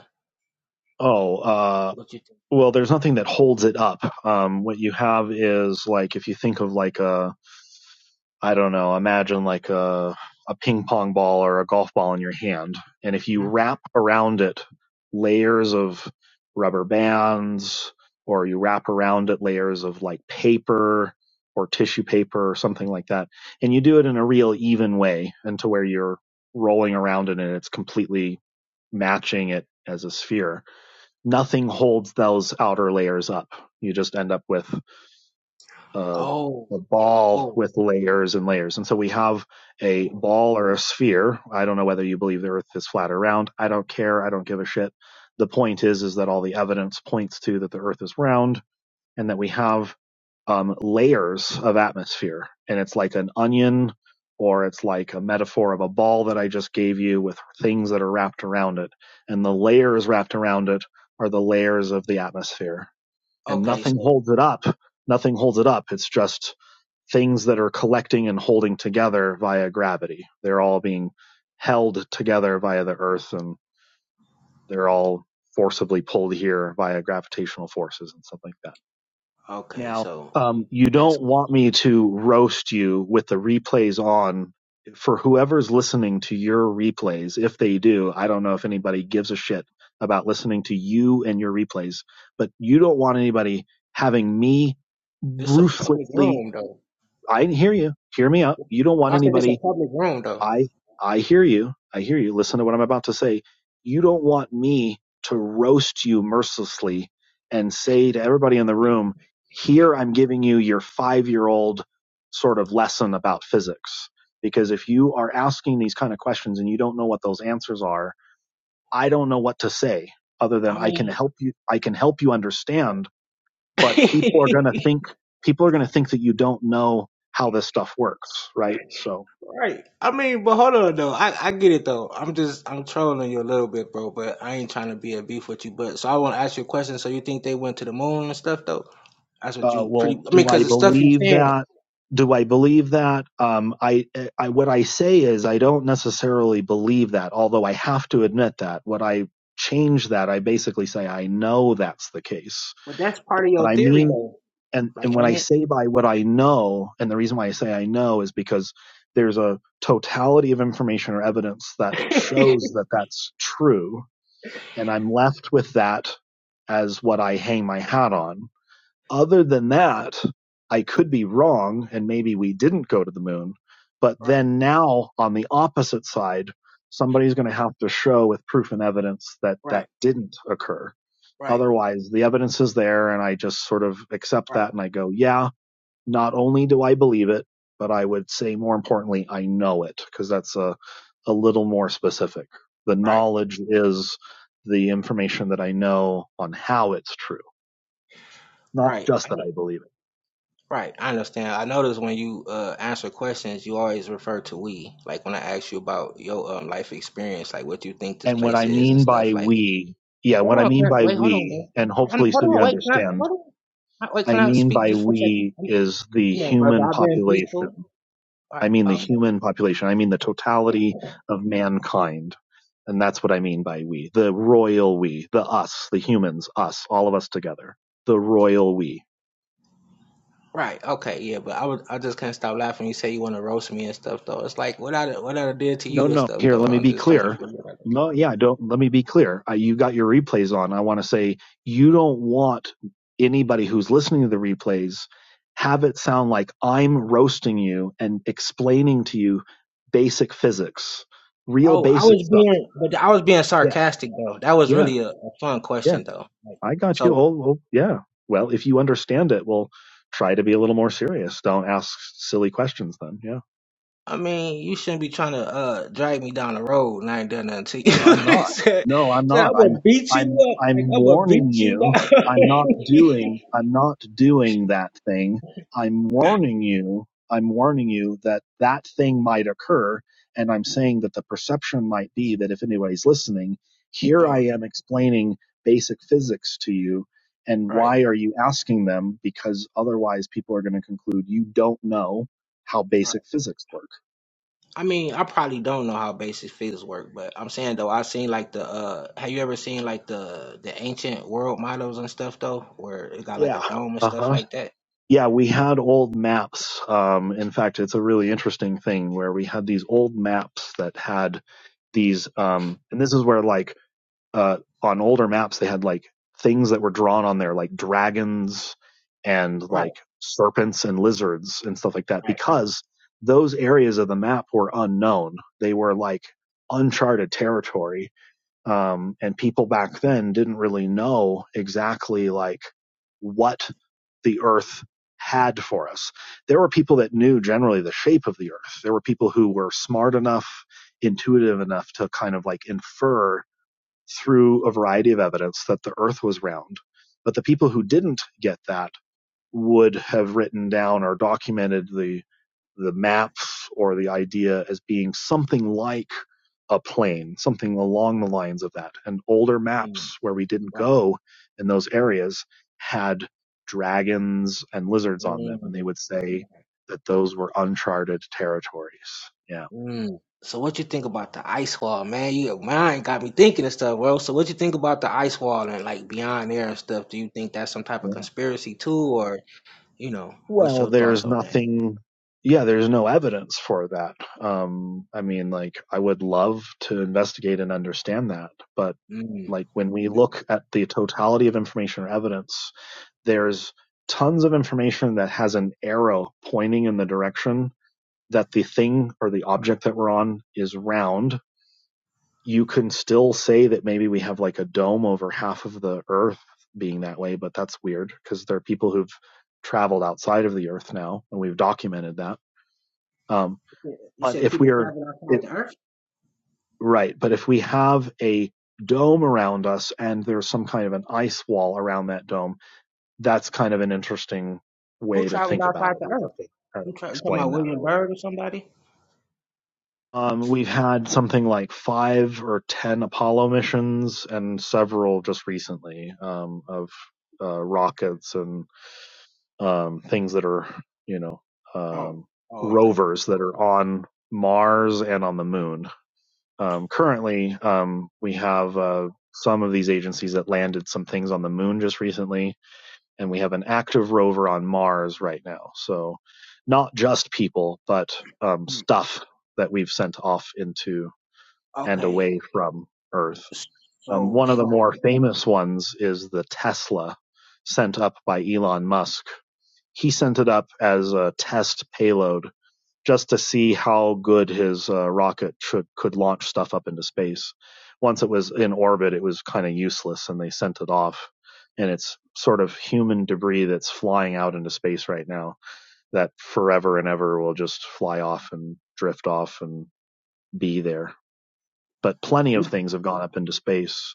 Oh, uh, what you think? well, there's nothing that holds it up. Um, what you have is like if you think of like a, I don't know, imagine like a a ping pong ball or a golf ball in your hand, and if you Mhm. wrap around it layers of rubber bands, or you wrap around it layers of like paper or tissue paper or something like that, and you do it in a real even way, and to where you're rolling around it and it's completely matching it as a sphere nothing holds those outer layers up. You just end up with uh, Oh, a ball with oh. layers and layers. And so we have a ball or a sphere. I don't know whether you believe the Earth is flat or round. I don't care. I don't give a shit. The point is, is that all the evidence points to that the Earth is round and that we have um, layers of atmosphere, and it's like an onion, or it's like a metaphor of a ball that I just gave you with things that are wrapped around it, and the layers wrapped around it are the layers of the atmosphere, and Okay, nothing so holds it up. Nothing holds it up. It's just things that are collecting and holding together via gravity. They're all being held together via the earth, and they're all forcibly pulled here via gravitational forces and stuff like that. okay, Now, so um, you that's don't want me to roast you with the replays on for whoever's listening to your replays. If they do, I don't know if anybody gives a shit about listening to you and your replays, but you don't want anybody having me this a public ruthlessly. room though. I hear you. Hear me out. You don't No, want I said it's a anybody public room though. I I hear you. I hear you. Listen to what I'm about to say. You don't want me to roast you mercilessly and say to everybody in the room, here I'm giving you your 5-year-old sort of lesson about physics. Because if you are asking these kind of questions and you don't know what those answers are, I don't know what to say other than I I can mean, help you I can help you understand, (laughs) but people are going to think people are going to think that you don't know how this stuff works, right? So right? I mean, but hold on though. I I get it though. I'm just I'm trolling you a little bit, bro. But I ain't trying to be a beef with you. But so I want to ask you a question. So you think they went to the moon and stuff though? That's what uh, you pretty. well, I mean, do because I the stuff you believe saying. that? Do I believe that? Um, I, I, what I say is I don't necessarily believe that, although I have to admit that. What I change that, I basically say I know that's the case. But I mean, and and Like, when I ain't it? say by what I know, and the reason why I say I know is because there's a totality of information or evidence that shows that that's true, and I'm left with that as what I hang my hat on other than that, I could be wrong, and maybe we didn't go to the moon. But Right, then now on the opposite side, somebody's going to have to show with proof and evidence that that right, didn't occur. right. Otherwise, the evidence is there, and I just sort of accept Right, that and I go, yeah, not only do I believe it, but I would say more importantly, I know it, because that's a, a little more specific. The right, knowledge is the information that I know on how it's true, not right, just I that kn- I believe. it. right. I understand. I notice when you uh, answer questions, you always refer to we. Like when I ask you about your um, life experience, like what you think this And what place I is and mean stuff. by Like, we, yeah, what hold I on, can mean I, by wait, hold on, we, bro. I- and I'm- hopefully hold so you on, wait, can I, hold understand, on, I- wait, I can I mean speak by just for a second? we Come is the come on, brother, human I've been population. peaceful. Right, I mean the uh, human population. I mean the totality of mankind. And that's what I mean by we. The royal we, the us, the humans, us, all of us together. The royal we. right, okay, yeah, but I was, I just can't stop laughing. You say you want to roast me and stuff, though. It's like what I, what I did to No, you and no. stuff, Here, though. let me I'm be just trying to clear. figure it out. No, yeah, don't. Let me be clear. I, you got your replays on. I want to say you don't want anybody who's listening to the replays have it sound like I'm roasting you and explaining to you basic physics, real Oh, I basic was stuff. being, but I was being Yeah, sarcastic though. That was yeah, really a, a fun yeah. question though. Like, I got you. so Oh, oh yeah. Well, if you understand it, well, try to be a little more serious. Don't ask silly questions then. Yeah. I mean, you shouldn't be trying to uh drag me down the road and I ain't done nothing to you. No, I'm (laughs) not. said, No, I'm said, not. I'm I'm gonna beat you I'm up, like I'm I'm gonna warning beat you you. down. I'm not doing I'm not doing that thing. I'm warning you. I'm warning you that that thing might occur and I'm saying that the perception might be that if anybody's listening, (laughs) here I oh, am explaining basic physics to you and right, why are you asking them because otherwise people are going to conclude you don't know how right. basic physics work. I mean, I probably don't know how basic physics work, but I'm saying though, I seen like the uh, have you ever seen like the the ancient world models and stuff though, where it got like Yeah. a dome and stuff Uh-huh. like that? Yeah, we had old maps. Um, in fact, it's a really interesting thing where we had these old maps that had these, um, and this is where like uh, on older maps they had like things that were drawn on there, like dragons and Right, like serpents and lizards and stuff like that, right, because those areas of the map were unknown. They were like uncharted territory um, and people back then didn't really know exactly like what the earth had for us there were people that knew generally the shape of the earth there were people who were smart enough intuitive enough to kind of like infer through a variety of evidence that the earth was round but the people who didn't get that would have written down or documented the the map or the idea as being something like a plane, something along the lines of that. And older maps where we didn't go in those areas had dragons and right. lizards on them, and they would say that those were uncharted territories. Yeah. Mm. So what you think about the ice wall, man? You mine got me thinking and stuff, bro. So what you think about the ice wall and like beyond there and stuff? Do you think that's some type of Yeah. conspiracy too, or you know, what's Well, your thoughts there's on that? nothing. Yeah, there's no evidence for that. Um, I mean, like, I would love to investigate and understand that, but Mm. like when we look at the totality of information or evidence, there's tons of information that has an arrow pointing in the direction that the thing or the object that we're on is round. You can still say that maybe we have like a dome over half of the earth being that way, but that's weird because there are people who've traveled outside of the earth now and we've documented that. Um, Yeah, You but said if we people are, travel it, outside the earth. right, but if we have a dome around us and there's some kind of an ice wall around that dome, that's kind of an interesting Who way to traveled think about outside it. the We'd earth? have to kind Who of tra- you talking explain about that or William Byrd whatever. or somebody? Um, we've had something like five or ten Apollo missions and several just recently um, of uh, rockets and um, things that are, you know, Oh, um, oh okay, rovers that are on Mars and on the moon. Um, currently, um, we uh, have uh, some of these agencies that landed some things on the moon just recently and we have an active rover on Mars right now. So not just people, but um, mm. stuff that we've sent off into and okay. away from Earth. S- Um, So one of they the got more famous ones is the Tesla sent up by Elon Musk. He sent it up as a test payload just to see how good his uh, rocket should, could launch stuff up into space. Once it was in orbit, it was kind of useless, and they sent it off. And it's sort of human debris that's flying out into space right now that forever and ever will just fly off and drift off and be there. But plenty of things have gone up into space,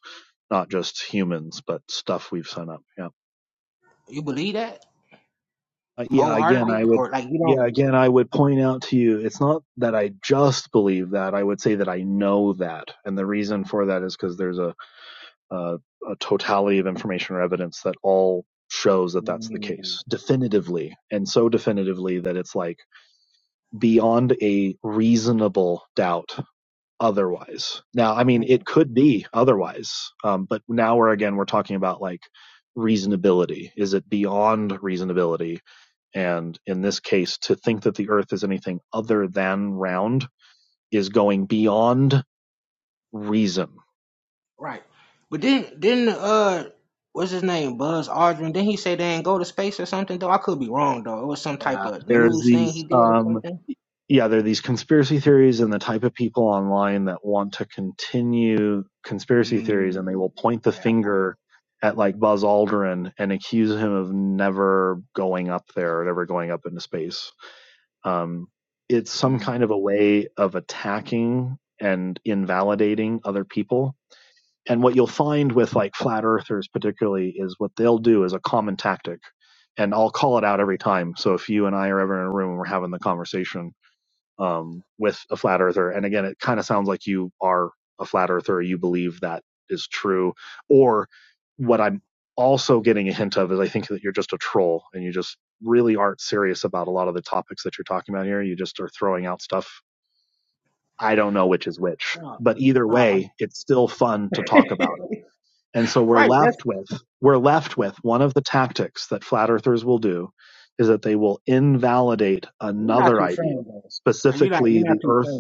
not just humans, but stuff we've sent up. Yeah. you believe that Uh, yeah, again, I wholeheartedly, would. or like you don't? Yeah, again, I would point out to you, it's not that I just believe that. I would say that I know that, and the reason for that is because there's a, a a totality of information or evidence that all shows that that's the case definitively, and so definitively that it's like beyond a reasonable doubt. Otherwise, now I mean, Mm. it could be otherwise, um, but now we're again we're talking about like reasonability. Is it beyond reasonability? And in this case, to think that the earth is anything other than round is going beyond reason. Right. But didn't didn't uh what's his name? Buzz Aldrin. Didn't he say they ain't go to space or something though? I could be wrong though. It was some type Yeah, of there's news thing he these, did or um, something. yeah, there are these conspiracy theories and the type of people online that want to continue conspiracy theories and Mm, they will point the yeah, I- finger at like Buzz Aldrin and accuse him of never going up there or never going up into space. Um, it's some mm, kind of a way of attacking and invalidating other people and what you'll find with like flat earthers particularly is what they'll do is a common tactic and i'll call it out every time so if you and i are ever in a room and we're having the conversation um, with a flat earther and again it kind of sounds like you are a flat earther you believe that is true or what i'm also getting a hint of is i think that you're just a troll and you just really aren't serious about a lot of the topics that you're talking about here you just are throwing out stuff i don't know which is which but either way it's still fun to talk about it and so we're left with we're left with one of the tactics that flat earthers will do is that they will invalidate another idea, specifically the earth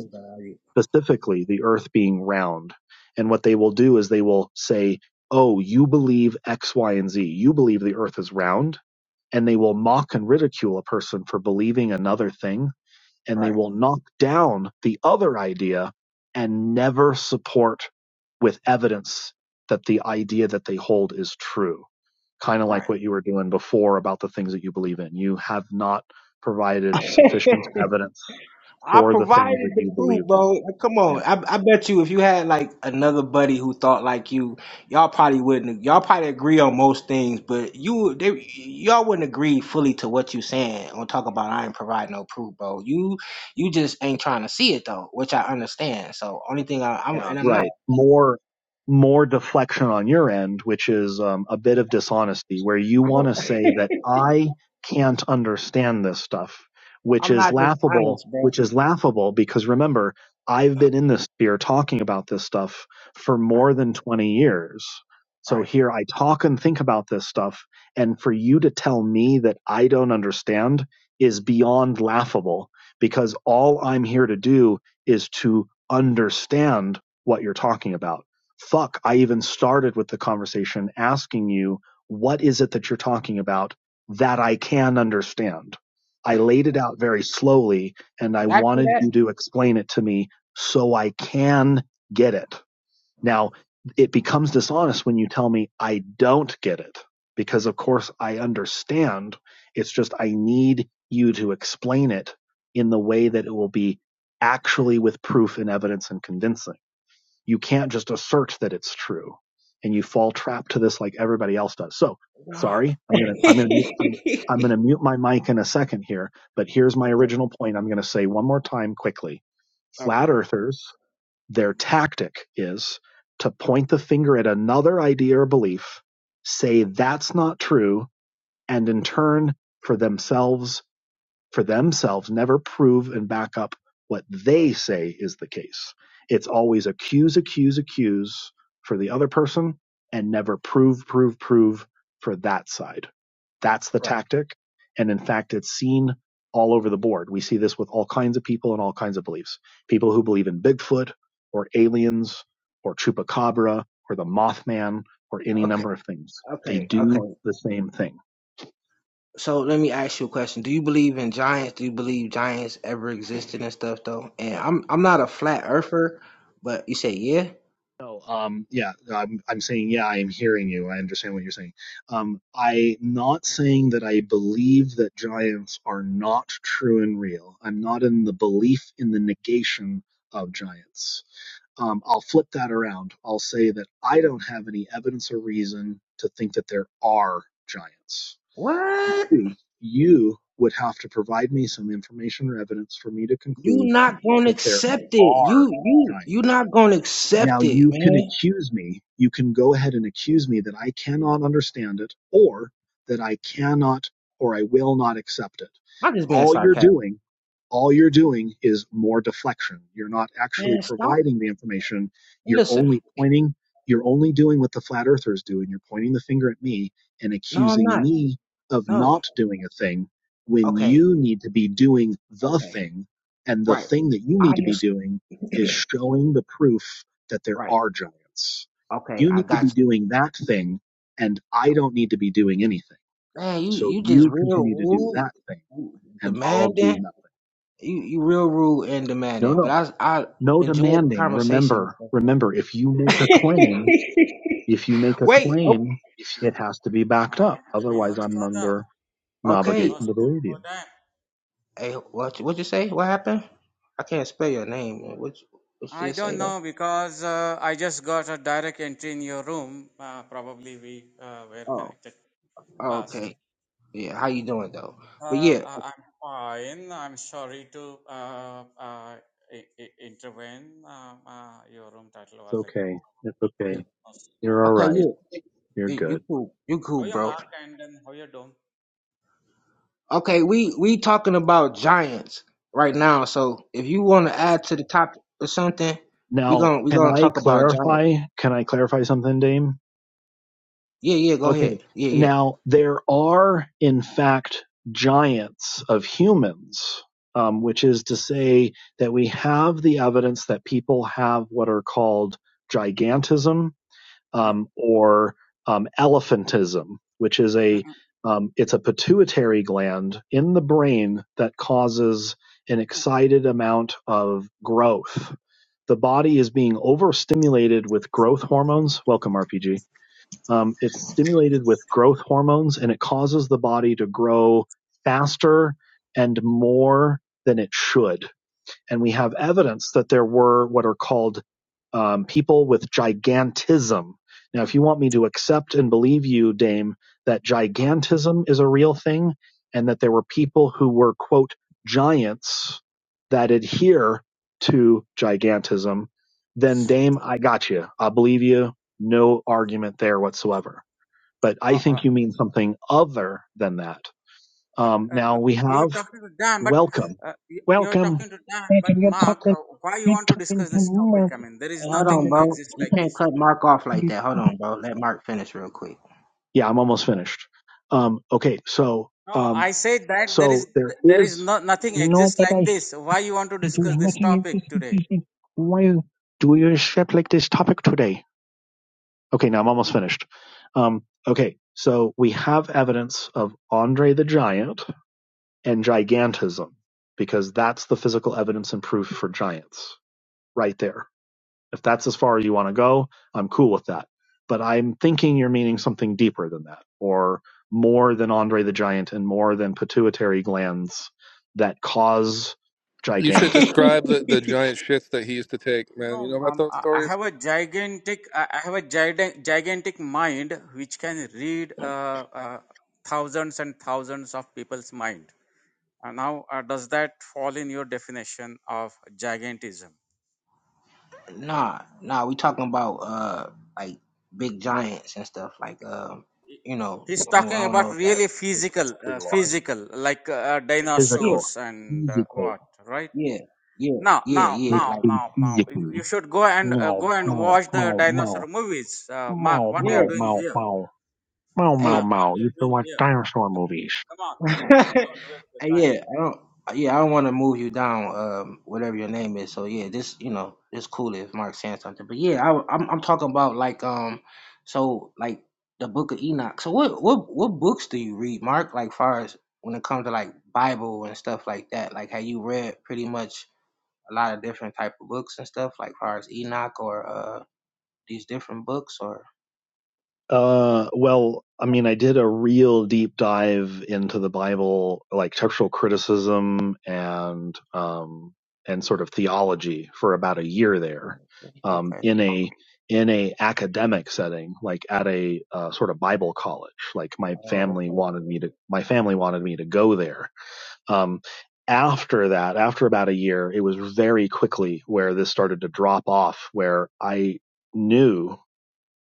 specifically the earth being round. And what they will do is they will say, "Oh, you believe X, Y, and Z. You believe the earth is round." And they will mock and ridicule a person for believing another thing and they right, will knock down the other idea and never support with evidence that the idea that they hold is true. Kind of like right. what you were doing before about the things that you believe in. You have not provided (laughs) sufficient evidence I for the things that provided the you proof, believed in. bro. Like, Come Yeah. on, I, I bet you if you had like another buddy who thought like you, y'all probably wouldn't. Y'all probably agree on most things, but you, they, y'all wouldn't agree fully to what you saying. On talk about I ain't provide no proof, bro. You, you just ain't trying to see it though, which I understand. So only thing I, I'm Yeah, and I'm not, right. More more deflection on your end, which is um, a bit of I dishonesty, where you want don't, to say that I can't understand this stuff, (laughs) which I'm is not just laughable. honest, bro. All Which is laughable because remember, I've been in this sphere talking about this stuff for more than twenty years. So right, here I talk and think about this stuff, and for you to tell me that I don't understand is beyond laughable because all I'm here to do is to understand what you're talking about. Fuck, I even started with the conversation asking you, what is it that you're talking about that I can understand? I laid it out very slowly and I you asked for wanted that. you to explain it to me so I can get it. Now, it becomes dishonest when you tell me I don't get it because, of course, I understand. It's just I need you to explain it in the way that it will be actually with proof and evidence and convincing you can't just assert that it's true and you fall trapped to this like everybody else does so sorry i'm gonna i'm gonna i'm, I'm gonna mute my mic in a second here but here's my Okay, original point i'm gonna say one more time quickly flat okay, earthers their tactic is to point the finger at another idea or belief say that's not true and in turn for themselves for themselves never prove and back up what they say is the case. It's always accuse, accuse, accuse for the other person and never prove, prove, prove for that side. That's the right, tactic. And in fact, it's seen all over the board. We see this with all kinds of people and all kinds of beliefs. People who believe in Bigfoot or aliens or Chupacabra or the Mothman or any okay, number of things. They okay, okay. do the same thing. So let me ask you a question. Do you believe in giants? Do you believe giants ever existed and stuff though? And Yeah. I'm I'm not a flat earther, but you say yeah. No, um, yeah, I'm, I'm saying, yeah, I am hearing you. I understand what you're saying. Um, I'm not saying that I believe that giants are not true and real. I'm not in the belief in the negation of giants. Um, I'll flip that around. I'll say that I don't have any evidence or reason to think that there are giants. What? You, you would have to provide me some information or evidence for me to You conclude not gonna that there accept it. are You you giants. you not gonna Now accept it, you can man. accuse me, you can go ahead and accuse me that I cannot understand it or that I cannot or I will not accept it. I'm just being All you're sarcastic. doing, all you're doing is more deflection. You're not actually Man, stop. providing the information. You're Listen. only pointing, you're only doing what the flat earthers do and you're pointing the finger at me and No, I'm accusing not. me of No. not doing a thing when Okay. you need to be doing the Okay. thing and the Right. thing that you need I to be just doing (clears throat) is showing the proof that there right. are giants. Okay, You I need to got be you. doing that thing, and I don't need to be doing anything. Man, you So you just you real continue to do that thing, rude, and I'll demanding. do nothing. You you real rude and No, demanding, but no, I I no enjoy the demanding. conversation. Remember, and remember, if you make stuff. a claim, if you make (laughs) a Wait, o- claim, If you make it has to be backed Um, up. do we know Otherwise, each I'm other? under no okay. obligation Last to month believe for you. that? Hey, what what you say? What happened? I can't spell your name. What you, what you I just don't say though? know because uh, I just got a direct entry in your room. Uh, probably we uh, were Oh, connected oh, past. okay. Yeah, how you doing though? But Uh, yeah, I- I'm fine. I'm sorry to uh, uh, I- I- intervene. Um, uh, your room title It's was like okay. It's yeah, okay. no You're smoke all okay, and right. yeah, You're you, you good. cool, you how cool, you bro. mark and then how you don't. Okay, we we talking about giants right now. So if you want to What's the add to gem? the topic or something, we Now, gonna we can gonna I talk about giants. clarify? Can I clarify something, Dame? Yeah, yeah, go ahead. Okay. Yeah, yeah. Now, there are, in fact, giants of humans, um, which is to say that we have the evidence that people have what are called gigantism Mm, um, or um, elephantism, which is mm, a mm. um, it's a pituitary gland in the brain that causes an excited amount of growth. The body is being overstimulated with growth hormones. Welcome, RPG um, it's stimulated with growth hormones and it causes the body to grow Right, uh, faster and more than it should and we yeah, have yeah, evidence that there were what are called um, people with gigantism. Now, if you want me to accept and believe you, Dame, that mark. gigantism is a real thing and that there were people who were, quote, giants that adhere to gigantism, then, Dame, I got you. I believe you. No argument there whatsoever. But I Uh, uh, think you mean something other than that. but Um, uh, uh, now, we you're have talking to Dan, but welcome, uh, you- you're welcome. talking to Dan, but Mark, uh, why you want to discuss this topic? I mean, there Hey, is hold on, nothing bro. exists You like can't this cut today. Mark off like that. Hold on, bro. Let Mark finish real quick. Yeah, I'm almost finished. Um, okay, so No, um, I said that there is so there there is is no nothing no, exists but like I this. Why you want to there discuss is this nothing in this topic today? decision. Why do you shape like this topic today? Okay, now I'm almost finished. Um, okay, so we have evidence of Andre the Giant and gigantism because that's the physical evidence and proof for giants right there If that's as far as you want to go, I'm cool with that. But I'm thinking you're meaning something deeper than that, or more than Andre the Giant and more than pituitary glands that cause You should gigantism. describe the, the giant shits that he used to take, No, no, man. You know about um, those I I stories? have a gigantic, I I have a giga- gigantic mind which can read uh, uh, thousands and thousands of people's mind. Uh, now, uh, does that fall in your definition of gigantism? Nah, nah. We talking about uh like big giants and stuff like um you know He's oh, talking I don't know about if that really physical, We uh, large. physical, like uh, yeah Physical. dinosaurs and uh, Physical. what, right? yeah yeah Now, yeah now, Like yeah now, like in now, now, you physically. you should go and uh, No, go and mow, watch the mow, dinosaur mow. movies. Uh, Mark, Mow, what you are mow, yeah doing mow, here? mow. Mow, mow, Mark, what mow. you You are used to doing watch here? dinosaur movies. Come on, come on, hey (laughs) don't waste the Hey, time. yeah, I don't. Yeah, I don't want to move you down. Um, whatever your name is. So yeah, this you know, it's cool if Mark's saying something. But yeah, I, I'm I'm talking about like um, so like the Book of Enoch. So what what what books do you read, Mark? Like far as when it comes to like Bible and stuff like that. Like have you read pretty much a lot of different type of books and stuff? Like far as Enoch or uh these different books or Uh, well, I mean, I did a real deep dive into the Bible, like textual criticism and um and sort of theology for about a year there, um, okay. in a in a academic setting, like at a uh, sort of Bible college. Like my family wanted me to, my family wanted me to go there. Um, after that, after about a year, it was very quickly where this started to drop off, where I knew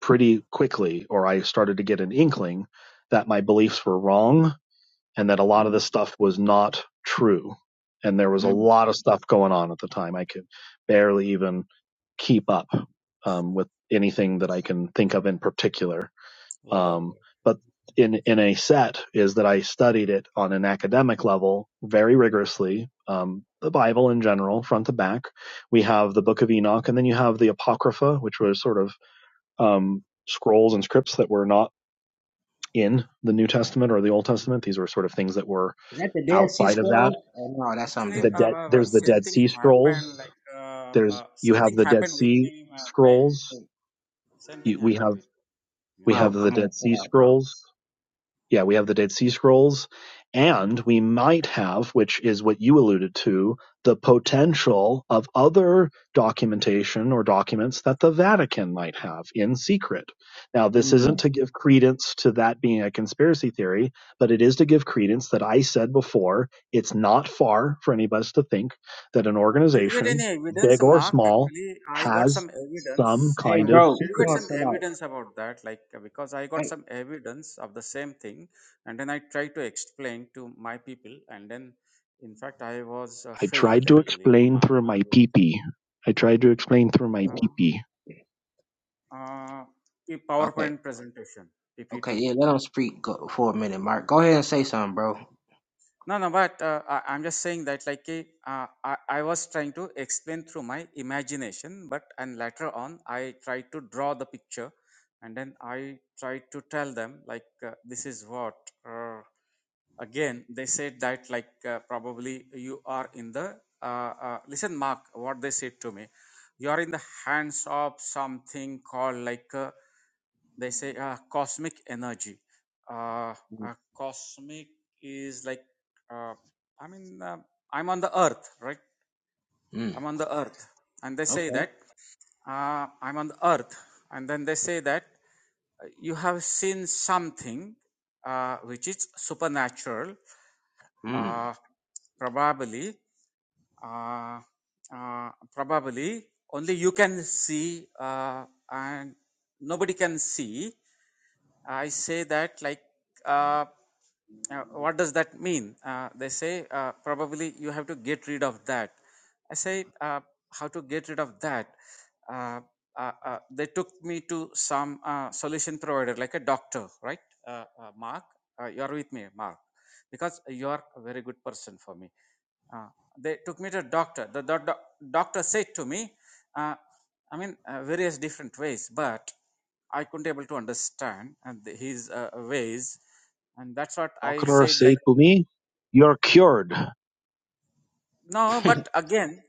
pretty quickly, or I started to get an inkling that my beliefs were wrong and that a lot of Mm, this stuff was not true. And there was a mm. lot of stuff going on at the time. I could barely even keep up um, with anything that I can think of in particular. Wow. Um, but in in a set is that I studied it on an academic level very rigorously. Um, the Bible in general, front to back. We have the Book of Enoch, and then you have the Apocrypha, which was sort of um, scrolls and scripts that were not in the New Testament or the Old Testament. These were sort of things that were Is that the Dead Sea outside of that. Scrolls? Oh no, that's something Actually, The uh, different. dead uh, uh, there's the same Dead thing Sea happened. Scrolls. Like uh, There's uh, you same have thing the Dead happened with Sea me. Uh, time. Hey, Scrolls. Same thing You, we happened have with. Yeah. we Bro, have the come on, Dead chill Sea out, bro. Scrolls. Yeah, we have the Dead Sea Scrolls, and yeah. we might have, which is what you alluded to, the potential of other documentation or documents that the Vatican might have in secret. Now, this isn't to give credence to that being a conspiracy theory, but it is to give credence that I said before it's not far for any of us to think that an Uh, did you get organization, any evidence, big or Mark? small, Actually, I got has some some evidence. Hey, kind Uh, of did bro, you come get on, some secrets chill out. evidence about that? Like, uh, because I got Hey, some evidence of the same thing, and then I tried to explain to my people, and then, in fact, I was uh, I tried failed to actually. explain Mark, through what my was it? peepee. I tried to explain through my uh, peepee. uh, a okay, PowerPoint presentation, okay, PPT. yeah, let him speak go, for a minute, Mark. Go ahead and say something, bro. No, no, but uh, I, I'm just saying that, like, eh, uh, I, I was trying to explain through my imagination, but and later on, I tried to draw the picture, and then I tried to tell them, like, uh, this is what. Uh, again, they said that, like, uh, probably you are in the. Uh, uh, listen, Mark, what they said to me, you are in the hands of something called like. uh, they say uh, cosmic energy. Uh, uh, cosmic is like, uh, I mean, uh, I'm on the earth, right? Mm, I'm on the earth. And they say okay. that uh, I'm on the earth. And then they say that uh, you have seen something uh, which is supernatural, Mm. uh, probably uh, uh, probably only you can see uh, and nobody can see i say that like uh, uh, what does that mean uh, they say uh, probably you have to get rid of that i say uh, how to get rid of that uh, uh, uh, they took me to some uh, solution provider like a doctor right uh, uh, mark uh, you are with me mark because you are a very good person for me uh, they took me to a doctor. The, the, doc- doctor said to me, uh, I mean, uh, various different ways, but I couldn't able to understand and the- his uh, ways, and that's what I Doctor said. said Like to me, "You're cured." no, (laughs) but again,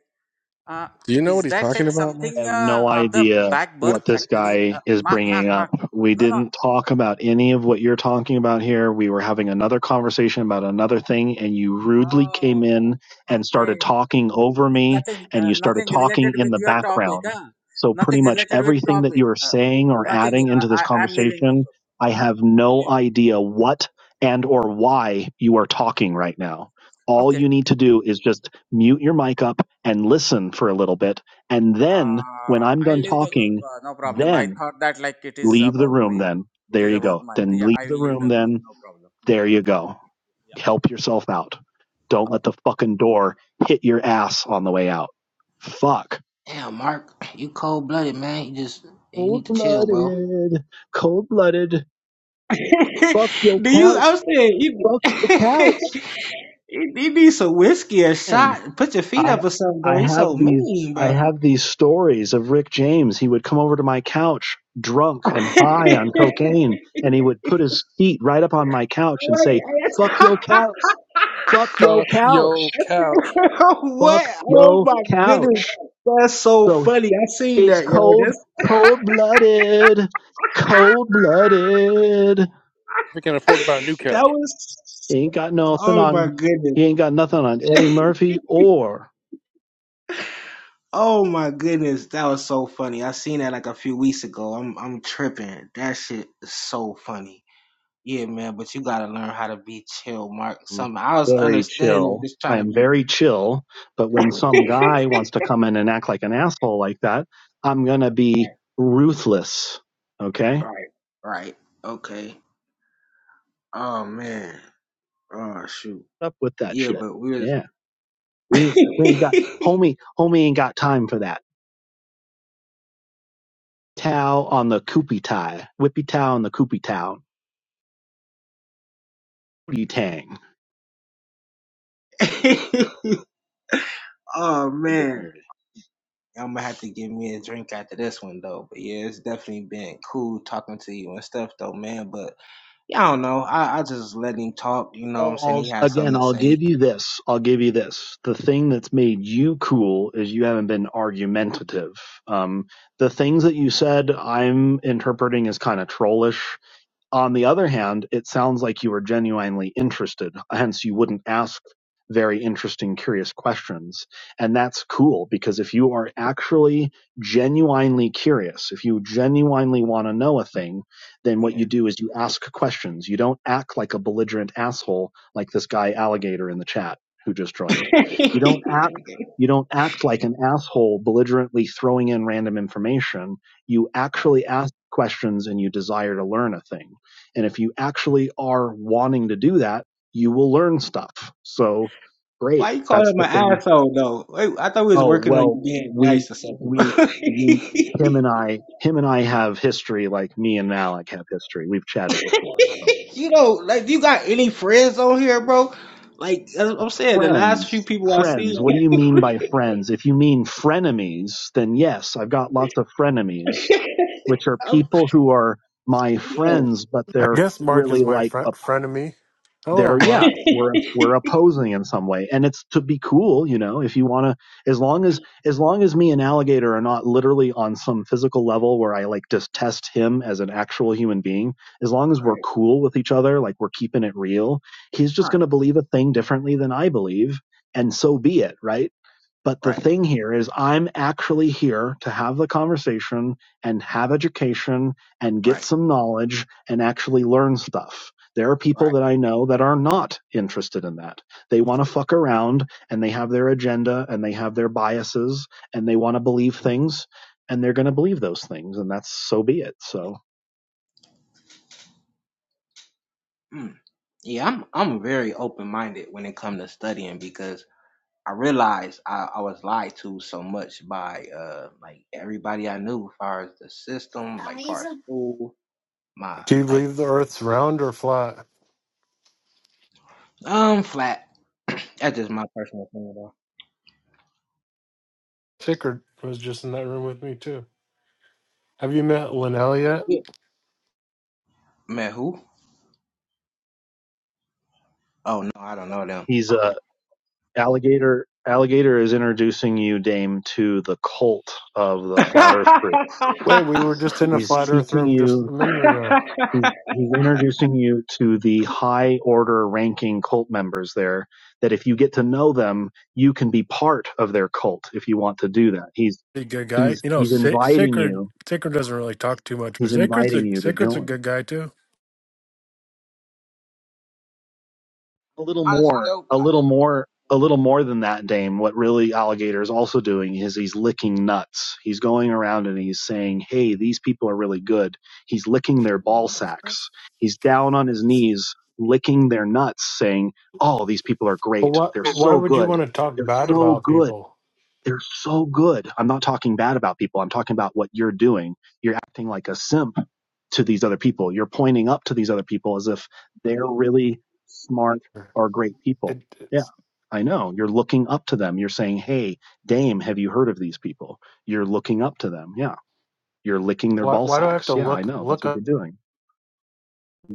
uh, Do you know what is he's that talking like about, Mark? I something have uh, no of the idea back birth? what this Actually, uh, guy is mark, mark, bringing up. mark. We No, no. didn't talk about any of what you're talking about here. We were having another conversation about another thing, and you rudely came in Oh, and okay. started talking over It's me, nothing. and Uh, you started nothing related talking in with the your topic. background. Huh? So, Nothing pretty much related with everything that topic. you are Uh, saying or nothing. adding Uh, into this I, I'm leaving. conversation, I have I'll no leave the group. idea what and or why you are talking right now. All Okay, you need to do is just mute your mic up and listen for a little bit and then when uh, I'm I'll done leave the group. talking, Uh, no problem. I then thought that like it is leave the about room. me. Then It there is you about go. my. Then Yeah, leave I the will leave room. the group. Then No problem. No there you problem. go. Yeah, yeah. Help yourself out. Don't Oh, let the fucking door hit your ass on the way out. Fuck. damn, Mark, you cold blooded, man. You just you Cold need to chill, bro. blooded. Cold blooded. (laughs) Do Fuck your you? couch. I'm saying you. Fuck your (laughs) couch. You you need some whiskey, a And shot. Put your feet I up or something, I bro. You have so these mean, I bro. have these stories of Rick James. He would come over to my couch drunk and (laughs) high on cocaine and he would put his feet right up on my couch and say, Wait, "Fuck yo couch. I- Fuck (laughs) yo Fuck yo couch. couch. That's- (laughs) Fuck what? Oh yo my goodness. couch." That's so So funny. I seen it's that, yo. cold, That's cold-blooded. Cold-blooded. We can afford to buy a new (laughs) that couch. He was ain't got nothing oh my on goodness. he ain't got nothing on Eddie Murphy or Oh my goodness. That was so funny. I seen that like a few weeks ago. I'm I'm tripping. That shit is so funny. Yeah, man, but you gotta learn how to be chill, Mark. am Something I was very understanding of chill. just I trying to am be very chill, but when (laughs) some guy wants to come in and act like an asshole like that, I'm going to right, be ruthless. Okay? right, right. Okay. Oh man. Oh shoot. Up with that Yeah, shit. but we're Yeah. We we ain't got homie homie ain't got time for that. Towel on the koopy tie. Whippy towel on the koopy towel. Booty tang. (laughs) oh A good man. movie. I'm gonna have to give me a drink after this one though. But yeah, it's definitely been cool talking to you and stuff though, man. But yeah, I don't know. I, I just let him talk, you know what I'm Well, saying? I'll, He had something again, to I'll give say. you this. I'll give you this. The thing that's made you cool is you haven't been argumentative. Um, the things that you said, I'm interpreting as kind of trollish. On the other hand, it sounds like you were genuinely interested, hence you wouldn't ask very interesting, curious questions. And that's cool because if you are actually genuinely curious, if you genuinely want to know a thing, then what Yeah. you (laughs) do is you ask questions. You don't act like a belligerent asshole like this guy alligator in the chat who just joined. You don't act Okay. you don't act like an asshole belligerently throwing in random information. You All Right. actually ask questions and you desire to learn a thing and if you actually are wanting to do that, you will learn stuff. So Why great. you call That's him the an thing. asshole though? Wait, I thought we was Oh, working on well, you being we, nice or something. we, bro. (laughs) we, him and I, him and I have history like me and Malik have history. We've chatted before. So. you know, like, do you got any friends on here, bro? Like, as I'm saying, the last few Friends, people I see, friends. What do you mean by friends? If you mean frenemies, then yes, I've got lots of frenemies, which are (laughs) I'm, people who are my yo, friends, but I they're guess Mark is really my like fr- a frenemy. Hello, they're Mark. yeah we're we're opposing in some way and it's to be cool you know if you want to as long as as long as me and alligator are not literally on some physical level where i like just test him as an actual human being as long as right, we're cool with each other like we're keeping it real he's just right, going to believe a thing differently than i believe and so be it right but the right, thing here is, I'm actually here to have the conversation and have education and get right, some knowledge and actually learn stuff. There are people right. that I know that are not interested in that. They want to fuck around and they have their agenda and they have their biases and they want to believe things and they're going to believe those things and that's so be it. So Mm. Yeah, I'm I'm very open minded when it comes to studying because I realized I, I was lied to so much by uh like everybody I knew far as the system, like far as my Do you like believe the Earth's round or flat? um flat. (clears throat) That's just my personal opinion though. Ticker was just in that room with me too. Have you met Linnell yet? Man, who? Oh no, I don't know um, them. he's a alligator. Alligator is introducing you, Dame, to the cult of the flat Earth priests. Wait, we (laughs) were just in a He's flat Earth teaching room just a you minute ago. he's he's introducing you to the high order ranking cult members there that if you get to know them you can be part of their cult if you want to do that he's Pretty good guy. he's You know, he's Sa- inviting Sacred you Sacred doesn't really talk too much, but he's Sacred's inviting a you to Sacred's a join good guy too. a little Honestly more, though, a I little just more, a little more than that, Dame. What really Alligator is also doing is he's licking nuts. He's going around and he's saying, "Hey, these people are really good." He's licking their ball sacks. He's down on his knees licking their nuts, saying, "Oh, these people are But great. why They're Why so would you good. want to talk They're bad so about good." people? They're so good. I'm not talking bad about people. I'm talking about what you're doing. You're acting like a simp to these other people. You're pointing up to these other people as if they're really smart or great people. It, Yeah, it's I know. You're looking up to them. You're saying, hey, Dame, have you heard of these people? You're looking up to them. Yeah. You're licking their Why ball why do I have sacks. to Yeah, I look know. That's look what up you're doing.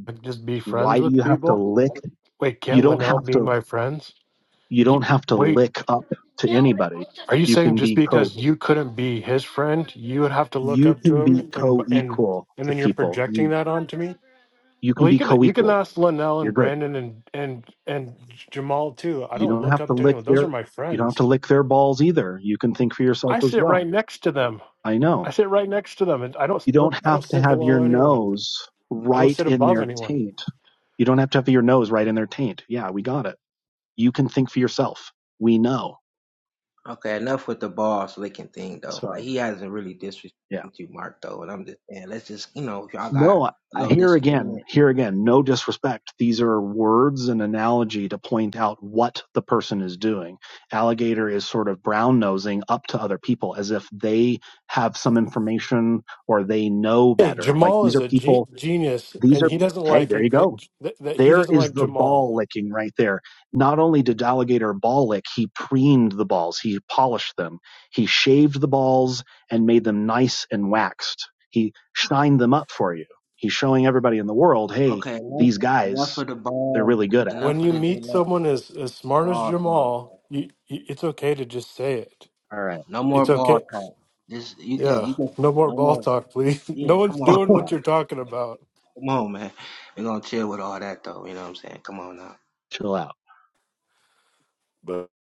like, just be friends Why do with you have to people? lick? Wait, You can't don't Linnell have be to. my friends? You You, don't have to wait, lick up to anybody. are you You saying can just be co. because you couldn't be his friend, you would have to look You up to can be him and and co-equal and to then you're people. projecting You that onto me? you can Well, you be can you can co-equal. ask Linnell You're and good. Brandon and and and Jamal too. I You don't don't look have to up to lick anyone. Those are their my you don't have to friends. lick their balls either. You can think for yourself I as sit right well. next to them. I I know. sit right next to them, and I don't You don't look. I have don't to sit have your below anyone. nose I don't right sit in above their anyone. taint. You don't have to have your nose right in their taint. Yeah, we got it. You can think for yourself. We know. Okay, enough with the boss licking thing though. Like Sorry. he hasn't really disrespected Yeah. you, Mark though, and I'm just saying, let's just you know, if y'all got No, I a I- little here disagreement. again, here again, no disrespect. These are words and analogy to point out what the person is doing. Alligator is sort of brown nosing up to other people as if they have some information or they know Hey, better. Like Jamal these is are a ge- people, genius, these and are, he doesn't hey, like there you it that, go. that that he There doesn't is like the Jamal. ball licking right there. Not only did Alligator ball lick, he preened the balls, he polished them, he shaved the balls and made them nice and waxed. He shined them up for you. He's showing everybody in the world, hey, Okay, enough, these enough guys, of the they're really ball, good at it. When enough of you the meet Gillette someone as as smart as ball thing. Jamal, you, you, it's okay to just say it. All right, No more It's ball okay. talk. This you can Yeah, you can no more no ball more. talk, please. (laughs) Yeah, No one's come on, doing (laughs) what talk, you're talking about. come on, man. We're gonna chill with all that though. You know what I'm saying? Come on now. chill out. But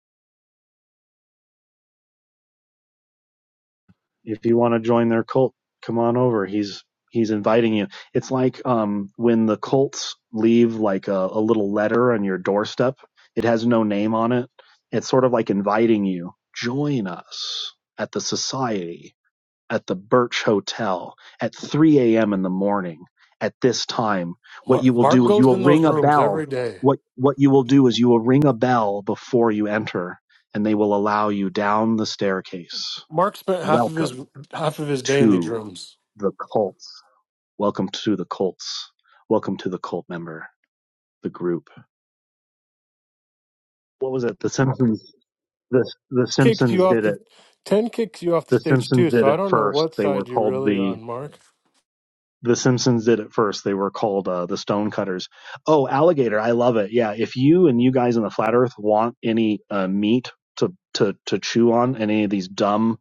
if you want to join their cult, come on over. He's he's inviting you. It's like um, when the cults leave like a, a little letter on your doorstep. It has no name on it. It's sort of like inviting you. Join us at the society at the Birch Hotel at 3 a.m. in the morning. At this time, what you Mark, will Mark do is you goes will in those ring a rooms bell. every day. What what you will do is you will ring a bell before you enter, and they will allow you down the staircase. Mark spent half of his Welcome half of his day in these to rooms. the cults. Welcome to the cults. Welcome to the cult member, the group. What was it? The Simpsons. The The Kicks Simpsons you off did it. the ten kicks you off the The stage Simpsons too. did So I it don't know first. what They were side you're called really the on, Mark. The Simpsons did it first. They were called uh, the Stonecutters. Oh, alligator! I love it. Yeah, if you and you guys in the flat Earth want any uh, meat to to to chew on, and any of these dumb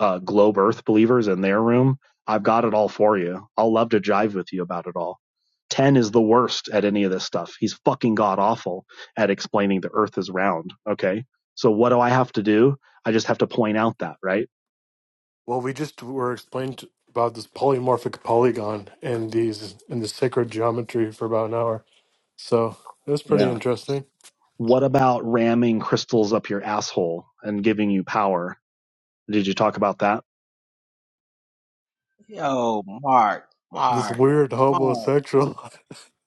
uh, globe Earth believers in their room, I've got it all for you. I'll love to jive with you about it all. Ten is the worst at any of this stuff. He's fucking god awful at explaining the Earth is round. Okay, so what do I have to do? I just have to point out that, right? Well, we just were explained about this polymorphic polygon and these and the sacred geometry for about an hour. So it was pretty Yeah. interesting. What about ramming crystals up your asshole and giving you power? Did you talk about that? Yo, Mark, This Mark, weird Mark. homosexual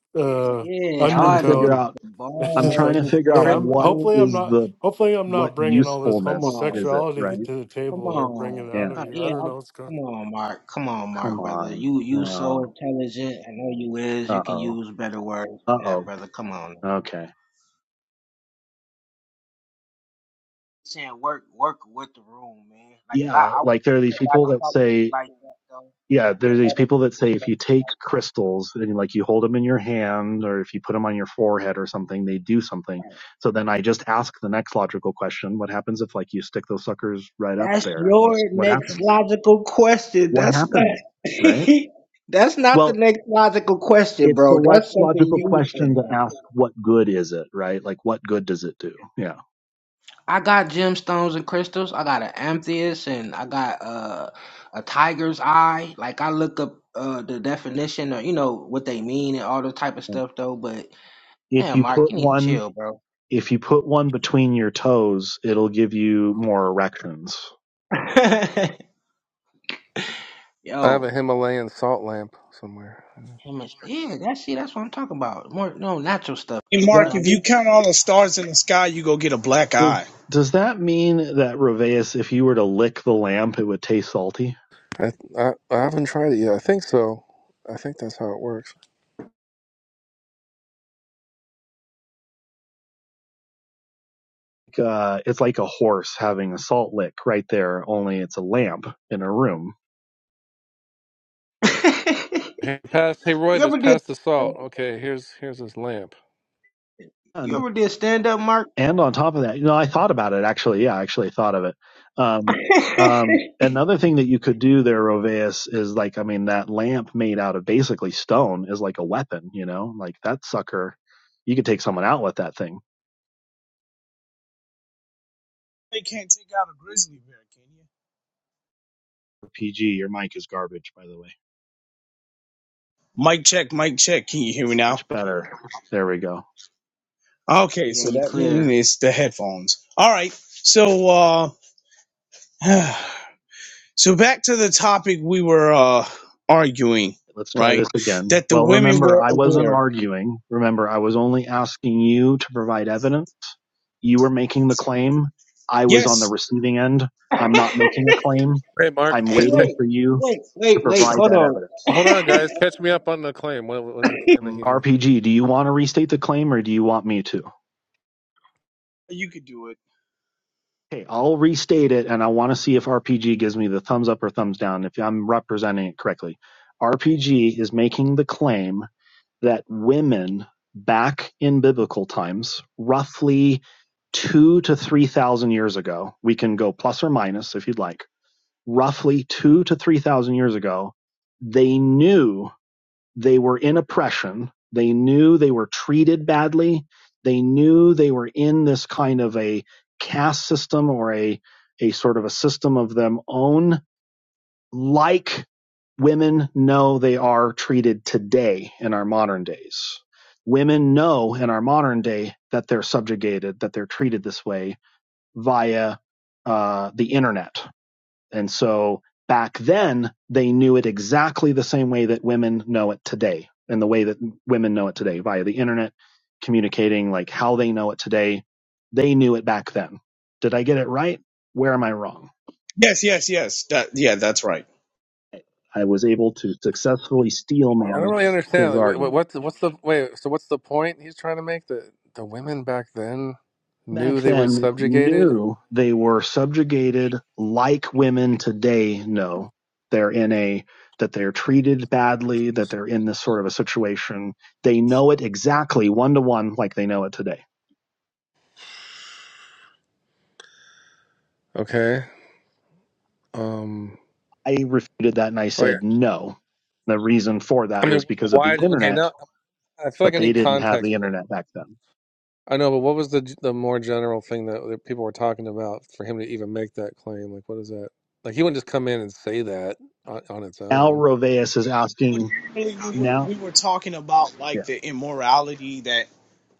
(laughs) uh, Yeah, I'm I, trying to the figure undertone. out. It's I'm just trying balls like, to and figure hey, out I'm what crystals. hopefully I'm is not the hopefully I'm what not bringing all this Come usefulness is on, it, homosexuality right? to the come table or bringing on. it out Yeah. of Come, you. I yeah, don't I, know what's going. come on, Mark. Come on, Come Mark, brother. on. You you Oh so intelligent. I know you is. You Uh can oh. use better words Uh than that, oh. brother. Come on. Okay. saying work work with the room, man. Like, cause I, Yeah, I like there are these wouldn't let people nobody that talk to me say, like that though. yeah, I there are wouldn't these let them people that say if disrespect you me take like crystals and like you hold them in your hand or if you put them on your forehead or something, they do something. So then I just ask the next logical question: What happens if like you stick those suckers right up That's there? What your what next happens? logical question. What That's not. happens? Right? (laughs) That's Well, next logical question. it's the bro. That's next something logical you question said, to bro. ask: What good is it? Right? Like, what good does it do? Yeah. I got stones and crystals. I got an amethyst, and I got uh, a tiger's eye. Like I look up uh, the definition, or you know what they mean, and all the type of And stuff, though. But If damn, you Mark, you put need to one chill, bro. If you put one between your toes, it'll give you more erections. (laughs) I have Yo, a Himalayan salt lamp somewhere. How much? Yeah, that's see, that's what I'm talking about. More no natural stuff Hey, though. You Mark, That know, if you we- count all the stars in the sky, you go get a black eye. is, does that mean that Reveus, if you were to lick the lamp, it would taste salty? I I, I haven't tried it yet. I think so. I think that's how it works. Like, Uh, it's like a horse having a salt lick right there, only it's a lamp in a room. (laughs) Hey, pass. Hey, you Royvis, ever did pass the salt. Okay, here's here's his lamp. you And ever did stand up, Mark? and on top of that, you know, I thought about it actually. Yeah, I actually thought of it. Um, (laughs) yeah, um, another thing that you could do there, Roveus, is like, I mean, that lamp made out of basically stone is like a weapon, you know, like that sucker, you could take someone out with that thing. They can't take out a grizzly bear, can you? PG, your mic is garbage, by the way. Mic check, mic check. Can you hear me now? Much better. There we go. Okay, so you that means clear. it's the headphones. All right. So, uh, (sighs) so back to the topic we were uh, arguing, Let's try this right? again. That the Well, women remember, were I wasn't aware. arguing. Remember, I was only asking you to provide evidence. You were making the claim. I was on Yes, the receiving end. (laughs) I'm not hey, making a claim. Hey, Mark. I'm T- t- waiting wait, for you wait, to wait, wait, provide hold that on. evidence. hold on, Yeah. guys. (laughs) Catch me up on the claim. What was the claim that Um, he made? RPG, do you want to restate the claim or do you want me to? you could do it. Okay, I'll restate it and I want to see if RPG gives me the thumbs up or thumbs down if I'm representing it correctly. RPG is making the claim that women back in biblical times, roughly two to 3,000 years ago, we can go plus or minus if you'd like, roughly two to 3,000 years ago, they knew they were in oppression. They knew they were treated badly. They knew they were in this kind of a caste system or a, a sort of a system of them own like women know they are treated today in our modern days. Women know in our modern day that they're subjugated, that they're treated this way via uh, the internet. And so back then, they knew it exactly the same way that women know it today, and the way that women know it today via the internet, communicating like how they know it today. They knew it back then. Did I get it right? Where am I wrong? Yes, yes, yes. That yeah, that's right. I was able to successfully I don't steelman really his understand. Like, what, argument. what's what's the wait? So, what's the point he's trying to make? That the women back then knew Back they were then, subjugated. knew they were subjugated like women today know. They're in a, that they're treated badly, that they're in this sort of a situation. They know it exactly one to one like they know it today. Okay. Um. I refuted that and I Like, said, no. The reason for I that mean, was well, because of why? the Okay, internet, now I feel like but I they need didn't have the context. Like, internet back then. I know, but what was the the more general thing that, that people were talking about for him to even make that claim? Like, what is that? Like, he wouldn't just come in and say that on, on its Al own. Roveas is But asking generally, we were now. we were talking about Yeah. like the immorality that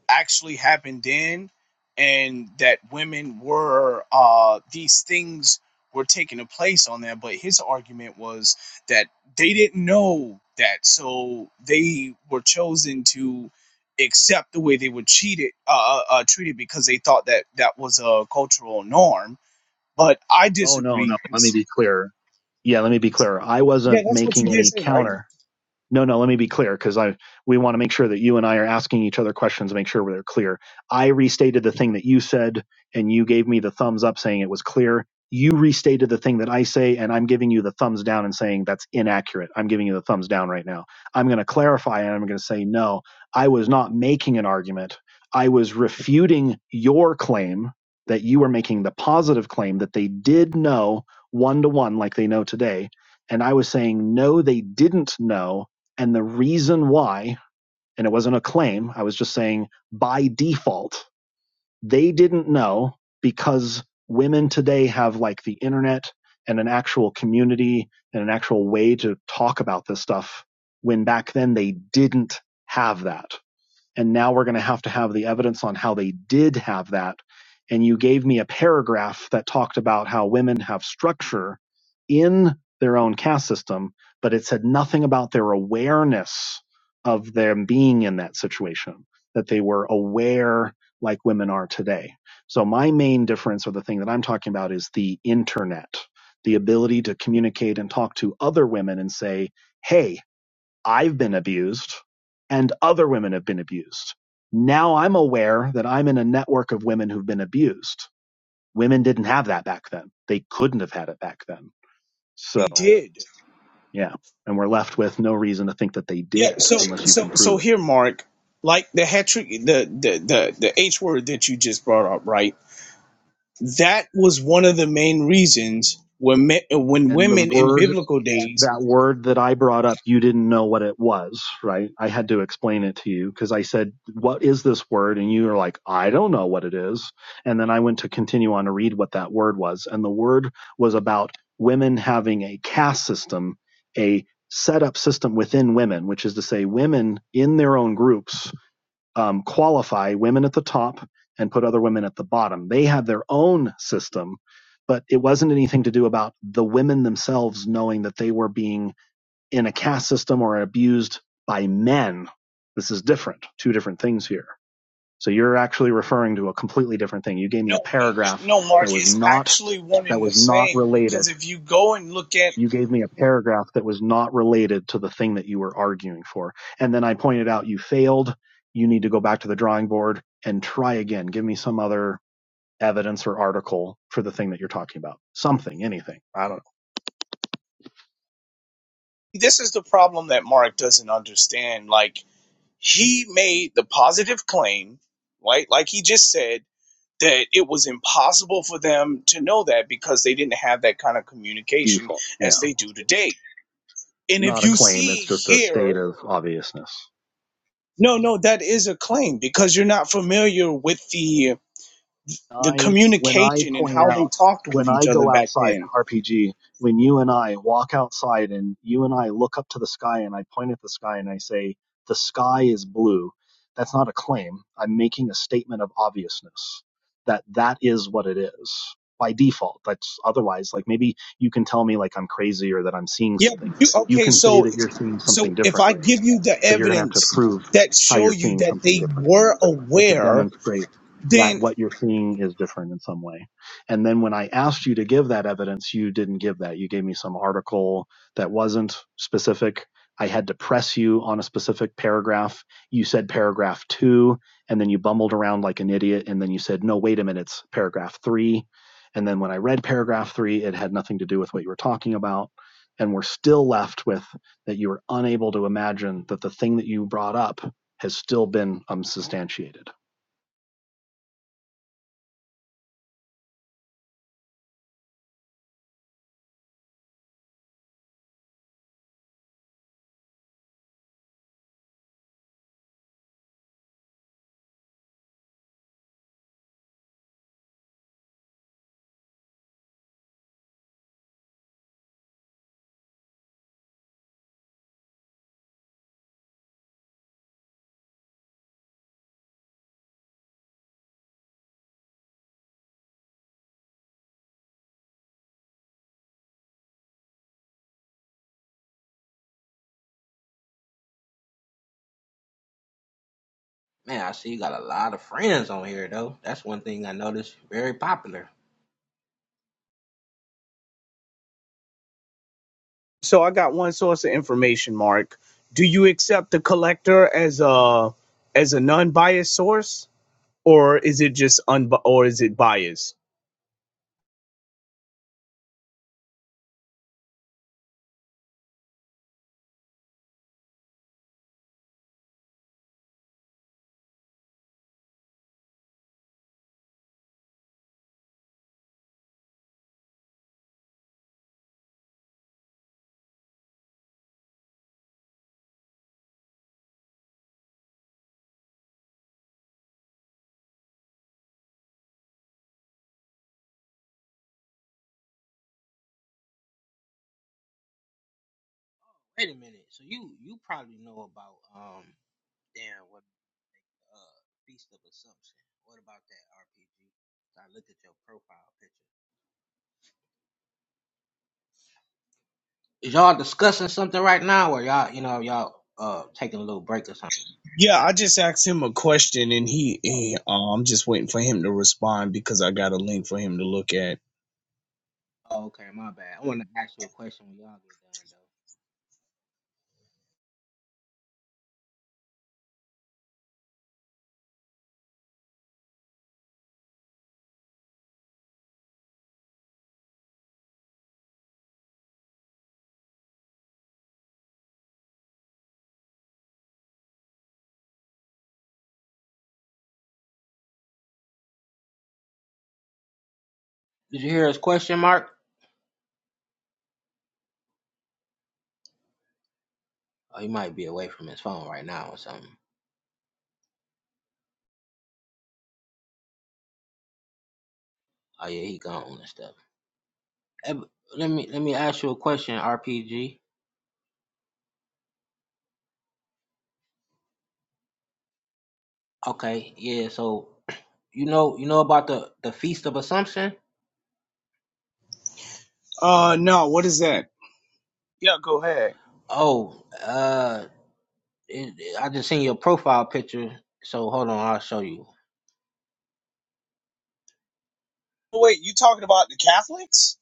actually happened then and that women were uh these things were taking a place on that but his argument was that they didn't know that so they were chosen to accept the way they were cheated uh, uh uh, treated because they thought that that was a cultural norm but i Oh, no, disagree no. Let me It's- be clear. yeah, let me be clear. I yeah wasn't that's what you making did any say right counter no, no, let me be clear because I we want to make sure that you and I are asking each other questions, and make sure we're clear. I restated the thing that you said and you gave me the thumbs up saying it was clear. You restated the thing that I say and I'm giving you the thumbs down and saying that's inaccurate. I'm giving you the thumbs down right now. I'm going to clarify and I'm going to say no. I was not making an argument. I was refuting your claim that you were making the positive claim that they did know one to one like they know today and I was saying no they didn't know and the reason why, and it wasn't a claim, I was just saying by default, they didn't know because women today have like the internet and an actual community and an actual way to talk about this stuff when back then they didn't have that. And now we're going to have to have the evidence on how they did have that. And you gave me a paragraph that talked about how women have structure in their own caste system, but it said nothing about their awareness of them being in that situation, that they were aware like women are today. So my main difference or the thing that I'm talking about is the internet, the ability to communicate and talk to other women and say, Hey, I've been abused and other women have been abused. Now I'm aware that I'm in a network of women who've been abused. Women didn't have that back then. They couldn't have had it back then. they So, did yeah. And we're left with no reason to think that they Yeah, did so unless you can so so prove it. here, Mark, like the hatred, the the the the H word that you just brought up, right? That was one of the main reasons when me, when And the women in word biblical days. that word that I brought up, you didn't know what it was, right? I had to explain it to you because I said, What is this word? And you were like, I don't know what it is. And then I went to continue on to read what that word was. And the word was about women having a caste system, a set up system within women, which is to say, women in their own groups um, qualify women at the top and put other women at the bottom. They have their own system, but it wasn't anything to do about the women themselves knowing that they were being in a caste system or abused by men. This is different, two different things here. So you're actually referring to a completely different thing. You gave me a No, uh, paragraph no, that Mark, was it's not actually one that and the was not same because related if you go and look at you gave me a paragraph that was not related to the thing that you were arguing for. And then I pointed out you failed. You need to go back to the drawing board and try again. Give me some other evidence or article for the thing that you're talking about. Something, anything. I don't know. this is the problem that Mark doesn't understand. Like he made the positive claim, right? Like he just said. that it was impossible for them to know that because they didn't have that kind of communication Default. as Yeah. they do today. And if Not a you claim. see It's just a here, state of obviousness. no, no, that is a claim because you're not familiar with the the I when I communication and point how they out talked with when each I other go back outside then. RPG, when you and I walk outside and you and I look up to the sky and I point at the sky and I say the sky is blue, that's not a claim. I'm making a statement of obviousness that that is what it is by default. That's otherwise like maybe you can tell me like I'm crazy or that I'm seeing Yeah. something. You, You okay. can say So that you're seeing something So if I differently give you the but you're going to have to evidence prove that how show you're you seeing that something they differently. were You have to aware, demonstrate that then what you're seeing is different in some way. And then when I asked you to give that evidence, you didn't give that. You gave me some article that wasn't specific. I had to press you on a specific paragraph. You said paragraph two, and then you bumbled around like an idiot. And then you said, no, wait a minute, it's paragraph three. And then when I read paragraph three, it had nothing to do with what you were talking about. And we're still left with that you were unable to imagine that the thing that you brought up has still been unsubstantiated Man, I see you got a lot of friends on here though. That's one thing I noticed. Very popular. so I got one source of information, Mark. Do you accept the collector as a as a non-biased source or is it just un or is it biased? Wait a minute. So you you probably know about um damn what uh Feast of Assumption. What about that RPG? looked at your profile picture. Is y'all discussing something right now, or y'all, you know, y'all uh taking a little break or something? Yeah, I just asked him a question and he, Oh, he uh, I'm just waiting for him to respond because I got a link for him to look at. oh, okay, my bad. I want to ask you a question when y'all get done, though. Did you hear his question, Mark? Oh, he might be away from his phone right now or something. Oh yeah, he gone and stuff. Eh, but Let me let me ask you a question, RPG. Okay, yeah. So you know you know about the the Feast of Assumption? Uh no, what is that? Yeah, go ahead. Oh, uh, it, it- I just seen your profile picture. So hold on, I'll show you. Oh, Wait, you talking about the Catholics?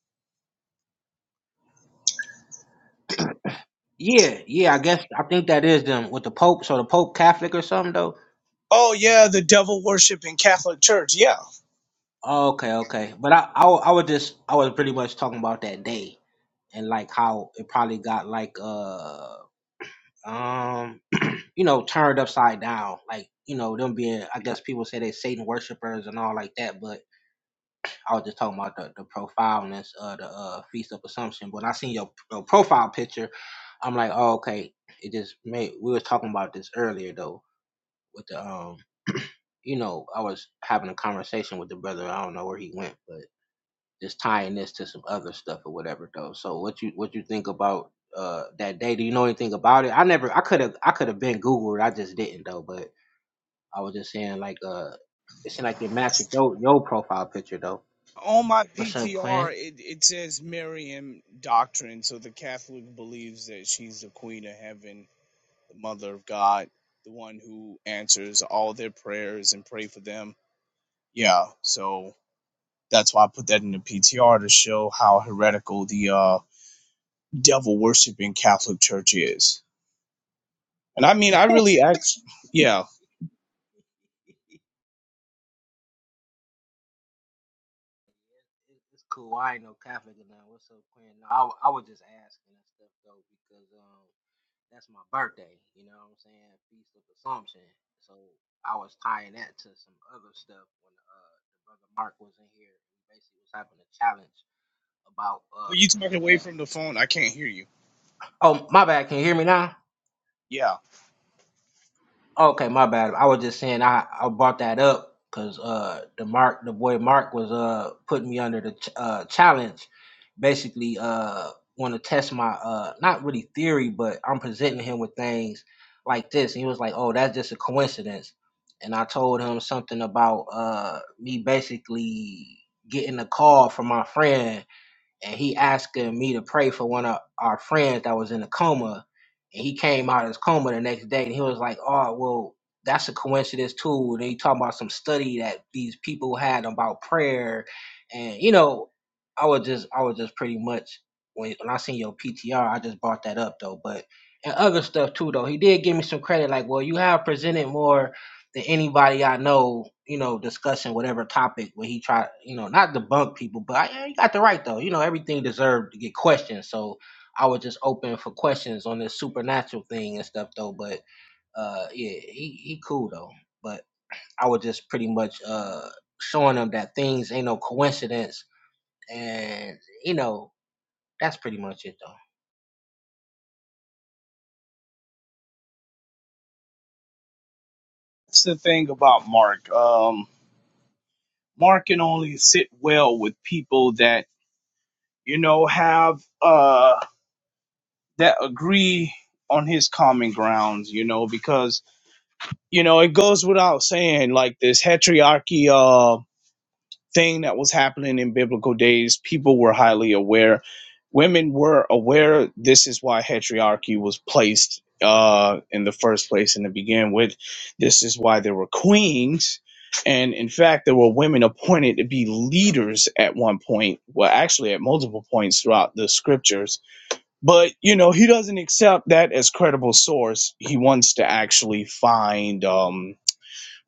Yeah, yeah, I guess I think that is them with the Pope. So the Pope Catholic or something though. Oh yeah, the devil worshiping Catholic Church. Yeah. Okay, okay. But I, I, wa- I was just, I was pretty much talking about that day and like how it probably got like, uh, um, you know, turned upside down. Like, you know, them being, I guess people say they Satan worshippers and all like that. But I was just talking about the, the profoundness of the uh, Feast of Assumption. But when I seen your, your profile picture, I'm like, oh, okay. It just made. We was talking about this earlier though with the um. you know, I was having a conversation with the brother. I don't know where he went, but just tying this to some other stuff or whatever though. So what you what you think about uh that day? Do you know anything about it? I never I could have I could have been Googled, I just didn't though, but I was just saying like uh it seemed like it matched your your profile picture though. On my What's up, PTR, Quinn? it, it says Marian doctrine. So the Catholic believes that she's the Queen of Heaven, the Mother of God, the one who answers all their prayers and pray for them. Yeah. So that's why I put that in the PTR to show how heretical the uh, devil worshiping Catholic Church is. And I mean, I really actually Yeah. it, it's cool. I ain't no Catholic or nothing. What's up, Quinn? No, I, I was just asking and stuff though because um that's my birthday. You know what I'm saying? Feast of Assumption. So I was tying that to some other stuff when uh the brother Mark was in here. He basically was having a challenge about Are uh you talking away from the phone? I can't hear you. oh my bad. Can you hear me now? Yeah. Okay, my bad. I was just saying I, I brought that up because uh the Mark the boy Mark was uh putting me under the ch- uh challenge, basically uh want to test my uh not really theory but I'm presenting him with things like this and he was like oh that's just a coincidence and I told him something about uh me basically getting a call from my friend and he asking me to pray for one of our friends that was in a coma. And he came out of his coma the next day, and he was like, "Oh, well, that's a coincidence too." And he talking about some study that these people had about prayer, and you know, I was just, I was just pretty much when when I seen your PTR, I just brought that up though. But and other stuff too though, he did give me some credit, like, "Well, you have presented more." than anybody I know, you know, discussing whatever topic where he tried, you know, not debunk people, but I, yeah, he got the right though. You know, everything deserved to get questioned. So I was just open for questions on this supernatural thing and stuff though. But uh yeah, he, he cool though. But I was just pretty much uh showing him that things ain't no coincidence and you know, that's pretty much it That's the thing about Mark. Um, Mark can only sit well with people that you know have uh that agree on his common grounds. You know because you know it goes without saying like this heteriarchy thing that was happening in biblical days. People were highly aware. Women were aware. This is why heteriarchy was placed uh, in the first place and to begin with. This is why there were queens. And in fact, there were women appointed to be leaders at one point, well, actually at multiple points throughout the scriptures. But, you know, he doesn't accept that as credible source. He wants to actually find. Um,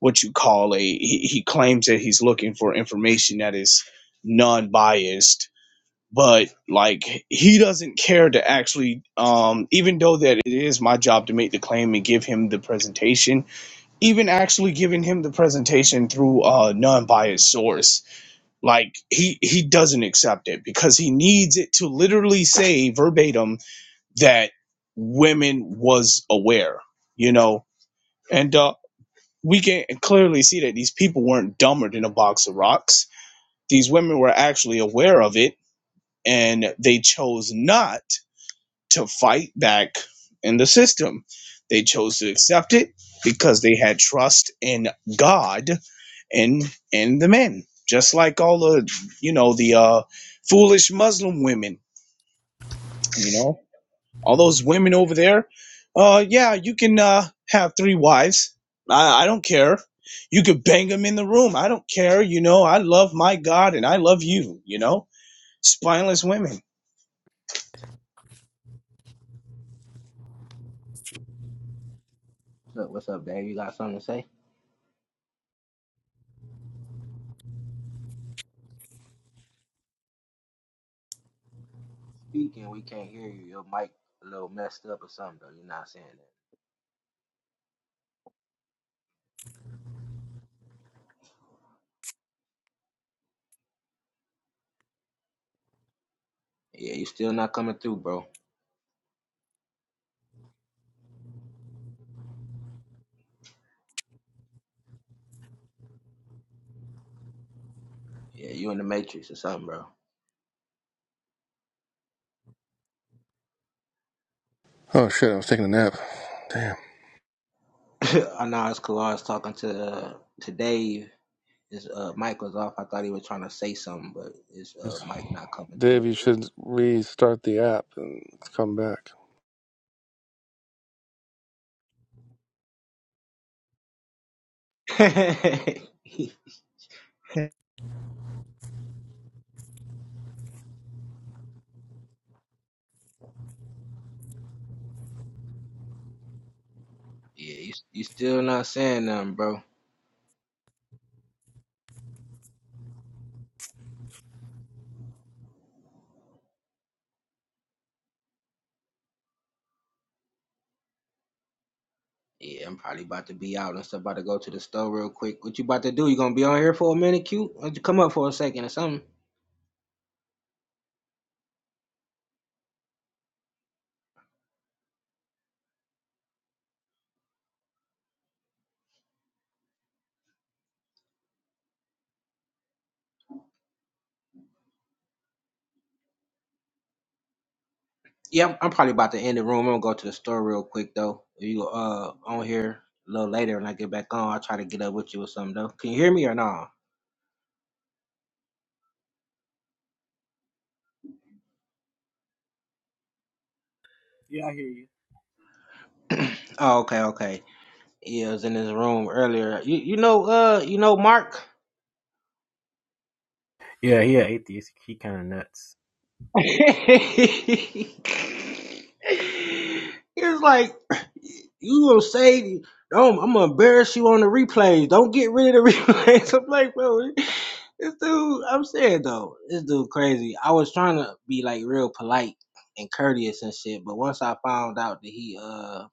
what you call a he, he claims that he's looking for information that is non-biased but like he doesn't care to actually um even though that it is my job to make the claim and give him the presentation even actually giving him the presentation through a non-biased source like he he doesn't accept it because he needs it to literally say verbatim that women was aware you know and uh, we can clearly see that these people weren't dumber than a box of rocks. These women were actually aware of it and they chose not to fight back in the system. They chose to accept it because they had trust in God and and the men. Just like all the you know, the uh foolish Muslim women, you know. all those women over there uh yeah you can uh have three wives i i don't care you could bang them in the room i don't care you know i love my god and i love you you know spineless women though. Look, what's up, Dave? You got something to say? Speaking, we can't hear you. Your mic a little messed up or something though. You're not saying that. Yeah, you still not coming through, bro. Yeah, you in the matrix or something, bro. Oh shit! I was taking a nap. Damn. (laughs) I know it's Kalar's talking to uh, to Dave. His uh, mic was off. I thought he was trying to say something, but his uh, mic not coming Dave, through. you should restart the app and come back. (laughs) yeah, you, you still not saying nothing, bro. Yeah, I'm probably about to be out and stuff. About to go to the store real quick. What you about to do? You gonna be on here for a minute, cute? Why don't you come up for a second or something? Yeah, I'm, I'm probably about to end the room. I'm gonna go to the store real quick though. If you uh on here a little later when I get back on, I'll try to get up with you or something though. Can you hear me or not? Yeah, I hear you. (clears throat) oh, okay, okay. Yeah, I was in this room earlier. You you know uh you know Mark? Yeah, he an atheist. He kind of nuts. (laughs) he was like you gonna say no, I'm gonna embarrass you on the replays. Don't get rid of the (laughs) replays. I'm like, bro. This dude, I'm saying though, this dude crazy. I was trying to be like real polite and courteous and shit, but once I found out that he uh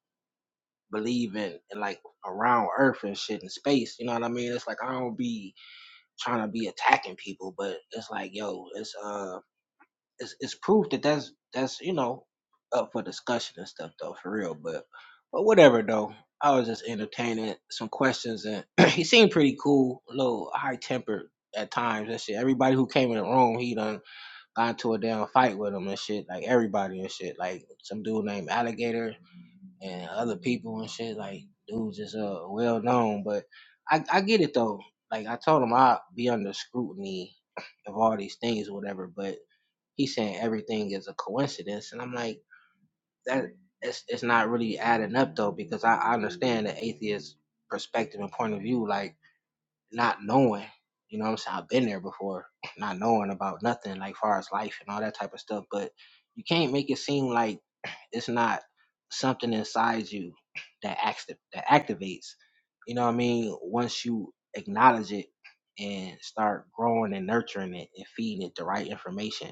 believe in, in like around Earth and shit and space, you know what I mean? It's like I don't be trying to be attacking people, but it's like yo, it's uh it's, it's proof that that's that's you know up for discussion and stuff though for real but but whatever though i was just entertaining some questions and (clears throat) he seemed pretty cool a little high tempered at times and shit everybody who came in the room he done got into a damn fight with him and shit like everybody and shit like some dude named alligator and other people and shit like dudes is uh well known but i i get it though like i told him i'd be under scrutiny of all these things or whatever. But He's saying everything is a coincidence, and I'm like, that it's it's not really adding up though, because I, I understand the atheist perspective and point of view, like not knowing, you know what I'm saying? I've been there before, (clears throat) not knowing about nothing like far as life and all that type of stuff. But you can't make it seem like (clears throat) it's not something inside you (clears throat) that acts that activates. You know what I mean? Once you acknowledge it and start growing and nurturing it and feeding it the right information.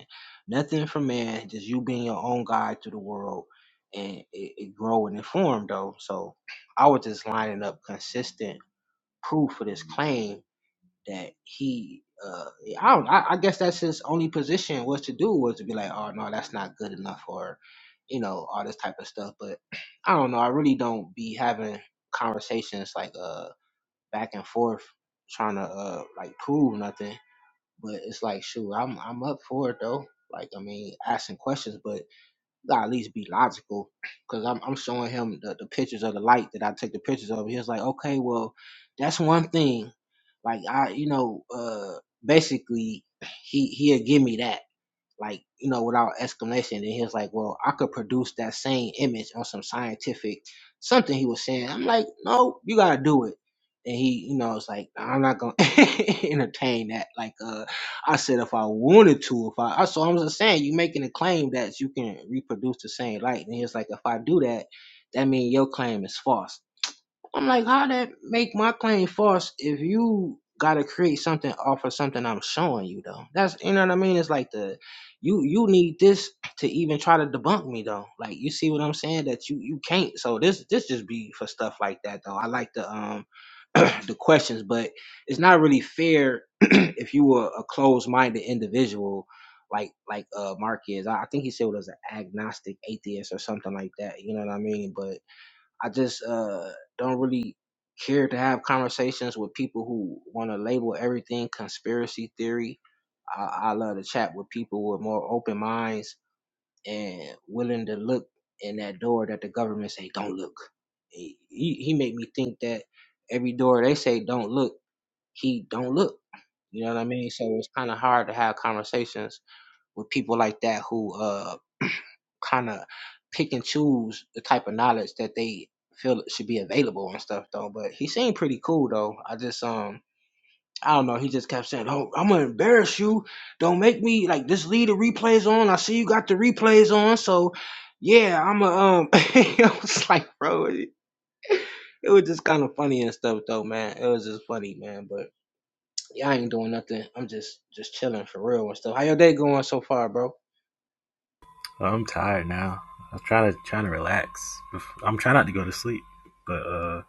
Nothing from man, just you being your own guide to the world and it, it grow and inform though. So (clears throat) I was just lining up consistent proof for this claim that he uh I don't I, I guess that's his only position was to do was to be like, oh no, that's not good enough or you know, all this type of stuff. But (clears throat) I don't know, I really don't be having conversations like uh back and forth trying to uh like prove nothing. But it's like shoot, I'm I'm up for it though. Like I mean, asking questions, but gotta at least be logical. Cause I'm I'm showing him the, the pictures of the light that I take the pictures of. He was like, okay, well, that's one thing. Like I, you know, uh, basically he he'll give me that like you know without explanation and he was like well i could produce that same image on some scientific something he was saying i'm like no you gotta do it and he you know it's like "Nah, i'm not gonna (laughs) entertain that like uh i said if i wanted to if i, I so i'm just saying you making a claim that you can reproduce the same light and he was like if i do that that means your claim is false I'm like, how that make my claim false if you gotta create something off of something I'm showing you though? That's you know what I mean? It's like the you you need this to even try to debunk me though. Like you see what I'm saying? That you you can't. So this this just be for stuff like that though. I like the um (clears throat) the questions, but it's not really fair (clears throat) if you were a closed minded individual like like uh Mark is. I, I think he said what was an agnostic atheist or something like that. You know what I mean? But I just uh don't really care to have conversations with people who want to label everything conspiracy theory. I, I love to chat with people with more open minds and willing to look in that door that the government say don't look. He he he make me think that every door they say don't look, he don't look. You know what I mean? So it's kind of hard to have conversations with people like that who uh kind of pick and choose the type of knowledge that they feel should be available and stuff though. But he seemed pretty cool though. I just um I don't know. He just kept saying, "Oh, I'm gonna embarrass you. Don't make me like just leave the replays on. I see you got the replays on, so yeah, I'm a um." (laughs) I was like, bro, it it was just kind of funny and stuff though, man. It was just funny, man. But yeah, I ain't doing nothing. I'm just just chilling for real and stuff. How your day going so far, bro? Well, I'm tired now. I'm trying to trying to relax. I'm trying not to go to sleep, but uh,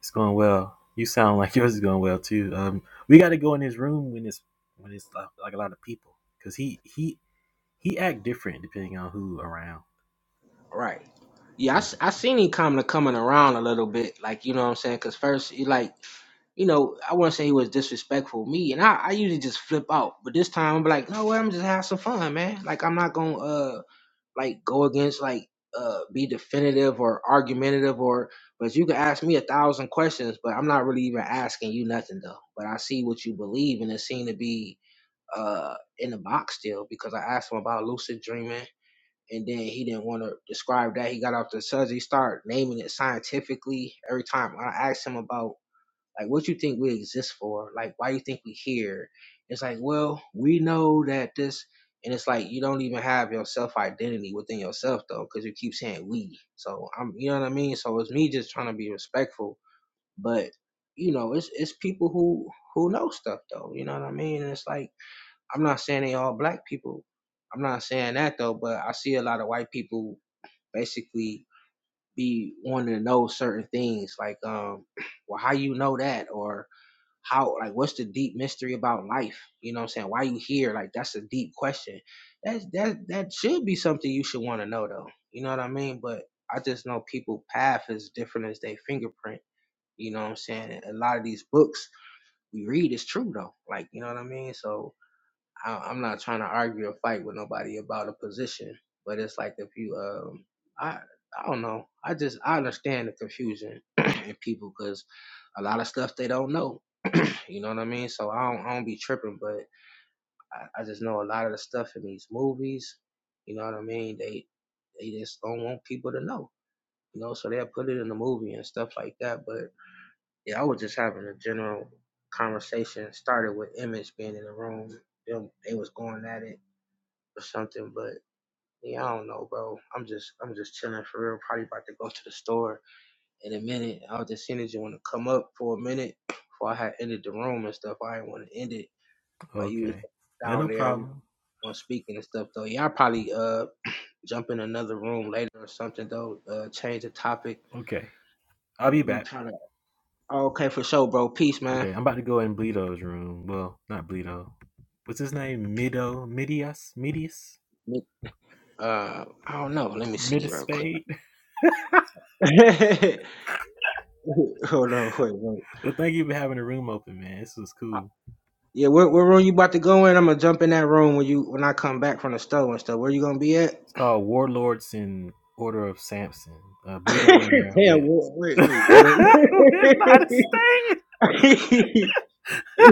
it's going well. You sound like (laughs) yours is going well too. Um, we got to go in his room when it's when it's like, like a lot of people, cause he he he act different depending on who around. All Right. Yeah, I, s- I seen him kind of coming around a little bit, like you know what I'm saying. Cause first, he like you know, I wouldn't say he was disrespectful to me, and I, I usually just flip out. But this time, I'm like, no, well, I'm just have some fun, man. Like I'm not gonna uh like go against like uh be definitive or argumentative or. But you can ask me a thousand questions, but I'm not really even asking you nothing though. But I see what you believe, and it seemed to be uh in the box still because I asked him about lucid dreaming and then he didn't want to describe that. He got off the subject. He started naming it scientifically every time. I asked him about like what you think we exist for, like why do you think we here. It's like, well, we know that this, and it's like you don't even have your self identity within yourself though, because you keep saying we. So I'm, you know what I mean. So it's me just trying to be respectful, but you know, it's it's people who who know stuff though. You know what I mean. And it's like I'm not saying they all black people. I'm not saying that though, but I see a lot of white people basically be wanting to know certain things like um (clears throat) well how you know that or how like what's the deep mystery about life? You know what I'm saying? Why you here? Like that's a deep question. That's that that should be something you should want to know though. You know what I mean? But I just know people path is different as they fingerprint. You know what I'm saying? A lot of these books we read is true though. Like, you know what I mean? So I, I'm not trying to argue or fight with nobody about a position, but it's like if you, um, I, I don't know. I just I understand the confusion (clears throat) in people because a lot of stuff they don't know. You know what I mean? So I don't, I don't be tripping, but I, I just know a lot of the stuff in these movies. You know what I mean? They they just don't want people to know. You know, so they'll put it in the movie and stuff like that. But yeah, I was just having a general conversation. Started with Image being in the room. Them, they was going at it or something. But yeah, I don't know, bro. I'm just I'm just chilling for real. Probably about to go to the store in a minute. I was just seeing that you want to come up for a minute before I had ended the room and stuff. I didn't want to end it while you was Okay. Yeah, down no there problem. on speaking and stuff. Though y'all probably uh jump in another room later or something though. Uh, change the topic. Okay, I'll be You back. trying to okay for sure, bro. Peace, man. Okay, I'm about to go in Bleedo's room. Well, not Bleedo. What's his name? Mido, Midias, Midias, Uh, I don't know. Let me Midispade. see real quick. (laughs) (laughs) Hold on, wait, wait. Well, thank you for having the room open, man. This was cool. Yeah, what, what room you about to go in? I'm gonna jump in that room when you when I come back from the store and stuff. Where you gonna be at? It's called Warlords in Order of Samson. Uh, Bleedo in there Damn, with (laughs) wait, with wait, what? not a (laughs) you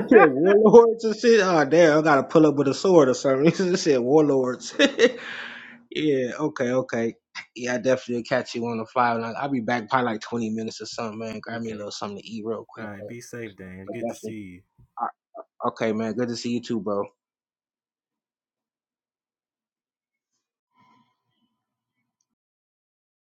said (laughs) warlords and shit. Oh damn, I gotta pull up with a sword or something. (laughs) You said warlords. (laughs) yeah, okay, okay. Yeah, I definitely will catch you on the fly. and I- I'll be back probably like 20 minutes or something, man. Grab me a okay. little something to eat real quick. All right. man. Be safe, Dan. But Good to see definitely, you. all right, okay, man. Good to see you too, bro.